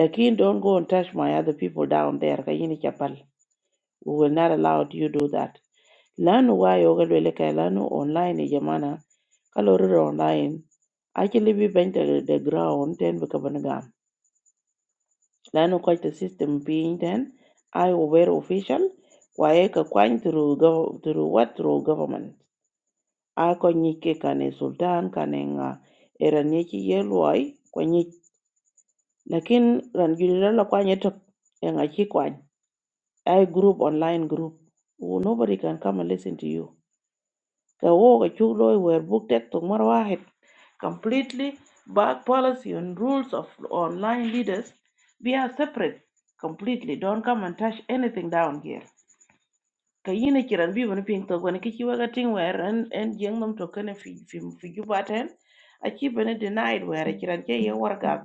Speaker 16: lakin don't go and touch my other people down there ka yini chapal we will not allow you do that lanu wa yo ga le ka lanu online e jamana kaloro online actually be bent to the ground ten be ka ban لأنه قالت السيستم بينتن I were official waeka kwany through gov through what through government a ko nyike kane sultan kane nga era nyiki yelwai ko nyik lakin ran gilila la kwany etok nga chi kwany ai group online group Oh, nobody can come and listen to you The كشغله were booked to مرة completely back policy and rules of online leaders we are separate completely don't come and touch anything down here kayine kiran bi wani ping to wani kichi waga ting wer en en jeng nam to kene fi fi fi juba ten achi bene denied wer kiran ke ye war gag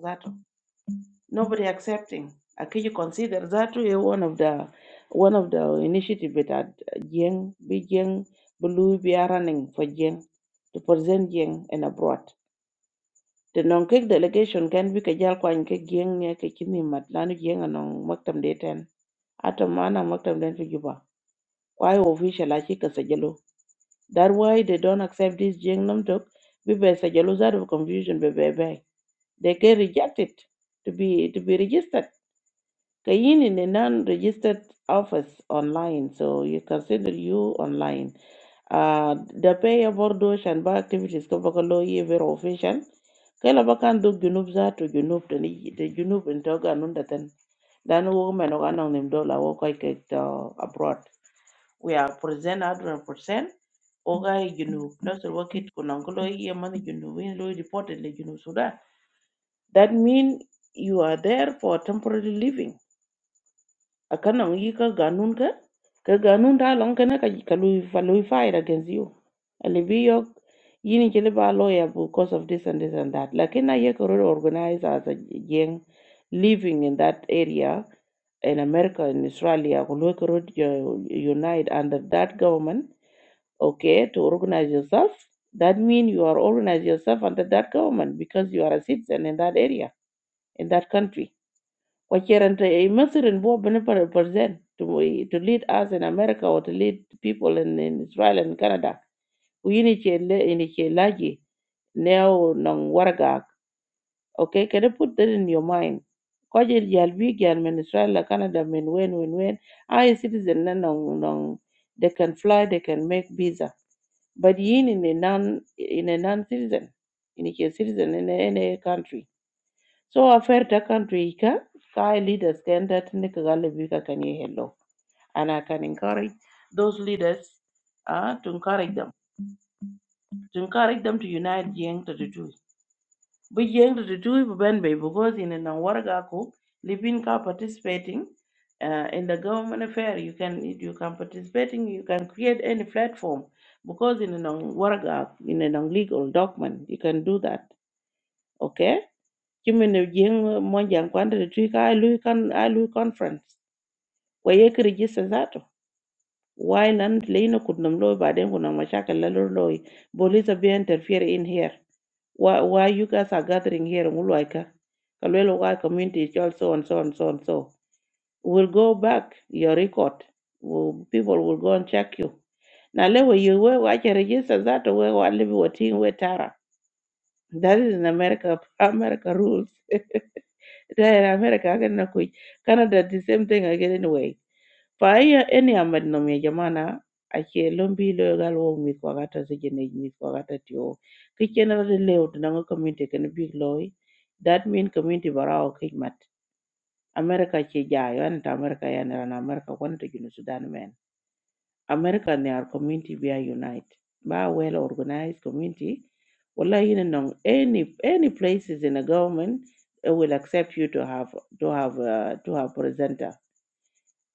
Speaker 16: nobody accepting. Aki you consider that to be one of the one of the initiative that Jeng, big Jeng, Blue be running for Jeng to present Jeng and abroad. The non kick delegation can be kajal kwan ke Jeng ne ke chini matlano Jeng anong maktam deten. Atom mana maktam den to juba. Why official achi kasajalo. That why they don't accept this Jeng namtok. Bibe sajalo that of confusion bebe. They can reject it to be to be registered. Kayin in a non-registered office online, so you consider you online. Uh, the payer bordo shan ba activities ko baka lo ye very official. Kala baka do junub za to junub to ni the junub in toga nunda ten. Dan wo men oga nong nim dola wo koi ke to abroad. We are present hundred percent. Oga ye junub. Nasir wakit kunang ko lo ye mani junub in lo ye reported le junub sudan. That mean you are there for temporary living akanong yi ka ganun ka ka ganun ta long kana ka ka lui fa lui fight against you ali yok yini chele ba lawyer because of this and this and that lakin na ye koro organize as a gang living in that area in America in Australia ko lo koro unite under that government okay to organize yourself that mean you are organize yourself under that government because you are a citizen in that area in that country وكيرنت يمثل نبوة بنبر برزين to eh, to lead us in America or to lead people in, in Israel and Canada ويني شيء يني شيء لاجي now nong waragak okay can you put that in your mind kwaje jal bi jan min Israel la Canada min wen wen wen I citizen na nong nong they can fly they can make visa but yin in a non in a non citizen in a citizen in a, in a country so affair ta country ka Thai leaders can that nikagalibi can kanye hello. And I can encourage those leaders uh, to encourage them. To encourage them to unite Yang to two. But Yang to the two Ben because in an Waragako, living ka participating uh, in the government affair, you can you can participating, you can create any platform because in an Waraga, in an legal document, you can do that. Okay? kimene jeng moja kwanda de tuika ai lui kan ai lui conference kwa ye kirejista zato Wayland leino kudnam loy baden kuna mashakal la lor loy police be interfere in here why why you guys are gathering here mulwaika kalwelo wa community is all so and so and so and so we'll go back your record will people will go and check you na lewe you we wache register that? we walibi watin we ting we tara that is in america america rules There in America haka na kui Canada the same thing again anyway. Fa iya eni amad nom ya jamana ake lombi lo gal wo mi ko gata se gene mi ko gata tio. Ki chena de leo to nango community ken big loy. That mean community bara o kimat. America che jayo an ta America ya na America kon to Junu Sudan men. America and their community we are unite. Ba well organized community. Well, you know, any any places in the government it will accept you to have to have uh, to have presenter.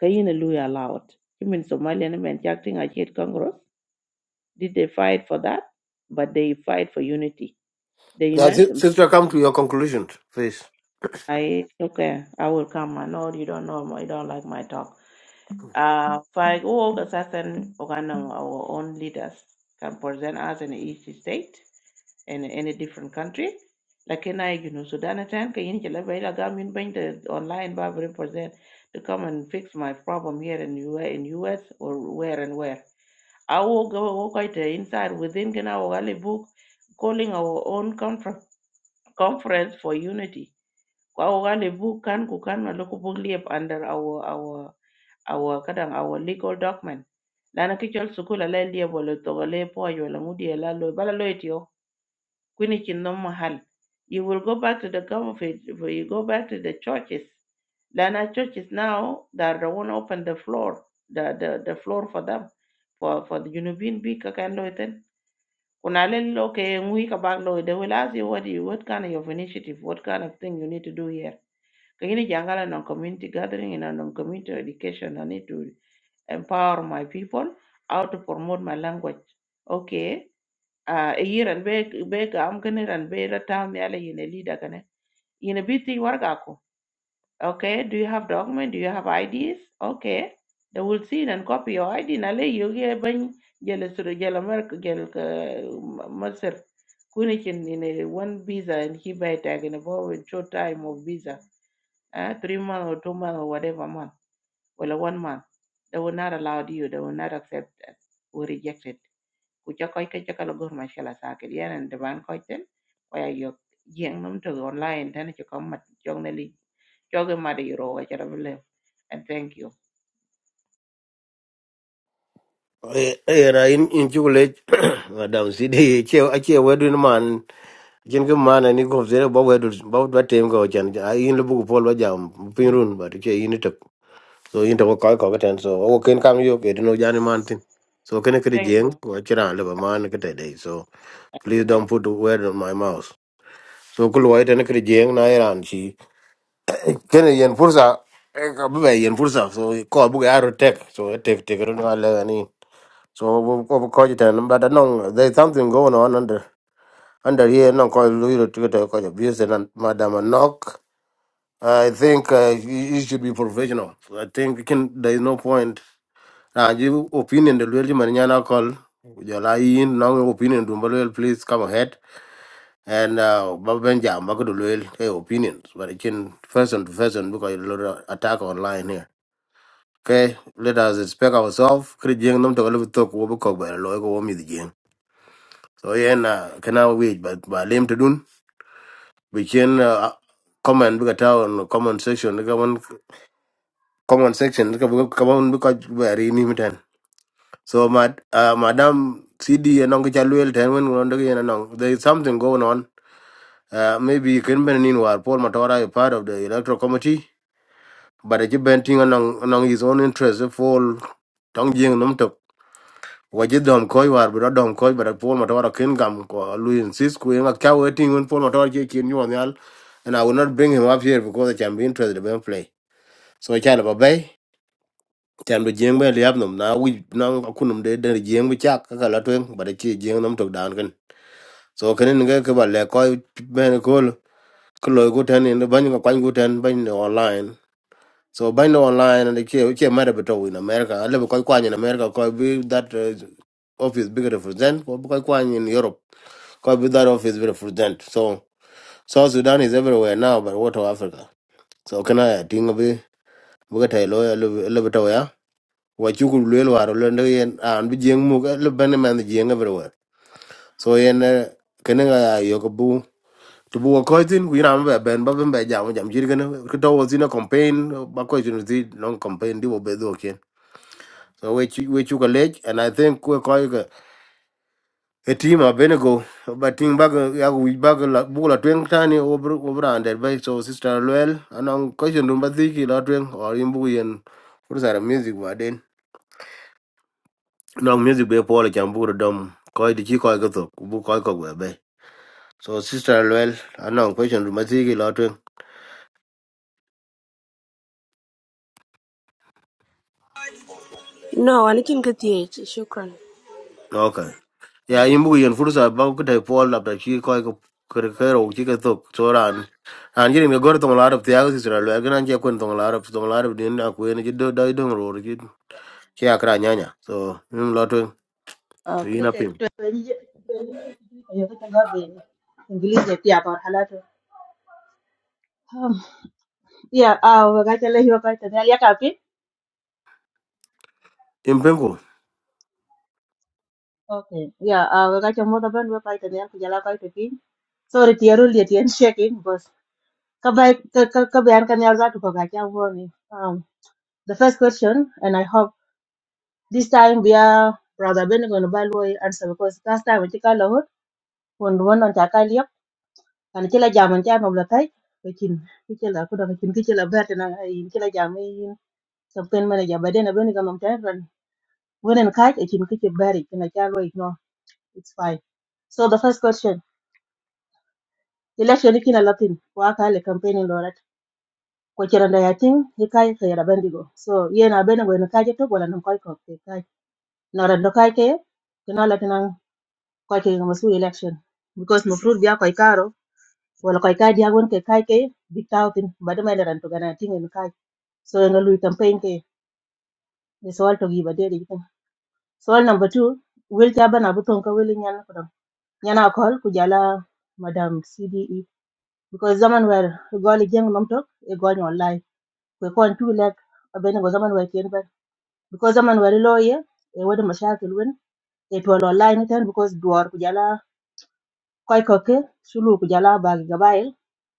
Speaker 16: Kayina Lui allowed. You mean Somalian men acting at Yet Congress? Did they fight for that? But they fight for unity. They
Speaker 1: yeah,
Speaker 16: unite
Speaker 1: si-
Speaker 16: them.
Speaker 1: sister come to your conclusion please
Speaker 16: I okay, I will come. I know you don't know you don't like my talk. Uh fight all the certain organ our own leaders can present us in each state in in a different country lakini ai ginu sudan atan ka yin jala bai laga min ban da online ba represent to come and fix my problem here in US, in US or where and where i will go walk out inside within gina wagali book calling our own confer- conference for unity kwa wagali book can ku kan na loko book under our our our kadang our legal document lana kichol sukula la liep wala togale po wala ngudi la lo bala lo kwinikin non mahal. You will go back to the government, you go back to the churches. Lana churches now, that are the one open the floor, the, the, the floor for them, for, for the Unubin big kakan loiten. Kunalel okay, ngui kabak lo, they will ask you what you, what kind of initiative, what kind of thing you need to do here. Kagini jangala non community gathering and non community education, I need to empower my people, how to promote my language. Okay, a yiran be be ga am gane ran be ra tam yala yine leader gane yine biti warga ko okay do you have document do you have IDs okay they will see it and copy your ID Nale le ban jele suru jele mark jele ka masir kuni kin yine one visa and he buy tag in about with short time of visa uh, three month or two month or whatever month well one month they will not allow you they will not accept that or reject it ku ca koy ke ca kala gor ma shela sakit yanan de ban koy ten koya yok jeng num to online tan ci ko mat jog na li joge ma de yoro ga ca and thank you
Speaker 1: yen in in chukule *clears throat* madam cd che che wedun man *coughs* jin ga mana ni gof zere ba wedu ba ba tem go chan a yin lu bu pol ba jam pin run ba ke yin tap so yin to ko ko ten so o ken kam yo ke no jani man tin so ken ke
Speaker 16: thank you
Speaker 1: jeng ko chira le ba man ke te dei so please don't put the word on my mouth so kul wa ten ke jeng na iran chi ken yen fursa e ka bu yen fursa so ko bu ga ro tek so e tek tek ro na le ni so ko ko ko ten but no there is something going on under under here no call you to ticket call abuse and madam knock i think uh, you you should be professional i think you can there is no point uh, you opinion the really manana call your line no opinion do well please come ahead and uh babenja magadu loyal hey opinions but it can person to person because a lot of attack online here okay let us respect ourselves krijeng nam to live talk wo ko ba lo ko wo mi di jeng so yeah na kana wait but ba lem to dun. we can uh, comment because tao on comment section the comment comment section because comment because very limited so mad uh, madam cd and onge chaluel ten when on the and on there is something going on uh, maybe you can been in war paul matora is part of the electoral committee but it's been thing along along his own interest for tong jing num tok waje dom koi war bro dom koi but paul matora ken gam ko lu insist ku nga ka waiting when paul matora ke ken yon yal and i will not bring him up here because i can be interested in play so chala ba bay chan bu jeng ba liab num na wi na ku num de de jeng bu chak ka la twen ba de chi jeng num tok dan kan so ken ne ke ba le ko ben ko ko lo ku tan ne ban ko kwan ku tan ban ne online so ban online and the ke ke ma de to in america ale ko kwan in america ko bi that uh, office bigger represent ko ko kwan in europe ko bi that office bigger represent so south sudan is everywhere now but what of africa so can I think tinga bi buga tai lo ya le wa chukul luel war lo ndo yen an bi jeng mu ka lo ban man jeng everywhere so yen eh, kene ga yo ko bu to bu ko tin ku ram be ben ba ben be jam jam jir gane ko to was in a campaign ba did tin di non campaign do wo be do ken so we chu we chu ka lech and i think we call a team a benego but thing bag ya we bag la bu la twen tani over over under by so sister luel and ko question number three: ki la or imbu yen for music were wa long music be polo chan buru dom koi di chi koi ko thok bu koi ko gwe be so sister well know question ma ti gi lotwe
Speaker 17: No, anikin kathiech. Shukran.
Speaker 1: okay ya imbu yen fursa ba ku te pol la ta chi koi ko kre kero chi ko thok so ran an I can gor tong la rap tiago sister well gan che kun tong la rap tong la rap din na ku yen ji do dai dong ro ji chi akra nyanya so im lotwe to
Speaker 17: Okay.
Speaker 1: ina
Speaker 18: Okay.
Speaker 1: pim
Speaker 18: to- Kwenye- kwenye- kwenye kata gabi, English pia kwa halatu. Um, Yeah, ah, wakati leo hiyo kwa tani ya kapi.
Speaker 1: im penku
Speaker 18: Okay. Yeah, ah, wakati mmoja bado kwa tani ya kujala kwa tani. Sorry, tiaru ile tian shaking boss. Kabai kabai kan ya zatu kwa kaka Um, the first question and I hope this time we are brother Ben going to balway answer because last time we took a lot when one on takalia and kila jaman jaman blakai. Lekin kila kuda lekin kila berte na kila jaman Something mana ja baden abin ga mam tayran. Wannan kai ke kin kike bari kina kyalo ignore. It's fine. So the first question, election kina latin wa ka le campaign lorat. Ko kiran da yatin he kai ka yara bandigo. So yana bene go kai ke to wala nan kai ko ke kai. Nora do kai ke kina latin kai ke ga masu election because no fruit biya kai karo wala kai kai dia gon ke kai ke big tawtin badama ran to gana tin en kai. So nga lui campaign ke ni sawal to gi badere Soal number two, will Chaban Abuton Kawili Nyan Kudam. Yana call Kujala Madam CDE. Because zaman where Goli Jang Nomtok, a Goli online. We call two leg, a Ben was zaman where came back. Because zaman where lawyer, a word of Mashakil win, it will online it and because Dwar Kujala Koi Sulu Kujala Bag Gabail,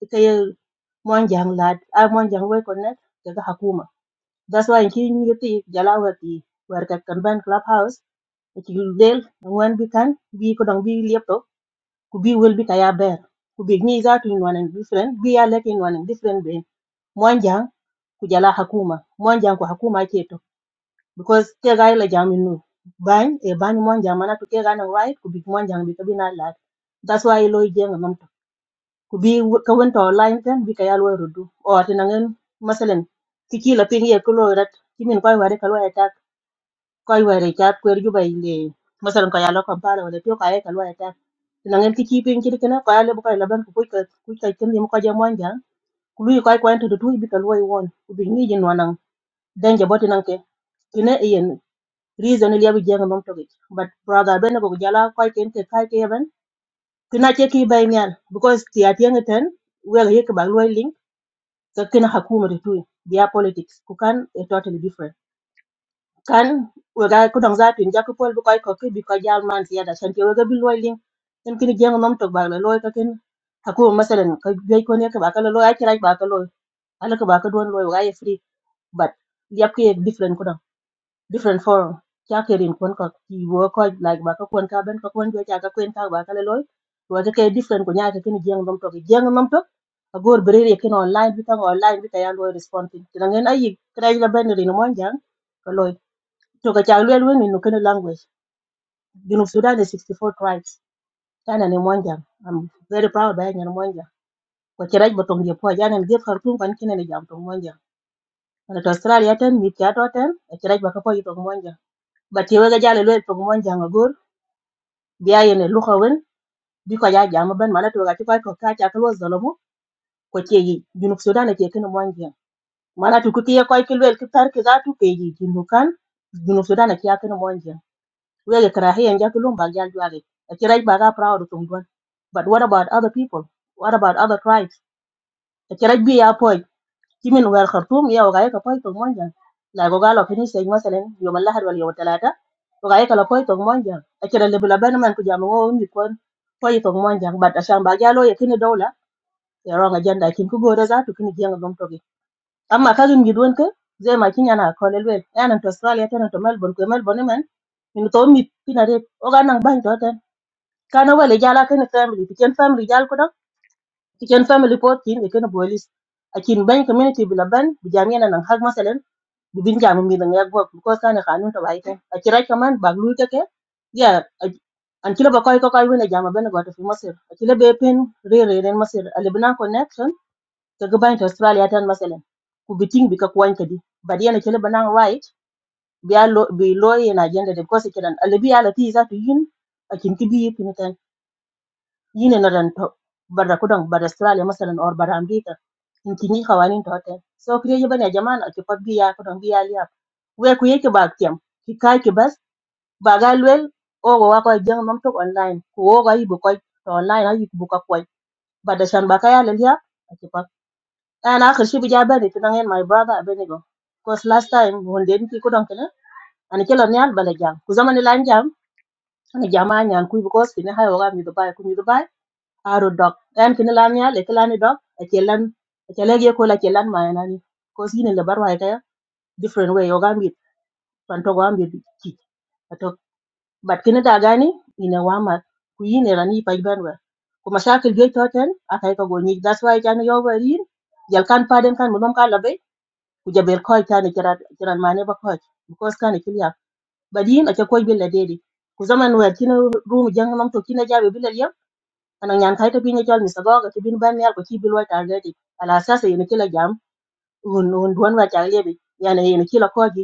Speaker 18: Ikay Monjang lad, I Monjang way connect, Jaga Hakuma. That's why in King Yeti Jala Wati, where Captain Ben Clubhouse. ci yu del wan bi kan bi ko dong bi liepto ku bi wel bi kaya ber ku bi ni za tu nwan en different bi ya le kin nwan en different be mwanjang ku jala hakuma mwanjang ku hakuma cheto because ke ga la jamin nu ban e ban mwanjang mana to ke ga na right ku bi mwanjang bi to bi na lat that's why lo jeng nam to ku bi w- ka won to line ten bi kaya lo e rudu o atinangen masalen ki ki la pin ye ko lo e rat ki min koy wari ka lo eta koy were chat kwer ju bay le masalan ko yalo kampala wala pio kaye ka loya tan na ngel ki chi pin kidi kana ko yalo ko la ban ko ko ko kin yim ko je mon jang ko ko ento tu bi ka loy won ku bi ni jin wanan danje boti nan ke ina yen reason ile bi jeng mom togi but brother ben ko jala ko ken ke ka ke ban kina che ki bay nyan because ti atien ten wela yek ba loy link ka kina hakuma tu biya politics ku kan a totally different kan we ga ku dong za tin ja ku pol bu koy ko ki bi ko jal man ti yada san ti we ga bi loy ling en ki jeng nom to ba la loy ka ken aku masalan ka jey ko ne ka ba ka la loy ay kirai ba ka loy ala ka ba ka don loy wa ye free but yap ki ek different ku dong different forum ja ke rin kon ko ki wo ko like ba ka kon ka ben ka kon jo ja ka kon ka ba ka la loy wa ka ke different ko nya ka ken jeng nom to ki jeng nom to a gor bere ye ken online bi ka online bi ka ya loy respond ti ngen ay kirai la ben rin mo jang to ka chak lwel wen in kene language junub sudan is 64 tribes tana ni monjang i'm very proud by nyan monjang ko chiraj botong je po janen je khartum kan kene ni jam tong monjang ana to australia ten mit cha to ten a chiraj ba ka po tong monjang but ye ga jale lwel tong monjang agor biya yene luha wen bi ko ya jam e ben mana to ga ti kwa ko ka cha ko zalomo ko che yi junub sudan ke kene monjang mana to ku ti ko ke lwel ki tar ki za tu ke yi junub kan junub sudan ke ya kene monjang where you can hear and just look back just jolly. A church back up proud of one. But what about other people? What about other tribes? A church be a point. Kimin where Khartoum ya wagaya ka point to monja. La gogalo finish saying masalan yom lahad wal yom talata. Wagaya ka la point to monja. A church level abandonment ku jamu wo ni kon point to monja. But ashan ba jalo ya kini dola. Ya wrong agenda kin ku gore za to kini jenga gom toki. Amma kazin gidwon ka zai makin yana kolel wel. Yana to Australia tana to Melbourne ku Melbourne man. Min to mi pinare oga nang bang kana wale jala ken family pichen family jal ko dok pichen family pot kin e ken bolis akin ban community bila ban bi jamia nan hak masalan bi bin jamu mi dan yak bok ko sana kanun to baiten akira kaman baglu ta ke ya an kila ba koy ko koy wona jama ben goto fi masir akila be pen re re ren masir alibna connection ka gaban to australia tan masalan ku biting bi ka kwan ka di bad kila banan right bi lo bi lo yana agenda de ko se kiran alibi ala ti za to yin akin kibi yine ladan to barra kudon barra australia masalan or barra america in kini kawanin to hotel so kire yi bane jama'an ake pat biya kudang biya liya we ku yake ba kyam ki ka ki bas ba ga lwel o go wa ko jang mam to online ku o ga yibu ko to online ayi ku ka ko ba da shan ba ka ya liya ake pat an akhir shi bija bane to nangen my brother abene cause last time won den ki kudon kana an kelo ne al bala jam ku zaman lan jam ana jama'a nyan ku because ni hayo ga mi do ba ku mi do aru dok en kin lan ya le lan dok a che lan a che le ye ko la che lan ma na ni ko si ne le bar wa ka different way o gambit pan to gambit ki to bat kin ta gani ina wa ma ku yi ne rani pa ban wa ko masakil ge to ten a kai ko go ni that's why kan yo ba ri yal kan pa den kan mo dom ka la be ku jabel ko ta ne kira kiran ma ne ba ko because kan kiliya badin a che ko bi la dedi ku zaman wa kin room jang nam to kin ja be kana nyan kai ka pinyo chol misa goga ki bin ban yal ko ki bin targeti ala sasa yene kila jam hun hun duan wa chal yebi yana yene kila ko ji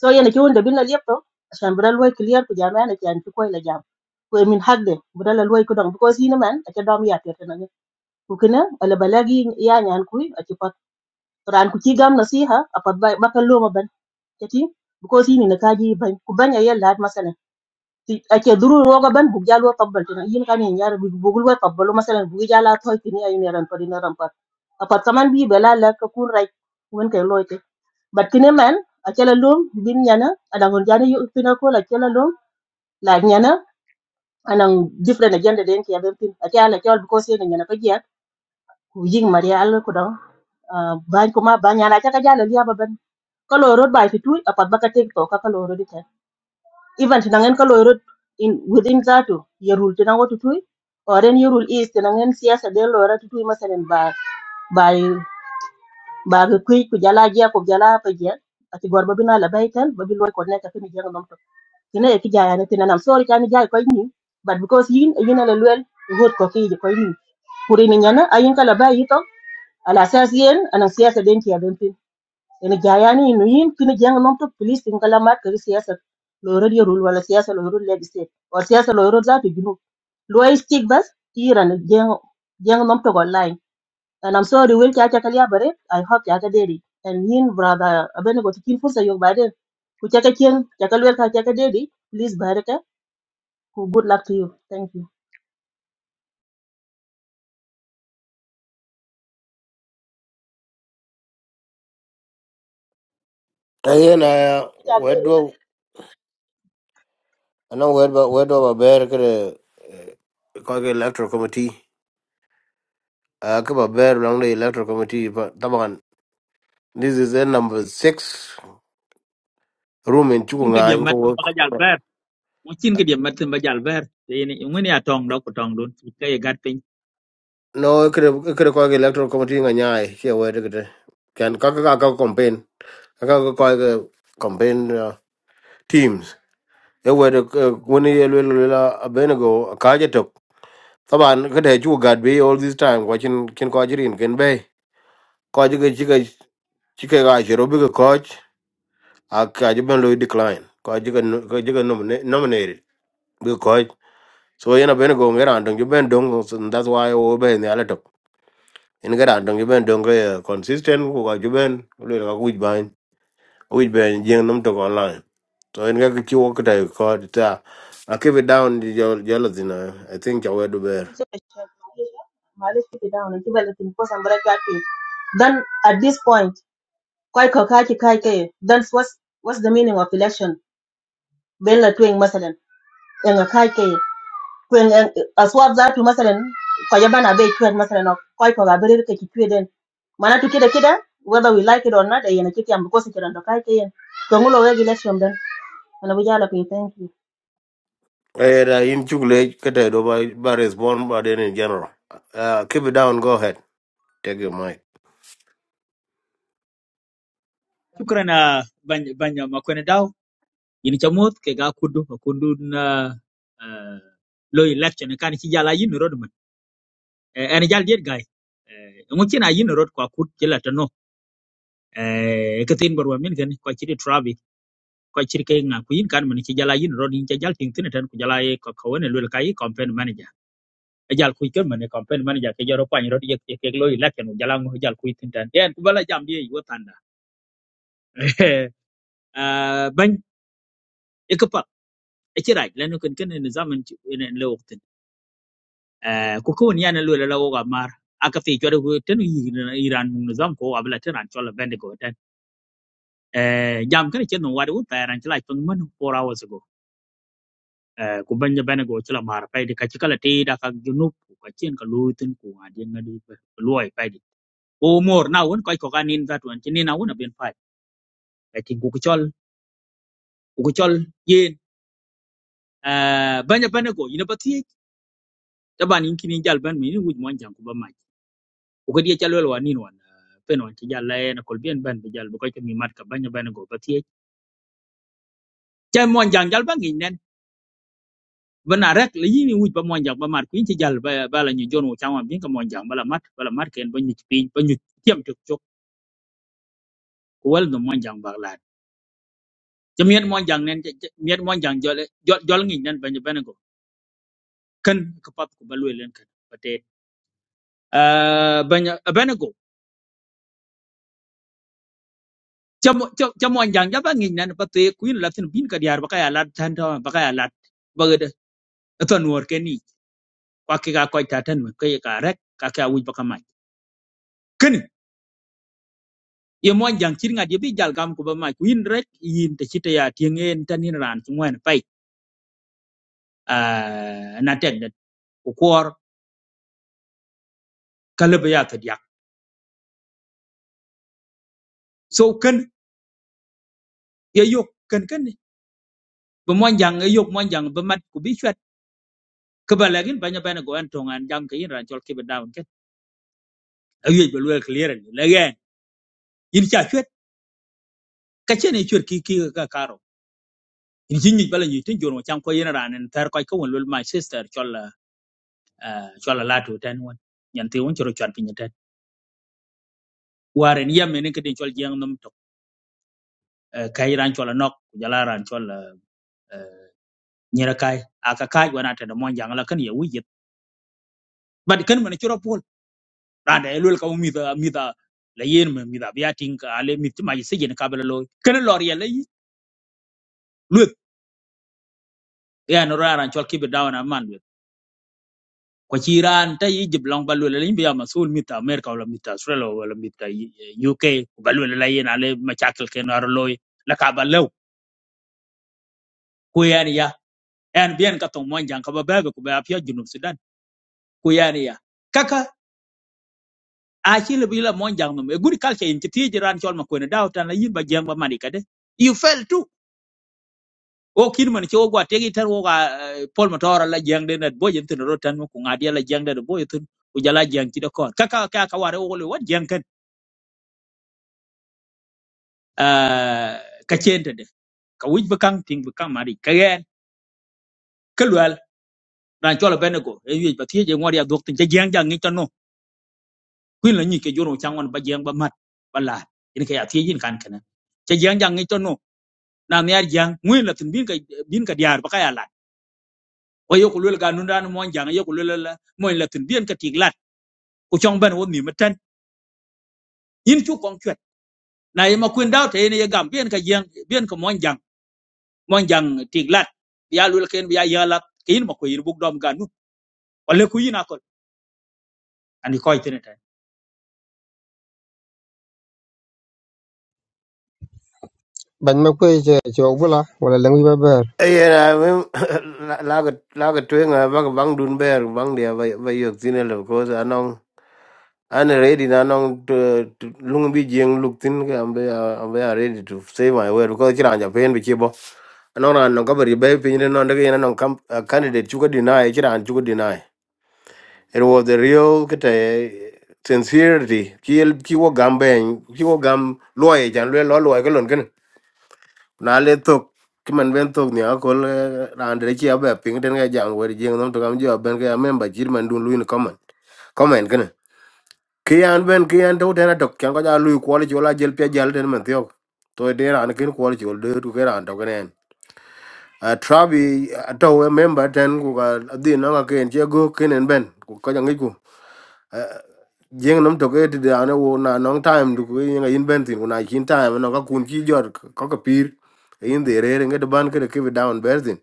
Speaker 18: so yene ki wonde bin la lepto asan bra loy clear ku jam yana kyan ki koy la jam ko min hagde bra la loy ko dong because yine man ake dom ya tete na ku kina ala balagi ya nyan ku ake pat ran ku ki gam nasiha apat ba bakal loma ban kati because yine na kaji ban ku banya yalla masalan ti ake duru roga ban bug jalo tabbal tina yin kan yin yar bug bugul wa tabbalu masalan bug jala toy tini ay ne ran pari na ran pat apat kaman bi bela la ka kun rai wen kay loyte bat kine man akela lum bin yana adangon jani yu pina ko la akela lum la yana anang different agenda den ki adan pin akela kol because yana yana pagia ku yin maria al ko dan ban kuma ban yana ka jala liya baban kaloro bai fitu apat baka tek to ka kaloro even tinangen ka loirot in within zatu yerul tinan watu tui or en yerul is tinangen siyasa de loira tu tui masalan ba ba ba ga kui ku jala jia ku jala pa jia ati gorba bina la baitan ba bi loy ko neta kini jeng nom to tina e ki jaya ne tinan am sorry kan jay ko ni but because yin yin ala luel hot ko ki ko ni kuri ni nyana ayin kala ba yito ala sas yen ana siyasa den ti aben ene jaya ni no yin kini jeng nom to police tin kala mat kari siyasa lo ro di rule wala siyasa lo ro leg state or siyasa lo ro zatu junu lo is tik bas tiran jeng jeng nom to online and i'm sorry will kya kya kala bare i hope kya ka deri and yin brother abene go tikin fursa yo bare ku kya ka kien kya ka wel ka kya ka deri please bare ka ku good luck to you thank you
Speaker 1: ayen a
Speaker 18: Dede, kya deri
Speaker 1: wedwo anong wedwa wedwa ba ber kre koi ko electoral committee Uh, Kaba Bear along the electoral committee. But Taban, this is the number six room in
Speaker 15: kin ka
Speaker 1: Chukunga.
Speaker 15: diam mat ba jal ver mo chin ka diam mat ba jal ver de ni ngani atong daw ko tong don ka ye gat pin
Speaker 1: No, it could it could call the electoral committee in Anyai. Here, where to get Can Kaka campaign. Kaka call the campaign uh, teams. They were the Winnie Lula Abenago, Kajatok. Taban, could I chew God be all this time watching Kin Kajirin, Ken Bay. Kajiga Chica Chica Gashiro, bigger coach. I Kajiban Louis decline. Kajiga nominated. so yana ben go ngera andong ju ben dong so that's why o ben ya leto in ngera andong ju ben dong eh, consistent ko ga ju ben lu ga ku ban u ben jeng num to online so in ga ki wo ka dai ko ta i keep it down your your thing i think i will do better
Speaker 18: so malish kiti down and ko sambara kya ke then at this point koy ko kaki kai ke then what's what's the meaning of election ben la twing masalan en a kai ke kwen aswab za tu masalan ko yabana be twed masalan o koy ko ga ke ki tweden mana tu kida kida whether we like it or not e yana kiti am because kiran do kai ke yen ko ngulo we election den ana bujala pe thank you
Speaker 1: eh da in chugle ka dai do ba ba respond ba den in general uh, keep it down go ahead take your mic
Speaker 15: shukrana ban ban ma ken daw yin chamot ke ga kudu ko kudu na ah, lo election kan ci jala yin rod man en jal diet gay ngocina yin rod ko akut ci la tano eh katin barwa min gan ko chiri travi ko chiri ke nga kuin kan man ci jala yin rod yin ci jal tin tin tan ku jala e ko ko wona lul kai campaign manager e jal kuy kan man e campaign manager ke jaro pan rod yek yek loy lakken u jala ngo e jal kuy tin tan den ku bala jam ye yo tanda *laughs* eh ban e ko pa e ci raj lanu kan kan ne zaman ci ne le waktin eh ku ko ni yana lul la wo ga mar aka fi jore ku tan yi iran mun zam ko abla tan an chola bendigo tan eh jam kan ci no wadu ta ran ci laj pang man 4 hours ago eh, ku banya bene go chila mar pai di kachi kala ti da ka junub ku kachin ka lu tin ku a di ngadi pe luoi pai di o mor na won koi ko kanin za tuan chini na won ben pai ka tin ku ku chol ku ku chol yen eh, banya bene go ina pati da ban in kini jal ban mi ni wuj mon jang ku ba mai ku ka di chal wel wanin wan eh, pen wan ti jal la na kol bien ban bi jal bu ko ka mi mat ka banya bene go pati chai mon jang jal ban ngin bana rek la yini wuj ba monjang ba mat kuin ci jall ba ba la ñu joon changam bi ka monjang bala mat bala mat ken ba ñu ci piñ ba ñu tiem tok tok ko wal no monjang ba la ci miet monjang nen ci miet monjang jole jol ngi nen bañu ben ko kan ko pap ko ba luy len kan pate euh bañu ben ko ci ci monjang ja ba ngi nen pate kuin la tin bin ka diar ba ka ya lat tan ta ba ka ya lat ba ga de ton wor ken ni kwa ki ga ko ta tan ma ka ka rek ka ka wuj ba ka mat ye mon jang cir ŋat ye bi jal gam ku ba mai ku rek yin te cite ya tieŋen tan yin ran ci ŋwen pai ah, na tek det ku kuor ka lebe ya ke diak so kan ye yok kan? ken ni. be mon jang ye yok mon jang be mat ku bi chwet ke ba legin banya bana go an tongan jang ke yin ran chol ke be daun ken a ye be luel clear ni legen yin cha chwet ka chen ye chwet ki ki ka karo yin jin ni bala ni tin jor mo cham ko yin ran en tar ko ko won lul my sister chol ah, chol la tu ten won nyan te won choro chan pinyetet waren yemen ke den chol jang nam kay ran chola nok jala ran chola nyera kai aka kai wana ta da mon jangala kan ya wujit bad kan man chura pol ran da elul ka mi da mi da la yen me mi da biya ting ka ale mi ma yise gen ka belo kan lor ya le lut ya no ran chol ki be dawana man lut ko ci ran ta yi jib long balu le biya masul mi ta america wala mi ta australia wala mi ta uk balu le la yen ale ma chakal ken ar loy la ka balo ko yani ya en bien ka to mon jang ka ba ba ko ba pya junub sudan ko yani ya kaka a ci le bi la mon jang no me guri kalke in ti ji ran chol ma ko ne daw tan la yin ba jeng ba mani kade you fell too o kin man ci o gwa tegi tan o ga pol ma tora la jeng de net bo yin tin ro tan ko ngadi la jeng de bo yin tin o jala jeng ci de ko ka ka ka ka ware o le wat jeng kan ah, ka chente de ka wij ba kang ting ba kang mari ka yen ka lwal ran chol ben ko e wi ba ti ji ngori ya dok tin ci jeng jang ni tan no kuin la ni ke joro changwan ba jeng ba mat ba la ini ka ya ti jin kan kana ci jeng jang ni tan na mi arjang ngwin la tin bin ka bin ka diar ba kaya lat wa yo kulul ga nun ran mon jang yo kulul la mon la tin bin ka tig lat ku chong ban wo mi matan yin chu kong chwet na yema kuin daw te ne gam bin ka jang bin ka mon jang mon jang tig lat ya lul ken ya ya lat kin ma ko yin buk dom ga nu wala ku yin akol ani ko itene ta
Speaker 2: ban ma ko je je bula wala lang ba ba
Speaker 1: Yeah, I mean, laga laga tuenga bang bang dun ber bang dia bay bay yok tinel of course And ready now nong to to lung bi jeng look thin ke ambe ambe ready to save my word because kira anja pen bi chibo. Anong ran nong kabari bay pin no ndege yana nong kam a candidate chuka deny kira an chuka deny. It was the real kete sincerity ki ki wo gambe ki wo gam loye jan lo lo loye kelon ken. Na le tok kiman ben to ni akol ran de chi abe pin den ga jang wer jeng nom to kam jo ben ga member jir dun luin comment. comment kian ben kian to tena dok kian ko ja lui kwali chola jel pia jal ten man thiok to de ran kin kwali chol de tu ke ran to ken a trabi a to a member ten ku ga di no ga ken je go Ken en ben ku ko ja ngi ku jeng nam to ke ti da ne wo na nong time du ku yin yin ben tin ku na kin time no ga kun ki jor ko ko pir E yin de re re ngi de ban ke de ke bi down berzin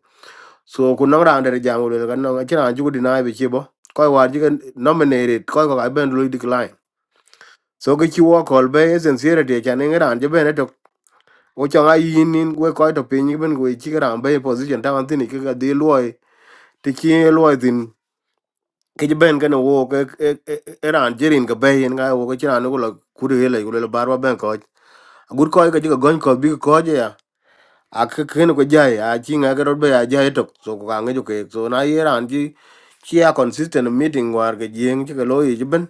Speaker 1: so ku no ran de jam le ga no ga chi ran ju di na bi chi bo ko war ji nominated ko ko ga ben lui decline so ke chi wo kol be e sincerity cha ne ran je bene to wo cha ga yin nin we ko to pin ben we chi ran be position ta an tin ke ga di loy ti chi loy tin ke je ben ga no wo ke e- e- e ran je rin ga be yin ga wo ke chi ran ko la ku de le ku le bar wa ben ko gur ko ga ji ga gon ko bi ko je ya a ke ken ko ja ya a chi nga ga ro be ya ja to so ko ga nge jo ke so na ye ran ji chi a consistent meeting war ga jing chi ga loy je ben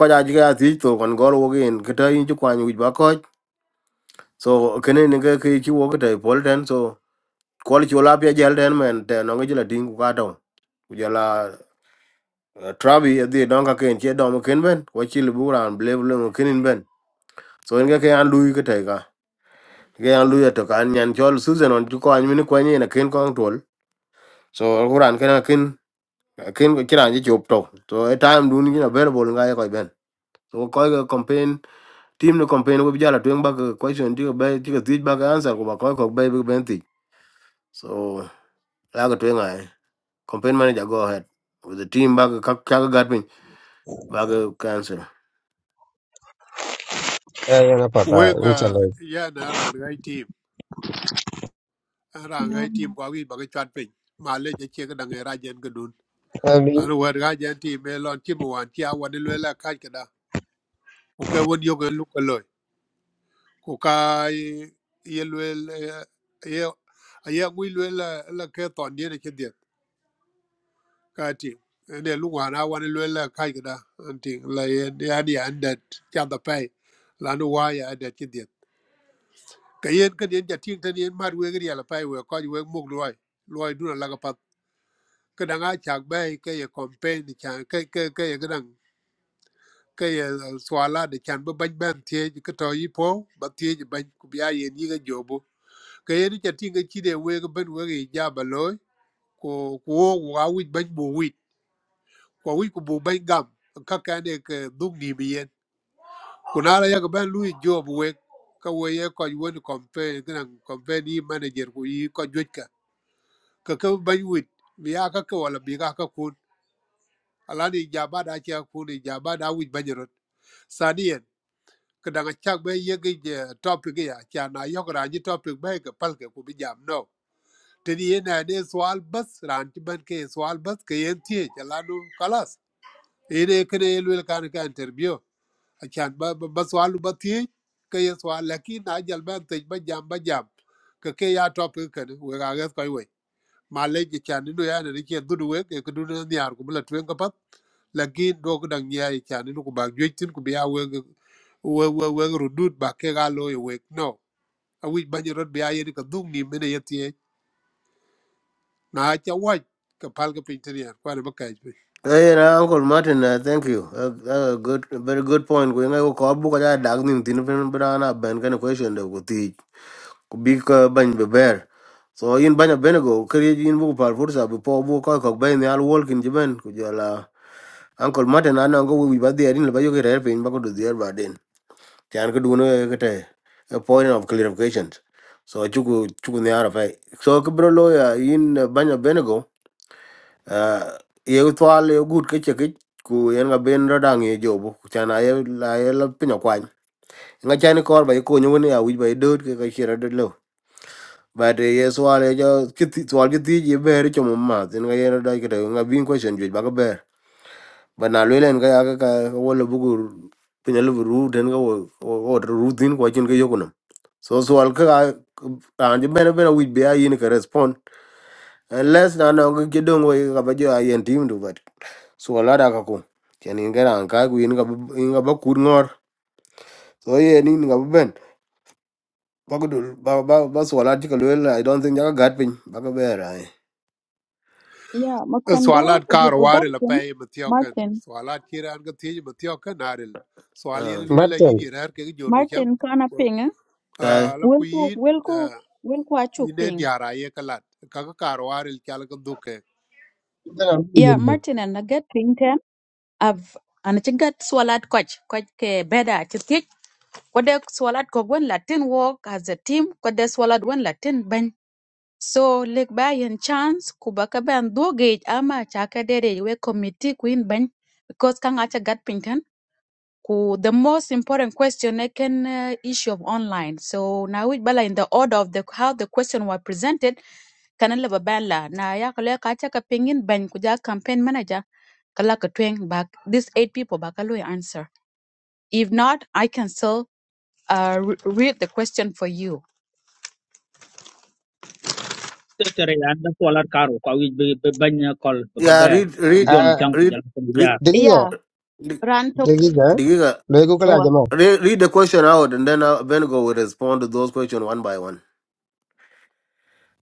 Speaker 1: ko ja ji ga ti to kon gor wo gen ke ta yin ji kwa ni ba ko so kene ne ke ke chi wo ke te pol ten so kwal chi ola pia jel ten men te no ngila ting ku ka to ku jala eh, trabi e di don ka ken che dom ken ben ko chi lu buran ble ble ken in ben so nge ke an lui ke te ka ke an lui to kan nyan chol susan on ju ko an min ko ni na ken kong tol so kuran ken ken ken ko kiran ji chop to so e time dun ni na ben bol ye ko ben so ko ko campaign team no campaign ko jala twen ba ko question ti ko be ti ko ti ba ka answer ko ba ko ko be ben ti so Laga twenga. Campaign manager, go ahead. With the team back, Kaka got me back cancel.
Speaker 2: e na pata
Speaker 19: Wega
Speaker 2: inshallah
Speaker 19: yan aran ngai team, aran
Speaker 11: No.
Speaker 19: ngai team
Speaker 11: no.
Speaker 19: kwa wi baga chat pin. Ma le je che kadang era jen gedun.
Speaker 2: ani
Speaker 19: An wer ga jen team me lon team wan ti awan le la ka kada. Ku ka won yo gelu ko loy. Ku ka ye le ye ye ngui le la la ke ton ye ne che dia ka ti. Ne lu wa na wan awan le la ka kada. An ti la ye ya di an dat cha da pai. La nu wa ya dat che ka yen ka yen ja ting tan yen mat wegi yala pai we ko we mug loy loy duna la ka pat ka danga chak bai ka ye campaign ni chan ka ka ka ye gran ka ye eh, swala de chan ba ban ban tie ji ka to yi po ba tie ji ban ku bia ye ni ga jobo ka yen ja ting ga chi de we ga ban wegi ja ba loy ko ko wo ga wi ban bo wi ko wi ku bo ban gam ka ka ne ka dung ni bi yen ku na la ya ga ban lui jobo we ka we ye ko won campaign gran campaign yi manager ku yi ko jwe ka ka bany wit bi ya ka ka wala bi ka ka kun alani jaba da ke kun jaba da wit banyarot saniyan ka daga chak be yegi je topic ya cha na yok ranji topic be ka pal ke ku bi jam no tani ye na ne swal bas ranji ban ke swal bas ke yen tie chalanu kalas ene kene elwel kan ka interview a chan ba ba ba swalu ba tie ka ye swal lakin na jal ban tej ba jam ba jam ka ke ya topic ka we ga ga ko ma leje chani no yana ni chen dudu wek e kudu na niar ku bula tuen kapat lakin do ku dang niya e chani no ku bag jwek tin ku biya wek wek wek wek rudut ba ke ga lo e wek no a wij banyi rot biya yedi ka dung ni mene yeti e na acha waj ka pal ka pintin yan kwa ne baka ejbe
Speaker 1: Hey, now, Uncle Martin, uh, thank you. Uh, uh, good, very good point. Going to call book at that nim tinupin banana ban kind of question that would Big ban be bear. So in banya benego, create in book par forza before book or cock bay in the all walk in Japan. Could you allow Uncle Martin and Uncle will be bad there in the Bayoga airplane back to the air by chan ko duno e kete a point of clarification so chuku chuku ne ara fai so ko bro lo ya in banya benego uh, ye twal ye gut ke cheke ku yen ga ben radang ye jobu chan ay la ye la pinyo kwan nga chan ko ba ye ko nyu ne ya wi ba ye dot ke ka chira dot lo ba de ye swal ye jo kiti twal kiti ye ber chomo ma tin ga yen da kete nga bin question ju ba ga ber but na lwe len ka ya ka ka wo le bugu pinya le ru den ka wo wo ru din ko chin ka yokuno so so al ka an je bena bena wi be ayin ka respond unless na no ga gedon wo ka ba jo ayen tim du but so ala da ka ko chen in ga ran ka ku in ka bu- in ka ba kur ngor so ye ni ga ba ben ba ko dul ba ba ba so ala ti ka lwe i don't think ya ka gat pin ba ka be ra
Speaker 11: Yeah, Mokwendao,
Speaker 19: swalat kar wari la
Speaker 11: Benton,
Speaker 19: paye matiokan
Speaker 11: Martin,
Speaker 19: swalat kira an ka tiye matiokan aril swal
Speaker 1: ah
Speaker 19: yene lwela
Speaker 2: matan
Speaker 19: yini rar ke ge jor wuchang
Speaker 11: Martin Kana Ping, eh?
Speaker 19: la ku
Speaker 11: Wilko,
Speaker 19: yin
Speaker 11: Wilko,
Speaker 19: ah,
Speaker 11: Wilko Achuk
Speaker 19: ine
Speaker 11: Ping.
Speaker 19: diara ye kalat ka ka kar waril kyal ka duke
Speaker 2: ban am
Speaker 11: Yeah,
Speaker 2: yin ba
Speaker 11: Martin and Nugget Ping Ten. I've and it's got swallowed coach, coach ke beda chitik. Kode swallowed ko when Latin walk as a team, kode swallowed when Latin So lek ba chance kuba ka ben do gauge ama cha ka dere we committee queen ben because kang acha gat pinten ku the most important question I can uh, issue of online. So now we bala in the order of the how the question were presented kana leba ban la na ya kale ka acha ka pingin ben kuja campaign manager kala ka tweng back these eight people ba answer. If not, I can still uh, re- read the question for you.
Speaker 15: tere yan da polar karo ko wi be banya kol ka
Speaker 1: ya
Speaker 15: ber
Speaker 1: read
Speaker 15: kan
Speaker 1: read
Speaker 2: a
Speaker 15: jono chang ku jal
Speaker 1: read
Speaker 15: ko
Speaker 1: read
Speaker 2: diga
Speaker 11: Yeah,
Speaker 1: dig-
Speaker 11: Ranto.
Speaker 2: diga
Speaker 1: digiga
Speaker 2: le ko kala jama
Speaker 1: Read, read the question out, and then uh, Bengo will respond to those questions one by one.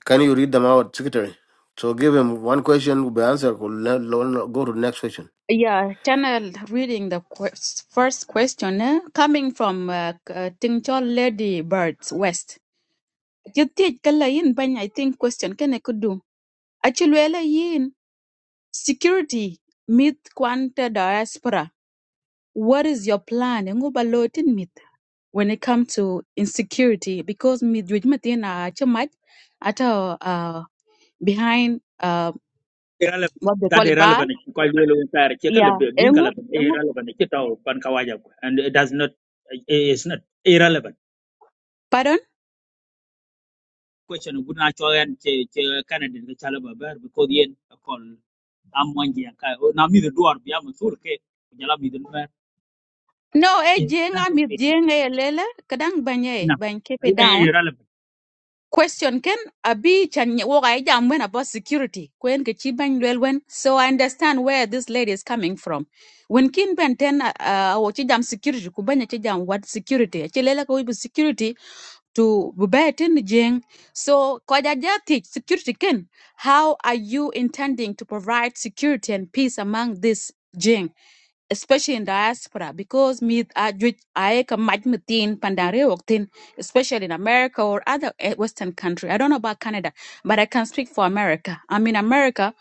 Speaker 1: Can you read them out, secretary? So give him one question will be answered. Go le- lo- lo- go to the next question.
Speaker 11: Yeah, channel reading the quest, first question eh, coming from uh, k- uh, Ting Chol Lady Birds West. You think kala yin banya. I think question can I could do. Achilwela yin security myth quanta diaspora. What is your plan? Ngu ba lo tin myth when it comes to insecurity because myth with matina a chamat at uh behind uh
Speaker 15: irrelevant
Speaker 11: what they
Speaker 15: that
Speaker 11: call it bar.
Speaker 15: irrelevant quite well entire che kala
Speaker 11: Yeah,
Speaker 15: bin kala
Speaker 11: engu engu
Speaker 15: irrelevant che taw pan kawaja ko and it does not it is not irrelevant
Speaker 11: pardon.
Speaker 15: question guna choyan che che canada ke chala babar because yen kon am wangi ka na mi the door bi am sur ke jala mi the door
Speaker 11: No, e
Speaker 15: it
Speaker 11: jenga
Speaker 15: doesn't
Speaker 11: mi
Speaker 15: fit into
Speaker 11: jenga
Speaker 15: that
Speaker 11: lele kadang banye
Speaker 15: no
Speaker 11: ban keep it
Speaker 15: I- I-
Speaker 11: down.
Speaker 15: irrelevant
Speaker 11: Question ken abi chan woga ija mwen about security. Kwen ke chi ban lwel wen. So I understand where this lady is coming from. When kin ben ten uh uh, wo chi jam security ku banya chi jam what security. E Chi lele ko ibu security to be jing so kwajajati security ken how are you intending to provide security and peace among this jing especially in diaspora because me i come tin pandare wok tin, especially in america or other eh, western country i don't know about canada but i can speak for america i mean america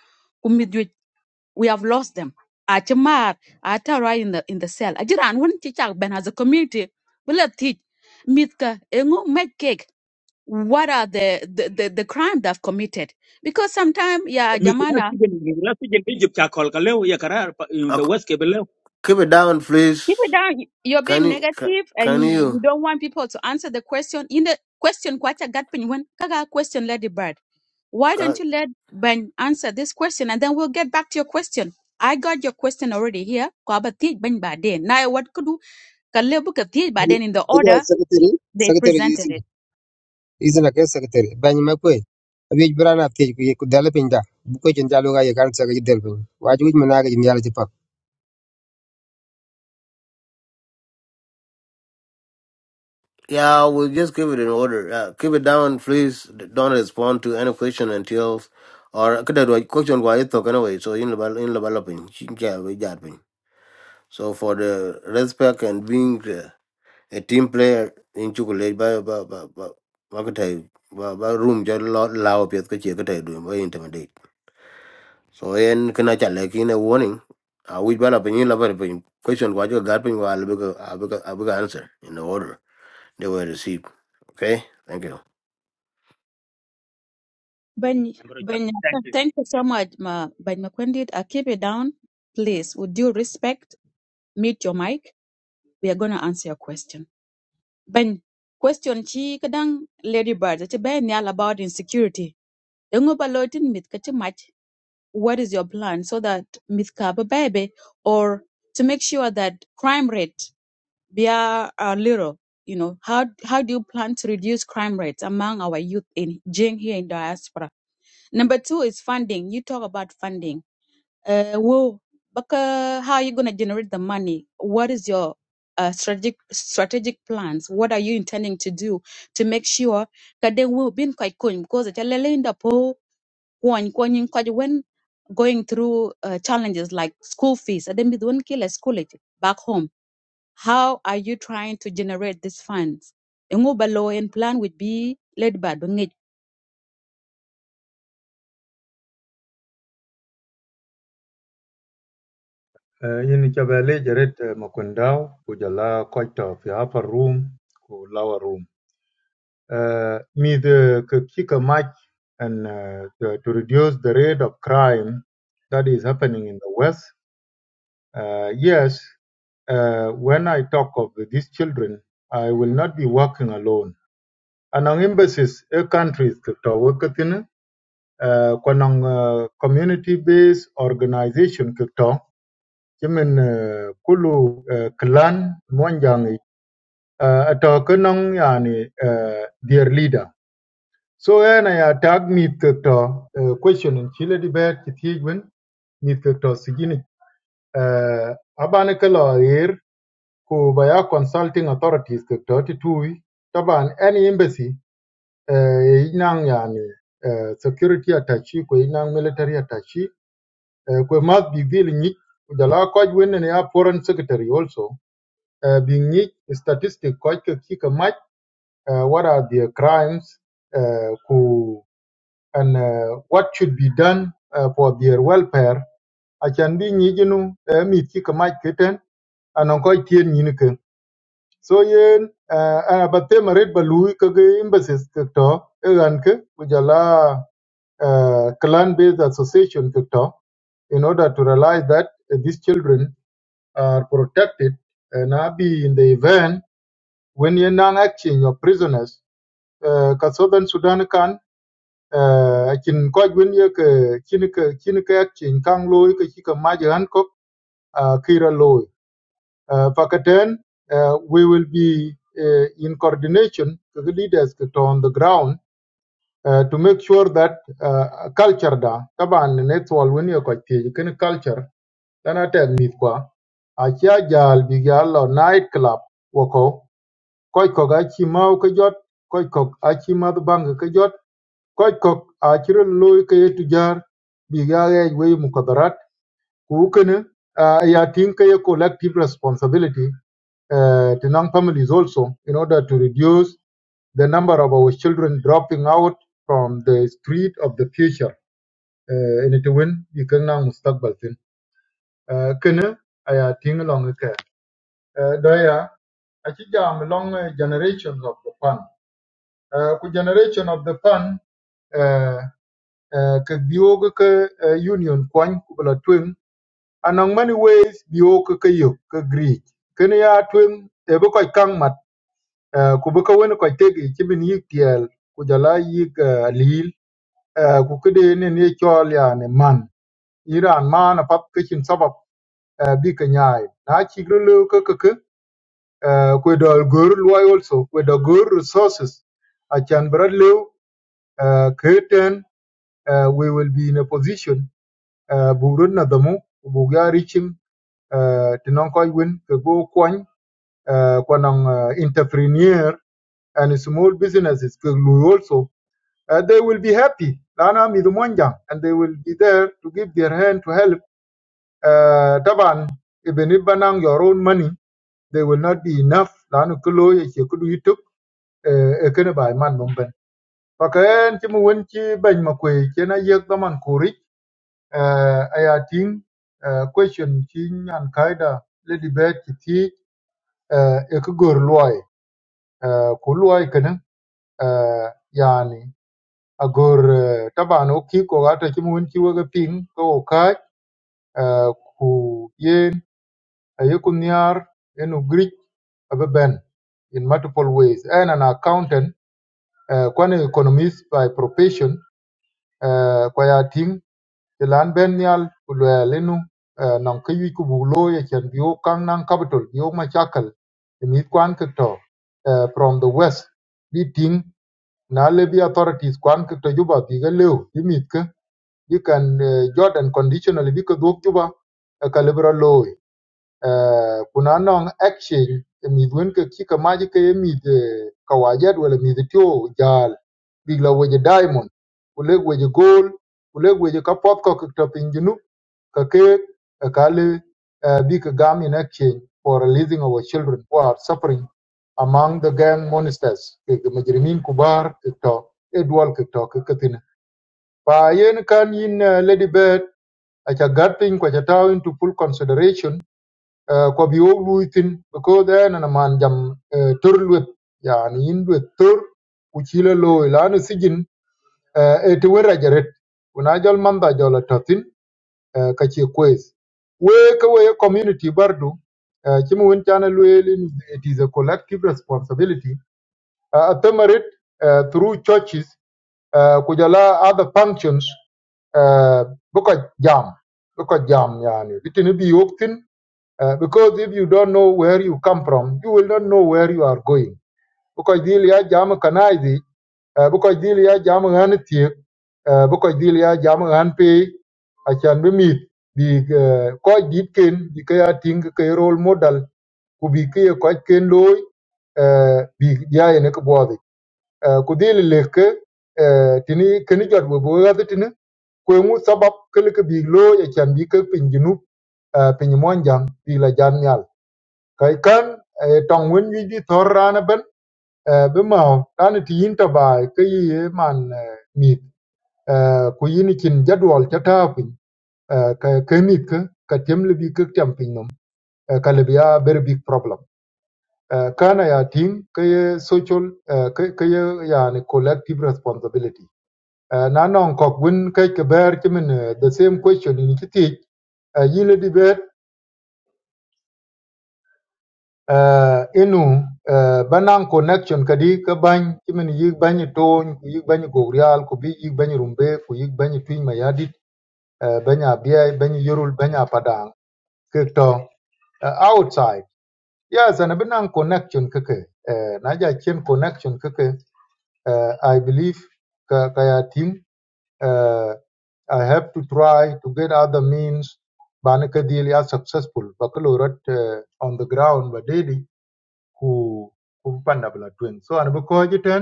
Speaker 11: we have lost them. Achamar, Atara in the in the cell. Ajiran wouldn't teach our Ben as a community. We let teach Mitka Engu make cake. What are the the, the, the crime they've committed? Because sometimes, yeah,
Speaker 15: mi guna
Speaker 11: Jamana,
Speaker 15: sigen mi guna sigen bi jup cha kol kale ya karar pa- in
Speaker 1: Uh,
Speaker 15: the west ke belew
Speaker 1: keep it down, please.
Speaker 11: keep it down. You're
Speaker 1: Can
Speaker 11: being
Speaker 1: you? Can,
Speaker 11: negative and
Speaker 1: can
Speaker 11: you, you
Speaker 1: you?
Speaker 11: don't want people to answer the question. In the question, kwacha gatpin when kaga question Lady Bird. Why don't
Speaker 1: Can,
Speaker 11: you let Ben answer this question and then we'll get back to your question? I got your question already here. Kwaba teach Ben Bade. Now what could do? Kaleo book of tea, but then in the
Speaker 2: diga
Speaker 11: order
Speaker 2: secretary
Speaker 11: they
Speaker 2: secretary
Speaker 11: presented
Speaker 2: izin
Speaker 11: it.
Speaker 2: izin ka secretary ban ma ko abi brana te ko ye ko dala pinda bu ko chen jalo ga ye kan sa ga del pin waju min na ga jin yalla ci pak
Speaker 1: yeah, we'll just give it in order. Uh, keep it down, please. Don't respond to any question until or kada do question wa ito kana way. So in the in the developing, yeah, we got me. so for the respect and being. uh, a team player in chocolate ba ba ba ba ba ka tai ba ba room ja lo lao pet ka che ka tai du ba intimidate so en kana cha le kin a warning I wi ba la pin la ba pin question wa jo gar pin wa le ba ba ba answer in the order they were received okay thank you
Speaker 11: Ben, ben,
Speaker 15: thank
Speaker 11: thank you so much, ma, Ben Makwendit. I keep it down. Please, with due respect, mute your mic. We are going to answer your question. Ben, question chi kadang Lady Bird, it's ben all about insecurity. Yung ba loitin mit kati mach, what is your plan so that mit ka ba baby or to make sure that crime rate Bia uh, Little, you know, how how do you plan to reduce crime rates among our youth in Jing here in diaspora? Number two is funding. You talk about funding. Uh, whoa, but, uh, how are you going to generate the money? What is your uh, strategic strategic plans? What are you intending to do to make sure that they will be been quite cool because it's a little in the po- when when- when going through uh, challenges like school fees, and then with one killer school it back home how are you trying to generate these funds? Ngo ba loan plan would be led by Dongit.
Speaker 3: Eh, in chabele jaret makundao kujala koito fi upper room ku lower room uh, me the k- kick a match and uh, to, to reduce the rate of crime that is happening in the West. Uh, yes, uh, when I talk of these children, I will not be working alone. And on embassies, a countries kito wakatin, a community-based organization kito, jimin uh, kulu uh, clan mwanjangi, uh, ato kanong yani uh, their leader. So when I tag ni to uh, question in Chile debate ki tigwen ni to sigini uh, abane kala air ku baya consulting authorities ke to titui taban any embassy uh, inang yani uh, security attaché ko inang military attaché uh, ko must be deal ni jala ko wen ne ya foreign secretary also uh, bi ni statistic ko ke ki ka uh, what are the crimes uh, ko and uh, what should be done uh, for their welfare I achan bi nyijinu uh, mi ti kamach kiten anan ko tien nyin ke so yen uh, uh, ba temaret ba lui ke embassies ke to egan ujala uh, clan based association ke in order to realize that uh, these children are protected and uh, be in the event when you're non action your prisoners uh, ka southern sudan uh, chin ko gun cái ke cái ke chin ke chin kang loy ke chi ka ma jan ko uh, kira loy và cái uh, we will be uh, in coordination to the leaders that are on the ground uh, to make sure that uh, culture da taban ne twal wen ye ko ti ken culture dana tek mit kwa a cha jal bi ga lo night club wo ko ko ko ga chi mau ka jot ko ko a chi ma bang ka jot Koch kok a chiral loy kaya tujar bi ga mukadarat ku kana ya tin kaye collective responsibility uh, to non families also in order to reduce the number of our children dropping out from the street of the future uh, in it win bi kan mustaqbal tin uh, kana aya tin long ka uh, da ya long eh, generations of the pan uh, ku generation of the pan uh, uh, ka biyo ga ka eh, union kwan ku bala A many ways wees bìo kɨ kɨ yùk kɨ giriij. Kɨnɨ ya tweŋ è bɨ kɔc kaŋ màt, eh, kù bɨ kə wen kɔc tegè ci bɨ yɨk tɛ̀ɛ̀l, kù jàlà a yɨk eh, àlìyil, eh, kù kɨ de nɨ̂ ɨchɔ̀ɔl yani màn. Yi raan maan àpap kɨ cin sɔbɔb eh, bɨ kɨ nyàì. Nà a cìgrə̀ ləə kə kɨkɨ, eh, kwe dɔ̀ɔ̀l gɔ̀ɔr lwai also, kwe dɔ̀ gɔ̀ɔr resources acan bɨ lew uh, curtain uh, we will be in a position uh, bu run na dhamu bu ya reaching uh, tinan koy win ke go kwany uh, kwanang, uh, entrepreneur and small businesses Keglu also, uh, they will be happy. Lana and they will be there to give their hand to help. Uh, Taban, even if banang your own money, they will not be enough. Lana Kulo, Yekudu Yituk, Ekeneba, Man Numben. Pakayan Chimuwenchi, Ben Makwe, Chena Yek Daman Kuri, Ayating, question Chin and Kaida, Lady Beth, Kiti, Ekugor Luai, آه، يعني أقول آه، طبعا أوكيك وغاتا كيمون كي وغا بين كو كاج آه، كو ين يكون نيار إنو غريك أببن in multiple ways and an accountant uh, kwan economist by profession uh, kwa ya ting ti lan ben nyal ku lwel inu uh, nan ke yu ku bu lo chen biu kang nan capital biu ma chakal mi kwan ke uh, from the west bi ting na le bi authorities kwan ke to juba bi ga leu bi mit you can uh, jordan conditionally because duk juba a calibra low uh, kuna non action midwen ka kika maji ka ye mid eh, kawajat wala mid tio jal bigla weje diamond kuleg weje gold kuleg weje ka pop ka to pinjunu ka ke ka kale uh, big gam in action for releasing our children who are suffering among the gang monsters ke majrimin kubar ke to edwal ke to ke katina pa yen kan yin eh, lady bird aca gat piny ku aca tau into full consideration uh, ku bi wok lui thin because en ana man jam uh, tor luet yani yin luet tor ku ci la looi laanu sijin uh, e te wer ajaret ku na jol mantha jol atothin uh, ka ci kwes we ka we community bardu uh, ci mu wen cana lueel in it is a collective responsibility uh, a themarit uh, through churches uh, ku jala other functions uh, because jam because jam yani little be yoktin uh, because if you don't know where you come from you will not know where you are going because dil jam kanaidi uh, because dil jam han tie uh, because dil jam han I can be mit bi uh, ko ken bi kaya ya ting role model ku bi ke ko ken loy uh, bi ya ne ko bodi uh, leke uh, tini keni jot bo bo kwe ngu sabab kele ke big lo ya chan bi ke pin junub eh, pin mon jang bi la jan nyal kai kan eh, tong wen wi di thor rana ben eh, be ma tan ti yin ta ba ke yi man eh, mit eh, ku yin kin jadwal ta ta pin eh, ka ke mit ke ka tem le bi ke tem pin nom eh, ka le bi a very big problem Eh, kana ya ting ke ye social eh, ke ke ye yani collective responsibility Eh, na nong kok wen kai ke ber kimen the same question in kiti yile di be uh, inu uh, banang connection kadi ka bany kimin yik bany tony ku yik bany gogrial ku bi yik bany rumbe ku yik bany twin mayadit uh, banya biay bany yorul banya padang kekto uh, outside yes and banang connection kake uh, naja chen connection kake uh, i believe ka kaya team, uh, i have to try to get other means banaka deal ya successful bakalorot uh, on the ground ba daily ku ku panda bla twin so an ko jiten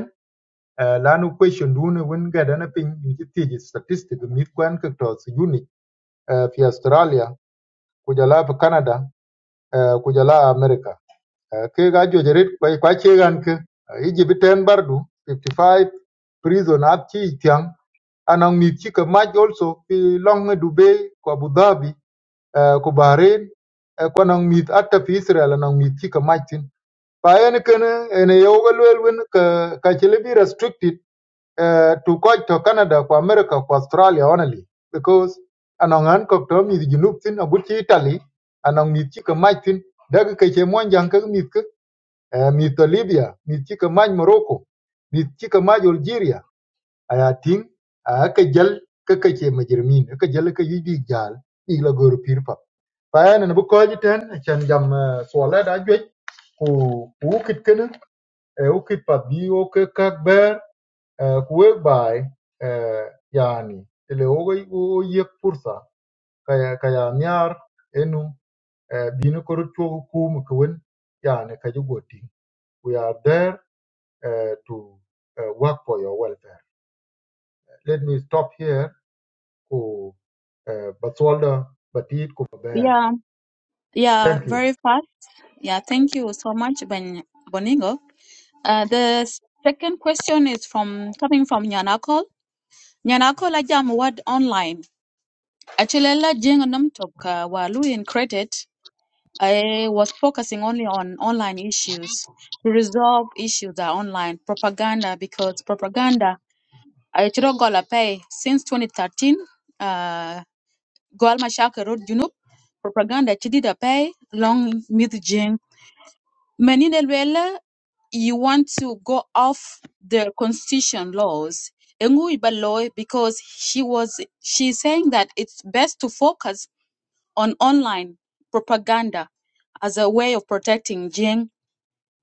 Speaker 3: eh, lanu question dun won ga dana pin in ji tiji statistic mit kwan ka to su uni eh, fi australia ku jala fi canada eh, ku jala america Eh, ke ga jo jerit kwai kwa che gan ke eh, iji biten bardu 55 prison at chi tiang anang mit chi ka maj also fi long dubai ko abu dhabi eh, ko bahrain eh, ko anang mit atta fi israel anang mit chi ka maj pa en kene ene yew ga luel wen ka ka chile be restricted uh, to coach to Canada ko America ko Australia only because anong an ko to mi junub tin a gutti Italy anong mi ti ka mach tin daga ka che mon jang ka mi ka eh, mi to Libya mi ti ka mach Morocco mi ti ka mach Algeria aya tin a ka jal ka ka che majirmin ka jal ka yi bi jal bi la gor pir pa pa bu ko jiten chan jam eh, swala da jwe ku ku kit آه، وكتباديه وكيك يعني اللي هو هو يك فرصة كيا كيا نيار إنه بينو كرتشو كوم كون يعني كجوتي we are there uh, to uh, work for your welfare let me stop here ku uh, batsolda batit ku bear
Speaker 11: Yeah, yeah,
Speaker 3: thank you
Speaker 11: very fast. Yeah, thank you so much, Ben Boningo. Uh, the second question is from coming from Nyanakol. Nyanakol ajam word online. Actually, la jengo nam toka walu in credit. I was focusing only on online issues to resolve issues that are online propaganda because propaganda ay ciro gola pay since 2013 uh, gol mashaka road junub propaganda chidida pay long mid jing menine lwela you want to go off the constitution laws Engu iba law because she was she's saying that it's best to focus on online propaganda as a way of protecting Jing.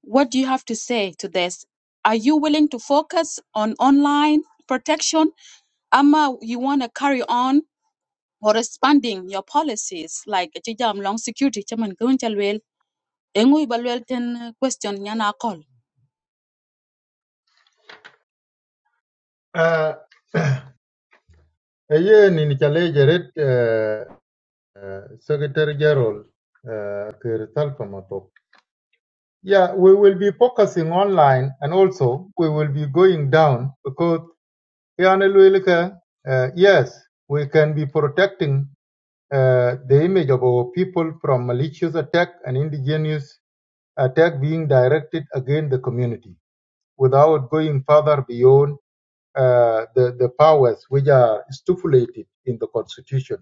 Speaker 11: What do you have to say to this? Are you willing to focus on online protection Ama you want to carry on or expanding your policies like chijam long security chaman kun chalwel engui balwel ten question nyana call.
Speaker 3: uh, ayen ni ni chale jaret uh, uh, secretary general uh, Yeah, we will be focusing online and also we will be going down because Yana Luelika, uh, yes, we can be protecting uh, the image of our people from malicious attack and indigenous attack being directed against the community without going further beyond uh, the, the powers which are stipulated in the constitution.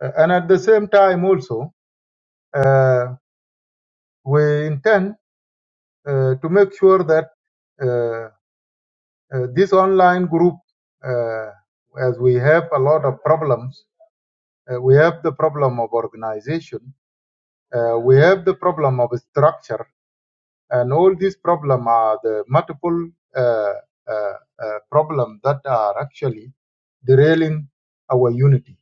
Speaker 3: Uh, and at the same time also, uh, we intend uh, to make sure that uh, Uh, this online group, uh, as we have a lot of problems, uh, we have the problem of organization, uh, we have the problem of structure, and all these problems are the multiple uh, uh, uh, problems that are actually derailing our unity.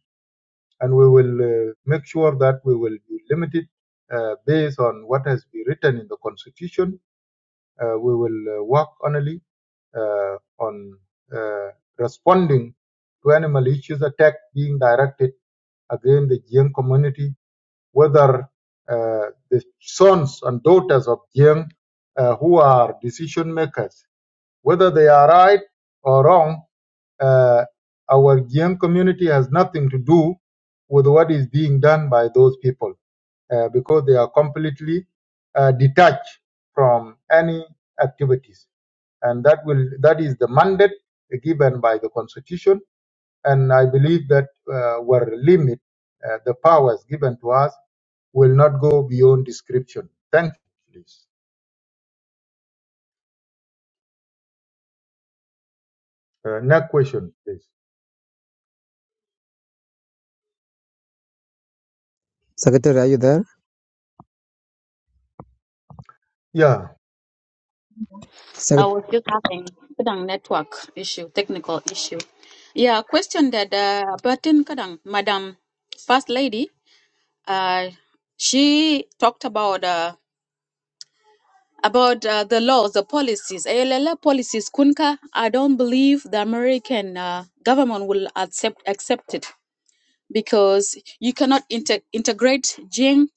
Speaker 3: And we will uh, make sure that we will be limited uh, based on what has been written in the constitution. Uh, we will uh, work only uh, on uh, responding to animal issues attack being directed against the Jiang community, whether uh, the sons and daughters of Jiang uh, who are decision makers, whether they are right or wrong, uh, our Jiang community has nothing to do with what is being done by those people uh, because they are completely uh, detached from any activities and that will that is the mandate given by the constitution and i believe that uh, our limit uh, the powers given to us will not go beyond description thank you please uh, next question please
Speaker 2: secretary ayu dar
Speaker 3: yeah
Speaker 11: I
Speaker 2: secretary
Speaker 11: was just having kadang network issue, technical issue. Yeah, question that uh, button kadang Madam First Lady, uh, she talked about uh, about uh, the laws, the policies, ALL policies. Kunka, I don't believe the American uh, government will accept accept it because you cannot inter- integrate Jing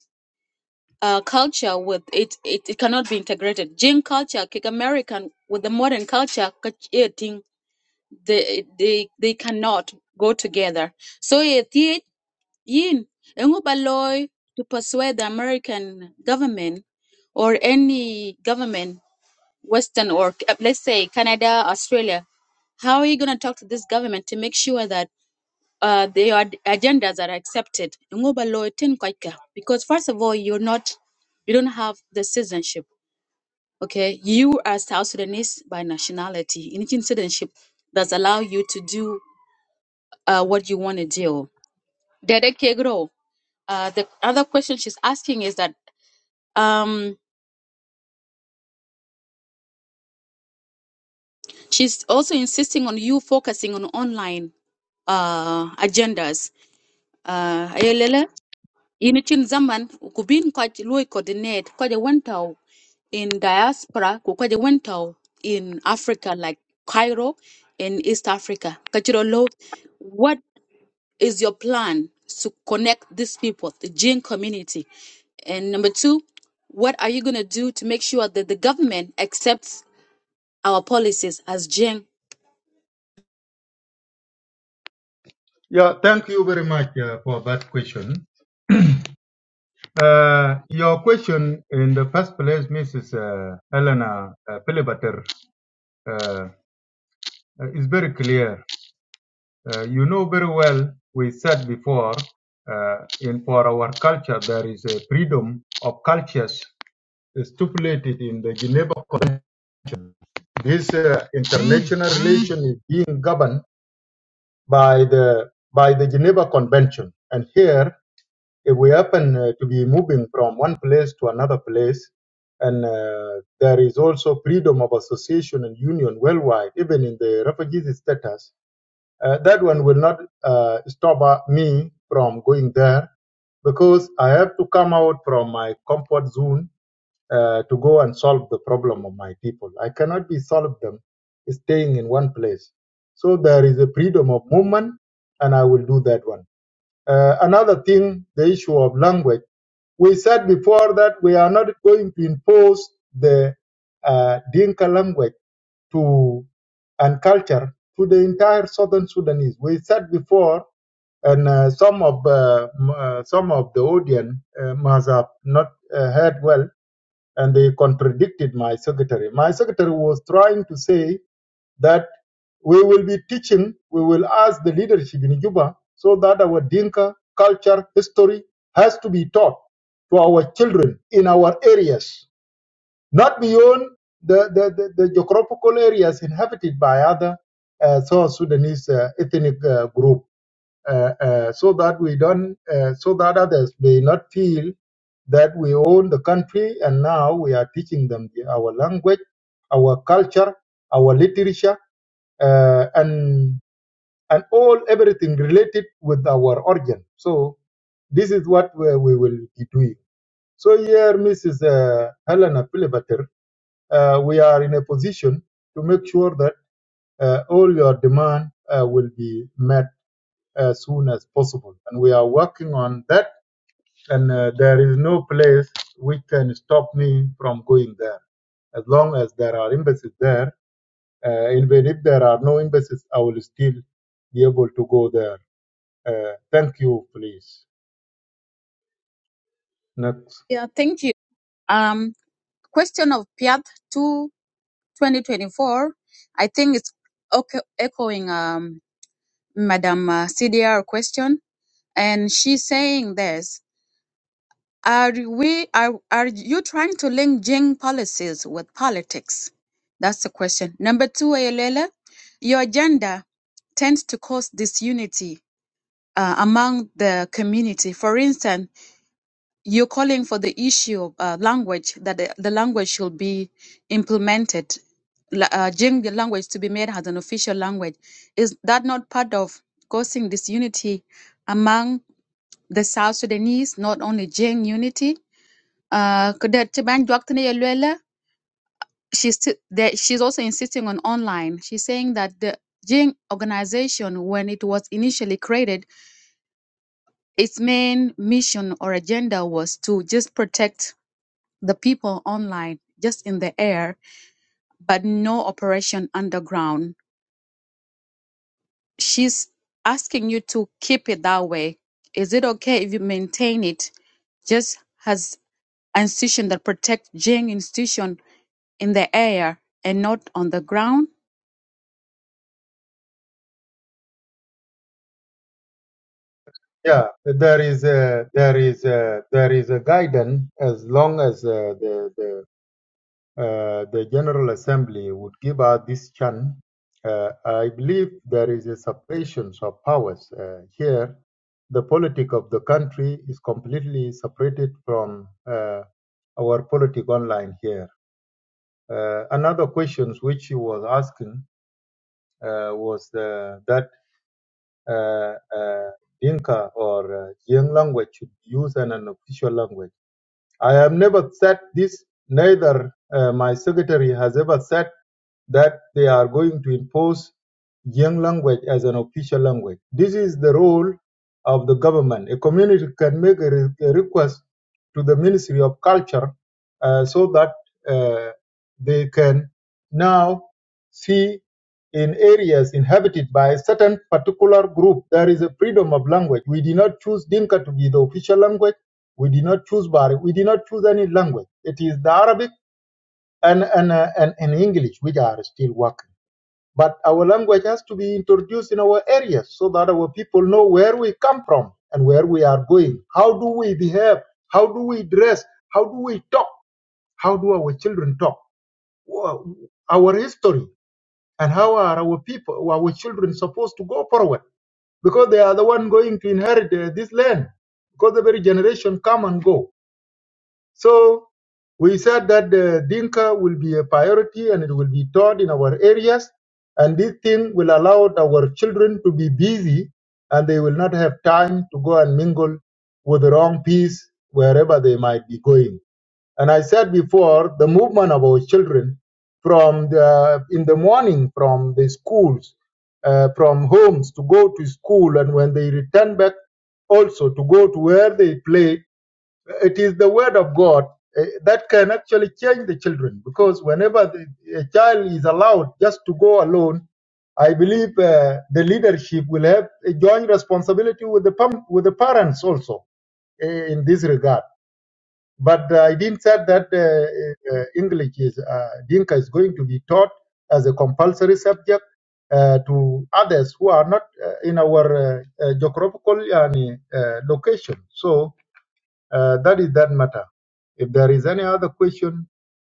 Speaker 11: uh, culture with it, it. It cannot be integrated. Jing culture, Kick American with the modern culture, Kach- eh, they they they cannot go together. So eh, thi- yin engu ba loy to persuade the American government or any government, Western or eh, let's say Canada, Australia, how are you gonna talk to this government to make sure that uh, their ad- agendas are accepted. Ngoba lo tin kwaika. Because first of all, you're not, you don't have the citizenship. Okay, you are South Sudanese by nationality. In citizenship, does allow you to do uh, what you want to do. Dede Kegro. Uh, the other question she's asking is that um, she's also insisting on you focusing on online uh, agendas. Uh, Ayelele, in chin zaman ku bin ko coordinate ko the wentao in diaspora ku ko je wentao in Africa like Cairo in East Africa kachiro lo what is your plan to connect these people the Jin community and number two what are you going to do to make sure that the government accepts our policies as Jin
Speaker 3: yeah thank you very much uh, for that question uh, your question in the first place mrs uh, helena uh, Pilibater, uh, is very clear Uh, you know very well, we said before, uh, in for our culture, there is a freedom of cultures stipulated in the Geneva Convention. This uh, international relation is being governed by the by the Geneva Convention. And here, if we happen uh, to be moving from one place to another place, and uh, there is also freedom of association and union worldwide, even in the refugee status, Uh, that one will not uh, stop uh, me from going there because I have to come out from my comfort zone uh, to go and solve the problem of my people. I cannot be solved them staying in one place. So there is a freedom of movement, and I will do that one. Uh, another thing, the issue of language. We said before that we are not going to impose the uh, Dinka language to and culture to the entire southern Sudanese. We said before, and uh, some of uh, m- uh, some of the audience uh, must have not uh, heard well, and they contradicted my secretary. My secretary was trying to say that we will be teaching, we will ask the leadership in Juba so that our Dinka culture, history has to be taught to our children in our areas, not beyond the, the, the, the geographical areas inhabited by other uh, South Sudanese uh, ethnic uh, group, uh, uh, so that we don't, uh, so that others may not feel that we own the country and now we are teaching them the- our language, our culture, our literature uh, and and all everything related with our organ. So this is what we, we will be doing. So here, Mrs. Uh, Helena Pilibater, uh, we are in a position to make sure that uh, all your demand uh, will be met as soon as possible, and we are working on that. And uh, there is no place which can stop me from going there, as long as there are embassies there. Uh, even if there are no embassies, I will still be able to go there Uh, thank you, please. Next.
Speaker 11: yeah thank you um question of Piat to 2024 I think it's okay, echoing Um. Madam uh, CDR question, and she's saying this: Are we are are you trying to link Jing policies with politics? That's the question. Number two, Ayelela, your agenda tends to cause disunity uh, among the community. For instance you're calling for the issue of uh, language that the, the language should be implemented la- uh, Jing the language to be made as an official language is that not part of causing disunity among the south sudanese not only Jing unity uh, could that- to ban Dr. Yelwela, she's still that she's also insisting on online she's saying that the Jing organization when it was initially created its main mission or agenda was to just protect the people online, just in the air, but no operation underground. She's asking you to keep it that way. Is it okay if you maintain it just as an institution that protect Jing institution in the air and not on the ground?
Speaker 3: Yeah, there is a, there is a, there is a guidance as long as uh, the the uh, the General Assembly would give out this chance. Uh, I believe there is a separation of powers uh, here. The politic of the country is completely separated from uh, our politic online here. Uh, another question which you was asking uh, was uh, that uh, uh, Dinka or uh, Jiang language should be used as an official language. I have never said this, neither uh, my secretary has ever said that they are going to impose Yang language as an official language. This is the role of the government. A community can make a, re- a request to the Ministry of Culture uh, so that uh, they can now see in areas inhabited by a certain particular group there is a freedom of language. We did not choose Dinka to be the official language. We did not choose Bari. We did not choose any language. It is the Arabic and and, uh, and and English, which are still working. But our language has to be introduced in our areas so that our people know where we come from and where we are going. How do we behave? How do we dress? How do we talk? How do our children talk? Our history and how are our people, our children supposed to go forward? Because they are the one going to inherit uh, this land. Because the very generation come and go so we said that the Dinka will be a priority and it will be taught in our areas. And this thing will allow our children to be busy and they will not have time to go and mingle with the wrong peace wherever they might be going. And I said before, the movement of our children from the, in the morning from the schools, uh, from homes to go to school, and when they return back also to go to where they play it is the word of God eh, that can actually change the children because whenever the, a child is allowed just to go alone, I believe uh, the leadership will have a joint responsibility with the pam- with the parents also eh, in this regard. But uh, I didn't say that uh, uh, English is uh, Dinka is going to be taught as a compulsory subject uh, to others who are not uh, in our uh, uh, geographical uh, location. So uh, that is that matter. If there is any other question,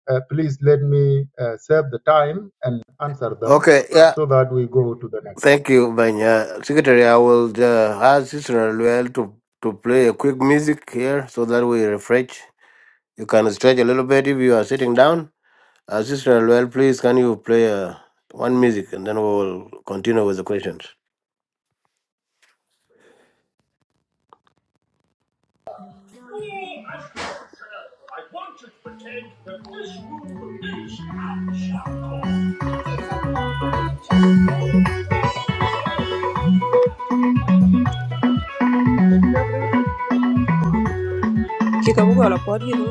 Speaker 3: uh, please let me uh, save the time and answer them
Speaker 1: okay yeah
Speaker 3: so that we go to the next.
Speaker 1: thank you banya secretary i will uh, ask sister Luel to to play a quick music here so that we refresh you can stretch a little bit if you are sitting down Assistant, well, please can you play uh, one music and then we'll continue with the questions.
Speaker 17: Kikabuga la podi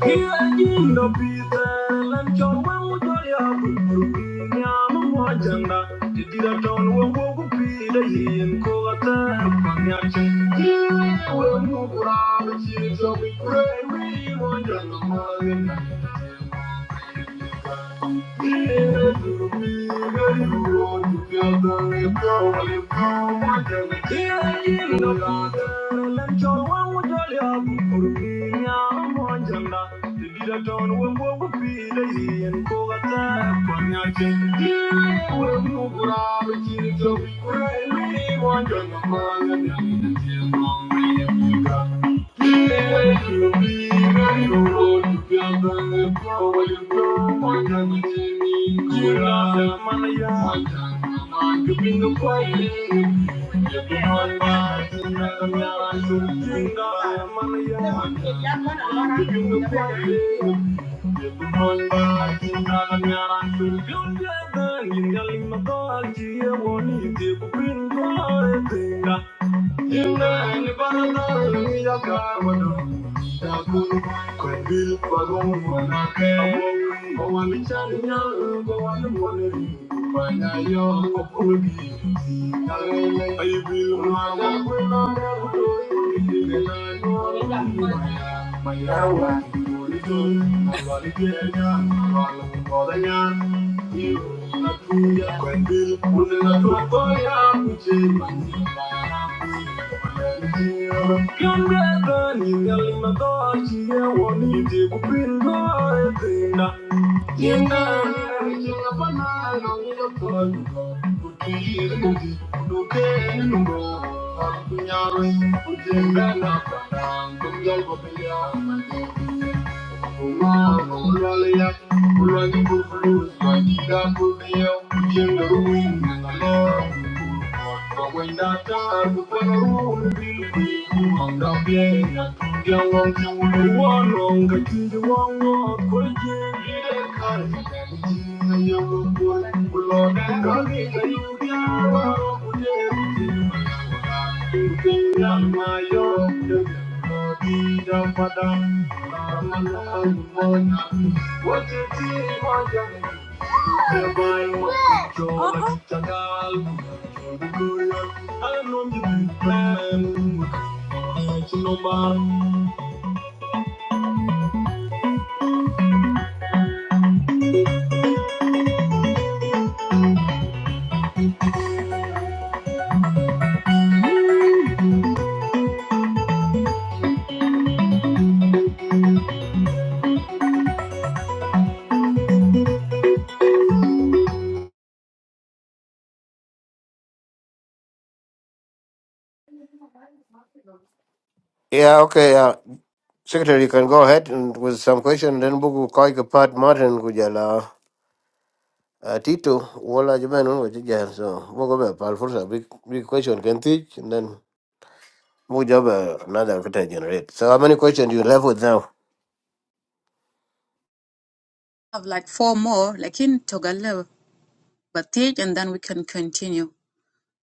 Speaker 17: Thank you. Thank you. Thank you. Inani barada mira kamano Shakuru kwa bil pagong mana kemo Owa michani nyaru gowa numoneri Panya yo kopugi Ay bil mana kuna meru doi Inani barada can't Thank you warong ka tinji wongo kul ji ide kar tinga yogo kul kulo ne ka ni ka yugya waro kule ji tinga ma yo de di da padam ja
Speaker 1: Yeah, okay. Uh, Secretary, you can go ahead and with some question. Then buku koi part Martin kujala uh, Tito wala jaban unwa chija. So buku be big big question can teach and then buku another kita generate. So how many questions you left with now?
Speaker 11: I have like four more, like in Togala, Batij, and then we can continue.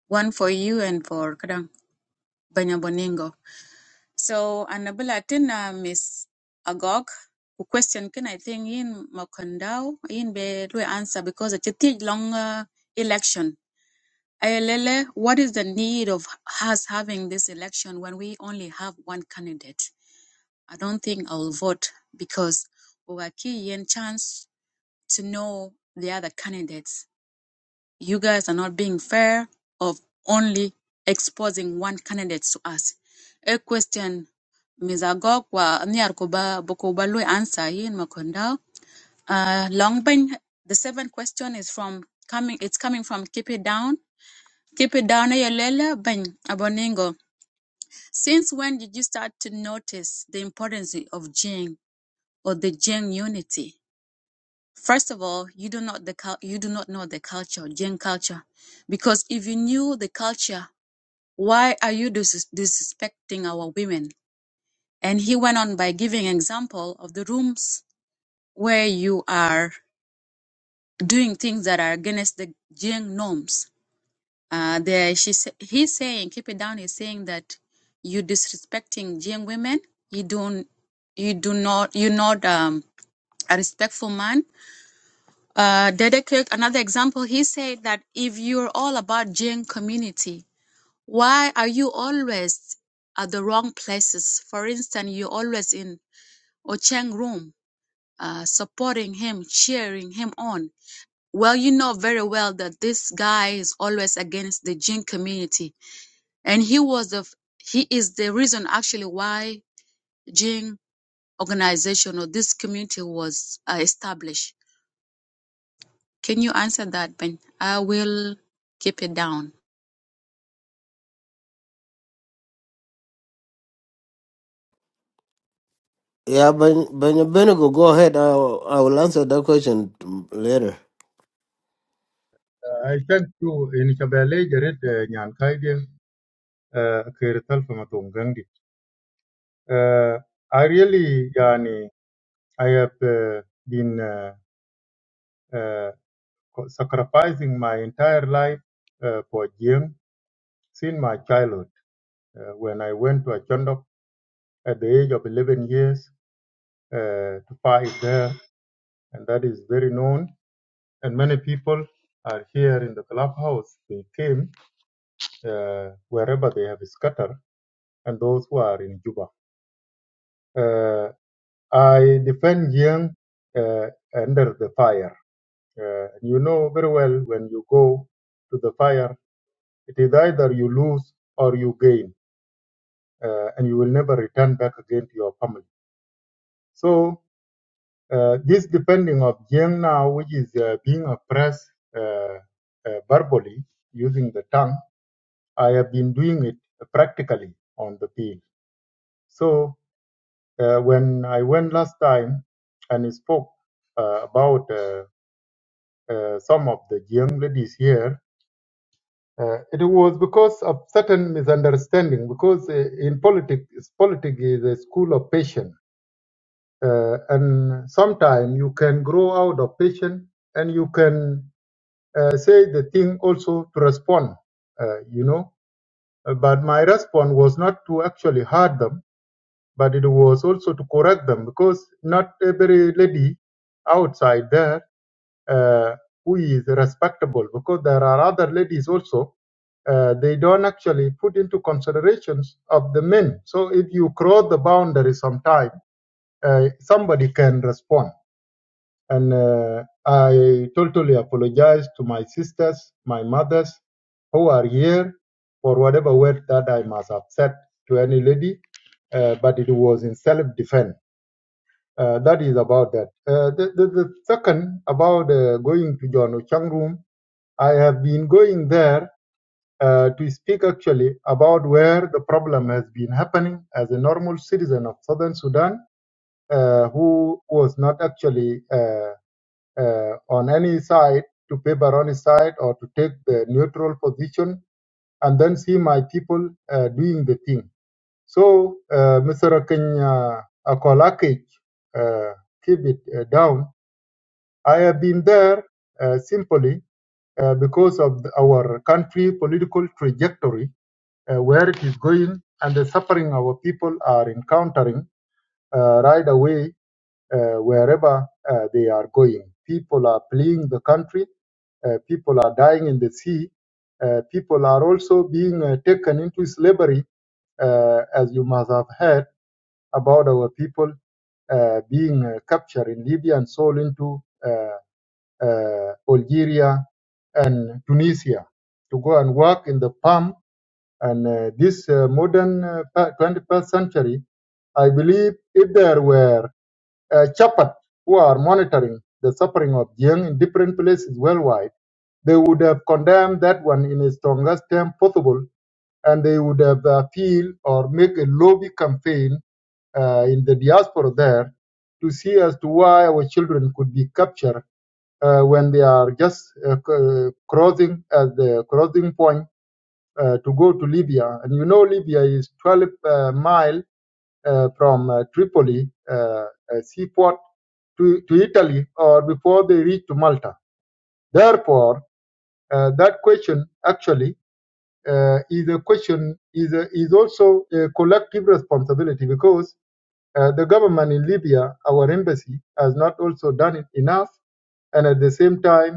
Speaker 11: One for you and for Kadang Banyaboningo. So ana bila na Miss Agog who question can I think in Makandao in be lui answer because it's a tig long longer election. Ayelele, what is the need of us having this election when we only have one candidate? I don't think I'll vote because we are key in chance to know the other candidates. You guys are not being fair of only exposing one candidate to us. A question Ms. Agokwa Nyar Kuba Bukubalu answer yin Makonda. Uh Longbin the seventh question is from coming it's coming from Keep It Down. Keep it down, Ayolela Ben Aboningo. Since when did you start to notice the importance of Jing or the Jing unity? First of all, you do not the cul- you do not know the culture, Gen culture, because if you knew the culture, why are you dis- disrespecting our women? And he went on by giving example of the rooms where you are doing things that are against the Gen norms. Uh, there, she sa- he's saying, keep it down. He's saying that you disrespecting Gen women. You don't, you do not, you're not um, a respectful man Uh, Dede Kirk, another example, he said that if you're all about Jain community, why are you always at the wrong places? For instance, you're always in Ocheng room, uh, supporting him, cheering him on. Well, you know very well that this guy is always against the Jain community, and he was the f- he is the reason actually why Jain organization or this community was uh, established Can you answer that, Ben? I will keep it down.
Speaker 1: Yeah, Ben Ben Benigo, go ahead. I will, I will answer that question mm, later.
Speaker 3: Uh, I thank you in Shabele Jared uh, Nyan Kaide uh, Kerital Famatung Gandhi. Uh, I really, yani, I have uh, been uh, uh, sacrificing my entire life uh, for Jing since my childhood uh, when I went to Achondok at the age of 11 years uh, to fight there and that is very known. And many people are here in the clubhouse. They came uh, wherever they have scattered, and those who are in Juba. Uh, I defend Jiang uh, under the fire. Uh, and you know very well when you go to the fire, it is either you lose or you gain, uh, and you will never return back again to your family. So uh, this depending of Jiang now, which is uh, being oppressed uh, uh, verbally using the tongue I have been doing it practically on the field. So uh, when I went last time and spoke uh, about uh, uh, some of the young ladies here, uh, it was because of certain misunderstanding. Because uh, in politics, politics is a school of patience, uh, and sometimes you can grow out of patience, and you can uh, say the thing also to respond. Uh, you know, Uh, but my response was not to actually hurt them but it was also to correct them because not every lady outside there uh, who is respectable because there are other ladies also uh, they don't actually put into considerations of the men so if you cross the boundary sometime uh, somebody can respond and uh, i totally apologize to my sisters my mothers who are here for whatever word that i must have said to any lady uh, but it was in self-defense uh, that is about that. Uh, the, the, the second about uh, going to John Ochang room, I have been going there uh, to speak actually about where the problem has been happening as a normal citizen of Southern Sudan uh, who was not actually uh, uh, on any side to paper on his side or to take the neutral position and then see my people uh, doing the thing. So, uh, Mr. Kenya Akolakich, uh, keep it uh, down I have been there uh, simply uh, because of the- our country political trajectory, uh, where it is going, and the suffering our people are encountering uh, right away uh, wherever uh, they are going. People are fleeing the country. Uh, people are dying in the sea. Uh, people are also being uh, taken into slavery, uh, as you must have heard about our people uh, being uh, captured in Libya and sold into uh, uh, Algeria and Tunisia to go and work in the palm. And uh, this uh, modern uh, 21st century, I believe if there were uh, Chapat who are monitoring the suffering of Jiang in different places worldwide, they would have condemned that one in the strongest term possible, and they would have appealed or make a lobby campaign uh, in the diaspora there to see as to why our children could be captured uh, when they are just uh, crossing at the crossing point uh, to go to Libya. And you know Libya is 12 uh, mile uh, from uh, Tripoli uh, uh, seaport to, to Italy or before they reach to Malta. Therefore, uh, that question actually uh, is a question is a, is also a collective responsibility because uh, the government in Libya, our embassy, has not also done it enough, and at the same time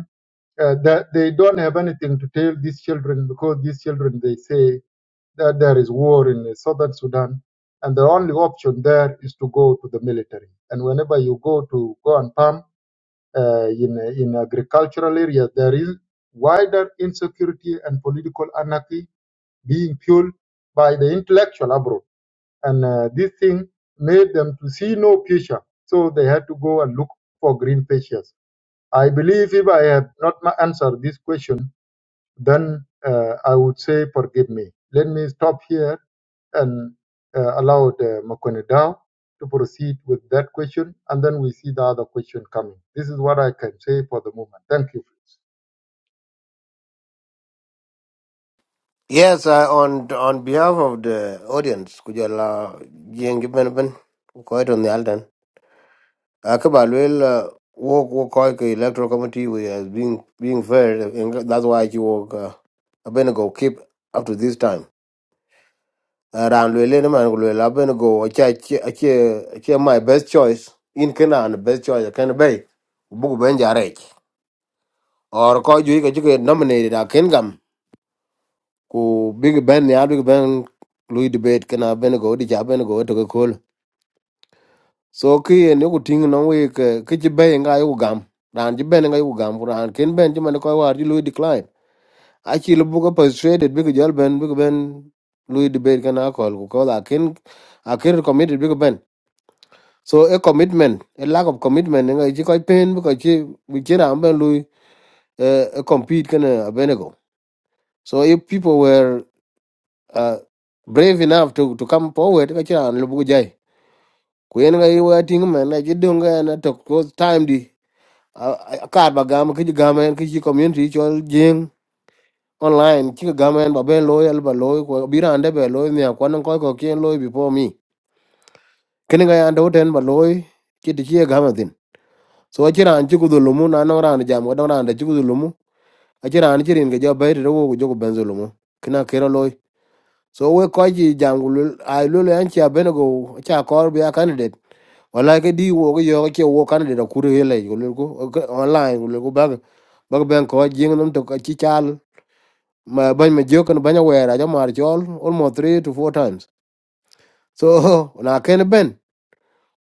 Speaker 3: uh, that they don't have anything to tell these children because these children they say that there is war in uh, southern Sudan and the only option there is to go to the military. And whenever you go to go and farm uh, in uh, in agricultural areas, there is wider insecurity and political anarchy being fueled by the intellectual abroad. And uh, this thing made them to see no future, so they had to go and look for green pastures. I believe if I have not ma- answered this question then uh, I would say, forgive me. Let me stop here and uh, allow the Makone Dao to proceed with that question, and then we see the other question coming. This is what I can say for the moment. Thank you.
Speaker 1: Yes, I, on on behalf of the audience, could you allow Jing Ben quite on the Alden? Akabalwil walk walk like electoral committee we as being being fair and that's why you walk uh Abenago keep up to this time. Around Lelena man Abenago I my best choice in Kenya and the best choice I can be. Book Benjarek. Or call you get nominated at Kingam. ku big ben ya big ben lui debate kana ben go di ja ben go to ko so ki ne ku ting no we ke ki ji Ben? nga yu gam ran ji ben nga yu gam ran ken ben ji man ko war ji lui decline a chi lu bu ko persuaded big jal ben big ben lui debate kana ko ku ko la ken a ken committed big ben so a commitment a lack of commitment nga ji ko pen bu ko ji bi ji ran ben lui eh, eh, compete kana ben go so if people were uh, brave enough to to come forward ka chiran lubu jai ku yen ga yiwa ting men na ji dung ga na to cause time di kar ba gam ki gam en ki community chol jing online ki gam en ba ben loy al ba loy ko biran de be loy ne ko nan ko ko kien loy before me kin ga yan do ten ba loy ki di ki gam din so chiran ji ku dulumu na no ran jam ga do ran de ji ku dulumu a chiran chirin ga jo be ro go jo ku ben zulumu kina kero loy so we ko ji jangul ai lo le an cha cha kor be a candidate wala ke di wo yo ke wo candidate ku re le ko ko online ko le ko bag bag ben ko jing nam to ka chi chal ma ban me jokan ban we ra ja mar chol almost 3 to 4 times so *laughs* na ken ben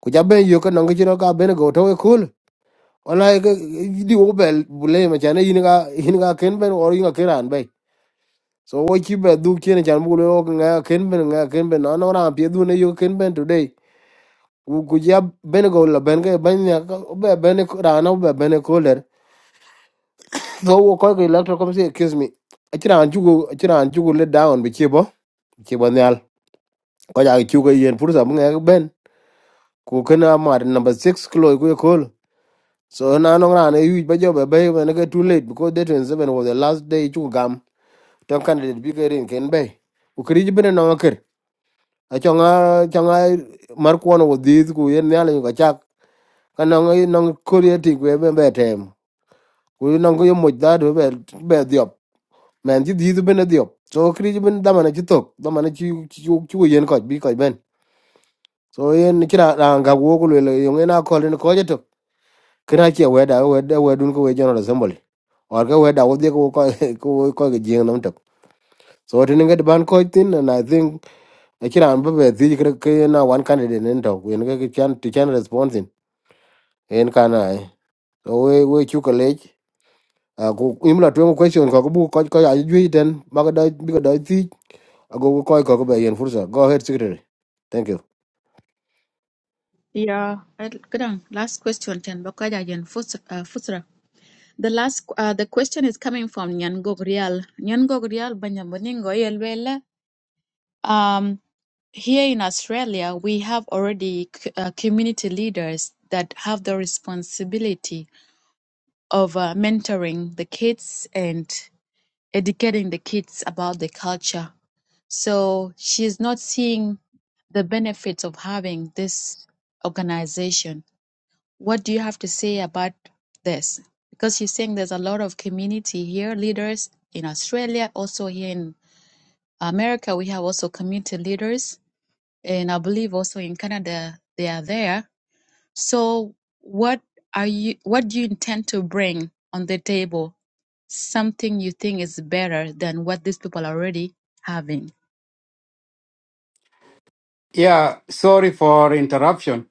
Speaker 1: ku ja ben yo kan ngi ro ka benego to we cool wala ke di wo bel bule ma cha ne yin ga yin ga ken ben or yin ga kiran be so wo chi be du chen chan bu lo ga ken ben ga ken ben no no ran pie du ne yo ken ben today wu gujia bene go la benge benya be bene rana be bene koler so wo ko ko electro come say excuse me achira anjugo achira anjugo let down be chibo chibo nyal ko ja chugo yen pursa bunga ben ku kana mar number 6 kilo ku e kol so na no rana yu ba jo be be bene go too late because the 27 was the last day chugo gam ton candidate bi gerin ken be u kri bene no ker achonga chonga mar kuono wo dhis ku yen nyal e yu ka chak kana no no kolie tik we be be tem ku nong yo mo da do be be diop men ji di be ne diop so kri ji ben da man ji tok da man ji ji ji yen ko bi ko ben so yen ki ra ga wo ko le yo ngena ko le ko je tok kra che we da we da we dun ko we general assembly or ga we da wo de ko ko *laughs* ko ko ge jing nam tok so tin ngi ban ko tin and i think e ki ran be di kra ke na one candidate nen tok yen ga ki chan ti chan response en kana so we we chu college a ko le Ah, imla tuwe question ko bu ko ko ya ju ten ba ko da bi ko da ti ago ko koy ko be yen fursa go ahead secretary thank you
Speaker 11: Yeah, I- kadang, last question then Bakaja Jen Fus- uh, Fusra. The last uh, the question is coming from Nyangog Rial. Nyangog Rial Banyamuningo Yelwele. Um here in Australia we have already c- uh, community leaders that have the responsibility of uh, mentoring the kids and. educating the kids about the culture. So she's not seeing the benefits of having this organization. What do you have to say about this? Because she's saying there's a lot of community here, leaders in Australia, also here in America, we have also community leaders. And I believe also in Canada, they are there so what are you what do you intend to bring on the table? Something you think is better than what these people are already having.
Speaker 14: yeah sorry for interruption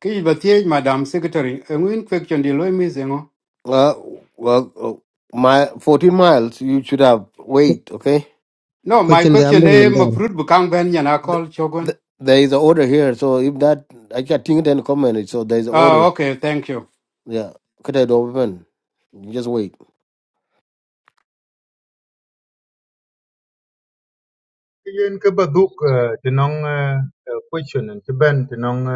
Speaker 14: ki batie madam secretary a win question di loy misengo
Speaker 1: uh, well uh, my 14 miles you should have wait okay
Speaker 14: no
Speaker 2: ko
Speaker 14: my
Speaker 2: chen da am
Speaker 14: question e
Speaker 2: ngum
Speaker 14: ma
Speaker 2: dar
Speaker 14: fruit bu kang ben yana
Speaker 1: Th
Speaker 14: call chogon
Speaker 1: th there is an order here so if that i can't think then comment it so there is an order
Speaker 14: ah okay thank you
Speaker 1: yeah could i do open you just wait
Speaker 3: Yen ka baduk tinong question and tiben tinong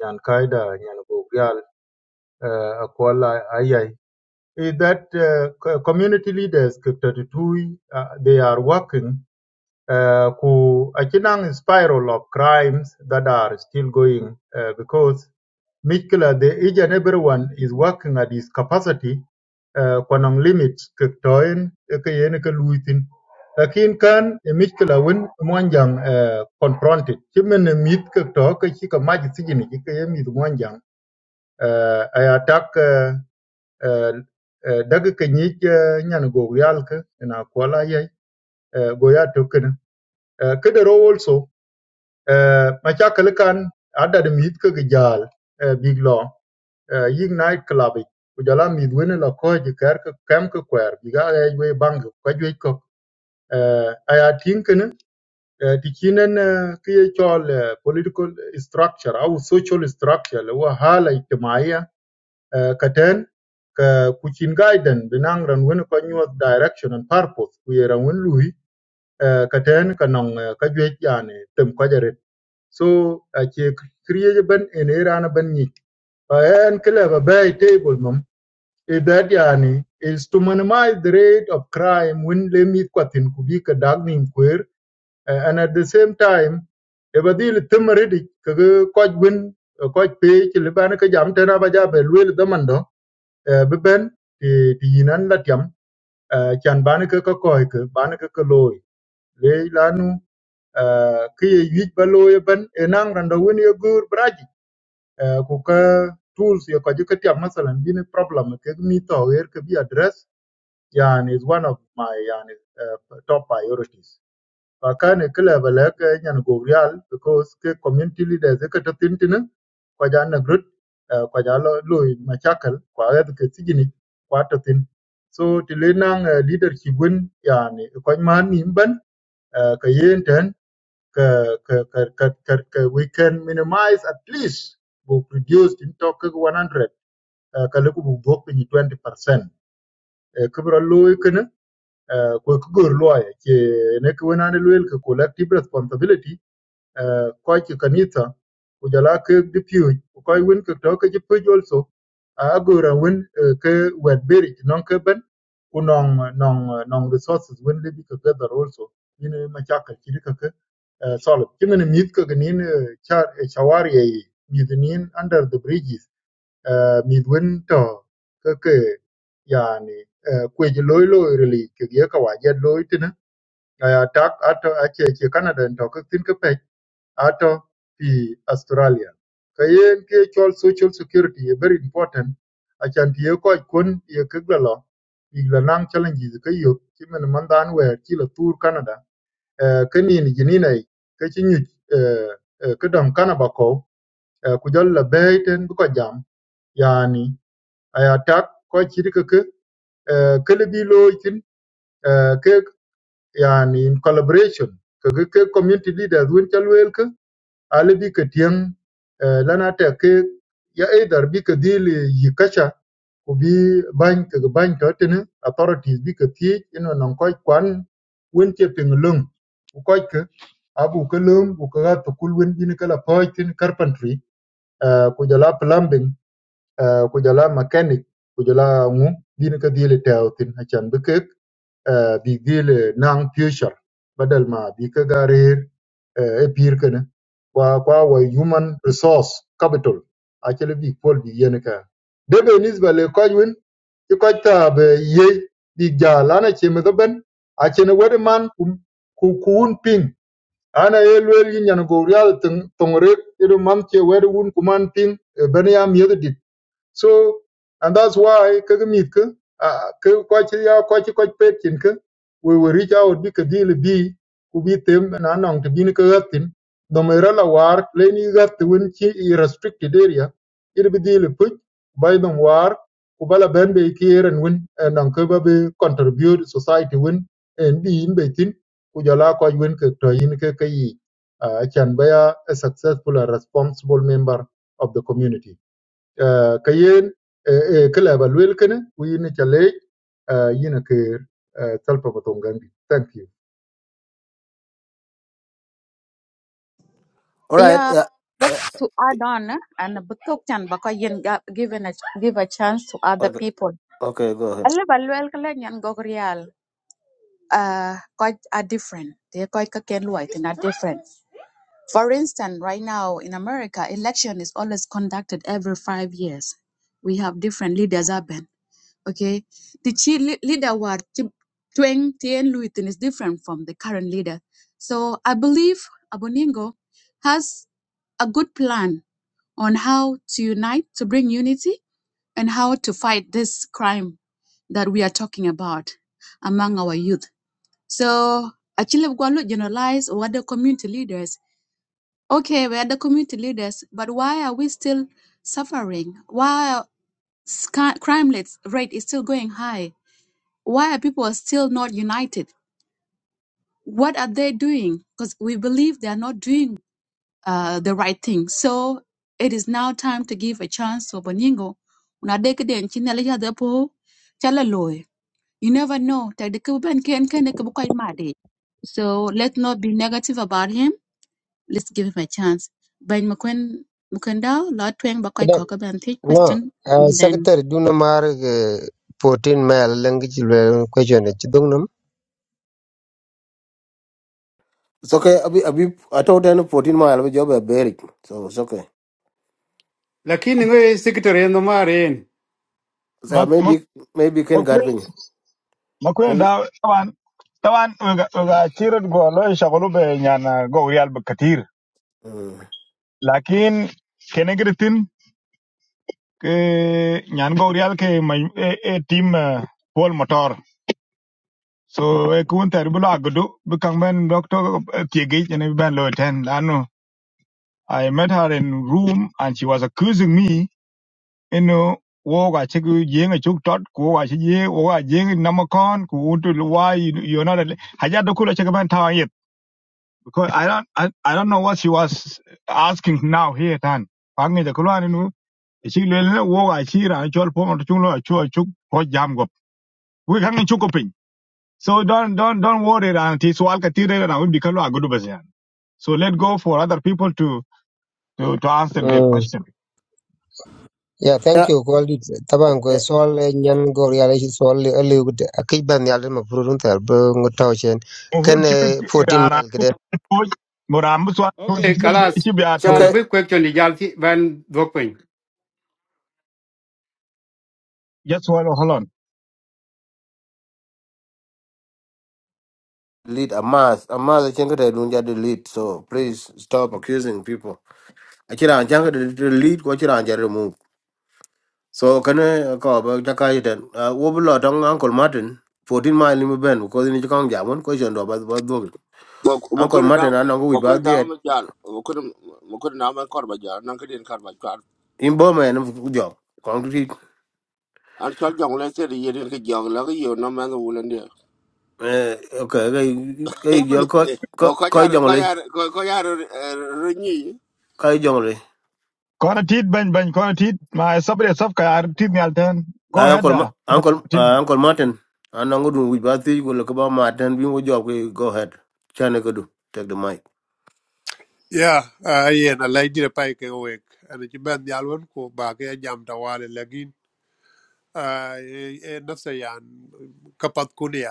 Speaker 3: yan kaida yan bogyal akwala ayay. Is that uh, co- community leaders, Dr. Tutui, uh, they are working uh, ku a kinang spiral of crimes that are still going uh, because Mikula, the each and everyone is working at his capacity uh, kwanang limit kektoin kayen ke luitin lakin kan e Mikula win mwanjang uh, confronted chimen mit kekto ke chika maj sigini ke yemit mwanjang uh, I attack uh, uh, uh, dag ke uh, nyan go yalke na kwala yai uh, go ya token uh, kedero also Eh, machakal kan adad mit ke gejal eh, big lo eh, yig night club ik. ku jala mit wene la ko je ker ke kem ke kwer biga e we bang ko jwe ko Eh, aya tinken ti kinen ke ye chol eh, political structure au social structure le wa hala ijtimaiya eh, katen ka kuchin gaiden binang ran wene ko nyuot direction and purpose ku yeran wen lui eh, katen kanong eh, ka jwe jane tem ko so ake kriye ban en erana ban ni pa en kle ba bay table mum e that yani is to minimize the rate of crime when le mi kwatin ku bi ka dag nim kwer eh, and at the same time e ba dil tumre di ka ko win ko pe ki le ban ka jam tena ba ja be lwel da mando be ben ti ti yinan la tiam eh, chan ban ka ka ko ka ban ka ka loy le lanu ki ye yij ba loy ban enang randa win ye gur braji Eh, ku ka tools ya ka jika tiam masalan bini problem ke mi to wer ke bi address yani is one of my yani uh, top priorities pa kan ke level ke nyan go real because ke community leaders ke to tin tin ko ja na grut eh, ko ja lo lo ma chakal ko ga ke tijini ko to tin so ti le nang eh, leadership wen yani ko man nimban uh, ka yenten ka- ka- ka- ka- ka- ka- we can minimize at least we reduce in talk 100 uh, ka lugu bu 20 percent kibra loy kana ko ku gor loy ke ne ko na ne loyal collective responsibility koy ki kanitha ku jala ke đi piu ku koy win ke to ke ji pe also a agora win eh, ke wet beri non ke ben ku non non non resources win libi ke gather also yin ma chaka cái di ka ke eh, solid kimen mit ke cái char eh, chawari yi mit nin under the bridges eh, mit win to cái cái yani eh, kweji loy cái cái cái cái cái waje loy tina aya tak ato ache che Canada to ke tin cái out of the Australia. Kayen ke chol social security is very important. Achan tiye ko kun ye kigla lo igla lang challenges ke yo kimen mandan wer ki la tour Canada. Eh keni ni jinina ke chi nyu eh kedam Canada ko eh, ku jol la beten bu ko jam yani aya tak ko chi ke ke eh kelebi lo itin eh ke yani in collaboration ke ke ke community leaders won chalwel ke ali bi ka diyaŋ eh, lana tɛ ke ya either bi ka dhil yi kacha ku bi bany ka ga bany to tini authorities bi ka thiec ino nan kɔc kwan wen ce piŋ löŋ ku kɔc ke abu ka löŋ ku ka ga thukul wen bini ka la pɔɔc tini carpentry eh, ku jɔla plumbing eh, ku jɔla mechanic ku jɔla ŋu bini ka dhil tɛɛu thin acan bi kek eh, big deal eh, nang future badal ma bi ka garir eh, e pir kana kwa kwa wa human resource capital akele bi pol bi yen ka de be nisba le kajwin i kɔc tɛ a bɛ ye big ja lan aci mi käbɛn acin wɛt man kum- ku kuun piŋ an a ye lueel yi nyan real rial töŋ rek it man ce wɛt wun kuman piŋ e bɛn ya miöth So, and that's why kagamit ka ah, ka kwachi ya kwachi kwachi pekin ka we will reach out bi ka deal bi ku bi tem na nong to bin ka gatin do me rala war le ni gat win chi i restricted area it bi deal e put by them war ku bala ben be kier and win and nong ka ba be contribute society win and bi in be tin ku jala kwachi win ka to yin ka ka yi uh, can be a, a successful and responsible member of the community Ah, ka yen e kala ba lwel kene ku yin cha le yin ke talpa ba tongambi thank you
Speaker 1: all right
Speaker 11: Yeah,
Speaker 1: yeah,
Speaker 11: but
Speaker 1: yeah.
Speaker 11: to add on eh, and بتوك تان بقى ga- given a give a chance to other
Speaker 1: okay
Speaker 11: people.
Speaker 1: okay go ahead
Speaker 11: Alle balwel kala nyan gog real uh quite are different. They quite kaken white and are different. For instance, right now in America, election is always conducted every five years. We have different leaders up okay the chi lea- leader war chi tweng tien luitin is different from the current leader so i believe aboningo has a good plan on how to unite to bring unity and how to fight this crime that we are talking about among our youth so actually we going to generalize what the community leaders okay we are the community leaders but why are we still suffering why are s- crime rates- rate is still going high why are people still not united? What are they doing? Because we believe they are not doing uh, the right thing. So it is now time to give a chance to Boningo. Una deke den chine le yade po chala loe. You never know. Ta de ku ben ken ken de ku bu koy made. So let's not be negative about him. Let's give him a chance. Ben mukwen mukundao la tweng ba koy koka ben take
Speaker 2: No,
Speaker 11: question
Speaker 2: uh,
Speaker 11: and then
Speaker 2: secretary duna mar uh, 14 mile language le question ci dungnam.
Speaker 1: It's okay. Abi, abi, I told them 14 mile of job a beric, so it's okay.
Speaker 14: lakini ngi secretary no marin
Speaker 1: So yeah,
Speaker 6: Mục mục
Speaker 1: maybe, maybe can
Speaker 6: mục
Speaker 1: guide
Speaker 6: cuối,
Speaker 1: me.
Speaker 6: mục cuối
Speaker 1: Maybe.
Speaker 6: đó, tavan, tavan, cái cái chuyện đó luôn. Sẽ có lúc như anh nói rồi.
Speaker 1: Mm.
Speaker 6: Nhưng, cái này thì tin, như anh nói rồi, cái team full motor. So cuối cùng thì, ví dụ như Agudo, các ông bên doctor, tiếng cái chuyện này biết bao lâu rồi, anh. I met her in room and she was accusing me, you know, woga chiku jing a chuk tot ko chi ye woga jing namakon ko why you, you're not a haja kula chikaban tawa yet because I don't I, I don't know what she was asking now here tan pangi the kulwa nu chi woga chi ra chol po mo chulo chu chu ko jam go we kan chu so don't don't don't worry auntie. So I'll get it and ti swal ka tire na be kalwa gudu basyan so let go for other people to to, to answer their
Speaker 2: Mm.
Speaker 6: question
Speaker 2: Yeah, thank
Speaker 1: Yeah,
Speaker 2: you Call it.
Speaker 1: eh,
Speaker 2: Taban ko
Speaker 1: eh,
Speaker 2: sol eh, nyan gor yalla ci sol le le gut akay ban yalla ma furun tar ba nga taw sen ken
Speaker 6: المفروض
Speaker 2: eh,
Speaker 6: شبت
Speaker 2: 14
Speaker 6: يعني
Speaker 2: mile
Speaker 6: عمود
Speaker 2: kede.
Speaker 6: فوج مرامس
Speaker 14: okay kalas
Speaker 1: it's
Speaker 14: chalam
Speaker 1: okay.
Speaker 14: bi question di jalti ben dokpin
Speaker 6: just hold hold
Speaker 1: Lead a mass, a mass. I can't get a lunja delete. So please stop accusing people. I can't get a delete. What you can't remove. So can I uh, call back? Jaka iten. Uh, wo bilo tong Uncle Martin. 14 mile in Ben because in Chikang Jamon question about about dog. Uncle
Speaker 20: Mokoro da
Speaker 1: Martin I and we
Speaker 20: mokoro
Speaker 1: Wibat
Speaker 20: da
Speaker 1: there
Speaker 20: ma jal mokoro mokoro na ma kor ba jal nan ka den kor jal
Speaker 1: in Burma and job.
Speaker 20: an chal jong le se ye den ke jong la yo no ma no wulen de
Speaker 1: eh okay kai kai jol ko
Speaker 20: Eh,
Speaker 1: ko
Speaker 20: o ko
Speaker 1: ko
Speaker 20: jar ko
Speaker 1: jongole
Speaker 20: jar ko jar ru ni
Speaker 1: kai jongole
Speaker 6: كون تيت بن بن كون تيت ما صبر صفقة عرب تيت نالتين go
Speaker 1: ay
Speaker 6: ahead
Speaker 1: uncle Ma-
Speaker 6: آه.
Speaker 1: uncle
Speaker 6: Tito.
Speaker 1: ah, uncle martin anango dun wi bati ko le ko ba martin bi mo job ko go ahead chane ko do take the mic
Speaker 19: Yeah, uh, yeah, I like the pike awake. And it's been the Alwan ko ba ke jam tawale lagin. Uh, eh, nafsa yan kapat kunia.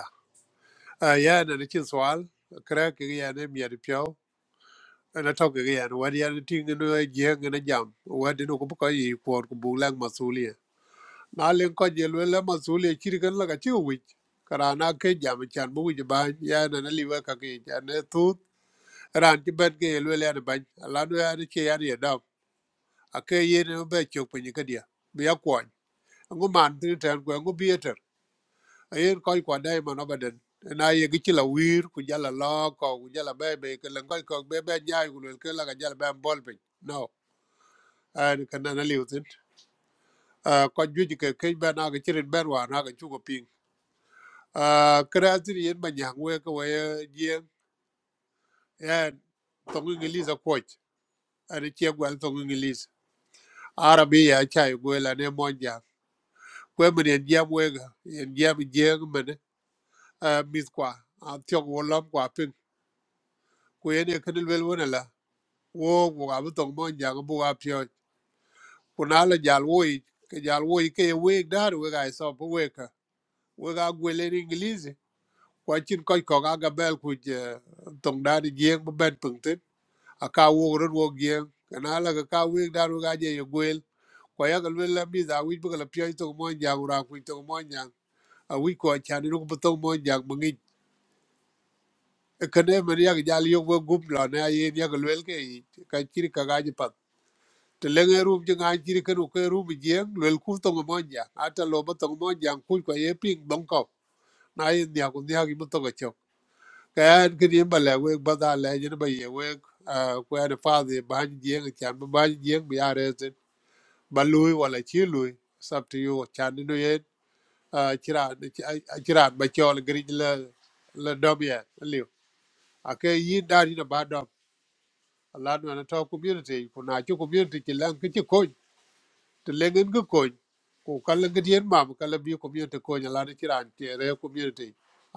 Speaker 19: Uh, yeah, and it's swal. Crack again, I'm yet pure. And I talk again. What the other thing in a jang and a jam. What the no kubuka ye for kubulang masulia. Na len ko je lwela masulia chirikan laka chiwich. Karana ke jam chan bu wich bany. Yeah, and I live a kaki. And a tooth. Ran chiban ke lwela bany. Alano ya ni che ya ni ake yen e be chok pinyi ke dia bi ya kwon ngu man tin ten ko ngu bi eter ayen ko ko dai man obaden na ye gi la wir ku jala lo ko ku jala be be ke len ko ko be be nyaay ku len ke la ga jala be bol pin no an kan na liu tin a ko ju ji ke ke be na ga chirin ben wa na ga chu ko ping kreatir yen ba nyang we ko we ye en to ngi li za ko ani che gwal to ngi li arabiya chai gwela ne monja kwe mene en jam wega en jam jeng mene uh, mis kwa an tiok wo lam kwa ping ku yen e kenil wel wene la wo wo ka bu tong mon jang bu ka pyo ku na la jal wo yi ke jal wo yi ke ye weg dar wega e so bu weka wega gwele ni ingilizi kwa chin koi ko ka ga bel ku je tong da di jeng bu ben pung tin a ka wo ro wo jeng kana la ka ka weg dar wega je ye gwel kwa ya ka lwel la mis a wij bu ka la pyo tong mon jang ra ku tong mon jang a wij ko chan ni ku bu tong mon jang kene men yak jal yo go gup la na ye yak lwel ke yi ka chiri ka gaji pat te lenge rum je ngan chiri ke no ke rum je lwel ku to mo ja ata lo mo to mo ja ku ko ye ping dong ko na ye nya ku nya gi mo to ko chok ka an ke ni ba le we ba da le je ba ye we ko ya de fa de ba je ngi chan ba ba je ngi ya re te ba lui wala chi lui sab to yo chan no ye chira chira ba chol gri la la dom ye liu ake yi da ni ba dom la no na to community ku na chu community ki lan ki chi ko te le ngin ki ko ku ka la ngi yen ma ka la bi community ko nya la ti ran te re community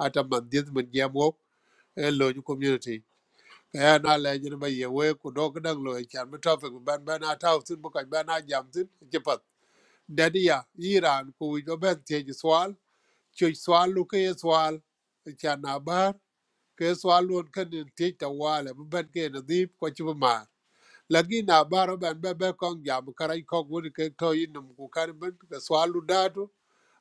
Speaker 19: ata man dit man ye mo e lo ju community ka ya na le jin ba ye we ku do ka dang lo e chan mi to fe ku ban ban na ta sin bu ka ban na jam sin chi pat dadi iran ku wi do ben te ji swal chu swal lu ke swal e chan na bar ke swal lon kan te ta wala bu ban ke na dip ko chi ma lagi na baro ben bebe kong jam karai kong wuni ke to inum ku kan ben ka swalu datu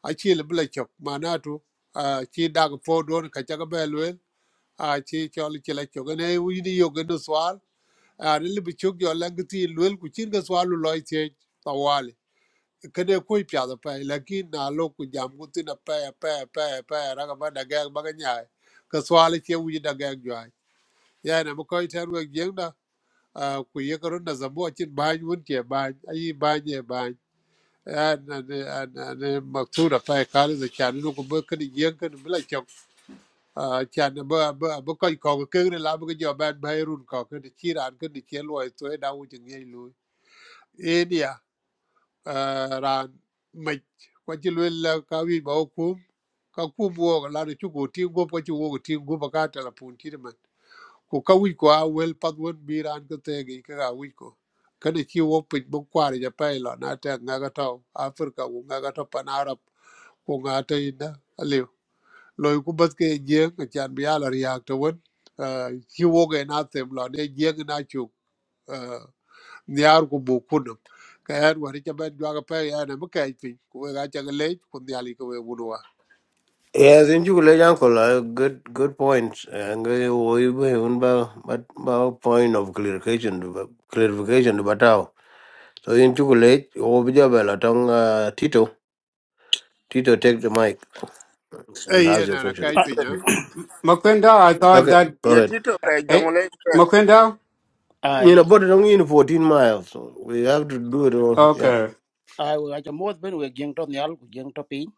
Speaker 19: a chi le bla chok manatu a chi dag fo don ka chaga belwe a chi chol chi la chok ne wi ni yo gen swal a ne le chok yo lang ti lwel ku chin ka swalu loy che tawali kede ko pya da pa lagi na lo ku jam ku tin pa pa pa pa ra ga ba da ga ba ga nya ka swali che wi da ga jwa ya na mo ko ter we jeng da ku yekarun na zamo cin bany wun ke bany ayi bany e bany an an an an maktura pa kali za chan nu ko ba kan yen kan bla chok chan ba ba ba ko ko ke ne la ba jo ban bay run ko ke ti chiran ke ni che loy to e da wu jing ye lu e dia ran mai ko ji lu la ka wi ba ku ka ku bo la ni chu ko ti go ko chu go ti go ba ka ta la pun ti man ku ka wic ku a wel path wen bi raan kä thëëk yic kaka wic ku kënë ci wok pic bï kwarë ja pë ï lö na tëk ŋëkä tö africa ku ŋëkä tö pan arab ku ŋa tö ïnë alïu loi ku bët ke ejeng acan bï al ryak tëwen ci wok ën athem lö në jeng na cuk niar ku buk kunëm ka ën wëri ca bën jwakë pë ën ëmï këc piny ku wek acakë lëc ku nhial yï kë wek wun wa
Speaker 1: yes in ju le uncle ah, good good points ngai wo ibe un ba but ba point of clarification du ba- clarification du batao so in ju le wo bi job la tong ah, tito tito take the mic and ask
Speaker 19: eyen
Speaker 1: your
Speaker 19: ën
Speaker 1: question
Speaker 19: akëc piny ë
Speaker 14: M- makwenda i thought
Speaker 1: okay
Speaker 14: that
Speaker 1: go
Speaker 20: ye
Speaker 1: ahead
Speaker 20: tito ke jong
Speaker 14: Eh,
Speaker 20: le
Speaker 14: Makwendao?
Speaker 21: ai
Speaker 1: You know, but it only in 14 miles. So we have to do it all. Yeah.
Speaker 14: Okay.
Speaker 21: ai wa cha mod ben we jeng to nyal ku jeng to pin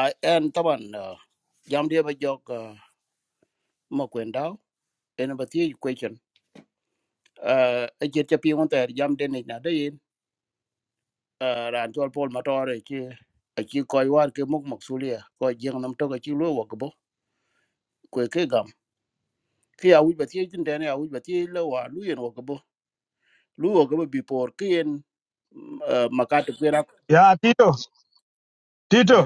Speaker 21: ai en taban uh, jam dia ba jok uh, mo kwen dau en ba ti question uh, a jet cha pi on ter jam den ni na de yin uh, ran chol pol ma tore chi a chi koi war ke mok mok sulia ko jeng nam to ka chi lo wa ko bo ko ke gam ki a wi ba ti tin den a wi ba ti lo wa lu yen wa ko bo lu wa ko bo bi por ki en uh, makati kwera
Speaker 6: Yeah, Tito. Tito.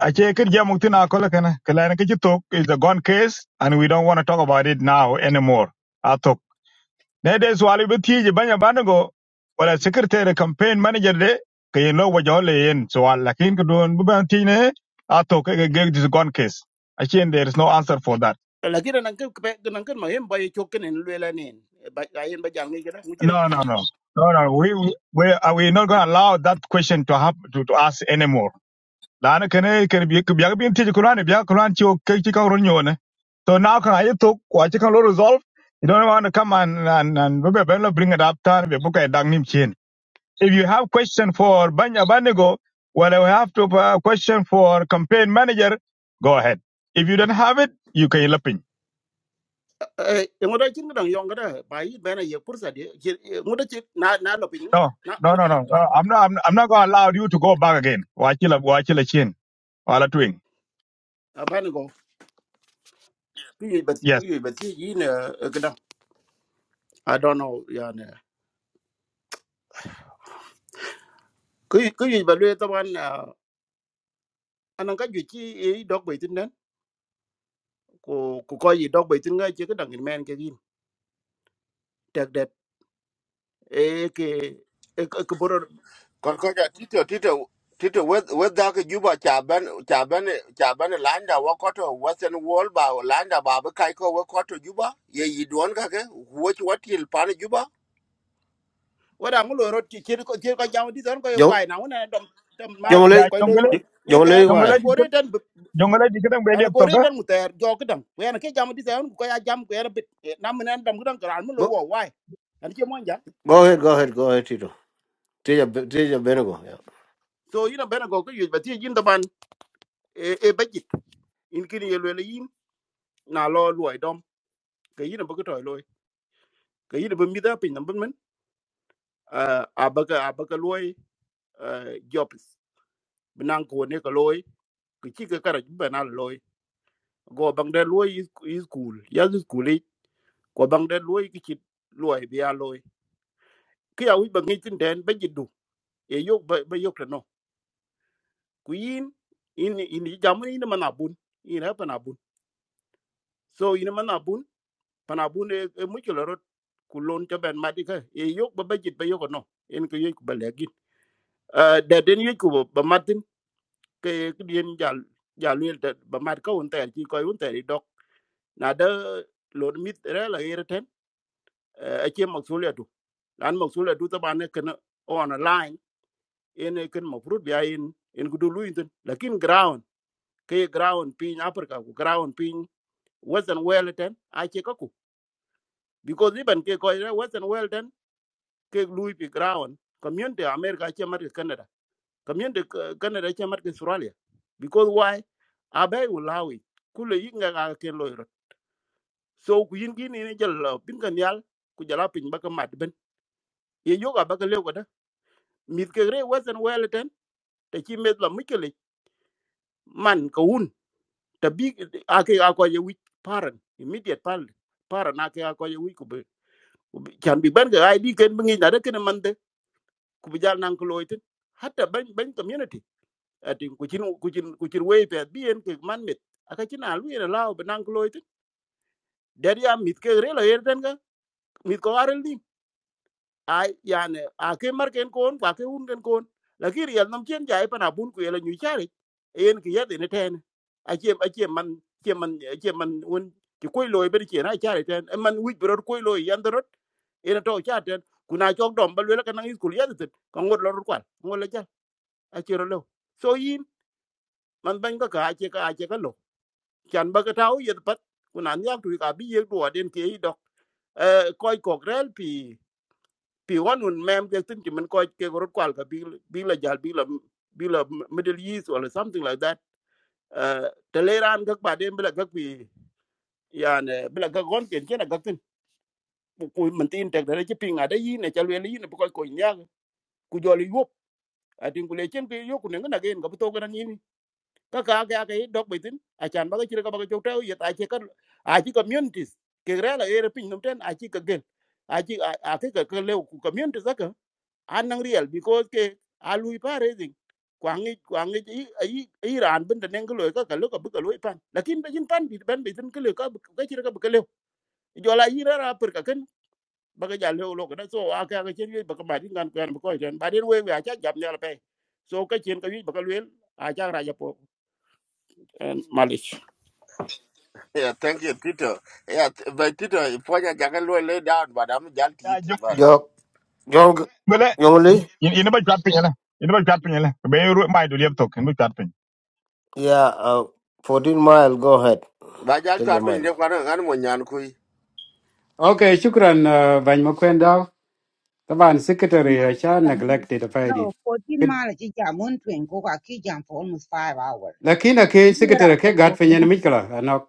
Speaker 6: I check it. Yeah, mutina akola kana. Kalana kichi talk is a gone case, and we don't want to talk about it now anymore. I Nede swali bi tiji banya banago wala secretary campaign manager de ke no wa jole yen swal lakin ko don bu ban tiji ne ato ke ge this gone case. Again there is no answer for that.
Speaker 21: lakini nan kan nan kan ma hem bay chokken en lela nen ba ayen ba jangi gida mu ci
Speaker 6: No no no. No no we we we are we not going to allow that question to happen to, to us anymore. Lana kene kene bi bi bi tiji kuran bi kuran chi o ke chi ka ron yo ne. So now can I talk what you can resolve? You don't want to come and and and we be- be- bring it up time we book a dang nim If you have question for Banya Banigo, well, you have to uh, question for campaign manager. Go ahead. If you don't have it, you can lapin.
Speaker 21: e ngoda ci ngidan yon gada ba yi bena ye pursa de ngoda ci na na lo pin
Speaker 6: No,
Speaker 21: na
Speaker 6: no, no, no. Uh, I'm not. I'm, I'm not going to allow you to go back again. Wachila, wachila chin, wala twing.
Speaker 21: ba ni go ku yi ba ku
Speaker 6: Yes.
Speaker 21: yi ba ti yi ne gida i don't know ya ne ku yi ku yi ba le taban anan ka ju ci e dog bay tin den ko ku ko yi dog bay tin ga ci gidan men ke yin tek det e ke
Speaker 20: ko ko ja tito tito tito we we da ke juba cha ban cha ban cha ban landa wa ko to western wall ba landa ba ba kai ko wa ko to juba ye yi don ka ke wo ti wa til pan juba
Speaker 21: wada ngulo rot ki kir ko kir ko jam di don ko yo
Speaker 1: Jong,
Speaker 21: kwai na wona dom dom
Speaker 6: Uh,
Speaker 21: mai
Speaker 6: yeah,
Speaker 1: Jongle,
Speaker 21: ko lo
Speaker 6: jongole,
Speaker 21: duat nye ke
Speaker 1: Jongle,
Speaker 21: an
Speaker 6: jongole,
Speaker 1: why?
Speaker 21: an gore
Speaker 6: dikit-
Speaker 21: tan
Speaker 6: jongole, dikit ang beli
Speaker 21: an gore
Speaker 6: aptoka.
Speaker 21: tan muter jok dam we an ke jam di don ko ya jam ko era bit nam nan dam gudan kran mo lo
Speaker 1: Go,
Speaker 21: wo wai an ke mon ja
Speaker 1: go ahead, go ahead, go ahead, Tito. Take your, Benego. Yeah.
Speaker 21: so ina bena go ko yu ba ti jin ban e e bajit in kin ye lo le yin na lo lo dom ke yin ba ko to lo ke yin ba mi da pin nam ban a ba ka a ba ka lo jobs binan ko ne ka lo ki ki ka kara ba na lo go bang de loy is is cool ya is cool i go bang de loy ki chit loy bi a loy ki a wi bang ngi tin den ba jiddu e yok ba ba yok no ku yin in in i jam ni man in ha pan so in man abun pan abun e e mu chulo ku lon cho ben ma di ka e yok ba ba jid ba yok no en ko yok ba le gi de den yok ko ba matin ke ke dien jal jal wel ba mat ka un ter ki ko un ter dok na de lon mit re la erten ache masuliyatu lan masuliyatu tabane kana on a line ene kan mafrut biya in in gudu luintin lakin ground ke ground pin africa ku ground pin western wellington ache kaku because even ke ko ira western wellington ke lui pi ground community america che mar canada community ka- canada che mar australia because why abai ulawi kule yinga ga ken loiro so ku yin gini ne jalla bin kan yal ku jala pin baka mat ben ye yoga baka lew mit ke re wasen wele ten te chi met la mikele man ko un te bi ake a ko ye wich parent, immediate parent, paran ake a ko ye wich ku be ku be- chan bi ban cái id ken bi ngi na de ken man de ku bi jal nan ko loy ten hatta ban bên community atin ku chin ku chin ku chin we pe bi en ke man mit aka nào lui ina lao ban nan ko loy ten der ya mit ke re la yer ten ga mit ko arel đi ai yani a ke mar ken kon kwa ke un ken kon la ki riel nam chen jai pa na bun ku la nyu chari en ki yade ne ten a chem a chem man chem man chem man un ki koy loy ber chen a chari ten E man wich bror koy loy yan dorot en to cha ten kuna chok dom bal wela kanang iskul yade ten ka ngot lor kwal ngol la cha a chero lo so yin man ban ka ka che ka che ka lo chan ba ka taw yed pat kuna nyak tu ka bi yek do den ke i dok koy kok rel pi pi wan un mem ke tin ki men ko ke gorot kwal ka bi bi la jal bi la bi la middle east or something like that uh teleran gak ba dem bla gak bi yan bla gak gon ken ken gak tin ku men tin tek da ci pinga da yi ne chal wel yi ne ko ko nya ku joli yop atin ku le chen ke yo ku ne na gen ga to ga ni ka ka ga ga dog bi tin a chan ba ga ci ga ba ga to ta yet a ci ka a ci communities ke rela era pin nom ten a ci ka gel a ci a ke ka le ku communities ka anang real because ke alui pa raising kwangi kwangi i i i ran bin da neng loy ka ka lo ka bu ka loy pan lakin ba jin pan bi ban bi tin ka lo ka bu- ka chira ka bu ka lo jo la i ra ra per ka ken ba ka ja lo lo ka na so a ka ka chen ba ka ma din gan kwan ba ko chen ba din we we a cha jam ne la pe so ka chen ka wi ba ka lo a cha ra ja po malish
Speaker 20: Yeah, thank you, Tito. Yeah, th- but Tito, if I can lay down, but I'm just it,
Speaker 6: Yeah,
Speaker 20: but.
Speaker 1: Jong, Jong,
Speaker 6: jongole.
Speaker 1: Jongle,
Speaker 6: In in about dropping, yala. In about dropping, yala. Be you my do laptop. In about dropping.
Speaker 1: yeah, uh, 14 mile, go ahead.
Speaker 20: But I'll
Speaker 1: Take
Speaker 20: try
Speaker 1: the
Speaker 20: to
Speaker 1: mic.
Speaker 20: find the one and one yan kui.
Speaker 14: Okay, shukran, uh, Bany Makwendao. Taban
Speaker 22: 14
Speaker 14: secretary
Speaker 22: miles
Speaker 14: uh, cha
Speaker 22: down.
Speaker 14: neglected faidi.
Speaker 22: No, 14 miles is a mountain. go back, he jump for almost five hours.
Speaker 14: Lakini
Speaker 22: You
Speaker 14: ke
Speaker 22: hear
Speaker 14: secretary
Speaker 22: out
Speaker 14: ke
Speaker 22: of
Speaker 14: gat
Speaker 22: go-
Speaker 14: fenyen
Speaker 22: go-
Speaker 14: mikla anok.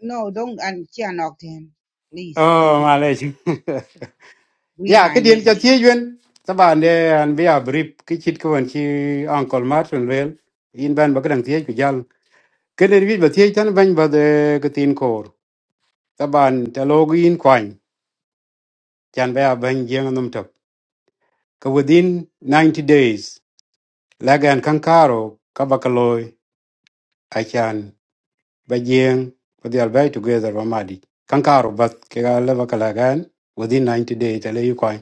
Speaker 22: No, don't, and she knocked him. Please don't
Speaker 14: Oh,
Speaker 22: do it.
Speaker 14: Malaysia, *laughs* yeah cái malej.
Speaker 22: Read
Speaker 14: Ya, ke
Speaker 22: my
Speaker 14: dien cha
Speaker 22: name.
Speaker 14: tiyuen. Taban de an bia brief ke của anh chị Uncle Martin Rail. In ban bác đăng tiyej ku jal. cái ne wi ba tiyej tan ban bảo de ke tin cổ. Các bạn kor. Taban ta login kwany. Chan bia ban jeng num tok. Ka within ninety days. Lagan kankaro kabakaloi achan bajing podial bay together mamadi. Kankaro but kega leva kalagan within 90 days tele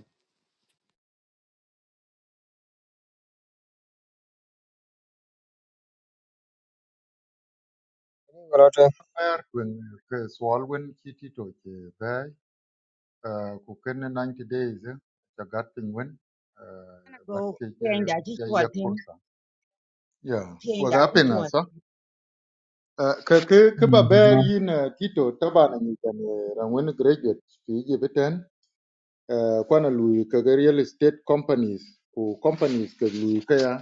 Speaker 2: Rota
Speaker 3: Ber when ke swal when kiti to ke ber ku ken 90 days eh, the gat thing when
Speaker 22: I'm gonna
Speaker 3: what
Speaker 22: go,
Speaker 3: ke ye
Speaker 22: change that
Speaker 3: ye ye
Speaker 22: ritual thing,
Speaker 3: kursa ya
Speaker 22: change
Speaker 3: wa
Speaker 22: that
Speaker 3: ga pinga
Speaker 22: ritual.
Speaker 3: so ke ke ke ba ber yin tito tabana ni kan ran when graduate fi ye beten kwana lu ke real estate companies ku companies ke lu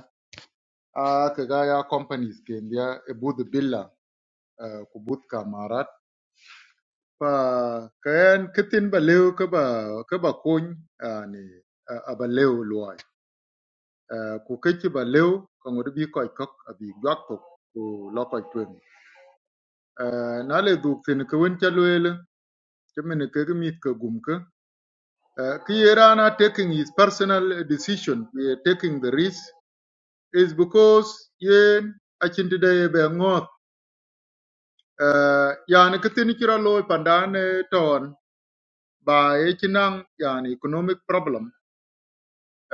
Speaker 3: Ah, kagaya companies kendia ebudh billa ah, ku kamarat pa kayan kitin ba lew ka ba kony ani aba lew luai Ah, ku keki ba lew ka ngod bi koy kok abi gwak tok ku lo koy twen na duk tin ka wen temen ke mit ka Ah, taking his personal decision we are taking the risk is because yen achin today be Ờ, yani ki thin ci lo pandan ton ba e ci nang yani economic problem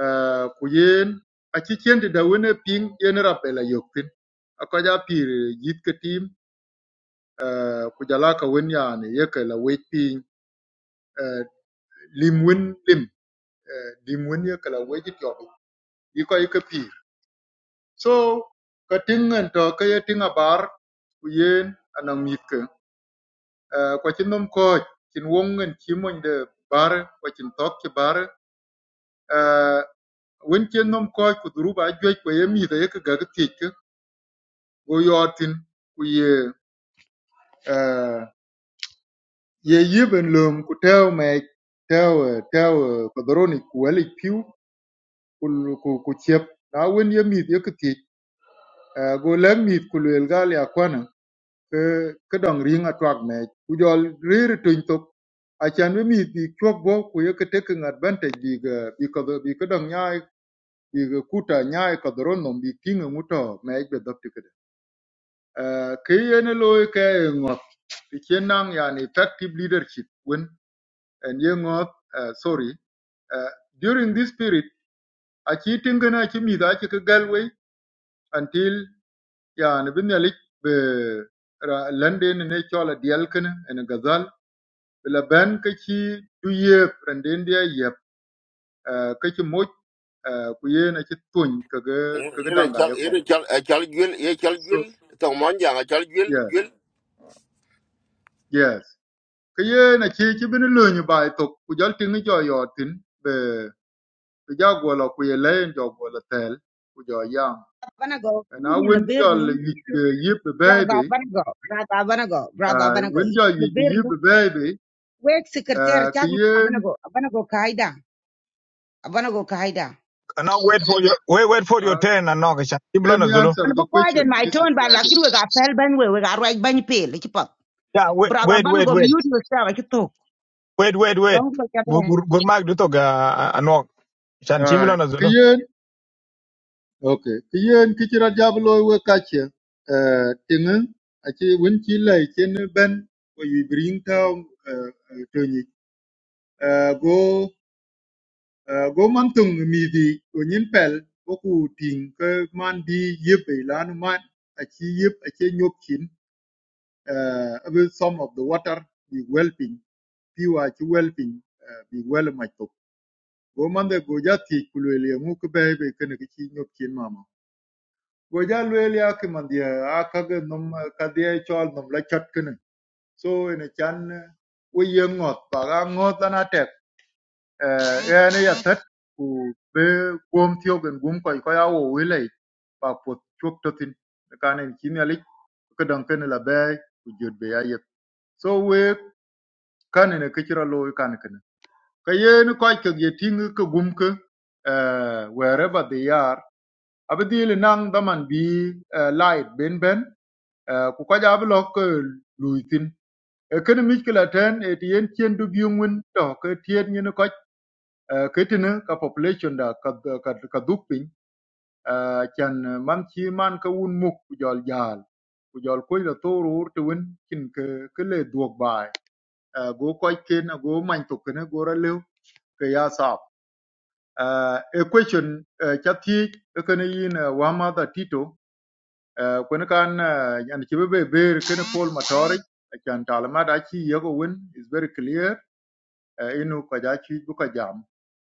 Speaker 3: Eh, ku yen a ci cien ping yen rabela yok thin ako ja pir yit ke tim eh, ku jala ka wen yani ye ke la wej ping eh, lim wen lim eh, lim wen ye ke la wej tiop yi ko yi ke pir so ka ting en to ke ye ting bar, ku yen anang yit ke Eh, kwa ci nom ko cin wong en ci moñ de bar kwa cin tok ci bar Ah, wen chen nom koch ku dhuruba ajuej kwa ye mitho ye kigaki thiec ki go yot thin ku ye ah, ye yiben lum ku teu mec teu eh, teu eh, kodoroni ku welic piu ku lu- ku ku ciep na wen ye mith ye kithiec Ah, go lek mith ku luel gal ya kwana ke ke dong ring atwak mec ku jol riri tuny tok acan bi mith bi cuok bo ku ye ke taking advantage bi ga bi ka bi ke dong nyai bi ga kuta nyai kodoro nom bi tinga nguto mec be dhop Uh, ke yen loy ke e ngot ke nang yani effective leadership when and ye ngot uh, sorry uh, during this period a chi tingana chi mi da chi ke galway until yani bin yali be ra- lande ne ne chola dial kana en e gazal la ban ke chi du ye randen dia ye uh, ke chi mo uh, ku ye na chi tun ke ge ke ge
Speaker 20: In a
Speaker 3: danga
Speaker 20: chal,
Speaker 3: ye ko
Speaker 20: in a chal, a chal gill, a chal
Speaker 3: so
Speaker 20: gill, Tom Monjang, a chal gill,
Speaker 3: yeah
Speaker 20: gill.
Speaker 3: yes ke ye na chi chi bin lo nyu bai to ku jal tingi jo yo tin Ti ja gwöl ökwïë lëë jö gwöl ëthël ku jö yam
Speaker 22: I'm gonna go,
Speaker 3: ëna
Speaker 22: eat in
Speaker 3: wen
Speaker 22: the
Speaker 3: jöl
Speaker 22: bedroom.
Speaker 3: yüc bï
Speaker 22: Brother,
Speaker 3: bïbï
Speaker 22: I'm gonna go, brother, I'm gonna go, brother, I'm gonna go,
Speaker 3: wen
Speaker 22: eat
Speaker 3: jöl
Speaker 22: in the
Speaker 3: yüc bï yüb
Speaker 22: bedroom.
Speaker 3: bïbï
Speaker 22: Wake secretary,
Speaker 3: kï
Speaker 22: check me, I'm
Speaker 3: yen
Speaker 22: gonna go, I'm gonna go, Kaida. I'm gonna go, Kaida.
Speaker 6: Now wait for your wait wait for your
Speaker 3: ah,
Speaker 6: turn and knock. Iblo
Speaker 3: let
Speaker 6: na
Speaker 3: me
Speaker 6: zulu.
Speaker 3: answer
Speaker 22: And
Speaker 3: the
Speaker 22: because
Speaker 3: question
Speaker 22: in my
Speaker 3: Mrs.
Speaker 22: turn, but like
Speaker 3: Ajeni
Speaker 22: you, we got fell, ben, we we got right, ben, pale,
Speaker 6: Yeah, wait
Speaker 22: Brother
Speaker 6: wait wait
Speaker 22: Banago,
Speaker 6: wait.
Speaker 22: mute yourself. I talk.
Speaker 6: wait wait wait
Speaker 22: Long look at
Speaker 6: gur
Speaker 22: that.
Speaker 6: gur gur mag du toga anok chan chimlo na
Speaker 3: kï
Speaker 6: zulu
Speaker 3: yen ok kï yen kï cï rot jabö loi wek kacë tïngï aci wen cï lëë cen bën ko yüc bï ring thö tonyi go Uh, go man tung mithi onyin pel boku ting ke man di yip e lanu man achi yip achi nyop chin uh, even some of the water be whelping piwa achi whelping uh, be well my top go man de go ja ti kulwele mu ke be be ken ke chi nyop chin mama go ja lwele ak man dia akag nom ka dia chol nom la chat kene so ene chan we yem ngot ba ga ngot ana te ene ya tat ku be gom tio gen gum ko ko ya wo wile ba po chok to tin ka ne kin ya lik ka dan ken la be ku jot be ya yet so we kan ne ke chira lo kan ken ka ye ni ko ke ye tin ke gum ke eh wherever they are abdi le nang daman bi eh, light ben ben eh, ku ko ja blok lu tin e ken mi kila ten e tien chen du bi ngun to ke tien ni ko ketene ka population da ka ka ka dupin chan man chi man ka un muk ku jol jal ku jol ko la toru urte wen kin ke ke le duok bai Eh, go ko ken go man to ken go ra le ke ya sa a e question eh, cha ti ke ne yin eh, wa ma da tito ko ne kan yan chi be ber ken pol matori chan talma da chi yego wen is very clear eh, inu ka ja chi bu ka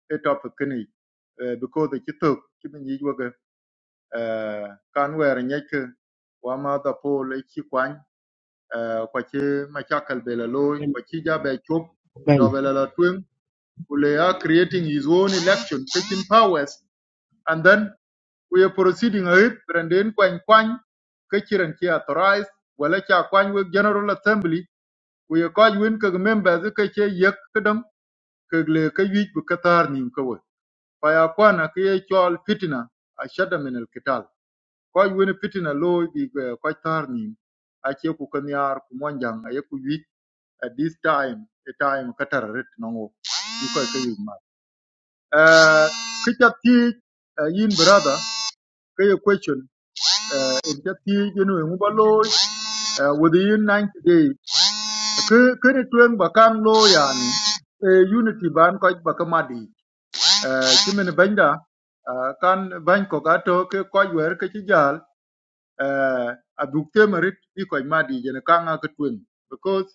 Speaker 3: e topic kini eh, because ci tok ci min yi woga kan wer nyeke wa ma da pol e ci kwan eh, kwa ci ma chakal be la loy kwa ci ja be chop jo be la la twen kule ya creating his own election taking powers and then we are proceeding ahead branden kwan kwan ke chiran ki authorized wala cha kwan we general assembly we are called win ke members ke che yek kedam ke le ke yik bu katar nim ka فيكون كي يقول فتنة أشد من القتال كوي وين فتنة لو بي كوي تارنين أشي كو كنيار كو مونجان أي كو يويت at this time a time katar ret nongo you كوي كي يما كتا تي yin brother kay question uh, in ta ti ginu mu balo uh, within 90 days ke ke ne tuen ba kan lo yani eh, unity ban ko ba kamadi Eh, ci min benda ah, kan bany ko ga to ke ko wer ke ci jal eh, a te marit bi ko ma di jene ka nga ke twin because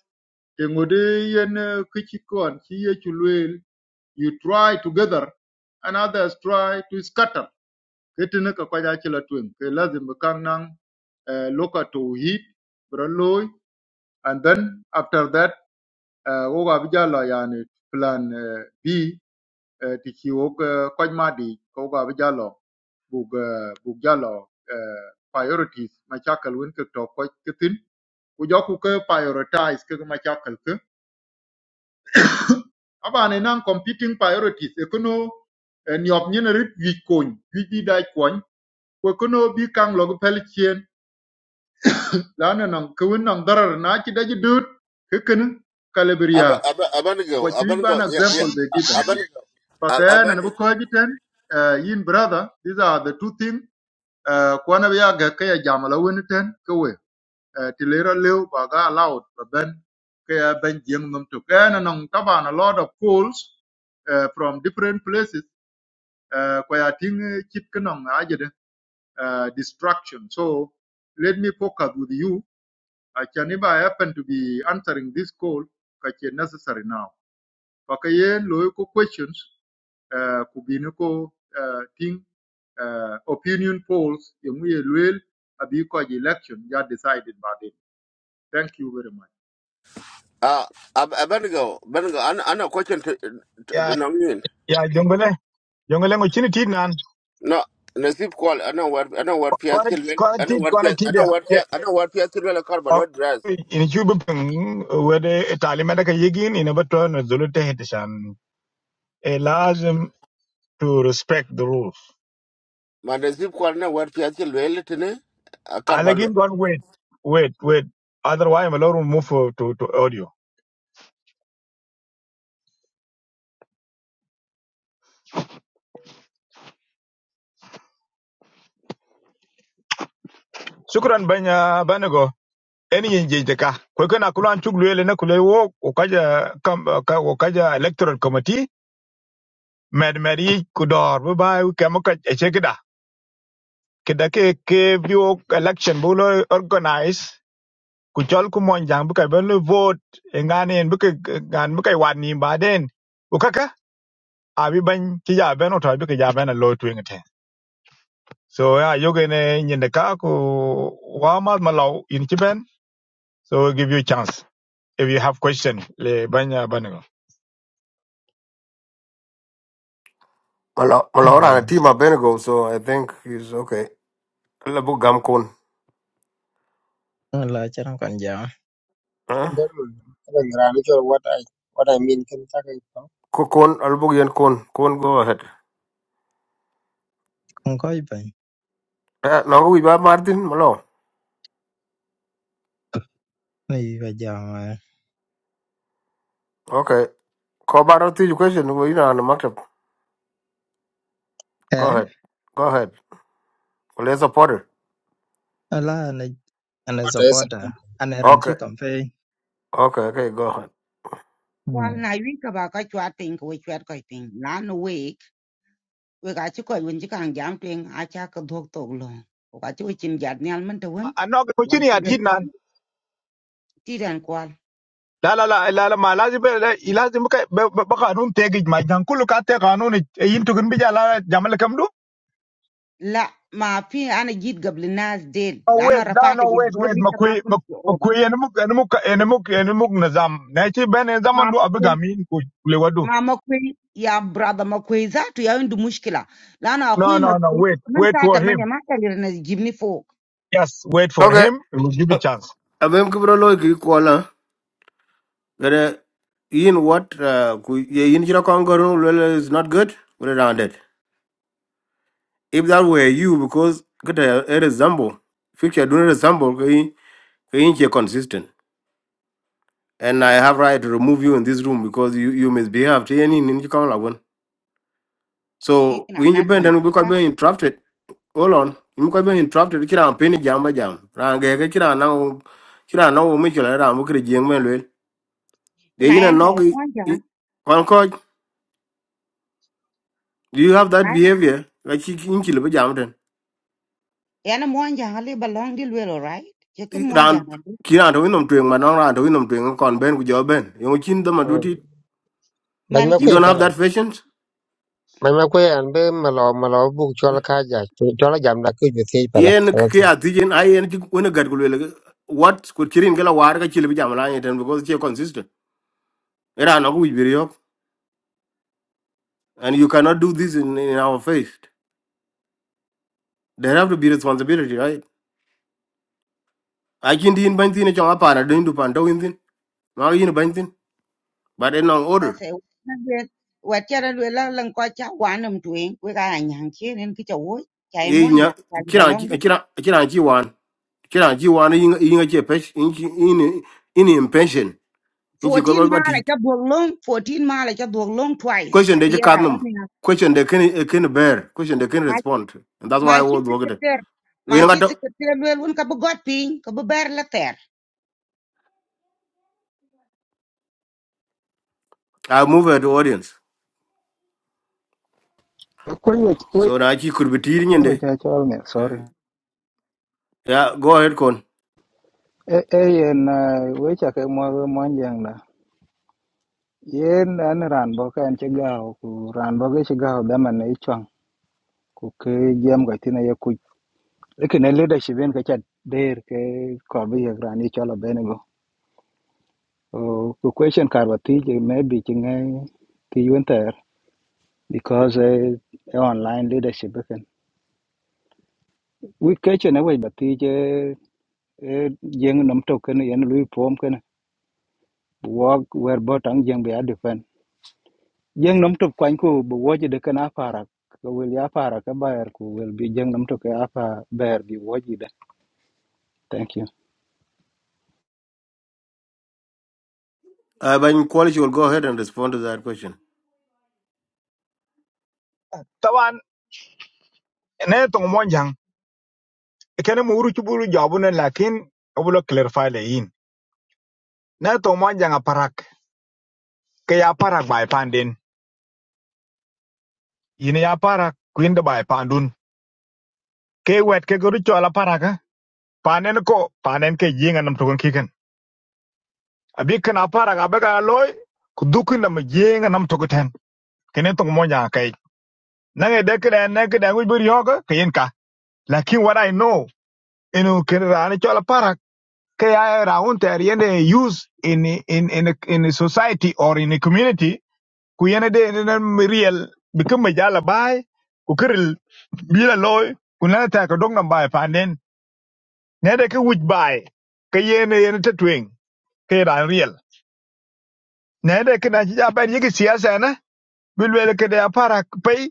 Speaker 3: te ngode yen eh, ke ci kon ci ye ci luel you try together and others try to scatter ke te ne ka ko ja ci la twin ke lazim be nang eh, loka to hit bro loy and then after that uh, wo ga bi jalo yani plan eh, B eh, ti chi wo đi, koj ma bây giờ ga bi jalo giờ eh, priorities, jalo eh, priorities ma chakal won ke to ko ke tin ku jo ku ke prioritize ke ma chakal À, aba ne năng competing priorities e kono eh, niop nyen rất wi con, wi đi đại con, ko kono nó bị căng pel chien la na nan ke won nó darar na chi da ji được, ke ken kalibria ko
Speaker 20: Abanago,
Speaker 3: chi wi ban
Speaker 20: Abanago, yeah,
Speaker 3: example
Speaker 20: yeah,
Speaker 3: they given
Speaker 20: Abanago,
Speaker 3: pa ka na bu
Speaker 20: Abani.
Speaker 3: ko jiten eh, yin brother these are the two things uh, kwana bi ya ga ka ya jam la wen ten ka we uh, ti le ra leu allowed ben ka ben jeng num to ka na nong ta ba na lot of calls uh, from different places uh, kwa ting eh, chit ka nong uh, distraction so let me focus with you I can if I happen to be answering this call ka necessary now pa ka yen ko questions uh, ku uh, ting uh, opinion polls in Luel because election ya decided by them. Thank you very much.
Speaker 20: Ah, Abanago, Banago, I I know question to
Speaker 6: ya
Speaker 20: Nongin.
Speaker 6: ya jongole jongole ngo chini tit nan
Speaker 20: No, Nasib call, I know what, I know what Pia
Speaker 6: kwana
Speaker 20: Silvil,
Speaker 6: kwana
Speaker 20: I know
Speaker 6: tit
Speaker 20: what
Speaker 6: kwana
Speaker 20: Pia, I
Speaker 6: tit
Speaker 20: know
Speaker 6: ya
Speaker 20: what
Speaker 6: eh
Speaker 20: Pia, I know what Pia Silvil, a car, but
Speaker 6: ok
Speaker 20: what dress.
Speaker 6: ini chubu ping wede talima da ka yegin ina bato na zulu te hete shan eh lazim to respect the rules
Speaker 20: ma de sip kwar ne war pia che lwel tene a kar ba
Speaker 6: alagin don't wait wait wait otherwise malor move to to audio shukran banya banago eni yin jeje ka ko kana kulan chuk luele na kule wo ko kaja kam ka ko kaja electoral committee med med yi ku dor bu ba wi kam ka eche kida kida ke ke bio election bu lo organize ku chol ku mon jang bu ka ben lo vote e ngane en bu ka ngan bu ka wan ni ba den ku kaka a bi ban ti ja ben o ta bi ka ja ben lo tu ngate so ya yoge ne nyin de ka ku wa ma ma law in ti ben so we give you a chance if you have question le banya banago
Speaker 1: Malo- Malora and
Speaker 7: Yen.
Speaker 1: a team of Benego. so I think he's okay. Albu Gam Kun.
Speaker 7: Wala ichi ran kan jam.
Speaker 1: Huh?
Speaker 2: ndel mun taban rani ko what I what I mean ken takay ko.
Speaker 1: Kun, Albu Yan Kun. Kun, go ahead.
Speaker 7: Kon ko iban.
Speaker 1: Eh, no, we buy Martin Malo.
Speaker 7: Ni ga jam.
Speaker 1: Okay. Call about the question. We know on the market. Go
Speaker 7: En,
Speaker 1: ahead. Go ahead. Let's support her.
Speaker 7: wala ana ana
Speaker 2: What I said.
Speaker 7: supporter. Ana ran chi
Speaker 1: Okay.
Speaker 7: campaign.
Speaker 1: Okay. Okay. Go ahead.
Speaker 22: Kwal
Speaker 7: Hmm.
Speaker 22: na wi ka ba ka chwat ping ko chwat ko ping la no we chat quite thing. Lan week, we ka chi ko win chi kang jam ping a cha ka dhok tok lo ko ka chi we chin jat nyal man to wen
Speaker 6: anok ko
Speaker 22: wa
Speaker 6: chini
Speaker 22: chi ga
Speaker 6: atit
Speaker 22: ti
Speaker 6: nan
Speaker 22: ti ran kwal
Speaker 6: la la la la la ma lazim be la- lazim ka be be- be kanun tegi ma jan kulu ka te kanun e yin tukun bi jala jamal kam du
Speaker 22: la ma fi ana jit gabli nas del
Speaker 6: no
Speaker 22: la na
Speaker 6: wait da no
Speaker 22: rafata jit
Speaker 6: wait wait
Speaker 22: gabli
Speaker 6: ma
Speaker 22: ta
Speaker 6: kwe
Speaker 22: ka kun
Speaker 6: ma
Speaker 22: ti
Speaker 6: ma
Speaker 22: oba
Speaker 6: kwe en muk en muk en muk en muk nazam na chi ben en zaman
Speaker 22: ma
Speaker 6: du
Speaker 22: ma kwe
Speaker 6: abigamin ku le wadu
Speaker 22: ma ma kwe ya brother ma kwe za tu ya ndu mushkila la na
Speaker 6: no
Speaker 22: akhui ma
Speaker 6: no no
Speaker 22: kwe
Speaker 6: wait
Speaker 22: man
Speaker 6: wait
Speaker 22: ta
Speaker 6: for
Speaker 22: ta
Speaker 6: him
Speaker 22: manya ma ta lirna jibni fo
Speaker 6: yes wait for
Speaker 1: Okay.
Speaker 6: him we will give you chance
Speaker 1: abem ki bro loy ki kola gere in what uh, ku ye yin jira kon goro lele is not good we around it if that were you because kita a a resemble future don't resemble ki ki yin che consistent and i have right to remove you in this room because you you misbehaved yin yin yin kon la So
Speaker 22: I'm
Speaker 1: winji
Speaker 22: not
Speaker 1: bende nubi
Speaker 22: from
Speaker 1: kwa be interrupted. Hold on. Nubi kwa be interrupted kira ampeni jamba jam. Rangege kira na u kira na u michula ra mukiri jengme lwel. De
Speaker 22: na
Speaker 1: yina
Speaker 22: yan cha
Speaker 1: nog
Speaker 22: mon jang
Speaker 1: konkoj. Do you have that
Speaker 22: na
Speaker 1: behavior? Like she inchi lebe jam ten.
Speaker 22: yan mon jang balong di lwelo right je kin mon jang
Speaker 1: Ran
Speaker 22: ali
Speaker 1: kira to winom tuing manong ran to winom tuing kon ben ku jo ben. Yung chin dama
Speaker 2: Mm.
Speaker 1: duty.
Speaker 2: Bañ
Speaker 22: man
Speaker 2: ma
Speaker 22: ki
Speaker 1: You
Speaker 2: koy
Speaker 1: don't have
Speaker 2: pala.
Speaker 1: that patience?
Speaker 2: Bañ ma koy an be malo malo bu chol ka ja. Chol jam da ku ju tej pala.
Speaker 1: Yen
Speaker 2: Chol.
Speaker 1: ke atijen ay yen chik wene gad kulwele. What could kirin kela war ka chile bijam la ten because che consistent. Era no ku wibiri and you cannot do this in, in our face. There have to be responsibility, right? I can do in bantin a chong apana doing to panto in thin. Now do anything. but in on
Speaker 22: ka
Speaker 1: order.
Speaker 22: se na de wa cha ra lwela lan ko cha wa nam we ka nyang ki nen ki cha wo cha
Speaker 1: Ye
Speaker 22: mon
Speaker 1: nya
Speaker 22: jang cha
Speaker 1: kira
Speaker 22: balong di
Speaker 1: kira kira ji wan kira ji wan in in a chepesh in in in in in you go
Speaker 22: 14 ma
Speaker 1: about
Speaker 22: la
Speaker 1: it.
Speaker 22: cha dog long 14 ma la cha dog long twice
Speaker 1: Question they
Speaker 22: ku yera
Speaker 1: can
Speaker 22: ra
Speaker 1: them.
Speaker 22: ni na
Speaker 1: Question they can can bear. Question they can
Speaker 22: ma chi
Speaker 1: respond. to. And that's
Speaker 22: ma
Speaker 1: why I
Speaker 22: chi
Speaker 1: was working.
Speaker 22: secretary ma
Speaker 1: We
Speaker 22: chi
Speaker 1: not got to-
Speaker 22: secretary lwel un ka bu got pin ka bu ber la
Speaker 1: I move her to audience.
Speaker 23: Akwai wech- we-
Speaker 1: So now she could be teaching in
Speaker 23: akwai
Speaker 1: there.
Speaker 23: cha achol ne,
Speaker 1: Uh,
Speaker 23: sorry.
Speaker 1: Yeah, go ahead, Con.
Speaker 23: E- e yen, eh, weche ake mwa- mwanjang na. Yen en ran bo ka en chi gawo, ku ran bo ke chi gawo dama ne ichwang, ku ke jam ga tin ye kuc. Lakini leadership en ka cha der ke kor bi yek ran ichwalo bene go. Oh, Ku question kar wa tij maybe chi ngai ti yuen ter because eh, e online leadership ken. Wi kechen e wech ba tij eh, eh, jeng nom tok ken yen lui pom wok wer bo tang jeng be adefen jeng nom tok kwan ko bo woje de kana para ko wel ya para ka bayar ko wel bi jeng nom tok ya pa bayar bi woje de thank you
Speaker 1: Uh, Bany Quality will go ahead and respond to that question.
Speaker 6: tawan ne to mo jang e ken mo uru chuburu jabu ne lakin obulo clarify le yin ne to mo jang aparak ke ya parak bai panden Yin ya parak kuin de bai pandun. Ke wet ke godu chola paraka. Panen ko panen ke yinga nam token kiken. Abi kan aparak abega loy kudukin nam yinga nam token. Kenen tong monya kai. Nange de kene ne kene ngi buri yoga kayen ka. Lakin what I know inu ken rani chola parak ke ya raun ter yende use in in in in a society or in a community ku yene de in real bikin majala bai ku kiril bila loy ku na ta ka dong nam bai panen. nede ke wic bai ke yen yen te twing ke ran riel nede ke na ja ben yigi siasa na bi lwel ke de apara pay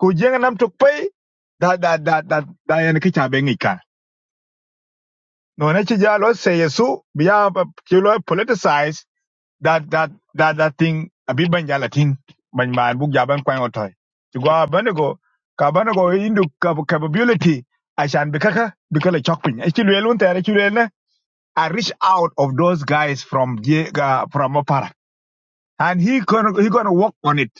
Speaker 6: ku jeng nam tok pay da da da da da yen ke cha ben ka no ne chi ja lo se yesu bi ya chi lo politicize that that that that thing abi ban ja latin ban man buk ja ban kwan otoy ti gwa banego ka banego indu capability ashan bi kaka bi kala chokpin e chi lwel un tere chi lwel I reach out of those guys from J- uh, from Opara, and he gonna he gonna work on it.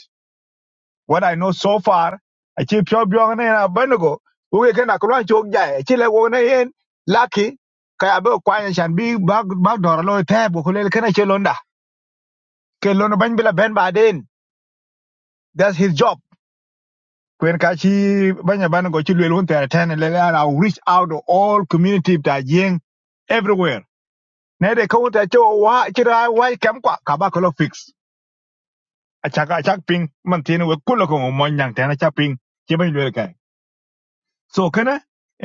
Speaker 6: What I know so far, I keep your biong na benego. who We can akula chok jai. Chile wo na yen lucky. Kaya be kwanya shan bi bag bag dora lo tap ko le kana chelonda. Ke lono ban bila ben ba That's his job. When kachi banya banego chilwe lo ntere ten I'll reach out to all community ta jeng everywhere. Nede kaunta cho wa chira wa kamkwa kabakolo fix. achak achak ping man tiene we kulo ko mo nyang tena achak ping ke ban lwe kai so kana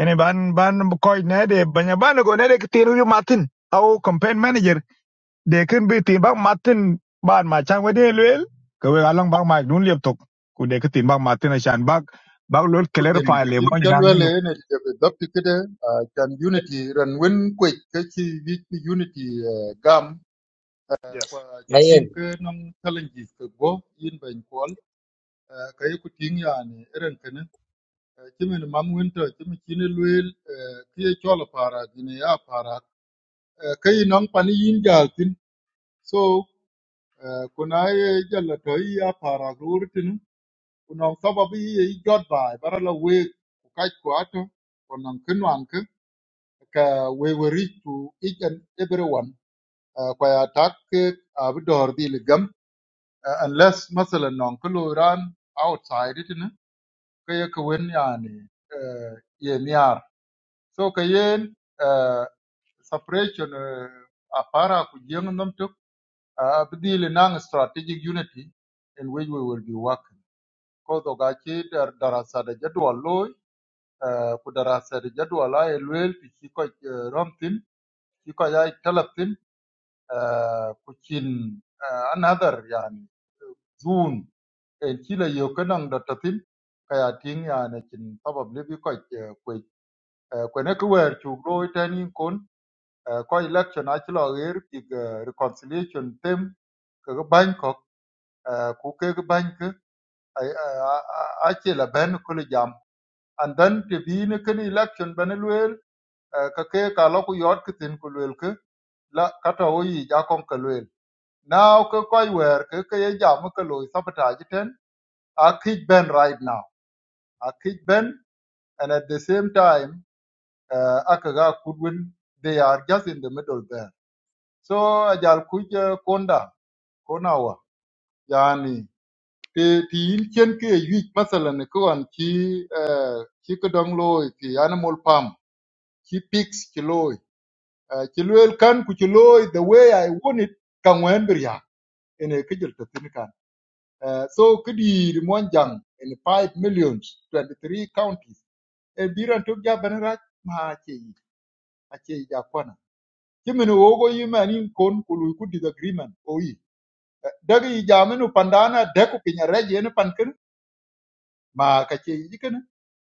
Speaker 6: ene ban ban ko ne de banya ban go ne de tiru yu matin au campaign manager de kan be tin bak matin ban ma chang we de lwe ko we along bak ma dun lep tok ku de ka tin bak matin a shan bak bak lol
Speaker 3: kutin
Speaker 6: clarify
Speaker 3: ti
Speaker 6: le mo
Speaker 3: kiti
Speaker 6: nyang
Speaker 3: chalwele
Speaker 6: no
Speaker 3: ne ti jabe dapti kede ah, chan unity ran wen kwek ke chi unity eh, gam eh,
Speaker 6: yes
Speaker 3: kwa ti ting ke nam challenges ke go yin ben kwal eh, ka yiku ting yani eren kene eh, chimi ni mam winter chimi chini lwel eh, kiye chola para gine ya para eh, nang pani yin jal so Eh, kuna ye jalla to iya para rurtin kuna sababu ye jot bai bara la we ku kai ku ato kuna kinu anke ka we we reach to each and everyone Eh, kwa ya tak ke abdor dil gam Eh, unless masala non kulo ran outside it ne kay ka ye ku wen yani eh, ye niar so ka ye eh, separation eh, apara ku jeng nam tuk uh, abdil nang strategic unity in which we will be working kodo ga ci dar darasa de jadwal loy eh, ku darasa de jadwal ay luel ti ci ko eh, romtin ci ko ay talatin eh, ku cin eh, another yani zun en ci la yo kanang da tatin kaya tin yani cin probably bi ko ku ku ne ku wer chu loy tani kon eh, ko election a ci lo ger ti reconciliation tem ka ga ban ko ku ke ga ban ka a a ben ku and then te bi ne ken election bene luel eh, ka ke ka lo ku yot ki tin ku luel ke la kata o yi ja kon ka luel now ke koi wer ke ke ye jam ke lo sabotage ten a kid ben right now a kid ben and at the same time uh, akaga kudwin they are just in the middle there so ajal kuj eh, konda konawa yani ti ti yin chen ke yuj masalan ko an ki eh, ki kedong loy ti animal farm ki pigs ki loy Eh, ci luel kan ku ci the way i want it kan wen bir ene kijel to kan Eh, so kidi mon jang in 5 millions 23 counties e biran to ja banara ma che yi a che yi ja kwana kimin wogo yi mani kon ku lu ku disagreement o yi Eh, dagi jaminu pandana de ku pinya reje ne pankin ma ka che yi jikin.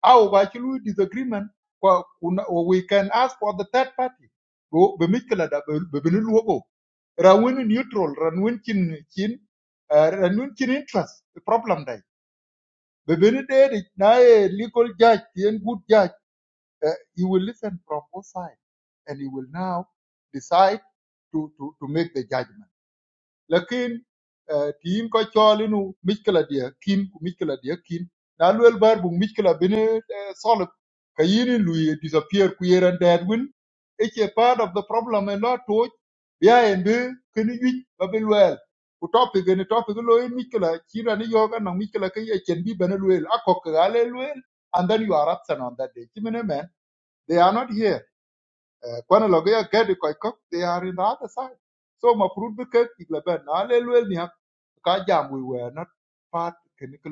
Speaker 3: au ba chulu disagreement kwa kuna, we can ask for the third party go be mikla da be be luogo rawun neutral rawun chin chin uh, rawun chin interest the problem dai be be ni de na a legal judge and good judge uh, he will listen from both sides and he will now decide to to to make the judgment lakin eh, tiyin ko cholinu mikla dia kin ku mikla dia kin na luel bar bu mikla bini eh, solid kayini lui disappear ku yeran dad win it's a part of the problem and not to ya embe kini yik babil wel ku topic ni topic lo yin mikla chira ni yoga na mikla kay echen bi bana luel akok gale luel and then you are absent on that day kimene man they are not here Eh, kwana logo ya gadi koy kok they are in the other side so ma prud be kek igla ben na le ka jam we were not part kene ke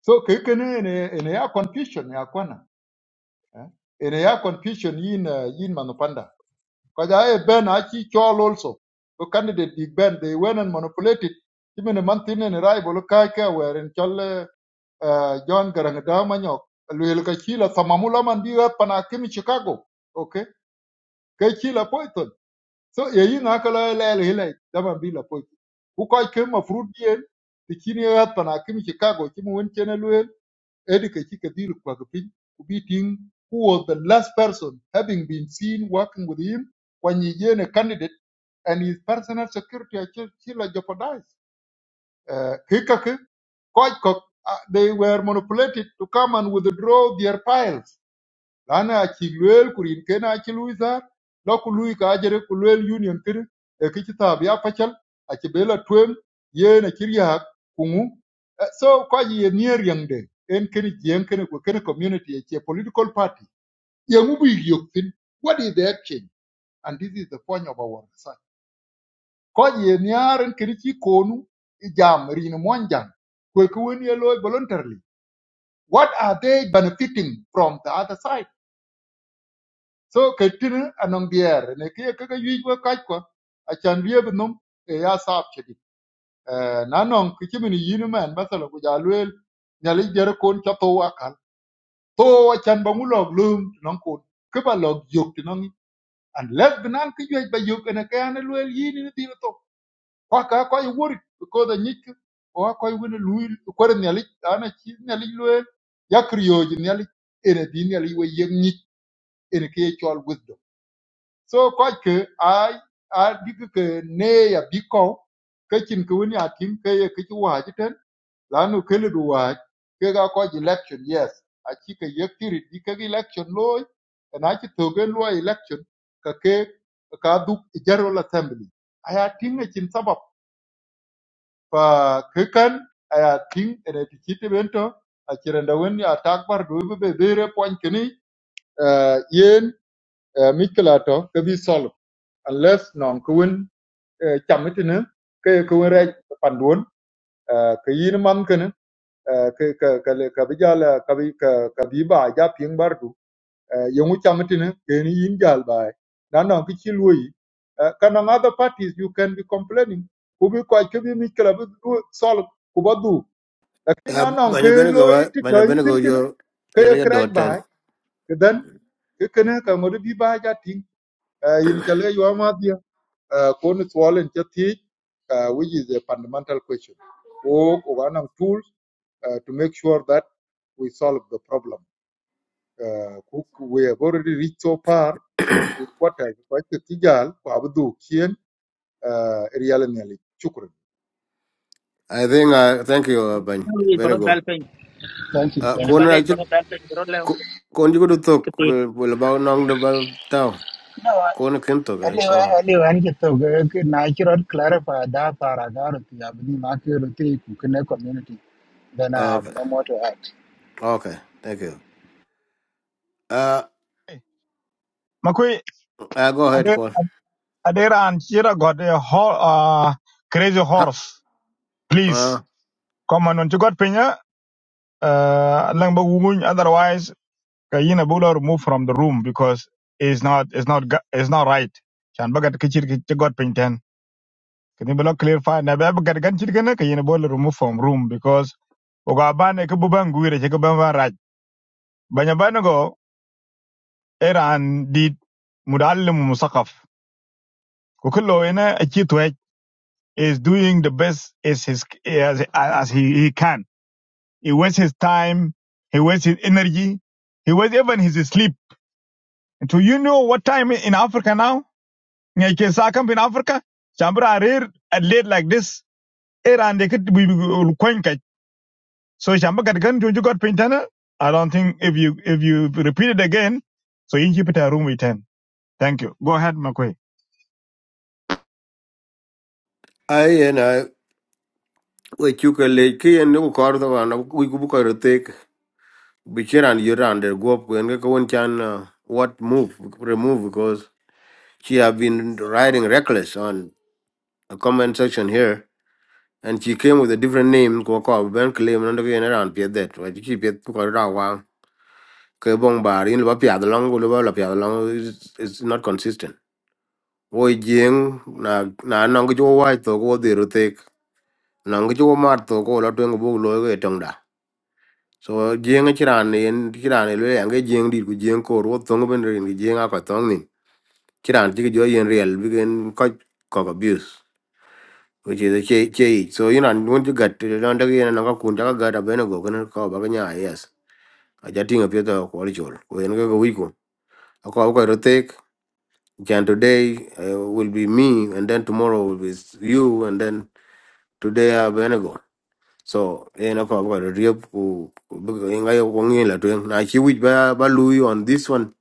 Speaker 3: so kikene kene ene ene ya confusion ya kwana eh? ene ya confusion yin uh, yin manopanda ka ja e ben a chol also the candidate big ben they went and manipulated even a month in and arrival ka ka were in chol uh, john garangda manyok luel ka chila samamula man diga pana kimi chicago okay ke chila poito so ye yi na ka lo le le le da man bi la po ku ko ke ma fruit bien ti kini ya pa na kimi chicago ki mu won chene lo e di ke ki ke kwa ke ku bi tin who was the last person having been seen working with him when he is a candidate and his personal security are still jeopardized uh, ke ka ke uh, they were manipulated to come and withdraw their files lana aci luel ku rin ken aci ka ajere ku union kiri e kici tab pachal aci be la tuem ye na kirya kungu Eh, so ko ji ye nier yang de en ken jien ken ku ken community aci political party ye mu bi yok what is the action and this is the point of our research ko ji ye niar en ken ci konu i rin monjang ku ku wen voluntarily what are they benefiting from the other side so ke tini anong bier ne ke ke ke yuj we kaj kwa achan bie bi num e ya saab chedi na nong ke chimini yinu man basala ku ja luel nyali jere kon cha to wakal to achan ba ngulog lum nong kon ke ba log yok ti nong unless binan ke yuj ba yok ene ke ane luel yini ni tiro to kwa ka kwa yu wori ko da nyik o kwa yu wini luil ko da nyali ana chi nyali luel yakriyo nyali ene di nyali we yek nyik ene ke chol wisdom so ko ke a a dik ke ne ya bi ko ke chin ku ni atin ke ye ke chi wa ji ten la nu ke lu wa ke ga ko ji election yes a chi ke ye ki ri di ke gi election lo na chi to ge lo election ka ke ka du general assembly aya tin ne chin sabab pa ke kan aya tin ene ti chi te bento a chirenda wen ya takbar do be be bere point kini eh, yen eh, mikla to ke bi solve unless non kuin Ờ, chậm ít nữa cái công nghệ, ra phản đuôn cái gì nó mắm cái nữa cái cái cái cái bây giờ là cái cái cái bí bà giá phiên bar đủ dùng chậm ít nữa cái này yên giờ bài đó là cái chi lui cái năng other parties you can be complaining cũng bị coi cái bị mình cái là bị solve cũng bắt đủ lakini
Speaker 1: Uh,
Speaker 3: nó nòng cái
Speaker 1: Banya
Speaker 3: lối
Speaker 1: Benego, uh,
Speaker 3: thì
Speaker 1: Banya
Speaker 3: thời tin
Speaker 1: Benego,
Speaker 3: cái nữa
Speaker 1: you're,
Speaker 3: cái
Speaker 1: you're your
Speaker 3: cái
Speaker 1: dot 10.
Speaker 3: bài cái đến cái cái này cái mà đi bà gia tiếng yin chale yo uh, Cornwall and Chathi, uh, which is a fundamental question. Ko Oganang tools uh, to make sure that we solve the problem. Uh, cook, we have already reached so far to three quarters. Kwa the tijal kwa abdu kien uh, real nyali.
Speaker 1: I think, uh, thank you, uh, Bany
Speaker 15: you bro
Speaker 1: Benego.
Speaker 15: bal pen
Speaker 23: Thank you,
Speaker 1: Uh,
Speaker 15: ina
Speaker 23: thank you.
Speaker 15: bal
Speaker 1: Kona, I
Speaker 15: pen
Speaker 1: think,
Speaker 15: bro bal pen bro
Speaker 1: Kona, you go to talk,
Speaker 15: lew
Speaker 1: will about Nong the Bal Tao.
Speaker 23: No,
Speaker 1: Kona Kim talk, uh, go
Speaker 23: anyway,
Speaker 1: ahead.
Speaker 23: anyway, anh chỉ tôi cái cái này chỉ rất clarify đã para đã rồi thì abni mà cái rồi thì cũng cái community then I
Speaker 1: Uh,
Speaker 23: have
Speaker 1: okay,
Speaker 23: no more to add.
Speaker 1: okay, thank you. Uh,
Speaker 6: makoi
Speaker 1: uh go ahead,
Speaker 6: ade
Speaker 1: Kona.
Speaker 6: ade ran chira god a ho- ah, crazy
Speaker 1: Uh,
Speaker 6: horse please
Speaker 1: uh,
Speaker 6: come on to god pinya uh lang ba wunguny otherwise Kayina Bulo removed from the room because it's not it's not ga- it's not right. Shan bagat kichir kichir got pinten. Kini Bulo clarify na ba bagat gan chir kana Kayina Bulo removed from room because oga bane ke buban guire ke ban ban raj. Banya bane go era an did mudallim musaqaf. Ko kullo ina achi twaj is doing the best as his as, as he, he can. He wastes his time, he wastes his energy, he wastes even his sleep. Do you know what time in Africa now? ngay ke sa kam in africa chambra arir at late like this era and they could we coin kai so chamba gat gan jojo got pintana i don't think if you if you repeat it again so in keep it a room with 10 thank you go ahead makwe
Speaker 1: I and I, we took a lake key and no car the one, we could book a take, be sure and you're under, go up and go and can, uh, what move, remove, because She have been riding reckless on a comment section here, and she came with a different name. Go call Ben claim and again around Piet that. Why she Piet go around wow? Ke bong bar in Lubapia along, Lubapia along is is not consistent. Oi jing na na nangijo white to go the rotek. Nangijo mart to ko la go lot wing book logo da. So jing a chiran ni chiran elwe ange jing di ku jing ko ro tongo ben rin ki jing a ko tongni. Chiran tiki jo yen real begin quite cock abuse. which is a che che so you know and when you get to don't again and ka kun ka ga da beno go kan ka ba nya yes a jating of your quality chol we en go we ko ko ko rotek jan today uh, will be me and then tomorrow will be s- you and then today I beno go so en ko ko riep ku en ga yo ngi la to na chi wich ba ba lui on this one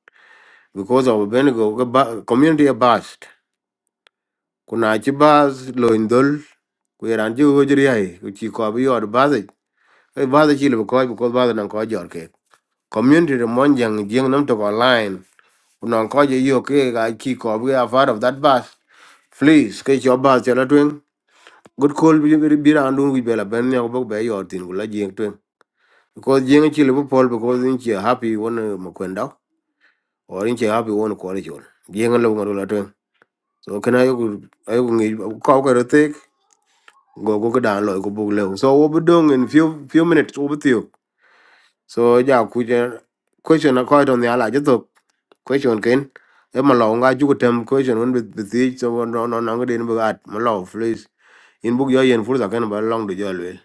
Speaker 1: because of beno go ba- community based kuna chi bas lo indol ku ran ju go jri ai ku chi ko bi or bas e bada chile bu ko bu koj bada nan ko jor ke community de mon jang jing nam to online non ko je yo ke ga ki ko bu a part of that bus please ke jo bus jala twen good call bi bi bi ran dun wi bela ben ne ko be yor tin gula jing twen because jing chile bu pol because in che happy won mo kwenda or in che happy won ko re jol jing lo ngoro la twen so kana yo ayo ngi ko ko re tek go go ga dan lo ko bu le so wo bu dong in few few minutes wo bu tiyo so ja ku je question ko to ne ala je to question ken e ma lo nga ju tem question un bit bit so no no no ngade ni bugat ma lo please in bug yo yen furza ken ba long do jol wel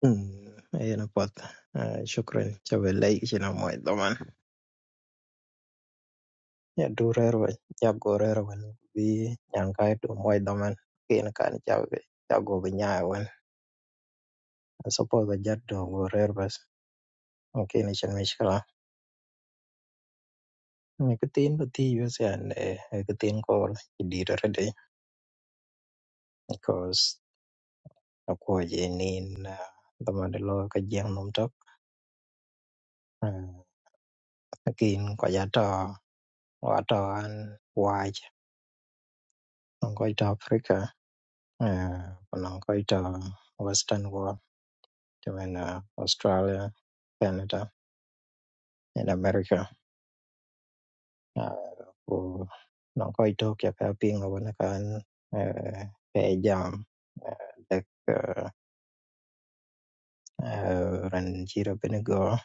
Speaker 7: Hmm, ena pot. Ah, Shukran. Chabe lai ichi na mo ito Nyadurer weny jagorer wen bi nyan kaeto imuoc dhomen lakin kan jago bï nya ëwën ëcopos aja do gurer bës lakin cen mïcülö k'ëthïn ba dhi uc ënë k'ëthïn köl ï dyere dï bicos ëkwö jïï nïn dhoma dï löö ka jïï nom tök lakin köc atö atö an wac nwongo köc tö Africa nwongo köc tö western world cë mën Australia, Canada. in America. Uh, ku non ko Ethiopia ka ping ko na kan uh, pe jam uh, dek uh, uh, ran jiro benego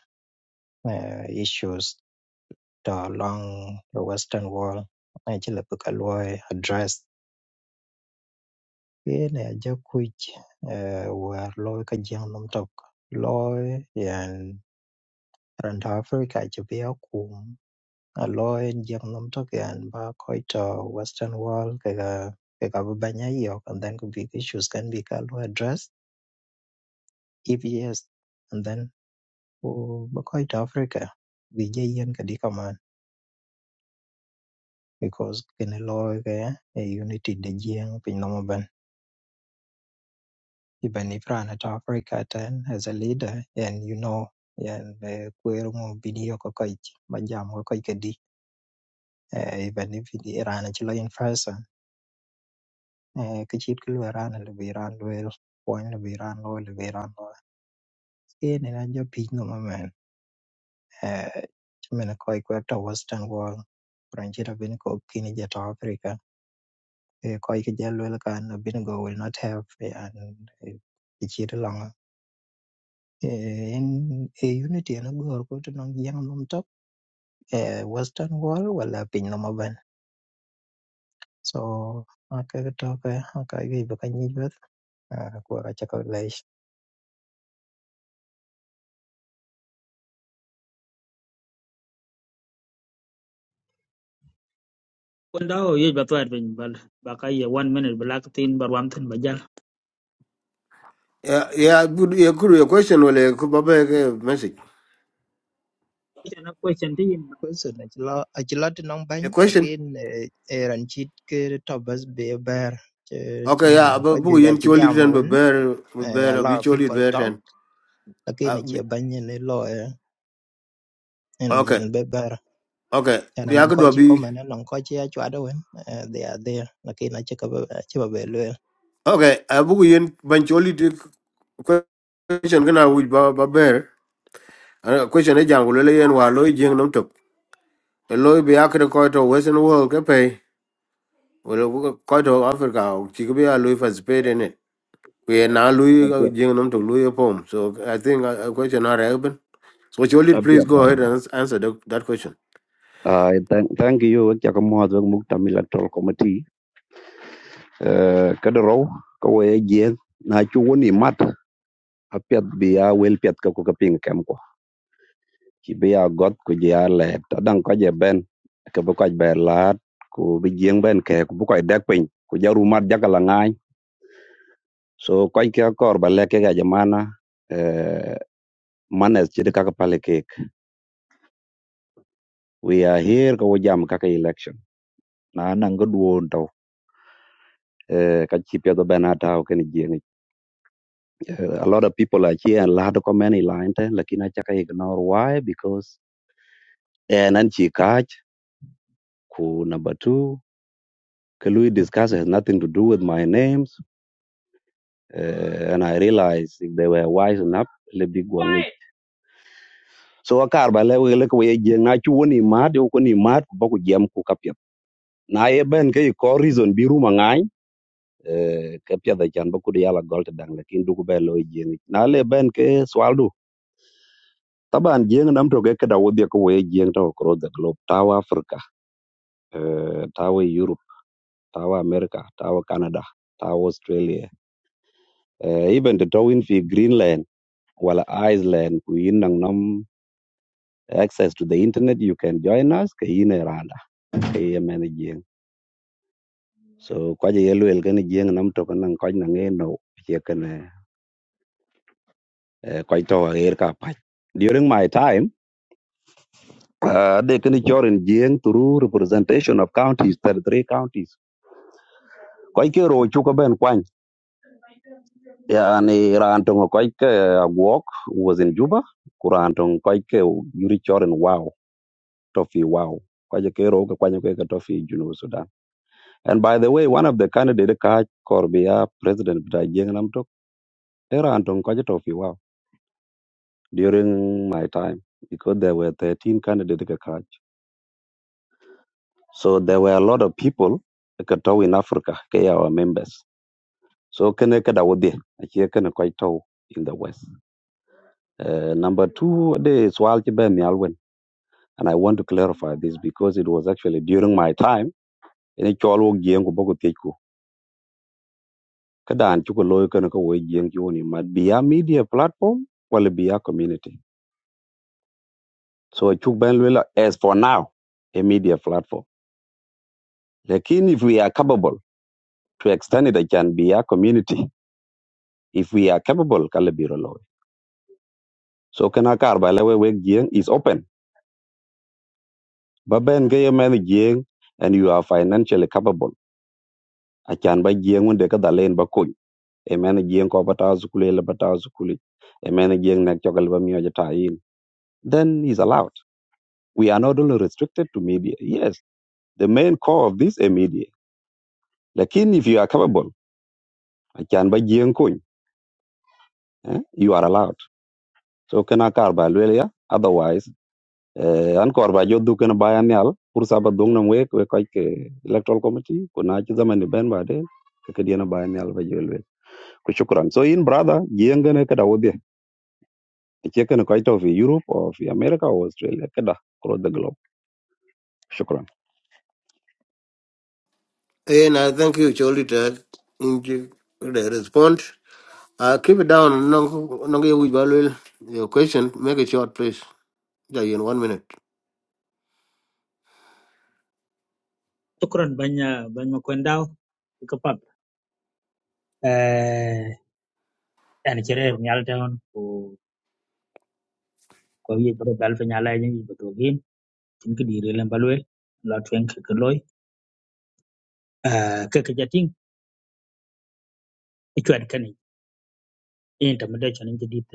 Speaker 7: uh, issues to along the western wall na chile bu kaloi address ye ne ja kuj uh, war loy ka jang nom tok loy yan ran ta Africa je be a lo en jeng nom token ba koi to western world kaga kaga bu banya yo and then could be issues can be ka lo address if yes and then oh, ba koi to africa bi je yen ka di kaman because kene lo ga a unity de jeng pin no ban even if rana at africa then as a leader and you know and uh, kwero mo bini yo ko koi ba jam ko koi ka di uh, even if it ran at chilo in person eh, ki chit ki lwe ran li bi ran lwel kwany li bi ran lo li bi ran lo en ina jo piny no mamen eh, ci mene koi kwek to western world kuran ci rabin ko kini je to africa eh, koi ki je lwel kan abin go will not have eh, and eh, ki chit longa en e unity ena gor ko to nong yang nom tok eh, western world wala piny no maben so akaga toke akaga ibe kanyi beth kwa kacha
Speaker 15: Kun daw ye ba bin bal ba ya one minute black tin bar wam tin bajal.
Speaker 1: yeah yeah good yeah good your question wala ku ba ba ke message
Speaker 15: Ina question ti yin
Speaker 7: Question aci lo ti nong
Speaker 1: a
Speaker 7: bany
Speaker 1: question
Speaker 7: lakin eran cit ke tobas be ber ci
Speaker 1: okay
Speaker 7: na
Speaker 1: yeah
Speaker 7: nong ko
Speaker 1: ba
Speaker 7: jwe
Speaker 1: bu
Speaker 7: ja
Speaker 1: yen
Speaker 7: ci
Speaker 1: choli
Speaker 7: jam
Speaker 1: den ba
Speaker 7: wen
Speaker 1: ber ba
Speaker 7: eh,
Speaker 1: ber
Speaker 7: a
Speaker 1: bi
Speaker 7: lot of
Speaker 1: choli
Speaker 7: people
Speaker 1: ber
Speaker 7: talk
Speaker 1: ten
Speaker 7: lakin
Speaker 1: Ah,
Speaker 7: ci
Speaker 1: bi-
Speaker 7: bany ni lo eh, en
Speaker 1: okay
Speaker 7: en be ber
Speaker 1: okay
Speaker 7: na
Speaker 1: yeah
Speaker 7: nong ko
Speaker 1: good
Speaker 7: ci ko
Speaker 1: bi
Speaker 7: mena nong ko ci a chwada wen eh, they are there lakin aci ka ba- aci ba be lwe
Speaker 1: okay a bu yen ban choli question kana wi ba ba ber A question e jang lele yen wa loy jing nom tok. E loy bi akre ko to western world ke pe. Wala ko to Africa o chi bi a loy participate in it. We na loy
Speaker 24: Abia,
Speaker 1: jing nom tok loy pom. So I think a a question are open. So Cholit,
Speaker 24: Abia.
Speaker 1: please go ahead and ans- answer the, that question.
Speaker 24: I thank thank you cha ka mo the muk tam electoral committee. Uh ka de ro ko we je na chu woni mat apiat pet bi a wel pet ka ko ka ping kem ko. Ki bi got ko je a le ko je ben ka bu ko be lat ko bi jeng ben ke ko bu ko dek pin ko jaru mat jakala ngai. So ko ke kor ba le ke ga jamana uh manes je ka ka pale kek. We are here ko jam ka ka election. Na nang go duon eh, ka chi piedho ben atao kene jieng eh, a lot of people are here and lad comment line ten lakini acha ka ignore why because and an chi kaj ku number 2 ke lui discuss has nothing to do with my names Uh, and i realize if they were wise enough le big one so akar ba le we le ko ye jieng na chu ni ma de ko ni ma ba ku jam ku ka piet na ye ben ke ko reason bi ru mangai ka piedho chan ba ku de yala gold te dang lakini du ku be lo jieng na le ben ke swal Taban jeng nam to keke da wodhi ko we jeng to across the globe. Tawa Africa, uh, tawa Europe, tawa America, tawa Canada, tawa Australia. Uh, even the towin fi Greenland, wala Iceland, kuyin nang nam access to the internet, you can join us ke yin e randa ke ye men jeng. So kwaje yelu el kan jeng nam to kan kwaj nang e no che kan kwaj to er ka pach. During my time, uh, they can join jeng through representation of counties, 33 counties. Kwaj ke ro chu ka ben yani rantung ko ke a walk was in juba kurantung ko ke yuri choren wow tofi wow ko je ke ro ko kwanyo ke tofi junu sudan and by the way one of the candidate ka korbia president bita jeng nam tok era antung ko tofi wow during my time because there were 13 candidates ka kaj. so there were a lot of people ka tow in africa ke our members so kene ka dawdi a ke kene ko tow in the west uh, number 2 de swal ke ben yalwen And I want to clarify this because it was actually during my time. Ini chol wo gieng ko boko tej ko. chuko loyo kana ka wo gieng chi woni mat be a media platform wala be a community. So chuk ben lwela as for now a media platform. Lakin if we are capable to extend it it can be a community. If we are capable kala biro loyo. So kana kar ba lewe we gieng is open. Ba ben ga yemen gieng and you are financially capable. Achan ba gieng wonde ka dalen ba kuny. emene jieng ko bata school ele bata school emene jieng nek chokal ba mio jata in then he's allowed we are not only restricted to media yes the main core of this is media lakini if you are capable achan ba jieng kuny eh, you are allowed so kana kar ba lwel ya otherwise eh, an kor ba joddu kana bayan yal pur saba dung nam wek we koy ke electoral committee ko na ci zaman ni ben ba de ke ke diena bayan yal ba jolwe ko shukran so in brother jieng ne kada wodi Checking quite of Europe or في America or Australia كده across the globe. شكرا.
Speaker 1: And I thank you, Cholit, uh, in the the response. Uh, keep it down. No, no, you will value your question. Make it short, please. Yeah, in one minute.
Speaker 15: banya banya kun daw Eh an kire nyal taon ko ko ye bro bal fe nyala yin ba gin tin ke dire len balwe la twen ke loy. Eh ke ke jating e chwat kan yin ta mede chan ke dit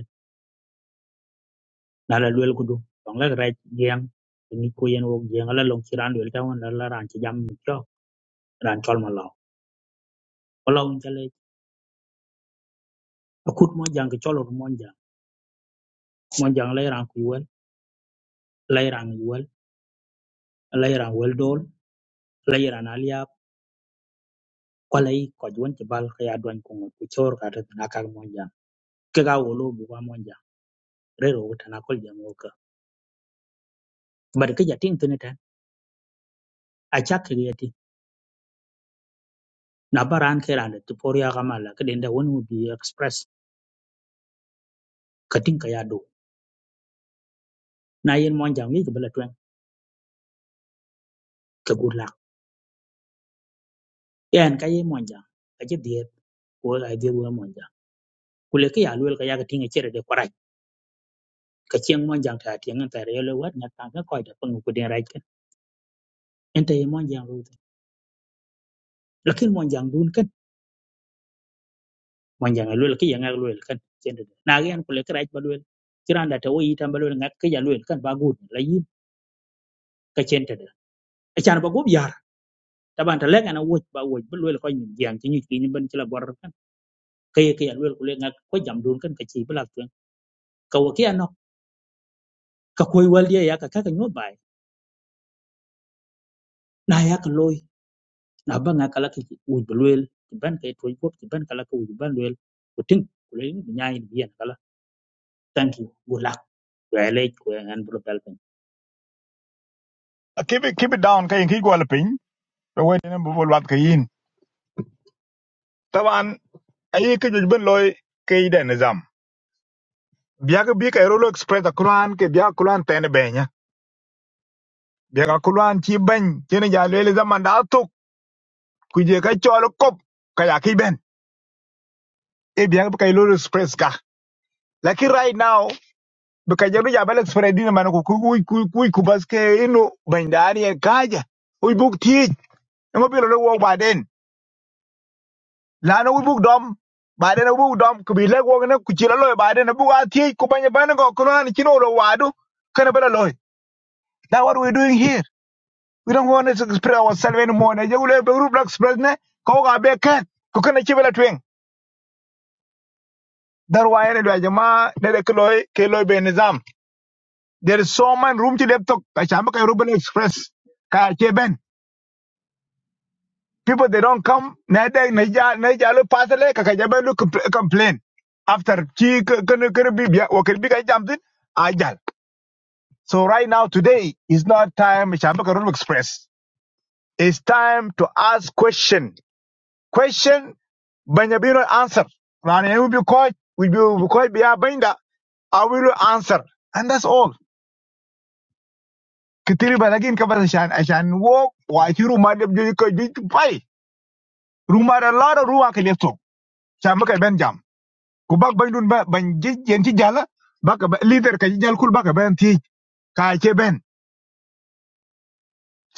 Speaker 15: na la lwel kudu. Tong la raj yang ni ko yen wok yang la long kiran lwel taon la ran chi jam cho ran chol ma law. Ko law akut mo jang ke chol mo Monjang la yiran ku yuwel, la yiran yuwel, la yiran weldol, la yiran aliap, kwa la yi kwa juwan ti bal ka ya duan kungot ku chor ka ta na kag monjang. Ke ga wolo bu kwa monjang, re ro ta na kol jam woka. Bar ke ja ting tini tan, a chak ke ya ting. Na baran ke ran da tu por ya ga mala ke den da wonu bi express ka ting ka ya do. Na yin monjang yi ke bala tuen ke gur lak. Yan ka yi monjang, ka je diet, ko a je wo monjang. Kule ke ya lwel ka ya ka ting a chere de kwarai. Ka chieng monjang ta tieng ta re lo wat na ta ka koi da pengu ku den ra ente ye mon jang lutu lakin mon jang dun kan mon jang lol ke yang lol kan cende na gen ko le kraj ba lol kiran da tawi tan ba lol ngak ke ya lol kan ba gut la yin ka cende da achan ba gob yar taban ta lenga na wot ba wot ba lol ko nyim jang ti nyit ni ban ci la bor kan ke ye ke ya lol ko le ngak ko jam dun kan ka ci bla tuen ka wo ke ano ka koy wal ye ya ka ka nyo bay na ya ka loy na ba ngak la ke wot ba lol ban ke toy ko ban kala ko wot ban lol ko tin ko le nyaay ni yen kala thank you good luck Kwelech kwe an bro palpin.
Speaker 6: keep it keep it down kai ki go la pin the way nem bol wat kai in taban ayi ke jojo ben loy kai da nizam biya ga bi kai rolo express a kuran ke biya kuran tan benya biya ga kuran chi ban chene ja le zaman da tok kuje ka cholo kop kaya ki ben e biang bika ilo express ka Lakini right now bika jaru ya bala express dina mana ku ku ku ku ku baske ino bandari en kaja we book teach ngo bilo lo wo baden la no we book dom baden we book dom ku bi le wo ne ku chira lo baden bu a teach ku banya bana go ku na ni chino lo wadu kana bala lo that what we doing here we don't want to express ourselves anymore ne jegule be group black express ne ko ga be kan ku kana chibela twing darwa ene do jama ne de kloy ke loy be nizam There is so much room to laptop. Kashambaka Ruben Express. Ka ke ben. People they don't come. Na da na ja na ja lo pasale ka ka lo complain. After ki kan kan bi biya o kan bi ka ajal. So right now today is not time Kashambaka Ruben Express. It's time to ask question. Question Banyabino answer. Rani will be called, We will be caught. Biya benda. I will answer. And that's all. Get there by again. Come from Ashan. Ashan walk. Walk through my room. You go. You go. Pay. Room are large. Room are left. So, jam by jam. Go back by don't by by. Just enjoy. Go back. Leave there. Enjoy. Go back. By enjoy. Can't be.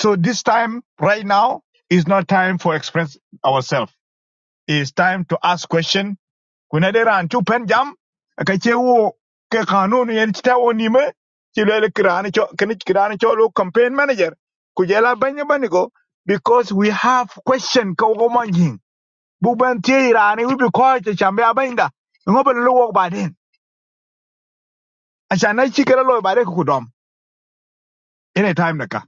Speaker 6: So this time, right now, is not time for express ourselves. It's time to ask question. kuna dera an pen jam ka che wo ke kanunu yen chita wo ni me chi le le kirani cho kini kirani cho lo campaign manager kujela jela banya bani because we have question ko go manjin bu tie irani we be ko to chambe abinda ngo lo wo ba den acha na chi lo ba de ku dom any time naka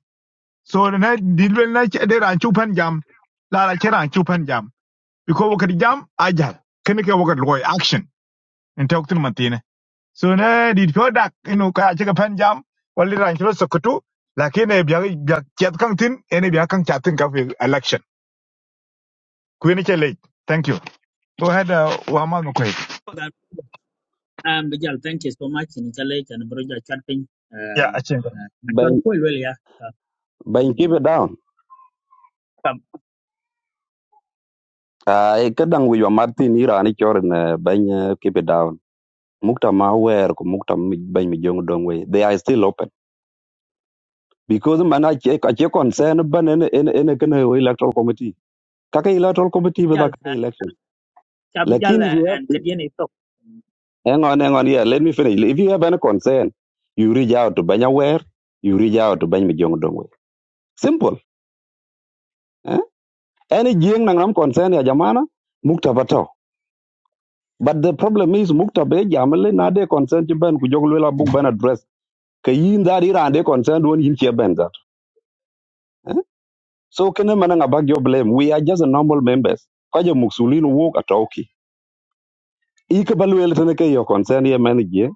Speaker 6: so na dilwen na che dera an pen jam la la chera an pen jam because wo kadi jam ajal kini ke wo kadi lo action en tok tin sune dit ko dak inu ka ci ka pen jam walli ran ci sokoto lakin e biya biya ket kan tin ene biya kan chatin ka fi election ku ni ce late thank you go ahead uh, wa ma ko yi
Speaker 15: For that, um, Vijal, thank you so much. In Challenge and Broja chatting.
Speaker 6: ya a
Speaker 15: Um,
Speaker 6: ce ga
Speaker 15: uh, I'm sure
Speaker 24: Bany
Speaker 15: cool, well, yeah.
Speaker 24: bany keep it down.
Speaker 15: Come,
Speaker 24: Ah, kadang with your Martin ira ni chor na bany uh, keep it down. Mukta ma wer ku mukta mi- bany mi dong we. They are still open. Because man I check I check concern ban in in in kan electoral committee. Kaka electoral committee with
Speaker 15: Vijal,
Speaker 24: a kaka election.
Speaker 15: Chabijal,
Speaker 24: Lakin if you have
Speaker 15: and Kadian is top.
Speaker 24: hang on hang on here, let me finish. If you have any concern you reach out to banya where you reach out to bany mi jong dong we. Simple. eh? any jing nang nam concern ya jamana mukta bato but the problem is mukta be jamale na de concern ti ben ku joglu la book ben address ke yin that ira de concern won yin che ben that so kene manang abag your blame we are just a normal members ka je muksulin wok atoki ike balwele tene ke your concern ye man ye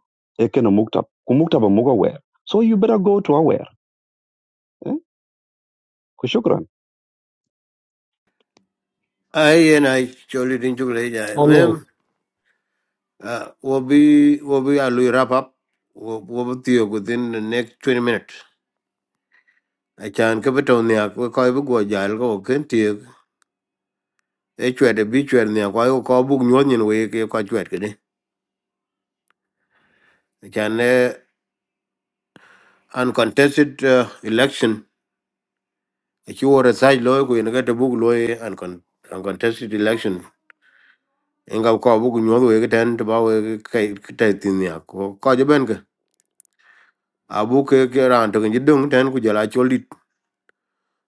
Speaker 24: e kene mukta ku mukta ba mugo wer so you better go to aware eh ku shukran
Speaker 1: I and I Cholit in
Speaker 2: Ayen.
Speaker 1: Cholit. Uh, we'll be we'll be I'll wrap up. We'll we'll be here within the next twenty minutes. I can keep it on the we call go jail go can take a chat a beach where the aqua call book union way keep quite wet. I can uh, uncontested uh, election. If you were a side lawyer, you get a book lawyer and con- uncontested election. Inga ko book nyo we get and ba we kai kai tin ya ko ko je ben ke abu ke ke ran to ngi dung ten ku jala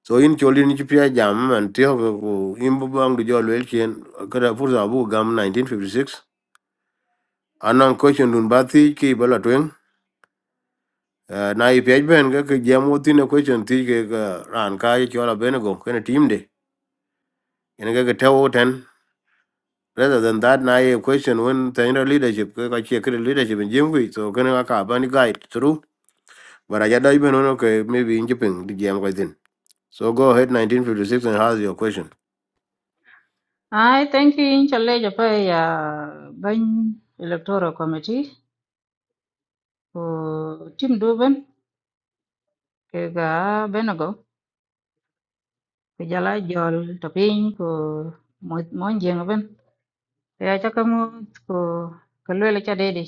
Speaker 1: so in chol in chi pia jam man ti ho ko in bu bang du jol wel chen kada furza bu gam 1956 anan question dun ba ti ki bala twen na i pia ben ga ke jam wo ti na question ti ke ga ran ka i chola ben go ken team de ken ga ke tawo ten rather than that na i question when the inner leadership ke ka che ke leadership in jim wi so ken ka ba ni guide through but i dai ben no ke maybe in jipin di jam ko tin so go ahead 1956 and ask your question
Speaker 25: Ai thank you in challe ja pa ya ban electoral committee ko tim do ban ke ga benago ke jala jol to pin ko mo- mon jeng ban ke ya cha kamu ko ko lele cha dede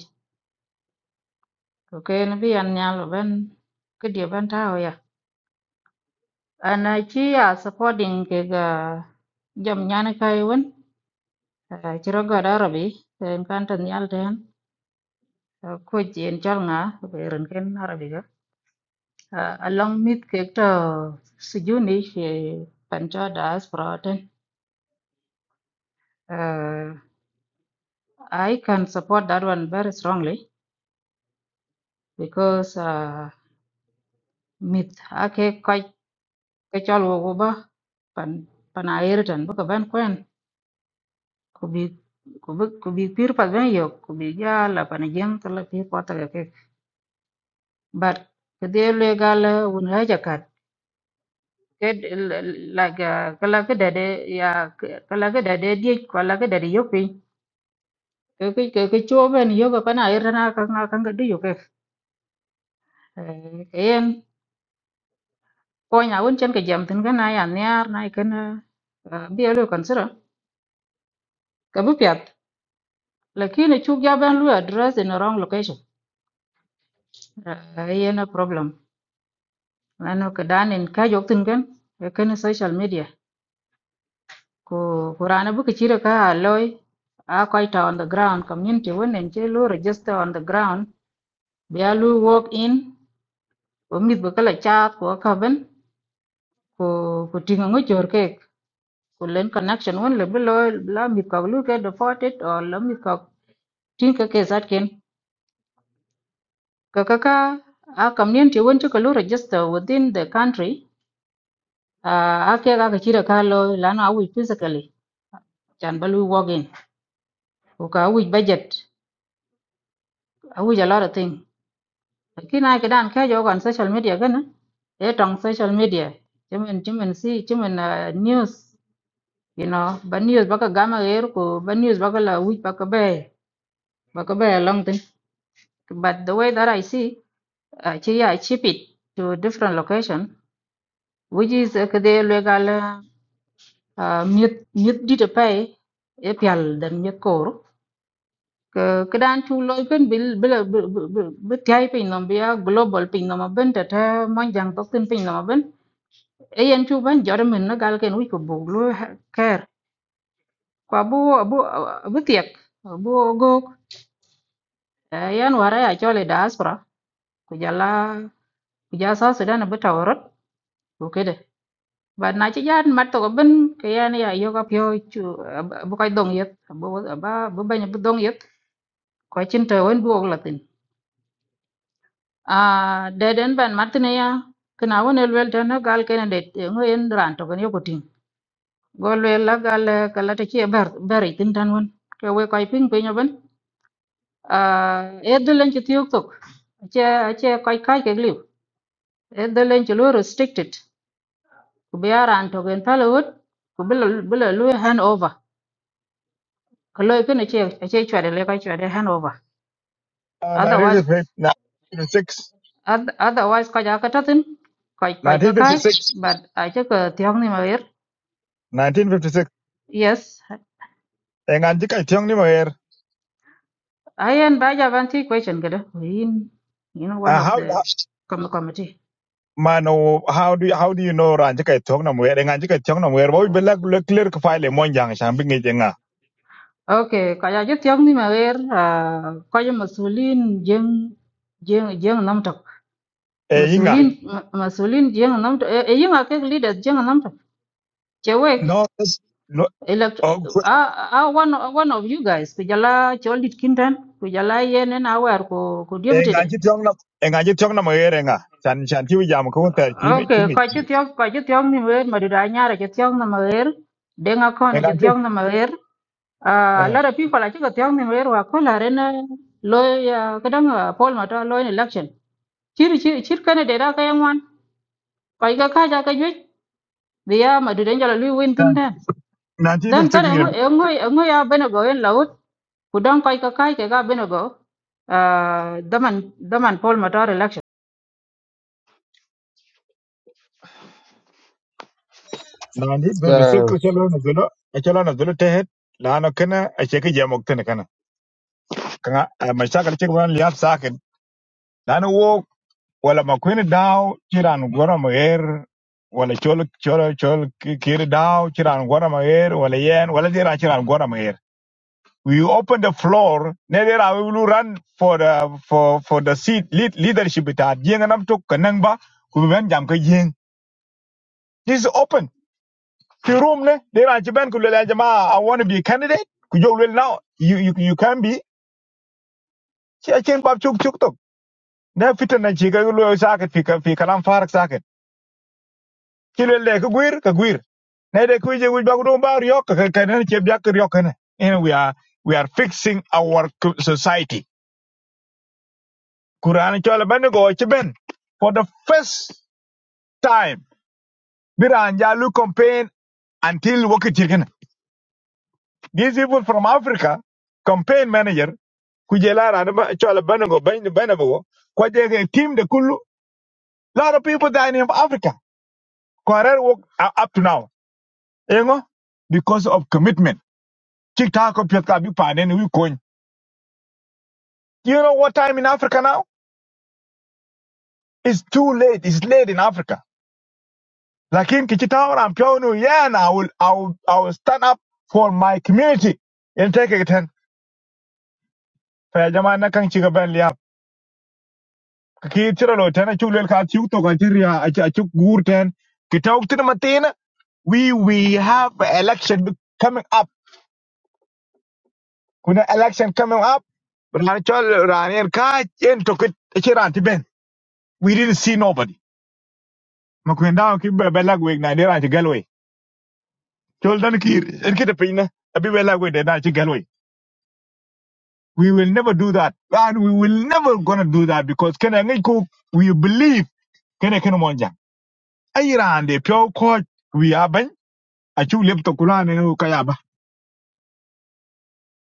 Speaker 25: ko ke ne an nyalo ban ke dia ban ta ho ya ana chi ya supporting ke ga jam nyane kai won chiro ga darabi en kan tan yal ten ko jien chal nga ko ren ken arabi uh, along mit ke sejuni sijuni she pancho diaspora ten uh, I can support that one very strongly because uh, mit ake kai kachol wo ba pan pan air tan ba ban kwen kubi kubi kubi pir pa ben yo kubi ja la pan jeng to pir pa ke but ke de le gal un ha ja kat like kala ke dade ya kala ke dade dia kala ke dade yo cái cái cái ke bên ben yo ga pana era na ka na ka ngadu yo ke en ko nya won chen ke jam tin ga na ya nyar na ke na bi yo kan sira ka bu pyat này chu ga ben luôn address in wrong location ye na problem na nó cái đàn en cái jok tin cái ke na social media cô cô ko qurana bu ke chira ka loy à ko ta on the ground community won en che luôn register on the ground bây giờ lu walk in ko mit bu kala chat ko ka ben cô ko tinga ngo jor cái kulen connection won le bilo la mi ka lu ke deported or la mi ka tin ka ke zat ken ka ka ka a community won to lu register within the country uh, a ke ga ka chira ka lo la na wi physically chan balu wogin ko ka wi budget a wi a lot of thing kina ke dan ke jo on social media gan e tong social media chimen chimen si chimen uh, news you know ba news baka gama er ko ba news baka la wi baka be baka be long thing but the way that i see Actually, I ship it to different location, which is uh, kede legal uh, mute mute did pay epial than mute core. Kedan chu loy pen bil bil bil tiai pin nom bia global pin nom ben ta ta mon jang tok tin pin nom ben. E yan chu ban jor men na gal ken wi ko bu lo ker. Kwa bu bu bu tiek bu go yan wara ya chole diaspora kujala kujasa sudan betawrot. Ok, But na ci jaan mat to ben ke yan ya yo ka chú bố cái koy dong yết bố bu ba bu bañ bu dong yet ko cin to won bu latin a de den ban mat ne ya kana won el wel tan gal cái này để ngo yên ran to ken yo ko tin gol wel là gal eh, ka la ta ci ber ber tin tan won quay we koy ping pe ben a e de len ci tiok tok ce ce koy kay cái liu e de lên ci luôn restricted ku be ran to thằng pala bây giờ bây giờ luôn hand over ko loy kin che che chwade le ko chwade hanover
Speaker 6: Ah,
Speaker 25: otherwise
Speaker 6: 1958
Speaker 25: oth- otherwise ko ja ka tatin ko ko ka kai
Speaker 6: 1956 1956
Speaker 25: but a che ko tiang ni ma wer
Speaker 6: 1956
Speaker 25: yes
Speaker 6: en an ji kai tiong ni mo er
Speaker 25: i and ba ja ban ti question gele in you know one
Speaker 6: Uh,
Speaker 25: of
Speaker 6: how
Speaker 25: the com committee
Speaker 6: man oh, how do you, how do you know ran ji kai tiong na mo er en an ji kai tiong na mo er bo be la clear ka file mo jang sham bi ngi jenga
Speaker 25: okay ko ja je tiang ni ma wer ah, ko masulin jeng jeng jeng nam tok
Speaker 6: e yinga
Speaker 25: masulin masulin jeng nam tok e yin a ke leaders jeng nam tok che
Speaker 6: no that's-
Speaker 25: elect
Speaker 6: no
Speaker 25: ah ah one one of you guys kujala cholit kinten kujala yen en aware ko ko deputy
Speaker 6: enga
Speaker 25: de
Speaker 6: chi tiong nam enga chi tiong nam ere nga chan chan ti jam ko ta chi ngi chi
Speaker 25: okay
Speaker 6: ngi
Speaker 25: ko chityo ko chityo ni mer madura nyara chityo na mer denga kono
Speaker 6: enga chi
Speaker 25: chityo na mer ah a
Speaker 6: eh,
Speaker 25: lot of people achi chityo ni mer wa ko la rena loya kadang ah, Paul Mata loy election chir chir chir kana de da kayan wan ko ga ka ja ka jwe biya madura nyala lui win
Speaker 6: chan-
Speaker 25: tinten
Speaker 6: na ti du
Speaker 25: dan tan
Speaker 6: tuk
Speaker 25: en
Speaker 6: yin
Speaker 25: en en ya bena go en ku don koy ka kai ke ga bino go uh, daman daman Paul Matar election
Speaker 6: na ni du du tuk che lo na zulo e che lo na zulo te het la no kana a che ke jam ko ne kana kana a ma sha ka che ban liap sa ken la no wo wala ma kuin dao chi ran gora ma er wala chol chol chol ki ki ri dao chi ran gora ma er wala yen wala di ra chi ran gora ma we open the floor neder I will run for the for for the seat lead, leadership it at yeng nam tok kanang ba ku ben jam ka yeng this is open the room ne there are jiban ku jama I want to be a candidate ku jo now you you you can be ci chen pap chuk chuk tok na fitan na ci ga lo saket fi ka fi farak saket ci lel le ka guir ka ba ku ba riok ka ka ne ci bi ak riok ne and we are we are fixing our co- society Quran chola bani go chiben for the first time Biranjalu campaign until Wokichigan. These people from Africa, campaign manager, Kujela Ranaba Chola Banago Ben Benabo, Kwajega team the Kulu, lot of people dying in Africa. Kwarer work uh, up to now. You Because of commitment. Chiktako Piotkabi Panen we coin. Do you know what time in Africa now? It's too late. It's late in Africa. Lakin Kichita, I'm telling you, yeah, and I will, I will, I will stand up for my community. In take it ten. Fa jama na liap. Kaki chira lo ten a chuk lel ka chuk to ka chiria a chuk a chuk gur ten. Kita ukti matina. We we have a election coming up. Kuna election coming up. But na chol rani en ka en to ben. We didn't see nobody. Makwenda ki be belag wig na dira anti galway. Chol dan ki en kita pina. Abi belag wig na anti galway. We will never do that. And we will never gonna do that because kena ngai ko we believe kena kena monja. Aira and the pure court we aben achu lep to kula ne no kaya ba.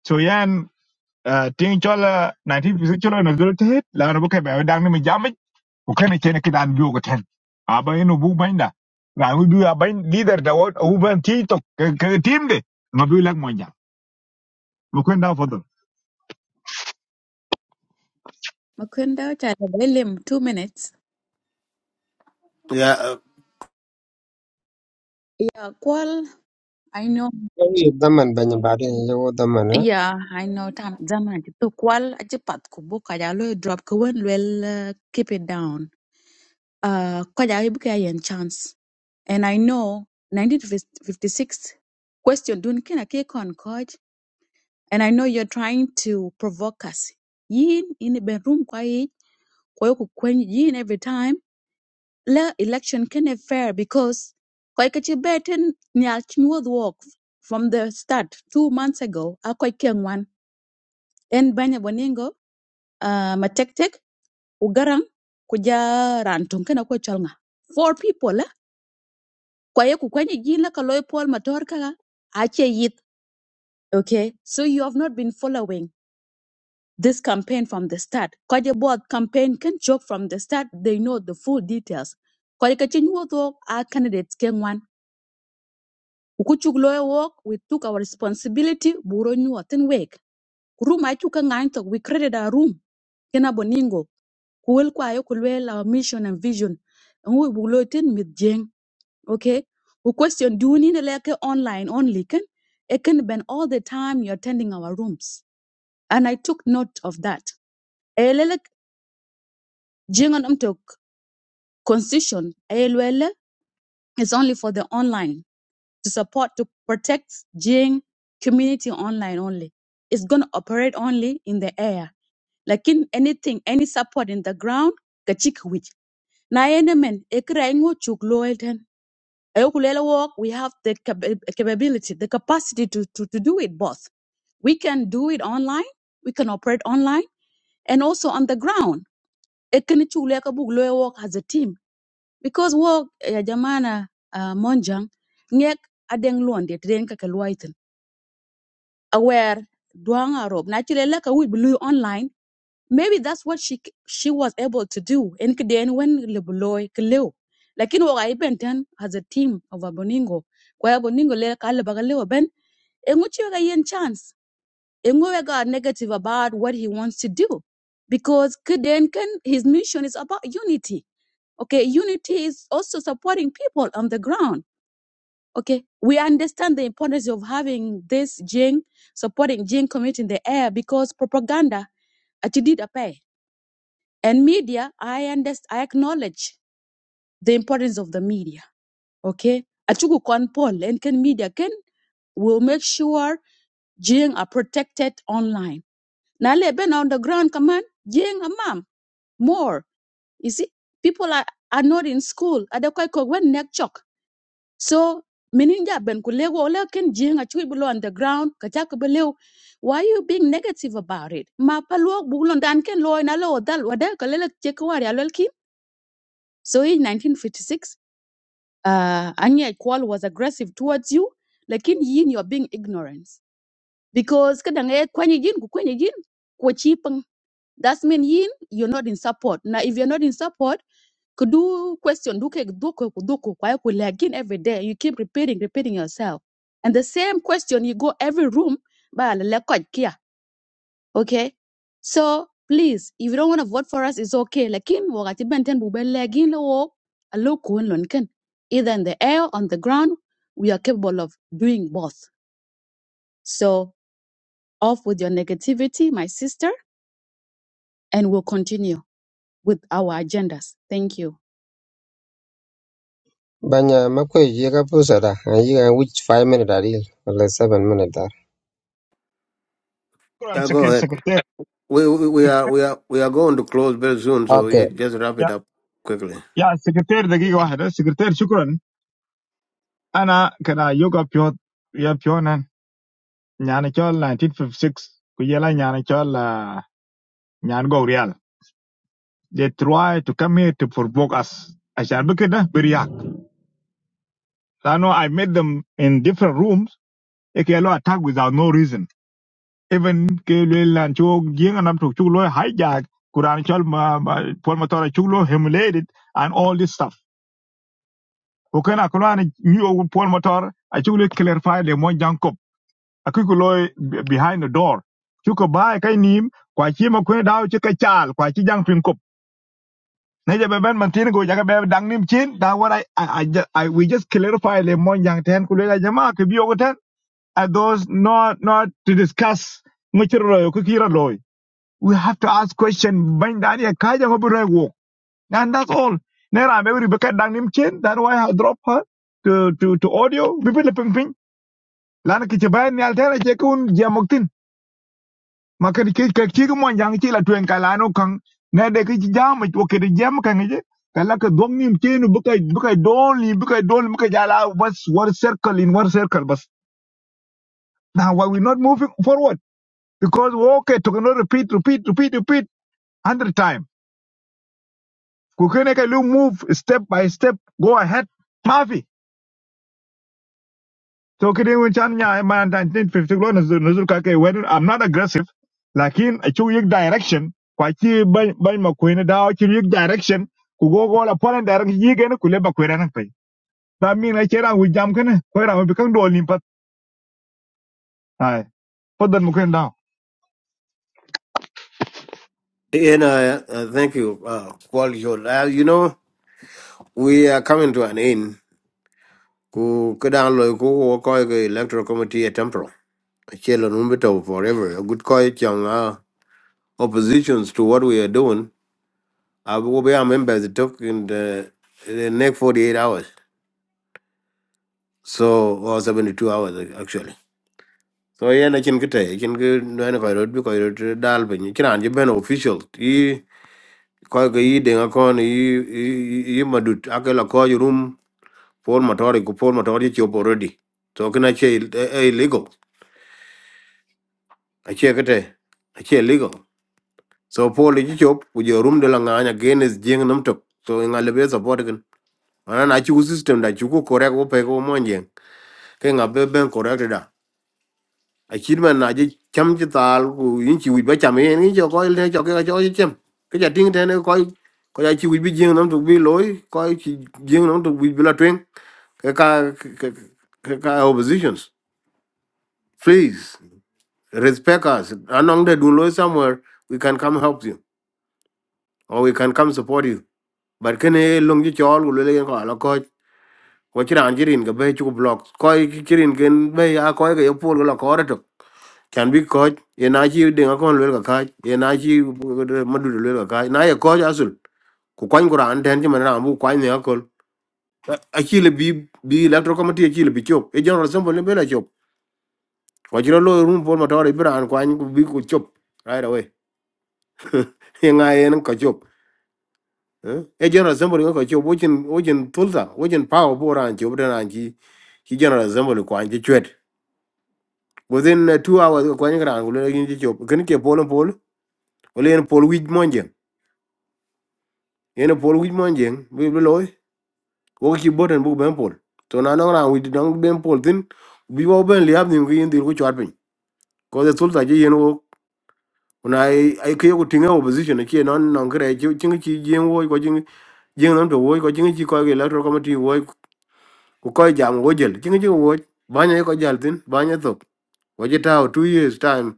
Speaker 6: So yan uh, ting chola 1956 chola na zolo tehet la na buka ba dang ne mi jamit ko kena kena kidan biyo ko ten. Aba ino bu bainda. Ra ngu biyo aben leader da wot u ban ti to ke ke team de ngabu lak monja. Mo kwenda fodo.
Speaker 11: mukundao cha de two minutes.
Speaker 1: yeah uh,
Speaker 11: Yeah, kwal I know.
Speaker 2: Yi daman banya baadhi ya yawo daman
Speaker 11: Yeah, I know time zaman ti tu kwal aci pat ku bu kaja lo drop ku wen well uh, keep it down. Uh kaja ibu kaya yen chance. And I know 1956 question dun kina ke kon coach and I know you're trying to provoke us. Yin in the bedroom kwa yi kwa yoku kwen yin every time la election kene fair because kwa ikachi beten nyal chimwod walk from the start two months ago akwa ikengwan en banya boningo uh, ma tek tek ku garang ku ja ran tong kana ko cholnga four people la kwa ye ku kwenye jin la ka loy pol ma tor kaka ache yit okay so you have not been following this campaign from the start kwa board campaign can joke from the start they know the full details kwa ye ka chin a candidates ken one ku ku loy work we took our responsibility buro nyu tin wek room I took a nine talk we created a room kena boningo ku wel kwa yo ku our mission and vision and we bu lo tin mit jeng okay we question do ni ne leke online only can it can been all the time you're attending our rooms and i took note of that elele jeng on to constitution elele is only for the online to support to protect jeng community online only it's going to operate only in the air like in anything any support in the ground kachik which na enemen ekra ingo chuk Ukulele work, we have the cap- capability, the capacity to, to, to do it both. We can do it online, we can operate online, and also on the ground. Ekeni chule ka bug lawyer work as a team. Because work, ya jamana uh, monjang, ngek adeng luon det den kaka luaitin. Aware, duang arob, na chile leka we blue online, maybe that's what she she was able to do And then when lebuloy kleu lakini wo ga ibenten as a team of aboningo kwa aboningo le kale baga leo ben enguchi ga yen chance engu ga negative about what he wants to do because kiden can his mission is about unity okay unity is also supporting people on the ground okay we understand the importance of having this jing supporting jing community in the air because propaganda actually did appear. And media, I understand, I acknowledge the importance of the media. Okay. Achuku kon Paul and can media can will make sure Jing are protected online. Now let been on the ground command, Jing a mom more. You see, people are, are not in school. Ada koi ko wen nek chok. So meninja ben kulego ole ken Jing a chui below on the ground. Kachako below. Why are you being negative about it? Ma paluok bulon dan ken loy na lo dal wada kalele chekwa ya So in 1956, uh, Anya Kwal was aggressive towards you, lakini yin you're being ignorant. Because kadang eh kwenye yin ku kwenye yin kwa chipang. That's mean yin you're not in support. Now if you're not in support, kudu question duke duko kuduko kwa hiyo lakini every day you keep repeating repeating yourself. And the same question you go every room ba la okay so please if you don't want to vote for us it's okay lakin wakati benten bubellegin lo wo alo kun lon ken either in the air on the ground we are capable of doing both so off with your negativity my sister and we'll continue with our agendas thank you
Speaker 2: banya makwe yi ka pusa da yi ka which five minute ari wala seven minute da
Speaker 6: Kuran
Speaker 1: yeah go
Speaker 6: secretary
Speaker 1: ahead
Speaker 6: secretary
Speaker 1: We, we we are we are we are going to close very soon, so
Speaker 2: okay
Speaker 1: yeah, just wrap
Speaker 6: ya
Speaker 1: it up quickly.
Speaker 6: ya secretary dagi wahada secretary shukran. Ana kada yoga pyo ya pyo nan nyana chol 1956 kujela nyana chol uh, nyan go real. They try to come here to provoke us. Ashan bikida biriak. I know I met them in different rooms. Eke lo attack without no reason. Even ke lo lan cho gienga nam tok chulo hijack. Kuran chol ma ma- Paul Motor chulo humiliated and all this stuff. Okay na kulani new Paul Motor I chulo clarify the mo jankop. akikuloi behind the door chuko bai kai nim kwa chi ma kwe dao chi ka chal kwa chi jang pin kop ne ja be ben man tin go ja ka be dang nim chin da what i i, I, I we just clarify le mon jang ten ku le la jama ke bi ogo ten are those not not to discuss muchiro ku kira loy we have to ask question ban da ya ka ja go bi wo and that's all ne ra be be ka dang nim chin that why i drop her to to to audio bi bi le ping ping lan ki ci bayan ni altera je kun jamok ma ke ke ke chi mo yang chi la twen ka la no kan ne de ki chi jam ko ke de jam kan je ka la ka dom nim che no bu kai bu ni bu kai don bu kai ja one circle in one circle bus now why we not moving forward because we okay to not repeat repeat repeat repeat 100 time ku ke ne lu move step by step go ahead mafi So kidi win chan nya ma 1950 lo nuzul nuzul ka ke when I'm not aggressive lakin a chu yik direction kwa chi ban ban ma kwene da chi yik direction ku go go la pon da ran yi gen ku le ba kwere nan pai da mi na chera wi jam kana ko ra bi kan do lim pat ai podan mu kwen da
Speaker 1: And uh, uh, thank you, uh, Quality. Uh, you know, we are coming to an end. Ku kadang loy ku wo koi ke electoral committee a temporal. Chelo numbito forever. A good koi chang uh, oppositions to what we are doing. I will be our members took in the, the next 48 hours. So, or 72 hours actually. So, yeah, I can get I can get no one koi road because road dal bin. You can official. ko ga yi de ko ni yi yi madut akela ko rum for motor ko for motor ji chop already so kana che illegal a che kete a che illegal so for ji chop ku je rum de la nganya genes jing nam tok so nga le be support kan ana na chi ku system da chi ku correct ko pe ko mon jeng ke nga be ben correct da a chi man na ji cham chi tal ku yin chi wi ba cham yin ni jo ko le jo ke jo chi cham ke ja ting te ne ko ko ja chi wi bi jing nam tok bi loy ko chi jing nam tok bi la twen Kaka kaka oppositions. Please respect us. Anong de dunlo somewhere we can come help you or we can come support you. But kene e long ji chol gulo le ko ala ko ko chira anjirin ga be chu block. Ko chirin gen be a ko ga yopol gulo ko reto. Can be coach ye na chi de ga kon lwel ka ka ye na chi madu lwel ka ka na ye coach asul ku kwany ku raan tɛn cï mɛn raan bu kwany ne akol aci le bi bi electoral committee aci le bi cop e general assembly ni bela Kwa chiro lo room Paul Matara ibran kwa nyi bi ku chop right away. *laughs* Nga I ka chop. Eh E general assembly ka chop wojin wojin tulsa wojin power bo ran chop de ran chi general assembly kwa nyi Within uh, two hours kwa nyi ran kulo yin chi chop. Ken ke Paul and Paul ole yen Paul wij monjen. Yen Paul wij monjen bi bi loy. Wo ki boten bu ben Paul. To na no ran wij dong ben Paul tin bi wo ben liab nim ki yin dir ku chwat pin. Ko tulsa ji yen kuna ai ai ke ku tinga opposition ke non non kre chi chi chi jing wo ko jing jing non to wo ko jing chi ko ke electoral committee wo ku ko jam wo jel jing chi wo banya ko jal tin banya to wo ji ta 2 years time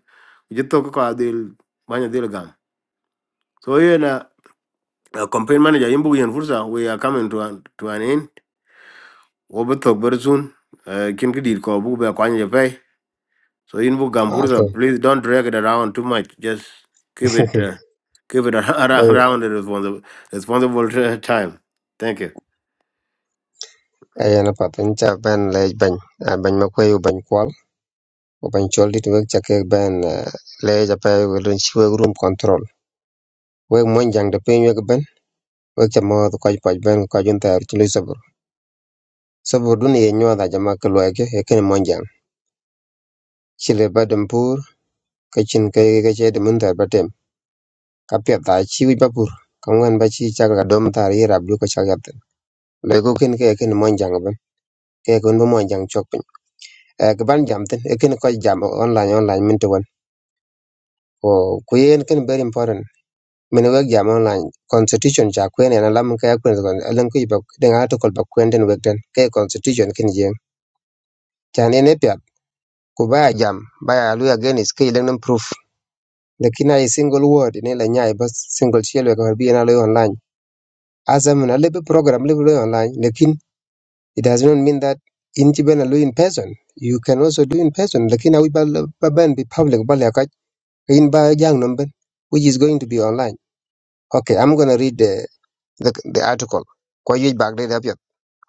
Speaker 1: ji to ko adil banya dil gam so ye na uh, campaign manager yimbu yen fursa we are coming to an, to an end wo bu to ber soon kin ki dir ko bu be kwanya So in Bukampurza,
Speaker 2: okay
Speaker 1: please don't drag it around too much. Just keep it uh, keep it *laughs* around,
Speaker 2: ay
Speaker 1: around the responsible responsible uh, time. Thank you.
Speaker 2: ay na pa pincha ban lej ban ban makwe yu ban kwal u ban chol dit wek chake ban lej apa wala chi wek room control wek mon jang de pin wek ban wek cha mo ko ko ban ko jun tar chi lu sabur sabur dun ye nyoda jama ko lege e ken mon jang chile badam pur kachin kay kachet mun tar kapiat tha chi wic papur ka ba chi ca ka dom tar yi rab ju ka ca yat thin lo ko ken ke ken mon jang ben ke kun bo mon jang chok pin e ke ban jam thin e ken ko jam online online min to wan ko ku yen ken very important min wek jam online constitution cha kwen en alam ka kwen ko alan ku ba den ha to kol ba kwen den wek den ke constitution ken yen cha ne ne pya ku ba ya jam ba ya lu again is ke den proof lakini ai single word ne la nyai bas single chelo ka bi na lo online Asa mun a program lebi lo online lekin It does not mean that in Chibena do in person. You can also do in person. Lakini awi bal baban be public bali akat in ba jang number which is going to be online. Okay, I'm gonna read the the, the article. Kwa yuj bag de dapiat.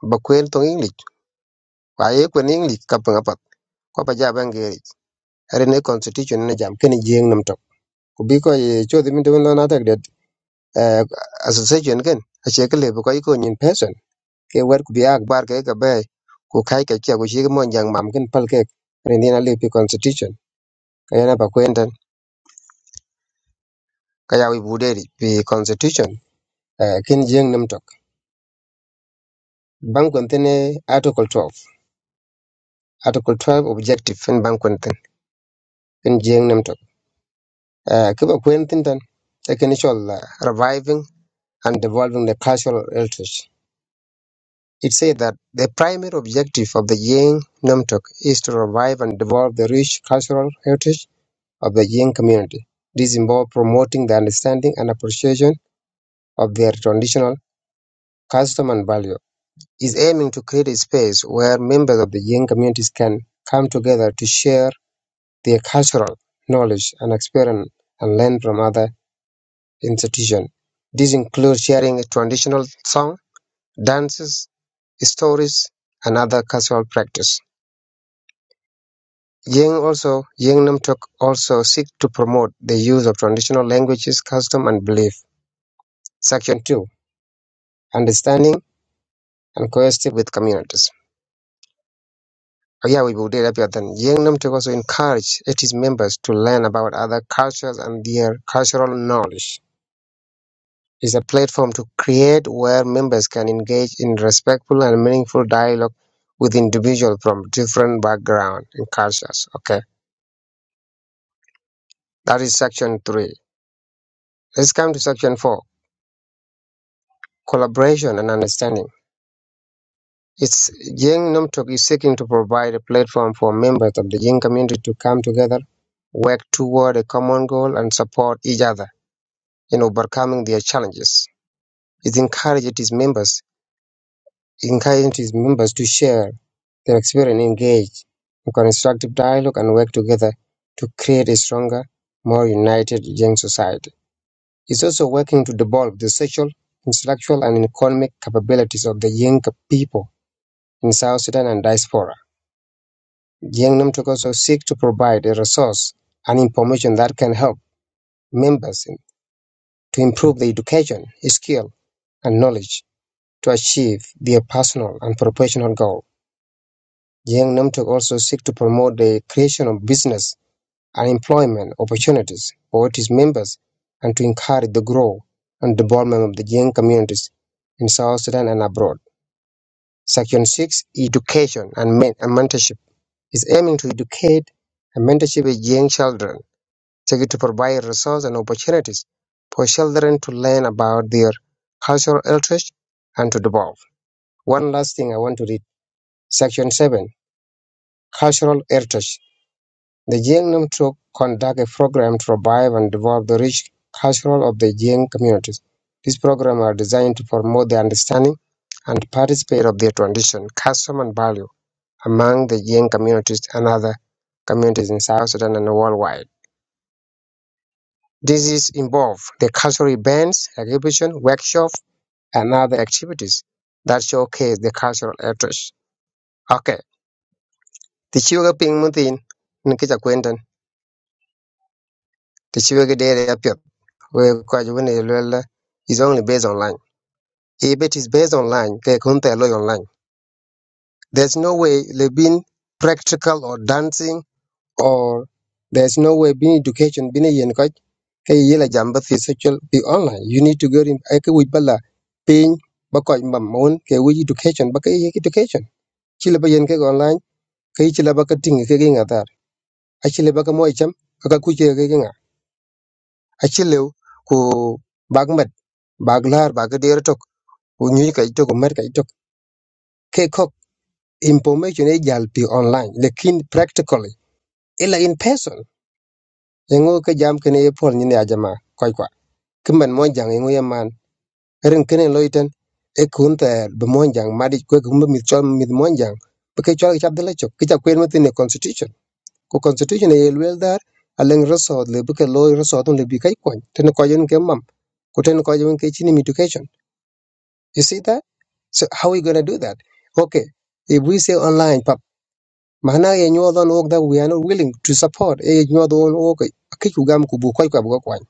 Speaker 2: Bakwel tong English. Kwa ye kwen English kapang apat. Kwa pa jaba ngeri. Arene constitution na jam kene jeng nam tok. Kubiko ye chodhi mintu wala natak that uh, association ken. Achekele bako yiko in person. ke wer ku bi akbar ke ka be ku kai ka kia ku shi mon jang mam kin pal ke rendina le pi constitution ka yana ba kwenten ka ya wi bude ri pi constitution eh, kin jeng nam tok ban kwenten article 12 article 12 objective fin ban kwenten kin jeng nam tok Eh, ki ba kwenten tan taken uh, reviving and developing the cultural heritage it said that the primary objective of the Yang Namtok is to revive and develop the rich cultural heritage of the Jain community. This involves promoting the understanding and appreciation of their traditional custom and value. Is aiming to create a space where members of the Jain communities can come together to share their cultural knowledge and experience and learn from other institutions. This includes sharing traditional songs, dances, stories, and other cultural practice. Yang also Yang Namtok also seek to promote the use of traditional languages, custom, and belief. Section 2 understanding, and cohesive with communities. Oh, yeah, we will do that. Then Yangnam Tech also encourage its members to learn about other cultures and their cultural knowledge. It's a platform to create where members can engage in respectful and meaningful dialogue with individuals from different backgrounds and cultures. Okay, that is section three. Let's come to section four: collaboration and understanding. It's Yang Namtok is seeking to provide a platform for members of the Yang community to come together work toward a common goal and support each other in overcoming their challenges. It encouraged its members, it encouraged its members to share their experience, engage in constructive dialogue, and work together to create a stronger, more united young society. It's also working to develop the social, intellectual, and economic capabilities of the young people in South Sudan and diaspora. Young Namtok also seek to provide a resource and information that can help members to improve their education, skill, and knowledge to achieve their personal and professional goal. Young Namtok also seek to promote the creation of business and employment opportunities for its members and to encourage the growth and development of the young communities in South Sudan and abroad. Section 6 Education and men- and Mentorship is aiming to educate and mentorship young children to provide resources and opportunities for children to learn about their cultural heritage and to develop. One last thing I want to read. Section 7, Cultural Heritage. The Jiang Nam Truk conduct a program to revive and develop the rich cultural of the Jiang communities. These programs are designed to promote the understanding and participate of their tradition, custom, and value among the Jiang communities and other communities in South Sudan and worldwide. Diseases involve the cultural events, exhibition, workshop, and other activities that showcase the cultural heritage. Okay, the chiwo ping mutin ni kicha kwenten the chiwo ge dere ya pyo we kwa ju ne lwel is only based online. If it is based online, they ke kunta lo online. There's no way le bin practical or dancing or there's no way bin education bin yen hey yela jamba thi sexual be online you need to go in ai ke wi bala pin Bakoy ko mam mon ke wi education ba ke ye education chile ba yen ke online ke chile ba ka ting ke ginga tar a chile ba ka mo cham ka ka ku che ke ginga a chile ku bagmat baglar ba ga der tok ku nyi ka tok mer ka tok ke kok information e jal pi online lekin practically ila in person yengo ka jam kene ne pol ni ne ajama koi kwa kimban mo jang yengo ren kene loiten e kun ter be monjang madi kwe kumbe mit chol mit monjang be ke chol chap dele chok kicha kwen mete ne constitution ko constitution e yelwel dar aleng resod le be ke loy resod le bi kai kon ten ko yen ke mam ko ten ko yen ke chini education you see that so how we going to do that okay if we say online pap mahana ye nyodon ok that we are not willing to support e nyodon ok akichu gam kubu koy kwa bu ko kwan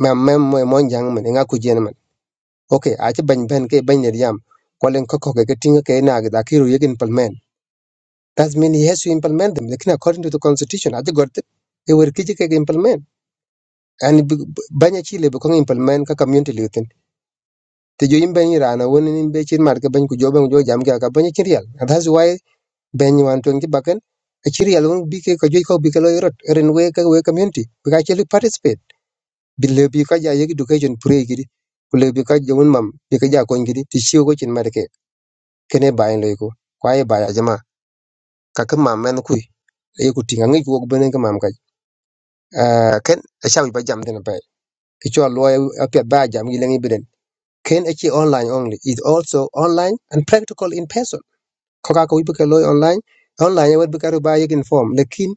Speaker 2: mem mem monjang men nga ku jen okay ache bany ben ke bany yam kwalen koko ke tinga ke na ga ki ru implement that means he has to implement them lekin according to the constitution ache got e wer kije ke implement and banya chile be ko implement ka community lutin te jo imben irana woni nin be chin mar ke bany ku jo ben jo jam ga ka banya chirial and that's why ben wan tong baken a chirial won bi ke ko jo ko bi ke lo yorot ren we ka we community bi ka chele participate bi le bi ka ja yegi education pre gidi ku le bi ka jo won mam bi ka ja ko gidi ti chiwo ko chin mar ke kene bayin loy ko kwa ye baya jama ka ke mam men ku ye ku tinga ngi ku benen ke mam kaj Ah, ken a shawi ba jam den bay ki cho lo a pet ba jam gi lengi beden ken a chi online only is also online and practical in person ko ka ko wi ke loy online online ye wad bi ka ba ye form lekin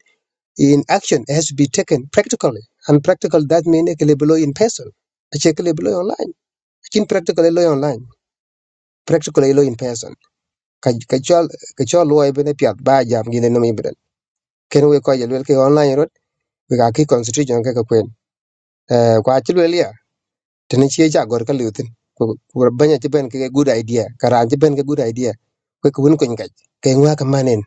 Speaker 2: in action it has to be taken practically and practical that mean e ke le below in person a che ke le beloy online kin practical loy online practical loy in person ka ka cho ka cho lo ye pet ba jam gi lengi beden ken we ko yelwel ke online rot we ga ki constitution ke ka kwen eh kwa chi ya tene chi ja gor ka lutin ko ko banya chi ben ke good idea karan chi ben ke good idea ko ko won ko ngai ke ngwa ka manen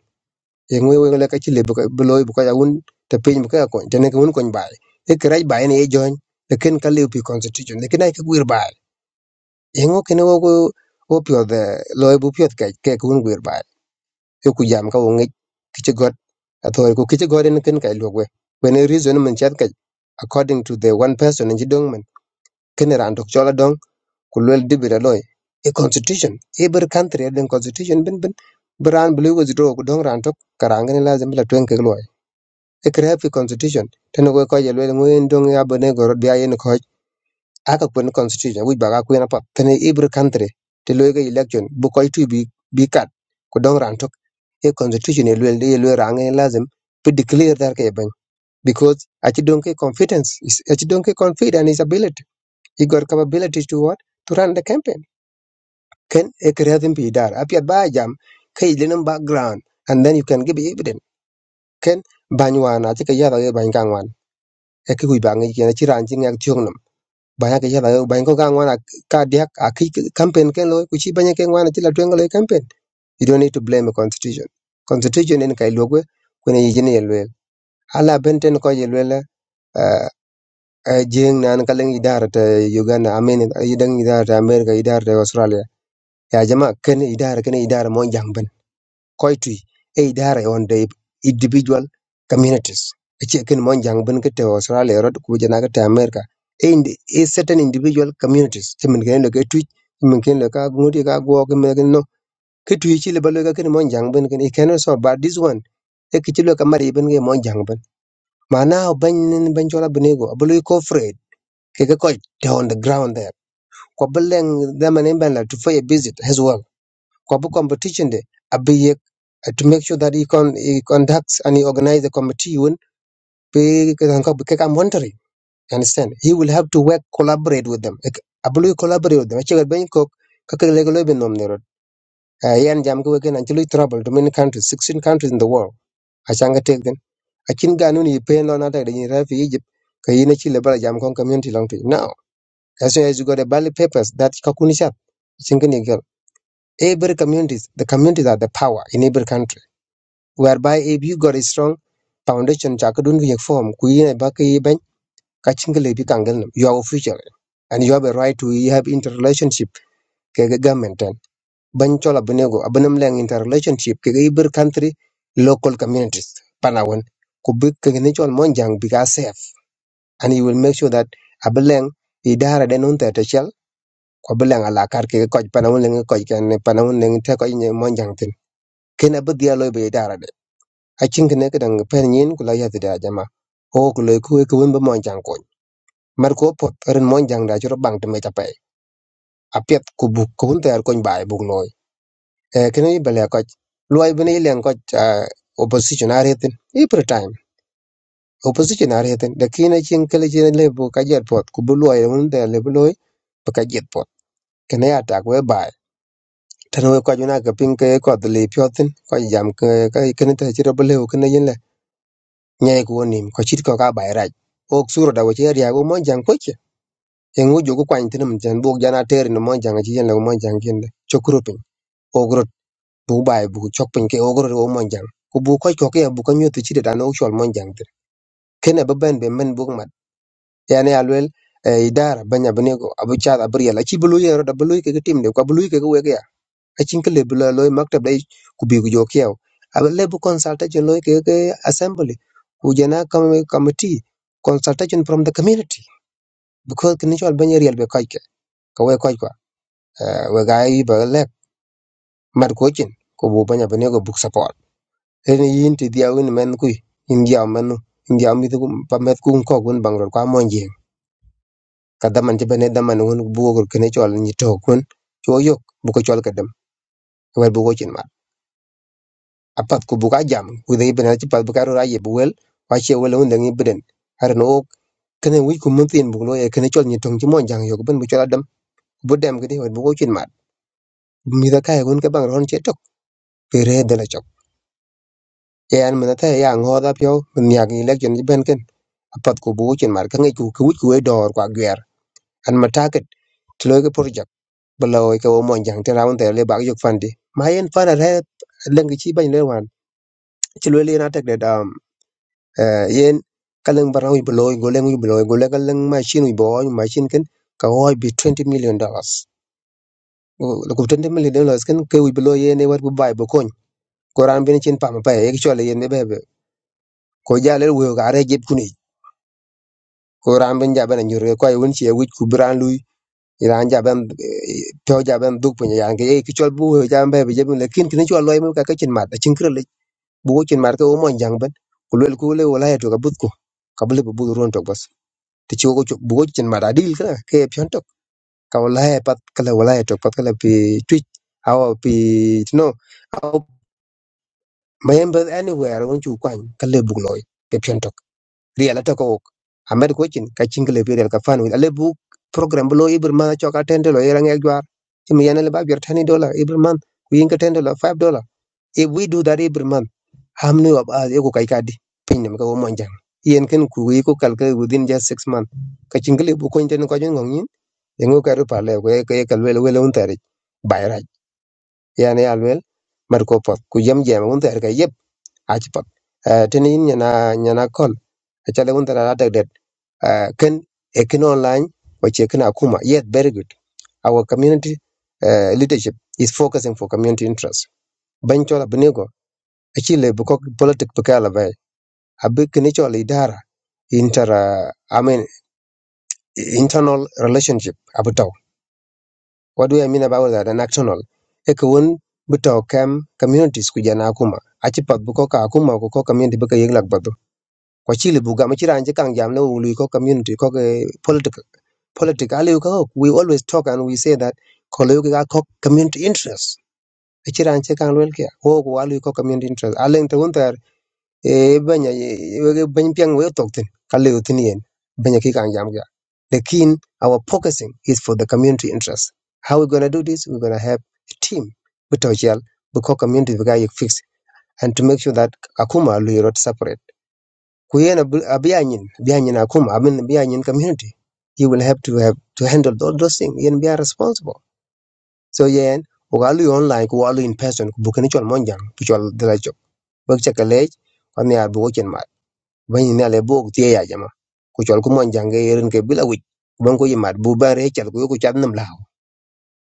Speaker 2: e ngwe we le ka chi le bu loy bu ka ya won te pin bu ka ko tene ko won ko bai e krai bai ne join e ken ka le pi constitution ne ken ai ka gwir bai e ngo ken wo ko wo de loy bu pio ke ke ko won gwir bai e ku jam ka wo ngej ki ci god a to ko ki ci god en ken kay log when a reason man chat kay according to the one person en ci dong man ken ran dok chola dong ku lol dibira loy A constitution Every country country a constitution ben ben bran blue was draw ku dong ran tok karanga ni lazim la twen ke loy e kre fi constitution ten go ko ye lol ngoyen dong ya bone gorod biya aka kwen constitution which baga kwen apa pene every country te loyega election bu koy tu bi bi kat ko don ran tok e constitution e luel e luel rang e lazim be declare that ke ban because achi don ke confidence is achi don ke confident in ability he got capability to what to run the campaign ken e kreatin bi dar apia ba jam kai lenum background and then you can give evidence ken banywana achi ke yara e ban kangwan e ki ku bangi ken achi ran chi ngak banya ke jala banya ko ka ngwana ka diak a ki campaign ken lo ku chi banya ke ngwana chila twenga lo campaign you don't need to blame the constitution constitution en kai logwe ku ne yijini ye lwel ala benten ko ye lwel uh, jeng nan kaleng idara ta Uganda amen idang idara ta America idara ta Australia ya jama ken idara ken idara mo jang koitui e idara on the individual communities ache ken mon jang ben kete australia rod ku jana kete america e indi- e certain individual communities timin ken lo ke tui timin ken lo ka ngudi ka go ke me no ke tui chi le balo ka ken mon jang ben ken e ken so but this one e ke chi lo ka mari ben ke mon jang ben mana o ban nin ban chola benego abulu ko fred ke ke ko on the ground there ko beleng da manen ban la to for a visit as well ko bu competition de abi uh, to make sure that he con he conducts and he organize the committee un be kan ko ke kam you understand he will have to work collaborate with them Ek- abulu collaborate with them che ben ko ka ke lego lebe nom ne rot Uh, yan jam ko ken anchulu trouble to many countries 16 countries in the world achanga take them akin ganun yi pe no na ta da yin rafi Egypt ka yi na ci lebara jam kon community long to you. now as soon as you got the ballot papers that ka kuni sha cin gani every communities the communities are the power in every country whereby if you got a strong foundation chakadun ki form kuyin ba ki ben kachin ki lebi kangal nam you are official and you have a right to have interrelationship ke government and ban chola benego abanam lang interrelationship ke ibir country local communities panawan ku bi ke ni chol monjang bi safe and you will make sure that abaleng idara den on ta chel ko abaleng ala kar ke ko panawan leng ko ken panawan leng te ko monjang tin ken abadia loy be idara acin kene ke dang pen nyin kula ya tida jama o ku le ku e ku wimbe mon jang kon mar ko pot ren mon jang da chro bang te me tapai a pet ku bu ku un ter kon bai bu loy e kene i bele ko loy bene ilen ko opposition are tin every time opposition are tin de kine cin kele cin le bu ka jet pot ku bu loy un ter le bu loy bu ka jet pot kene ya tak we bai tan we ko juna ke pin ke ko de le pyotin ko jam ke ka kene te chro bu le nyai ko nim ko chit ko ka bai ok suro da wache ria go mon jang koche e ngujo go kwany tinum jan buk jana ter ni mon jang chi jan lo mon kende chokro pin ogro bu bai bu chok pin ke ogro ro mon jang ku bu ko ko ke bu ko nyotu chi da no chol mon jang ter kene be be men buk mat yani alwel e idara banya bene go abu cha da briya la chi bulu yero da bulu ke ke tim de ko bulu ke ke wege acin ke lebu lo loy maktab dai ku bi ku jo kiyaw aba lebu consultation loy ke ke assembly ku jana kam- committee consultation from the community because kini chol banya real be koike ka we koy kwa eh, we ga yi ba lek mat ko chin ko bu banya bane go book support en yin ti dia win men ku in dia manu in dia mi ku pa met ku ko gun bang ro kwa monje ka daman ti bane daman won bu go kini chol ni to kun cho yok bu ko chol ka dem wer bu go chin apat ku buka jam ku dengi benen ci pat buka ro aye bu wa che wel won dengi beden har no ok kene wi ku mun tin bu lo e kene chol ni tong ci mon jang yo ko ben bu chola dem bu dem gidi won bu ko chin mat mi da kay gun ke bang ron che tok pe re de la chok e an men ta ya ngo da pyo men ya gi lek jon ci ben ken apat ku bu ko chin mat ka ngi ku ku wi ku e dor kwa gwer an ma target ti lo ke project balaw ke wo mon jang te raun te le bag yok fandi ma yen fana re lengi ci bañ le wan ci lo le na tek de dam eh, yen kaleng barang wi beloy goleng wi beloy goleng kaleng machine wi boy machine ken ka hoy bi 20 million dollars lo ko 20 million dollars ken ke wi beloy yen e war bu bay bu kon ko ram bin chin pam pa e chole yen be be ko jalel wo ga re jeb kuni ko ram bin jaban nyur ko ay won ci e wi ku bran lui iran jaban to jaban duk punya yang ke ki chol bu jaban be be jeb lekin tin chol loy mu ka ka chin mat chin krele bu chin mat ko mo jang ban ku lel ku le wala ya to ka but ko ka bu le bu ron to bas ti chu ko chu bu chen ma dil ka ke pyon tok ka wala he pat kala wala he tok pat kala pi twitch how pi no how member anywhere won chu kwan kala bu loy ke pyon tok Real ala tok ok amer ko chin ka chin kala pi real ka fan ale bu program bu lo ibr ma cho ka tende lo yerang ek jwar ti mi yanele ba yer tani dollar ibr man ku yin ka tende 5 dollar if we do that every month hamne wab a ko kai kadi pinne ka wo monjang yen ken ku yi ko kalka within just 6 months ka chin kala bu ko ten ko jong ngi yengu ka rupa le ko ke kal wel un tari bayra yani al wel mar ko pot ku yam jema un tari ka yep a pot tin nyana nyana kol a un tari da det Eh, ken e online ko ce kana yet very good our community uh, leadership is focusing for community interest ban chola bnego achile bukok politic pakala bay abi ken chola idara inter uh, i mean internal relationship about What do I mean about that? An actional. Eka won buta kam communities kujana akuma. Achi pat buko ka akuma ko community buka yeg lak badu. Kwa chile buga machira anje kang jam na ului ko community ko ke political. Political aliu ka ok. We always talk and we say that koleu ka ko community interests. Achira anje kang luel kia. Wo ko aliu ko community interest. Aleng te won e banya e bany piang we tok tin kale utin yen banya ki kan jam ga lekin our focusing is for the community interest how we going to do this we're going to have a team with our gel because community we got fix and to make sure that akuma lu not separate ku yen abiyanyin biyanyin akuma i mean biyanyin community you will have to have to handle all those things yen be responsible so yen ugalu online ku alu in person ku bukani chol monjang ku chol dala chok bak chakalej kwani abu bany ne le bok tie ya jama ku chol ku mon jange yerin ke bila wich bon ko yimat bu bare chal ku ku cham nam law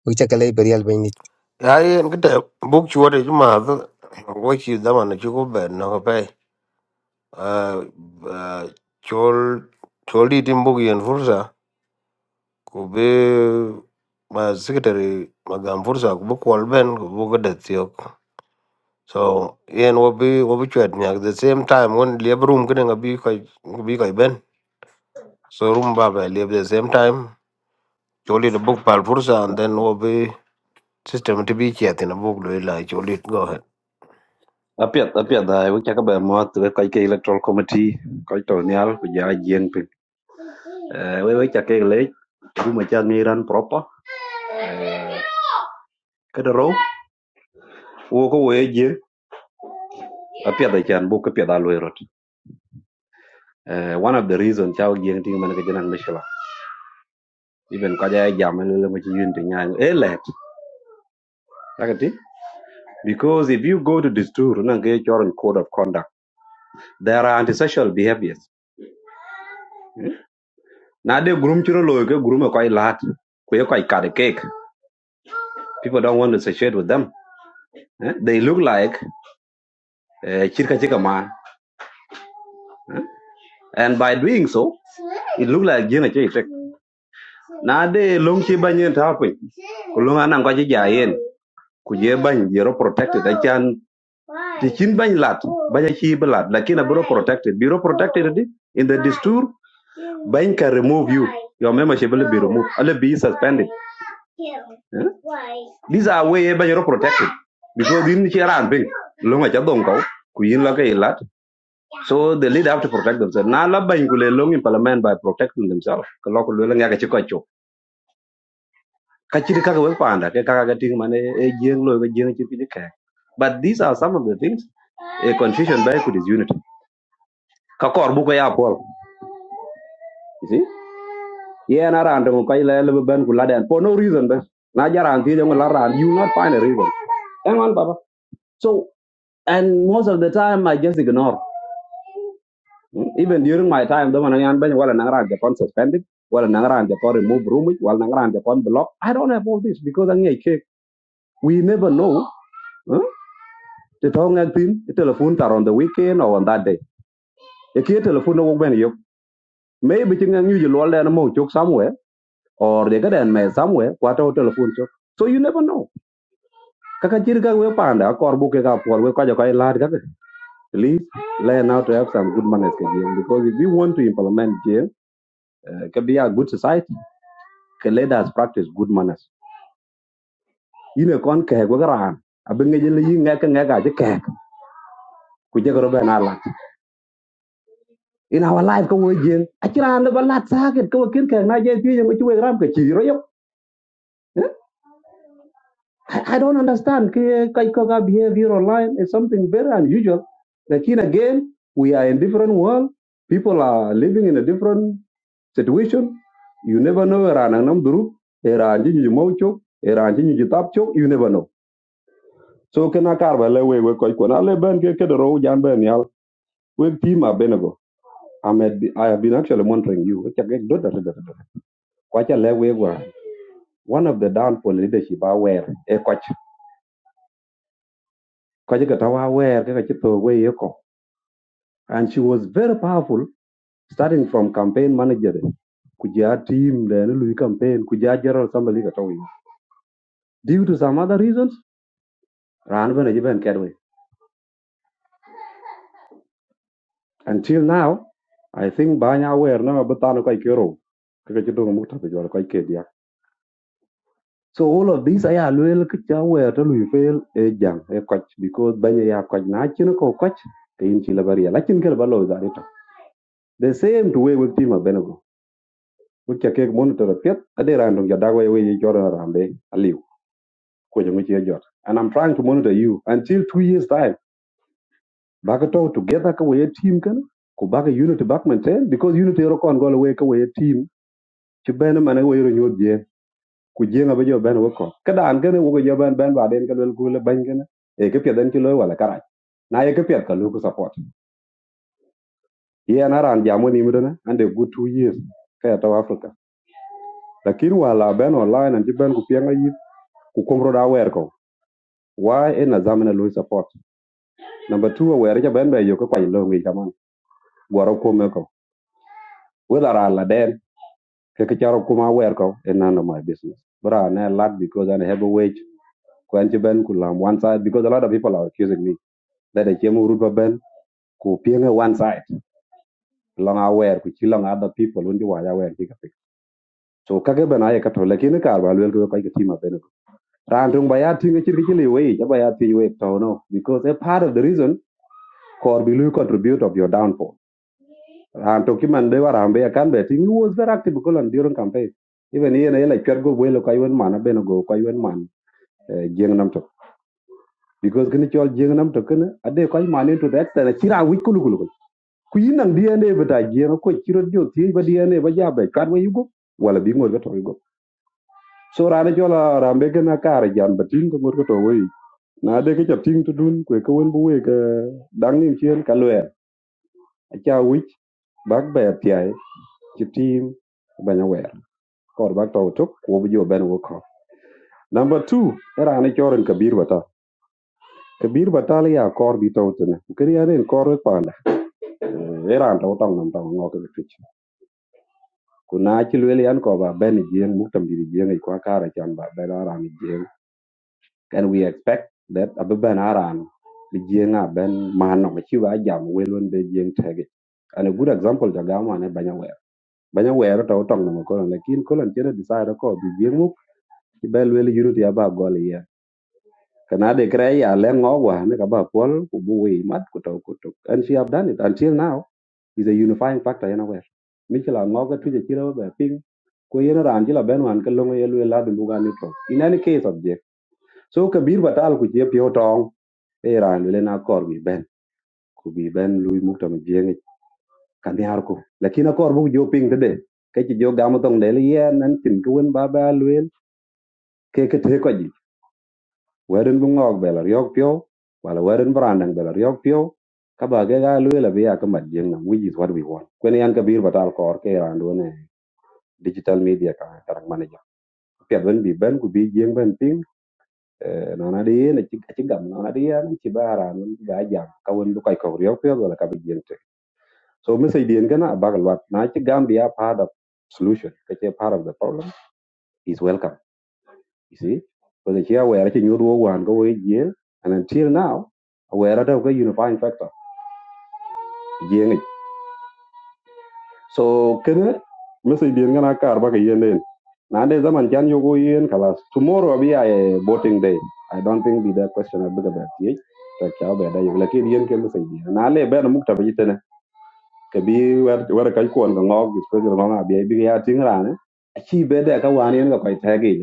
Speaker 2: ku cha kale perial
Speaker 1: I get a book short is mother. What you the one that you go bed no pay. Uh uh chol chol it in and Furza. kube ma secretary magam fursa kubu kwal ben kubu ko det yok so yen wo bi wo bi chwet nyak the same time when lieb room kene ngabi ko ngabi ko ben so room ba ba lieb the same time choli the book pal fursa and then wo bi system to be chet in a book lo la choli go ahead
Speaker 24: apiat apiat da. we chaka ba mo to kai ke electoral committee kai to nyal ku ja jeng we we cha ke le bu ma cha ni ran proper ke de ro wo ko we je a pia da chan bu ke pia da lo erot one of the reason cha ge ngi man ke janan mishla even ka ja ja man le ma chi yun de nyang e le takati because if you go to this tour na ge choron code of conduct there are antisocial behaviors na de gurum chiro lo ke gurum ko ai lat ko ye ko ai ka de cake people don't want to associate with them eh? they look like eh, chirka chika man And by doing so, it looked like Jina Chay Tek. Na de long chi banyin tapin. Kulung anang kwa chi jayen. Kuje bany jero protected. Achan the chin bany lat. Banya chi belat. Lakin aburo protected. Biro protected di. In the distur, bany can remove you. Your membership will be removed. Will be suspended. Eh? These are way bany jero protected. Because in chi aran ping. Long cha dong kau. Kuyin la kay lat. So the leader have to protect themselves. Now, la bany long in parliament by protecting themselves. Kalau kule long ya kecik kacau. Kacir kagak wek panda. Kagak kating mana eh jeng lo eh jeng cipi jek. But these are some of the things a confusion by could is unity. Kakor buka ya pol. You see? Yeah, nara ande mo kai lele beban kula for no reason bas. Na jaran ti jeng you will not find a reason. Hang on, Baba. So and most of the time I just ignore. Mm, Even during my time, the one I am been well and Nagaran Japan suspended, well and Nagaran Japan removed room, while Nagaran Japan blocked. I don't have all this because I'm a cake. We never know. Huh? The tongue and thin, the telephone are on the weekend or on that day. The key telephone no when you maybe think you can usually all learn a more joke somewhere or they get and mess somewhere, what our telephone joke. So you never know. Kaka jirga we panda kor book ka por we kwaja kai lad kaka. Please learn how to have some good manners ke jeng because if we want to implement jeng, uh, it can be a good society. Okay, let us practice good manners. yine kon ke go gran abe ngeje yi ngeka ngeka je ke ku je ro bena la in our life ko wo jeng akira le bala saket ko kin ke na je ti je ku ram ke ti ro yo i don't understand ke kai ko ga behavior online is something very unusual lakin again we are in different world people are living in a different situation you never know era nam duru era ji ji mo chok era ji ji tap chok you never know so kana kar le we we ko ko na le ben ke ke ro jan ben yal we team a benego. I'm at, I have been actually monitoring you. It's a great dot, dot, dot, Quite a level where One of the downfall leadership I wear, a coach. Coach got our wear, kaka chito we yoko. And she was very powerful, starting from campaign manager. Kuja team, the Louis campaign, Kuja general, somebody got away. Due to some other reasons, Ran Ben Ajiben Kedwe. Until now, I think Banya aware now, but Tano Kaikero. So all of these aya luel ke cha wer to lui pel e jang e koch because banya ya koch na chin ko koch ke in chi la baria lakin ke ba lo za ri to. The same to we with team abenago. We cha ke monitor eh, pet ade random ja dagwa we ye jora rambe aliu ko je ngi jot. And I'm trying to monitor you until 2 years time. Bakato together ka we team kan ko baka unity back maintain because unity ro kon gol we ka we team chi bena man we ro nyod ku jenga ba jo ben wo ko ka dan gane wo jo ben ben ba den ka gule ban gane e ka pyedan ki lo wala kara na ye ka pyed ka lu ku support ye na ran ja mo ni mu dana ande good two years ka ya to africa Lakini wala ben online an ji ben ku pyanga yi ku komro da wer ko why e a zamana lo support number 2 wer ja ben ba yo ka kwa lo ngi kaman goro ko me ko wala ra la den ke ka charo kuma wer ko in none of my business bra na lad because i have a wage Ku ci ben ku lam one side because a lot of people are accusing me that I came root ku pienge one side long aware ku chi long other people undi wa ya wer chika pik so kage bana ye kato lakini kar ba lwel ko kai kiti ma bene ran tung ba ya tinga chir kichili we ja ba ya ti we to no because a part of the reason kor bi lu contribute of your downfall ran to kiman de wara ambe kan be ting he was very active ko lan during campaign even ye na ye la chwer go bwelo kai wen mana bene go kai wen man eh, jieng nam to because kini chol jieng nam to kene ade kai man into that tena chira wich kulu ku yinang dna ba da jeng ko chiro dio ti ba dna ba ja ba jabe kan wa yugo wala bi ngor ba yugo so rana jola rambe gana kar jan ba ko ngor ko to na de ke chapting tin to dun ko ko won bu ka dang nim chen ka lwe a cha wi bak ba pi ai ti wer kor bak to to ko bu jo ben wo ko number 2 era ne choren kabir bata kabir bata le ya kor bi to tene kri ya ren kor pa na era to tong nam tong ngok ke fich kuna ci yan ko ba ben jeng muktam di jeng ko kara chan ba ben aran jeng and we expect that abe ben aran bi jeng a ben man no ci jam welon be jeng tege and a good example da gama ne banya wer banya wer to tong no ko ne kin ko lan tere desire ko bi jeng muk ci ben wel yurut ya ba gol ye kana de kre ya le ngo ne ka ba pol ku bu mat ku to ku to and she have done it until now is a unifying factor anywhere michela ngoga tuje chiro be ping ko yeno ran jila ben wan kalongo yelu la du buga ni to in any case object so kabir batal ku je pio tong e ran le na ben ku bi ben lui mukta mi jeng kan yar ko lakini kor bu jo ping de ke ji jo gam tong de le yen nan tin ku wen ba ba luel ke ke te ko ji werin bu ngog be la yok pio wala werin brandang be la yok pio ka ba ge ga luel bi ya ka mat jeng na which is what we want kwen yan kabir batal kor ke ran digital media ka tarak manager piat wen bi ben ku bi jeng ben ping eh, nona de na ci ci gam nona de yan ci bara non ga jam ka won lu koy ko rew pe wala ka bi jeng so message den gana bagal wat na ci gambia part of solution ka ci part of the problem is welcome you see ko ci ya wera ci nyodo wan go we jeng and until now wera ta ko unifying factor jeng so kene message den gana kar ba ka yende Nowadays, man, can you go in? Yen Tomorrow, I'll be a voting day. I don't think be the question of big about it. Tak chao be da yola kiri yen kemu sai dia. Na le be na mukta be jitene. Ke bi wer wer kai kuon ka ngog is pe ngog na bi bi ya ting ra ne. Chi be da ka wan yen ka kai ta ge.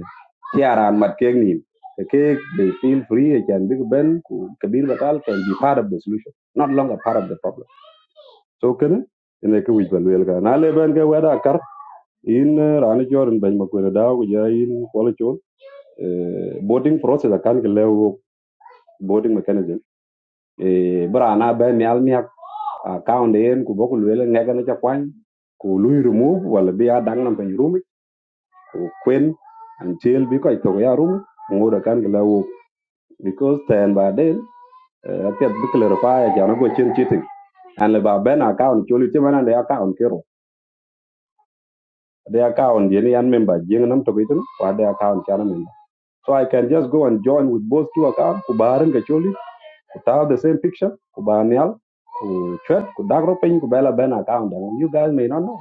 Speaker 24: Chi aran mat ke ni. Ke they feel free they can be ben ku ke bi bakal can be part of the solution, not longer part of the problem. So ken ene ke wij balwel ka. Na le ben ke wer da kar in rani chorin ben makwela da ku ja in kwala eh, boarding process akan ke lewo boarding mechanism eh brana be mi al mi account en ku boku lele ngega ne chakwan ku lui remove wala bi a dang nam pen rumi kwen until bi ko to ya rumi ngoda kan ke lewo because ten by then eh, pet bi clarify ya na go chen chiting an le ba ben account choli te manan de account kero de account yen yan member jeng nam to bitin wa de account chana member so i can just go and join with both two account ku baran ke choli Without the same picture, Kubanial, Kuchwet, Kudagro Pen, Kubela Ben account. I you guys may not know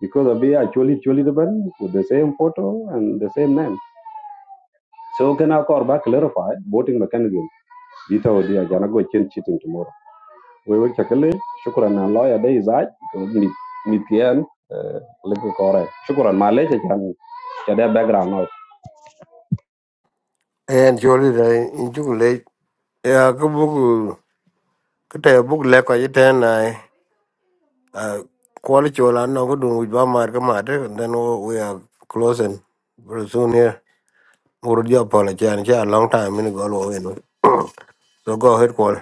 Speaker 24: because of actually actually the Ben with the same photo and the same name. So can I call back clarify voting mechanism? Dita Odia Janago change cheating tomorrow. We will check a lay, Shukran and lawyer day is I because meet meet the end. Liku correct. Shukran, my letter can share their background noise.
Speaker 1: and choli the in ju le ya ko book ko book le ko jiten Uh, quality chola no go do with ba mar ka and then we we are closing very soon here. Muru dia pala chan cha long time in go away. in. *clears throat* So go ahead call.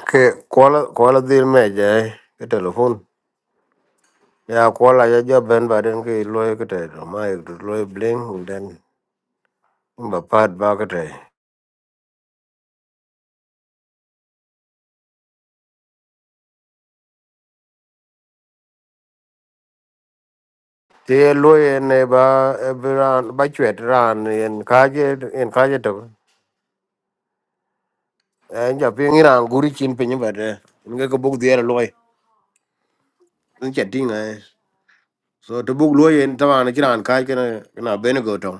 Speaker 1: Okay, call call the me jai ke telephone. Yeah, call ya job. ben ba den ke lo ke bling then ba pat The ke te. Te lo ne ba e bi ran ba chwet ran en kaje en kaje to. En ja ping ran guri Ang chatting eh. So to book lawyer in Tavan, Chiran Kai can a Benego town.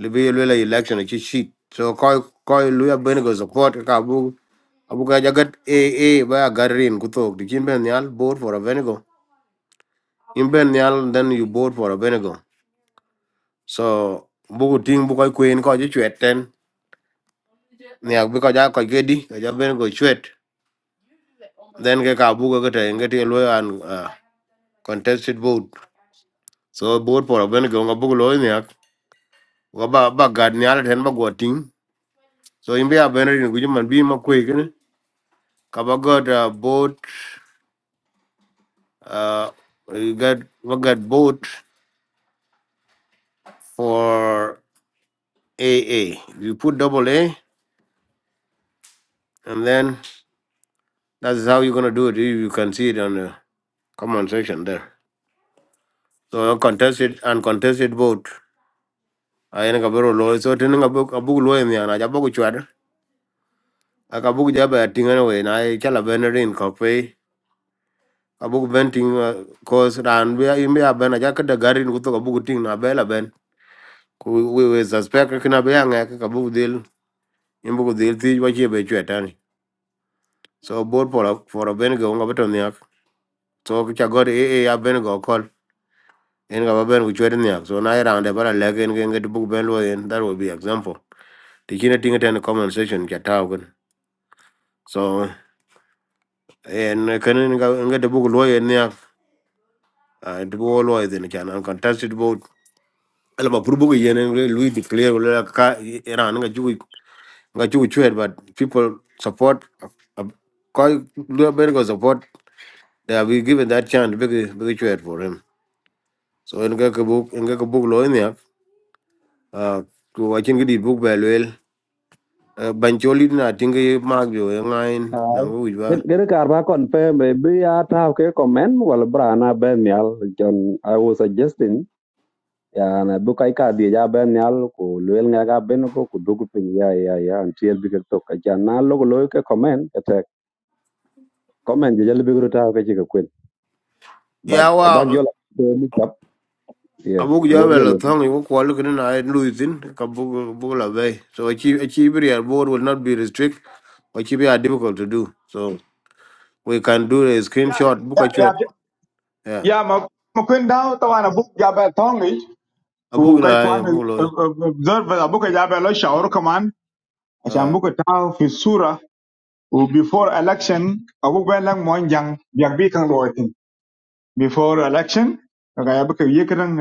Speaker 1: Libya Lula election, a sheet. So Koi Koi Luya Benego support a Kabu. Abuka Jagat A A by a Garin Kutok. The Jim Benyal board for a Benego. In Benyal, then you board for a Benego. So Buku Ting Bukai Queen Koi Chuet ten. Niak because I Koi Gedi, Kaja Benego Chuet. Then get Kabuka get a get a lawyer and uh, contested vote. So board for a Benego, a book Loyniak. Ba ba gad nyal ten ba go So in Bia Benerin, which man be McQuig, Kaba got a boat, uh, we got we got boat for AA. You put double A, and then that's how you're gonna do it. You you can see it on the comment section there. So contested uncontested vote. I ain't a very low, so turning a book a book low in the end. I book which other. I can book job at thing anyway. And I tell a Benerin coffee. A book venting cause and we are in Bia Ben. I jacket the garden with a book thing. a bell ku we we suspect ka na bya nga ka ka bu dil im bu dil ti wa che be che tan so bor for a for a ben go nga beton ya so ka god e e ya ben go kol en ga ba ben ku che ni ya so na ira ande bara le gen gen bu ben lo en that will be example ti kine tinga ten comment section cha ta gun so en kan nga nga de bu lo en ya de bu lo en kan contested vote alba purbu yen en lui declare la ka ira nga Like you would trade, but people support. uh, Quite go support. They have been given that chance. Big big trade for him. So in get book in get book law in there. Uh, to I think the book by well. Uh, Bancholi na tingi mag jo eh, ngain
Speaker 24: Aye.
Speaker 1: nangu ujba.
Speaker 24: Get get a car back on maybe I have a comment. Well, Brana Ben Mial, John, I was suggesting. yana bu kai ka dia ja ben nyal ku luel nga ga ben ko ku dugu pin ya ya ya antiel bi ka to ka ja na lo ko lo ka comment ka te comment je jale bi gru ta ka ji ka kwen but
Speaker 1: Yeah,
Speaker 24: abag yo
Speaker 1: well,
Speaker 24: la ko mi tap
Speaker 1: a
Speaker 24: yeah
Speaker 1: book jo
Speaker 24: ngor ge
Speaker 1: well thong you walk walk in I losing. Kabuk book book la bay. So achieve achieve real board will not be restrict. Achieve are difficult to do. So we can do a
Speaker 6: ya
Speaker 1: screenshot book
Speaker 6: ya
Speaker 1: a
Speaker 6: ya
Speaker 1: chat. Yeah,
Speaker 6: ya ma ma kwen da to ana bu ya ba tong ni
Speaker 1: a
Speaker 6: ku
Speaker 1: book
Speaker 6: kai
Speaker 1: la
Speaker 6: kwan
Speaker 1: eh, book law.
Speaker 6: observe abu ka ya ba lo shaur kaman acha
Speaker 1: Uh,
Speaker 6: bu ka ta fi sura Well, before election, abu ba lang mo yang biag bi kang loy tin. Before election, kaya abu kaya kang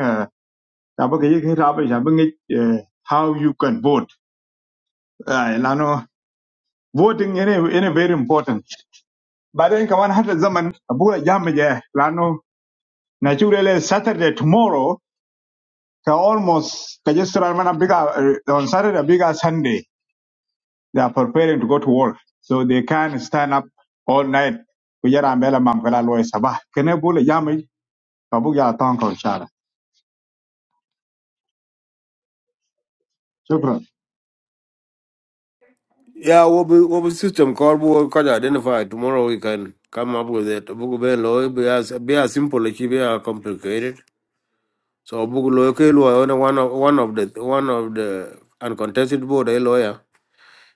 Speaker 6: abu kaya kaya abu abu ngi how you can vote. Uh, lano voting ini ini very important. Baden kawan hata zaman abu la jam je lano naturally Saturday tomorrow ka almost ka just mana biga uh, on Saturday biga Sunday they are preparing to go to work so they can stand up all night kujara mbele mam kala loy sabah kene bula Kabuk ya ton ko shara. Shukran.
Speaker 1: yeah, what be what be system called we can identify tomorrow. We can come up with it. Book be low be as be as simple as be as complicated. So book low ke low only one of one of the one of the uncontested board a lawyer,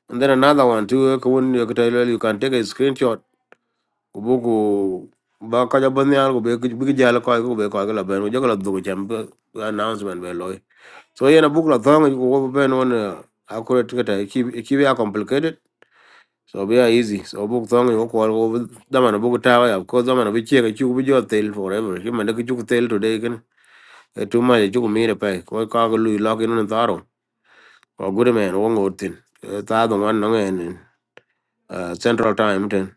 Speaker 1: and then another one too. eh, When you can tell you can take a screenshot. Book ba kaja bani al be big jala ko ko be ko la ben ko do jam be announcement be loy so yena book la thong ko be ben accurate ke ki ki be complicated So be a easy. So book thong you call over the man book tower, yeah, of course, the man will check a chuku with your tail forever. You man, the chuku tail today can a two mile chuku meet a pay. Quite cargo lock in on the tharo. Or good man, one good thing. Thad one long and uh, central time ten.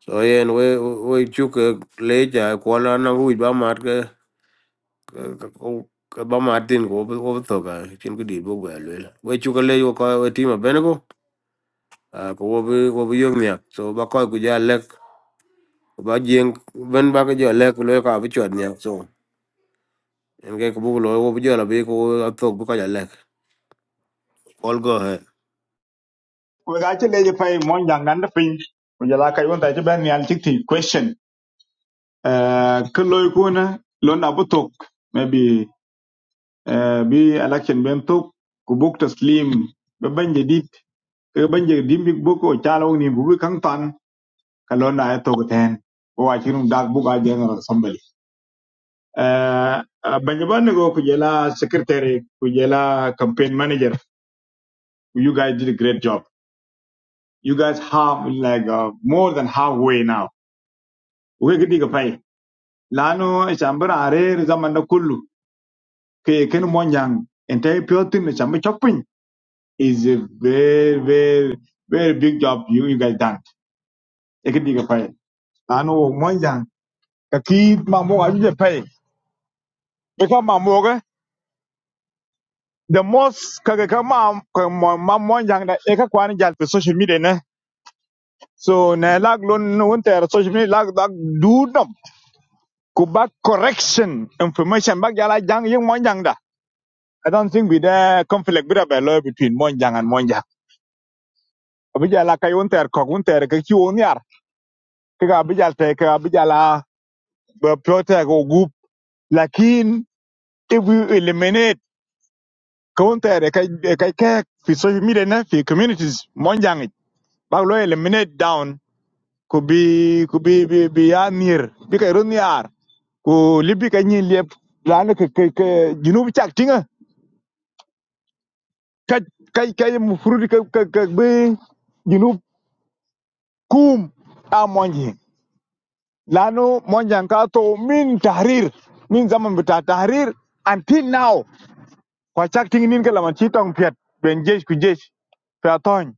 Speaker 1: So yeah, and we we chuk late. I call on a good bamat. Bamat didn't go over thoga. Chin could deal book well. well. We chuk a lay We call a team of Benego. Uh, go over over young. So Bakoy could ya lek. ba jeng ben ba ke jo lek lo ka bi chwat nya so en ke bu lo wo bi jo la bi ko to bu ka ja lek all go ahead
Speaker 6: We ga ci leje pay mon jang nan da pin. Ku jala kay won ta ci ben yal cikti question. Eh kun loy ko na, lon abu tok maybe eh bi election ben tok ku buk taslim be banje dit ke banje dimbi boko chalo ni bu bi kang tan ka lon na ay tok ten. Ko wa ci rum dag bu ga general assembly. Eh banje ban go ku jala secretary ku jala campaign manager you guys did a great job. you guys have like uh, more than halfway now. We get dig pay. Lano chambara are zamanda na kullu ke ken monyang entire pure team chambe chopping is a very very very big job you you guys done. E get dig pay. Lano monyang kaki mamo aju je Because mamo ke the most kage kama mamo monyang da e ka kwani jal pe social media ne. So na lag lon won ter social media lag lag do ku bak correction information bak yala jang yung monjang da i don't think with the conflict with the law between monjang and monjang abijala kay unter ko unter ke ki on yar ke ga bijal te ke abijala be prote go group lakin if we eliminate counter kay kay ke fi social media na fi communities monjang it, bak lo eliminate down could be could be be be ya near bi kay run yar ku libi kay nyin lep lan ke ke junub chak tinga kaj kaj kaj mufurudi ka ka ka bi junub kum a monji lanu monjan ka to min tahrir min zaman bita tahrir until now kwa chak ting nin ka laman chi tong piet ben jesh ku jesh fa ton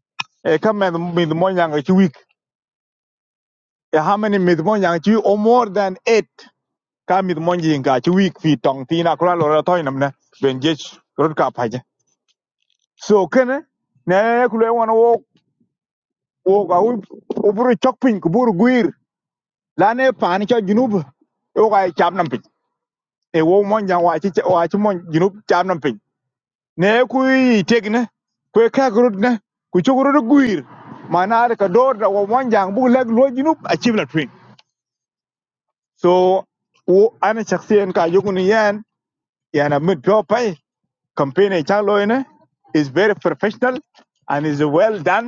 Speaker 6: e kam med mid monjan ka chi week e how many mid monjan chi week or more than eight ka mid monji ka chi week fi tong tina kula lo ra ton namne ben jesh rod ka paje so kene ne kule wana wo wo ga ul uburu chokpin ku buru guir lane pani cho junub wo ga cham nam pin e wo mon jang wa chi wa chi mon junub cham nam pin ne ku tegne ku ka grod ne ku chu grod guir manar ka dor da wo mon jang bu leg lo junub a chi la twin so wo ana shakhsiyan ka yugun yan yana mid pure pay campaign e cha lo ne is very professional and is well done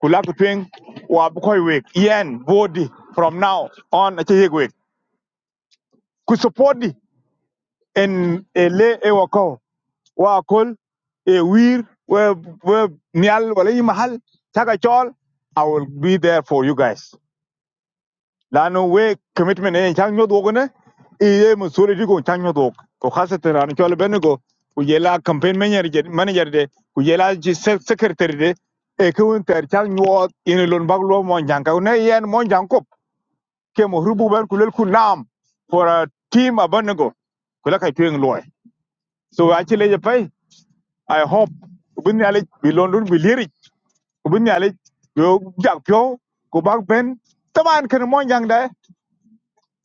Speaker 6: kulakutwing wa bukoy wek yen body from now on ache yek wek ku support di en e e wako wa kol e wir we we nyal wala yi mahal taka chol i will be there for you guys lanu we commitment en chang nyodo ne e ye masulity ko chang nyodo ko khasatan ran chol benego ku yela campaign manager manager de ku yela ji secretary de e ko ter chang nyuot in lon bag mo jang ka ne yen mo jang ke mo rubu ban kulel ku nam for a team abanago kula kai tuing loy so actually je pai i hope bin ale bi london bi liri bin ale yo jak pyo ko bak ben taman kan mon jang da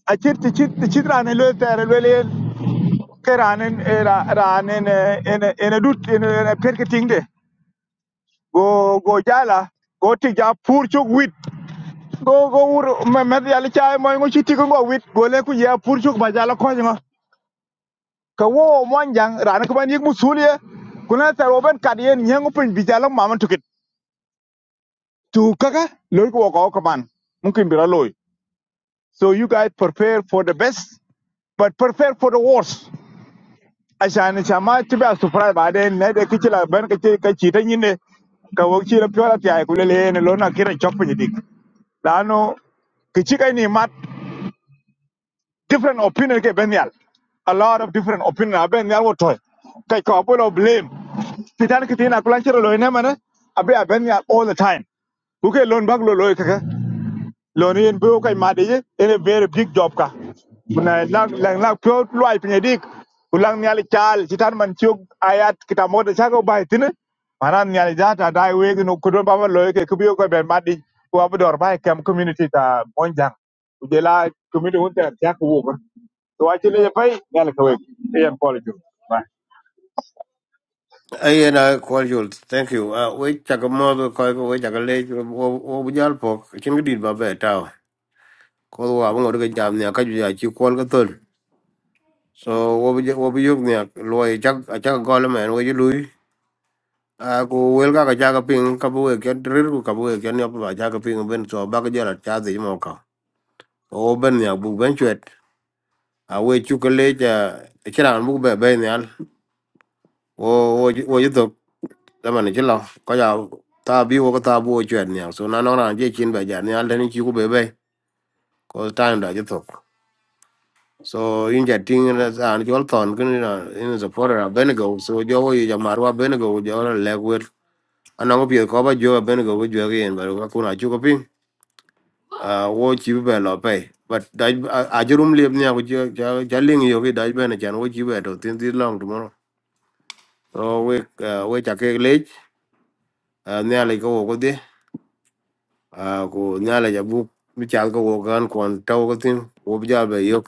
Speaker 6: a chit ti chit ti chit rane lo tere lo le ke rane era rane en en en dut en perketing de go go jala go ti ja pur chuk wit go go ur me me ale chai mo ngo chiti go wit go le ku ya pur chuk ba jala ko ngo ka wo mon jang rana ka ban yik musulie kuna tar wo ban kad yen nyangu pin bijala mama tukit tu kaka lor ko ko ka mungkin bira loy so you guys prepare for the best but prepare for the worst ashan chama tiba surprise ba de ne de kichila ban ka ci ka ci ta nyine ka wo ci la pyola ti ay kulele ne lo kira chok pin lano kichi kai ni mat different opinion ke benyal a lot of different opinion a benyal wo toy kai ko abulo blame titan ki tina kulan chiro lo ne mana abi a all the time ku ke lon bag lo lo ka lon yen bo kai ma in a very big job ka kuna lang lang lang pyo lo ai pinye dik ulang nyali chal titan man chuk ayat kita mo de chago bai tine maran nyali jata dai we no kudon baba lo ke kubiyo ko ben madi ku abdor bai kam community ta monjang ujela community hunte ta ku to a ci leje pay nyan ka wek yan kwal ju
Speaker 1: ay na call you thank you uh, we chak mo do ko ko we chak le wo wo bu jal pok chin gi dit ba be ta ko wa bu ngor ke jam nya ka ju ya chi call ka ton so wo bi wo bi yog nya lo ye chak a chak go le men we ju lui a ko wel ka ka ja ka ping ka bu ke rir ku ka bu ke ne ba ja ka ping ben so ba ke ja la cha de mo ka o ben nya bu ben chwet awe chukuleja chiran bu be be nyal wo wo wo yuto tamane chilo ko ja ta bi wo ko ta bu chwer nyal so na no ran je chin be ja nyal den chi ku be be ko time da yuto so in ja ting na an jol ton kun na in supporter of benego so jo wo ja marwa benego jo la legwer anango pie ko ba jo benego bu jo gen ba ko kuna chu ko pin Ah, wo chi be lo pe but dai a jurum liep nya ko ja ja ling yo ki dai be na chan wo chi be to tin ti long so we uh, we cha ke le nya le ko ko de ko nya le ja bu mi cha ko wo gan kon taw ko tin wo bi ja be yok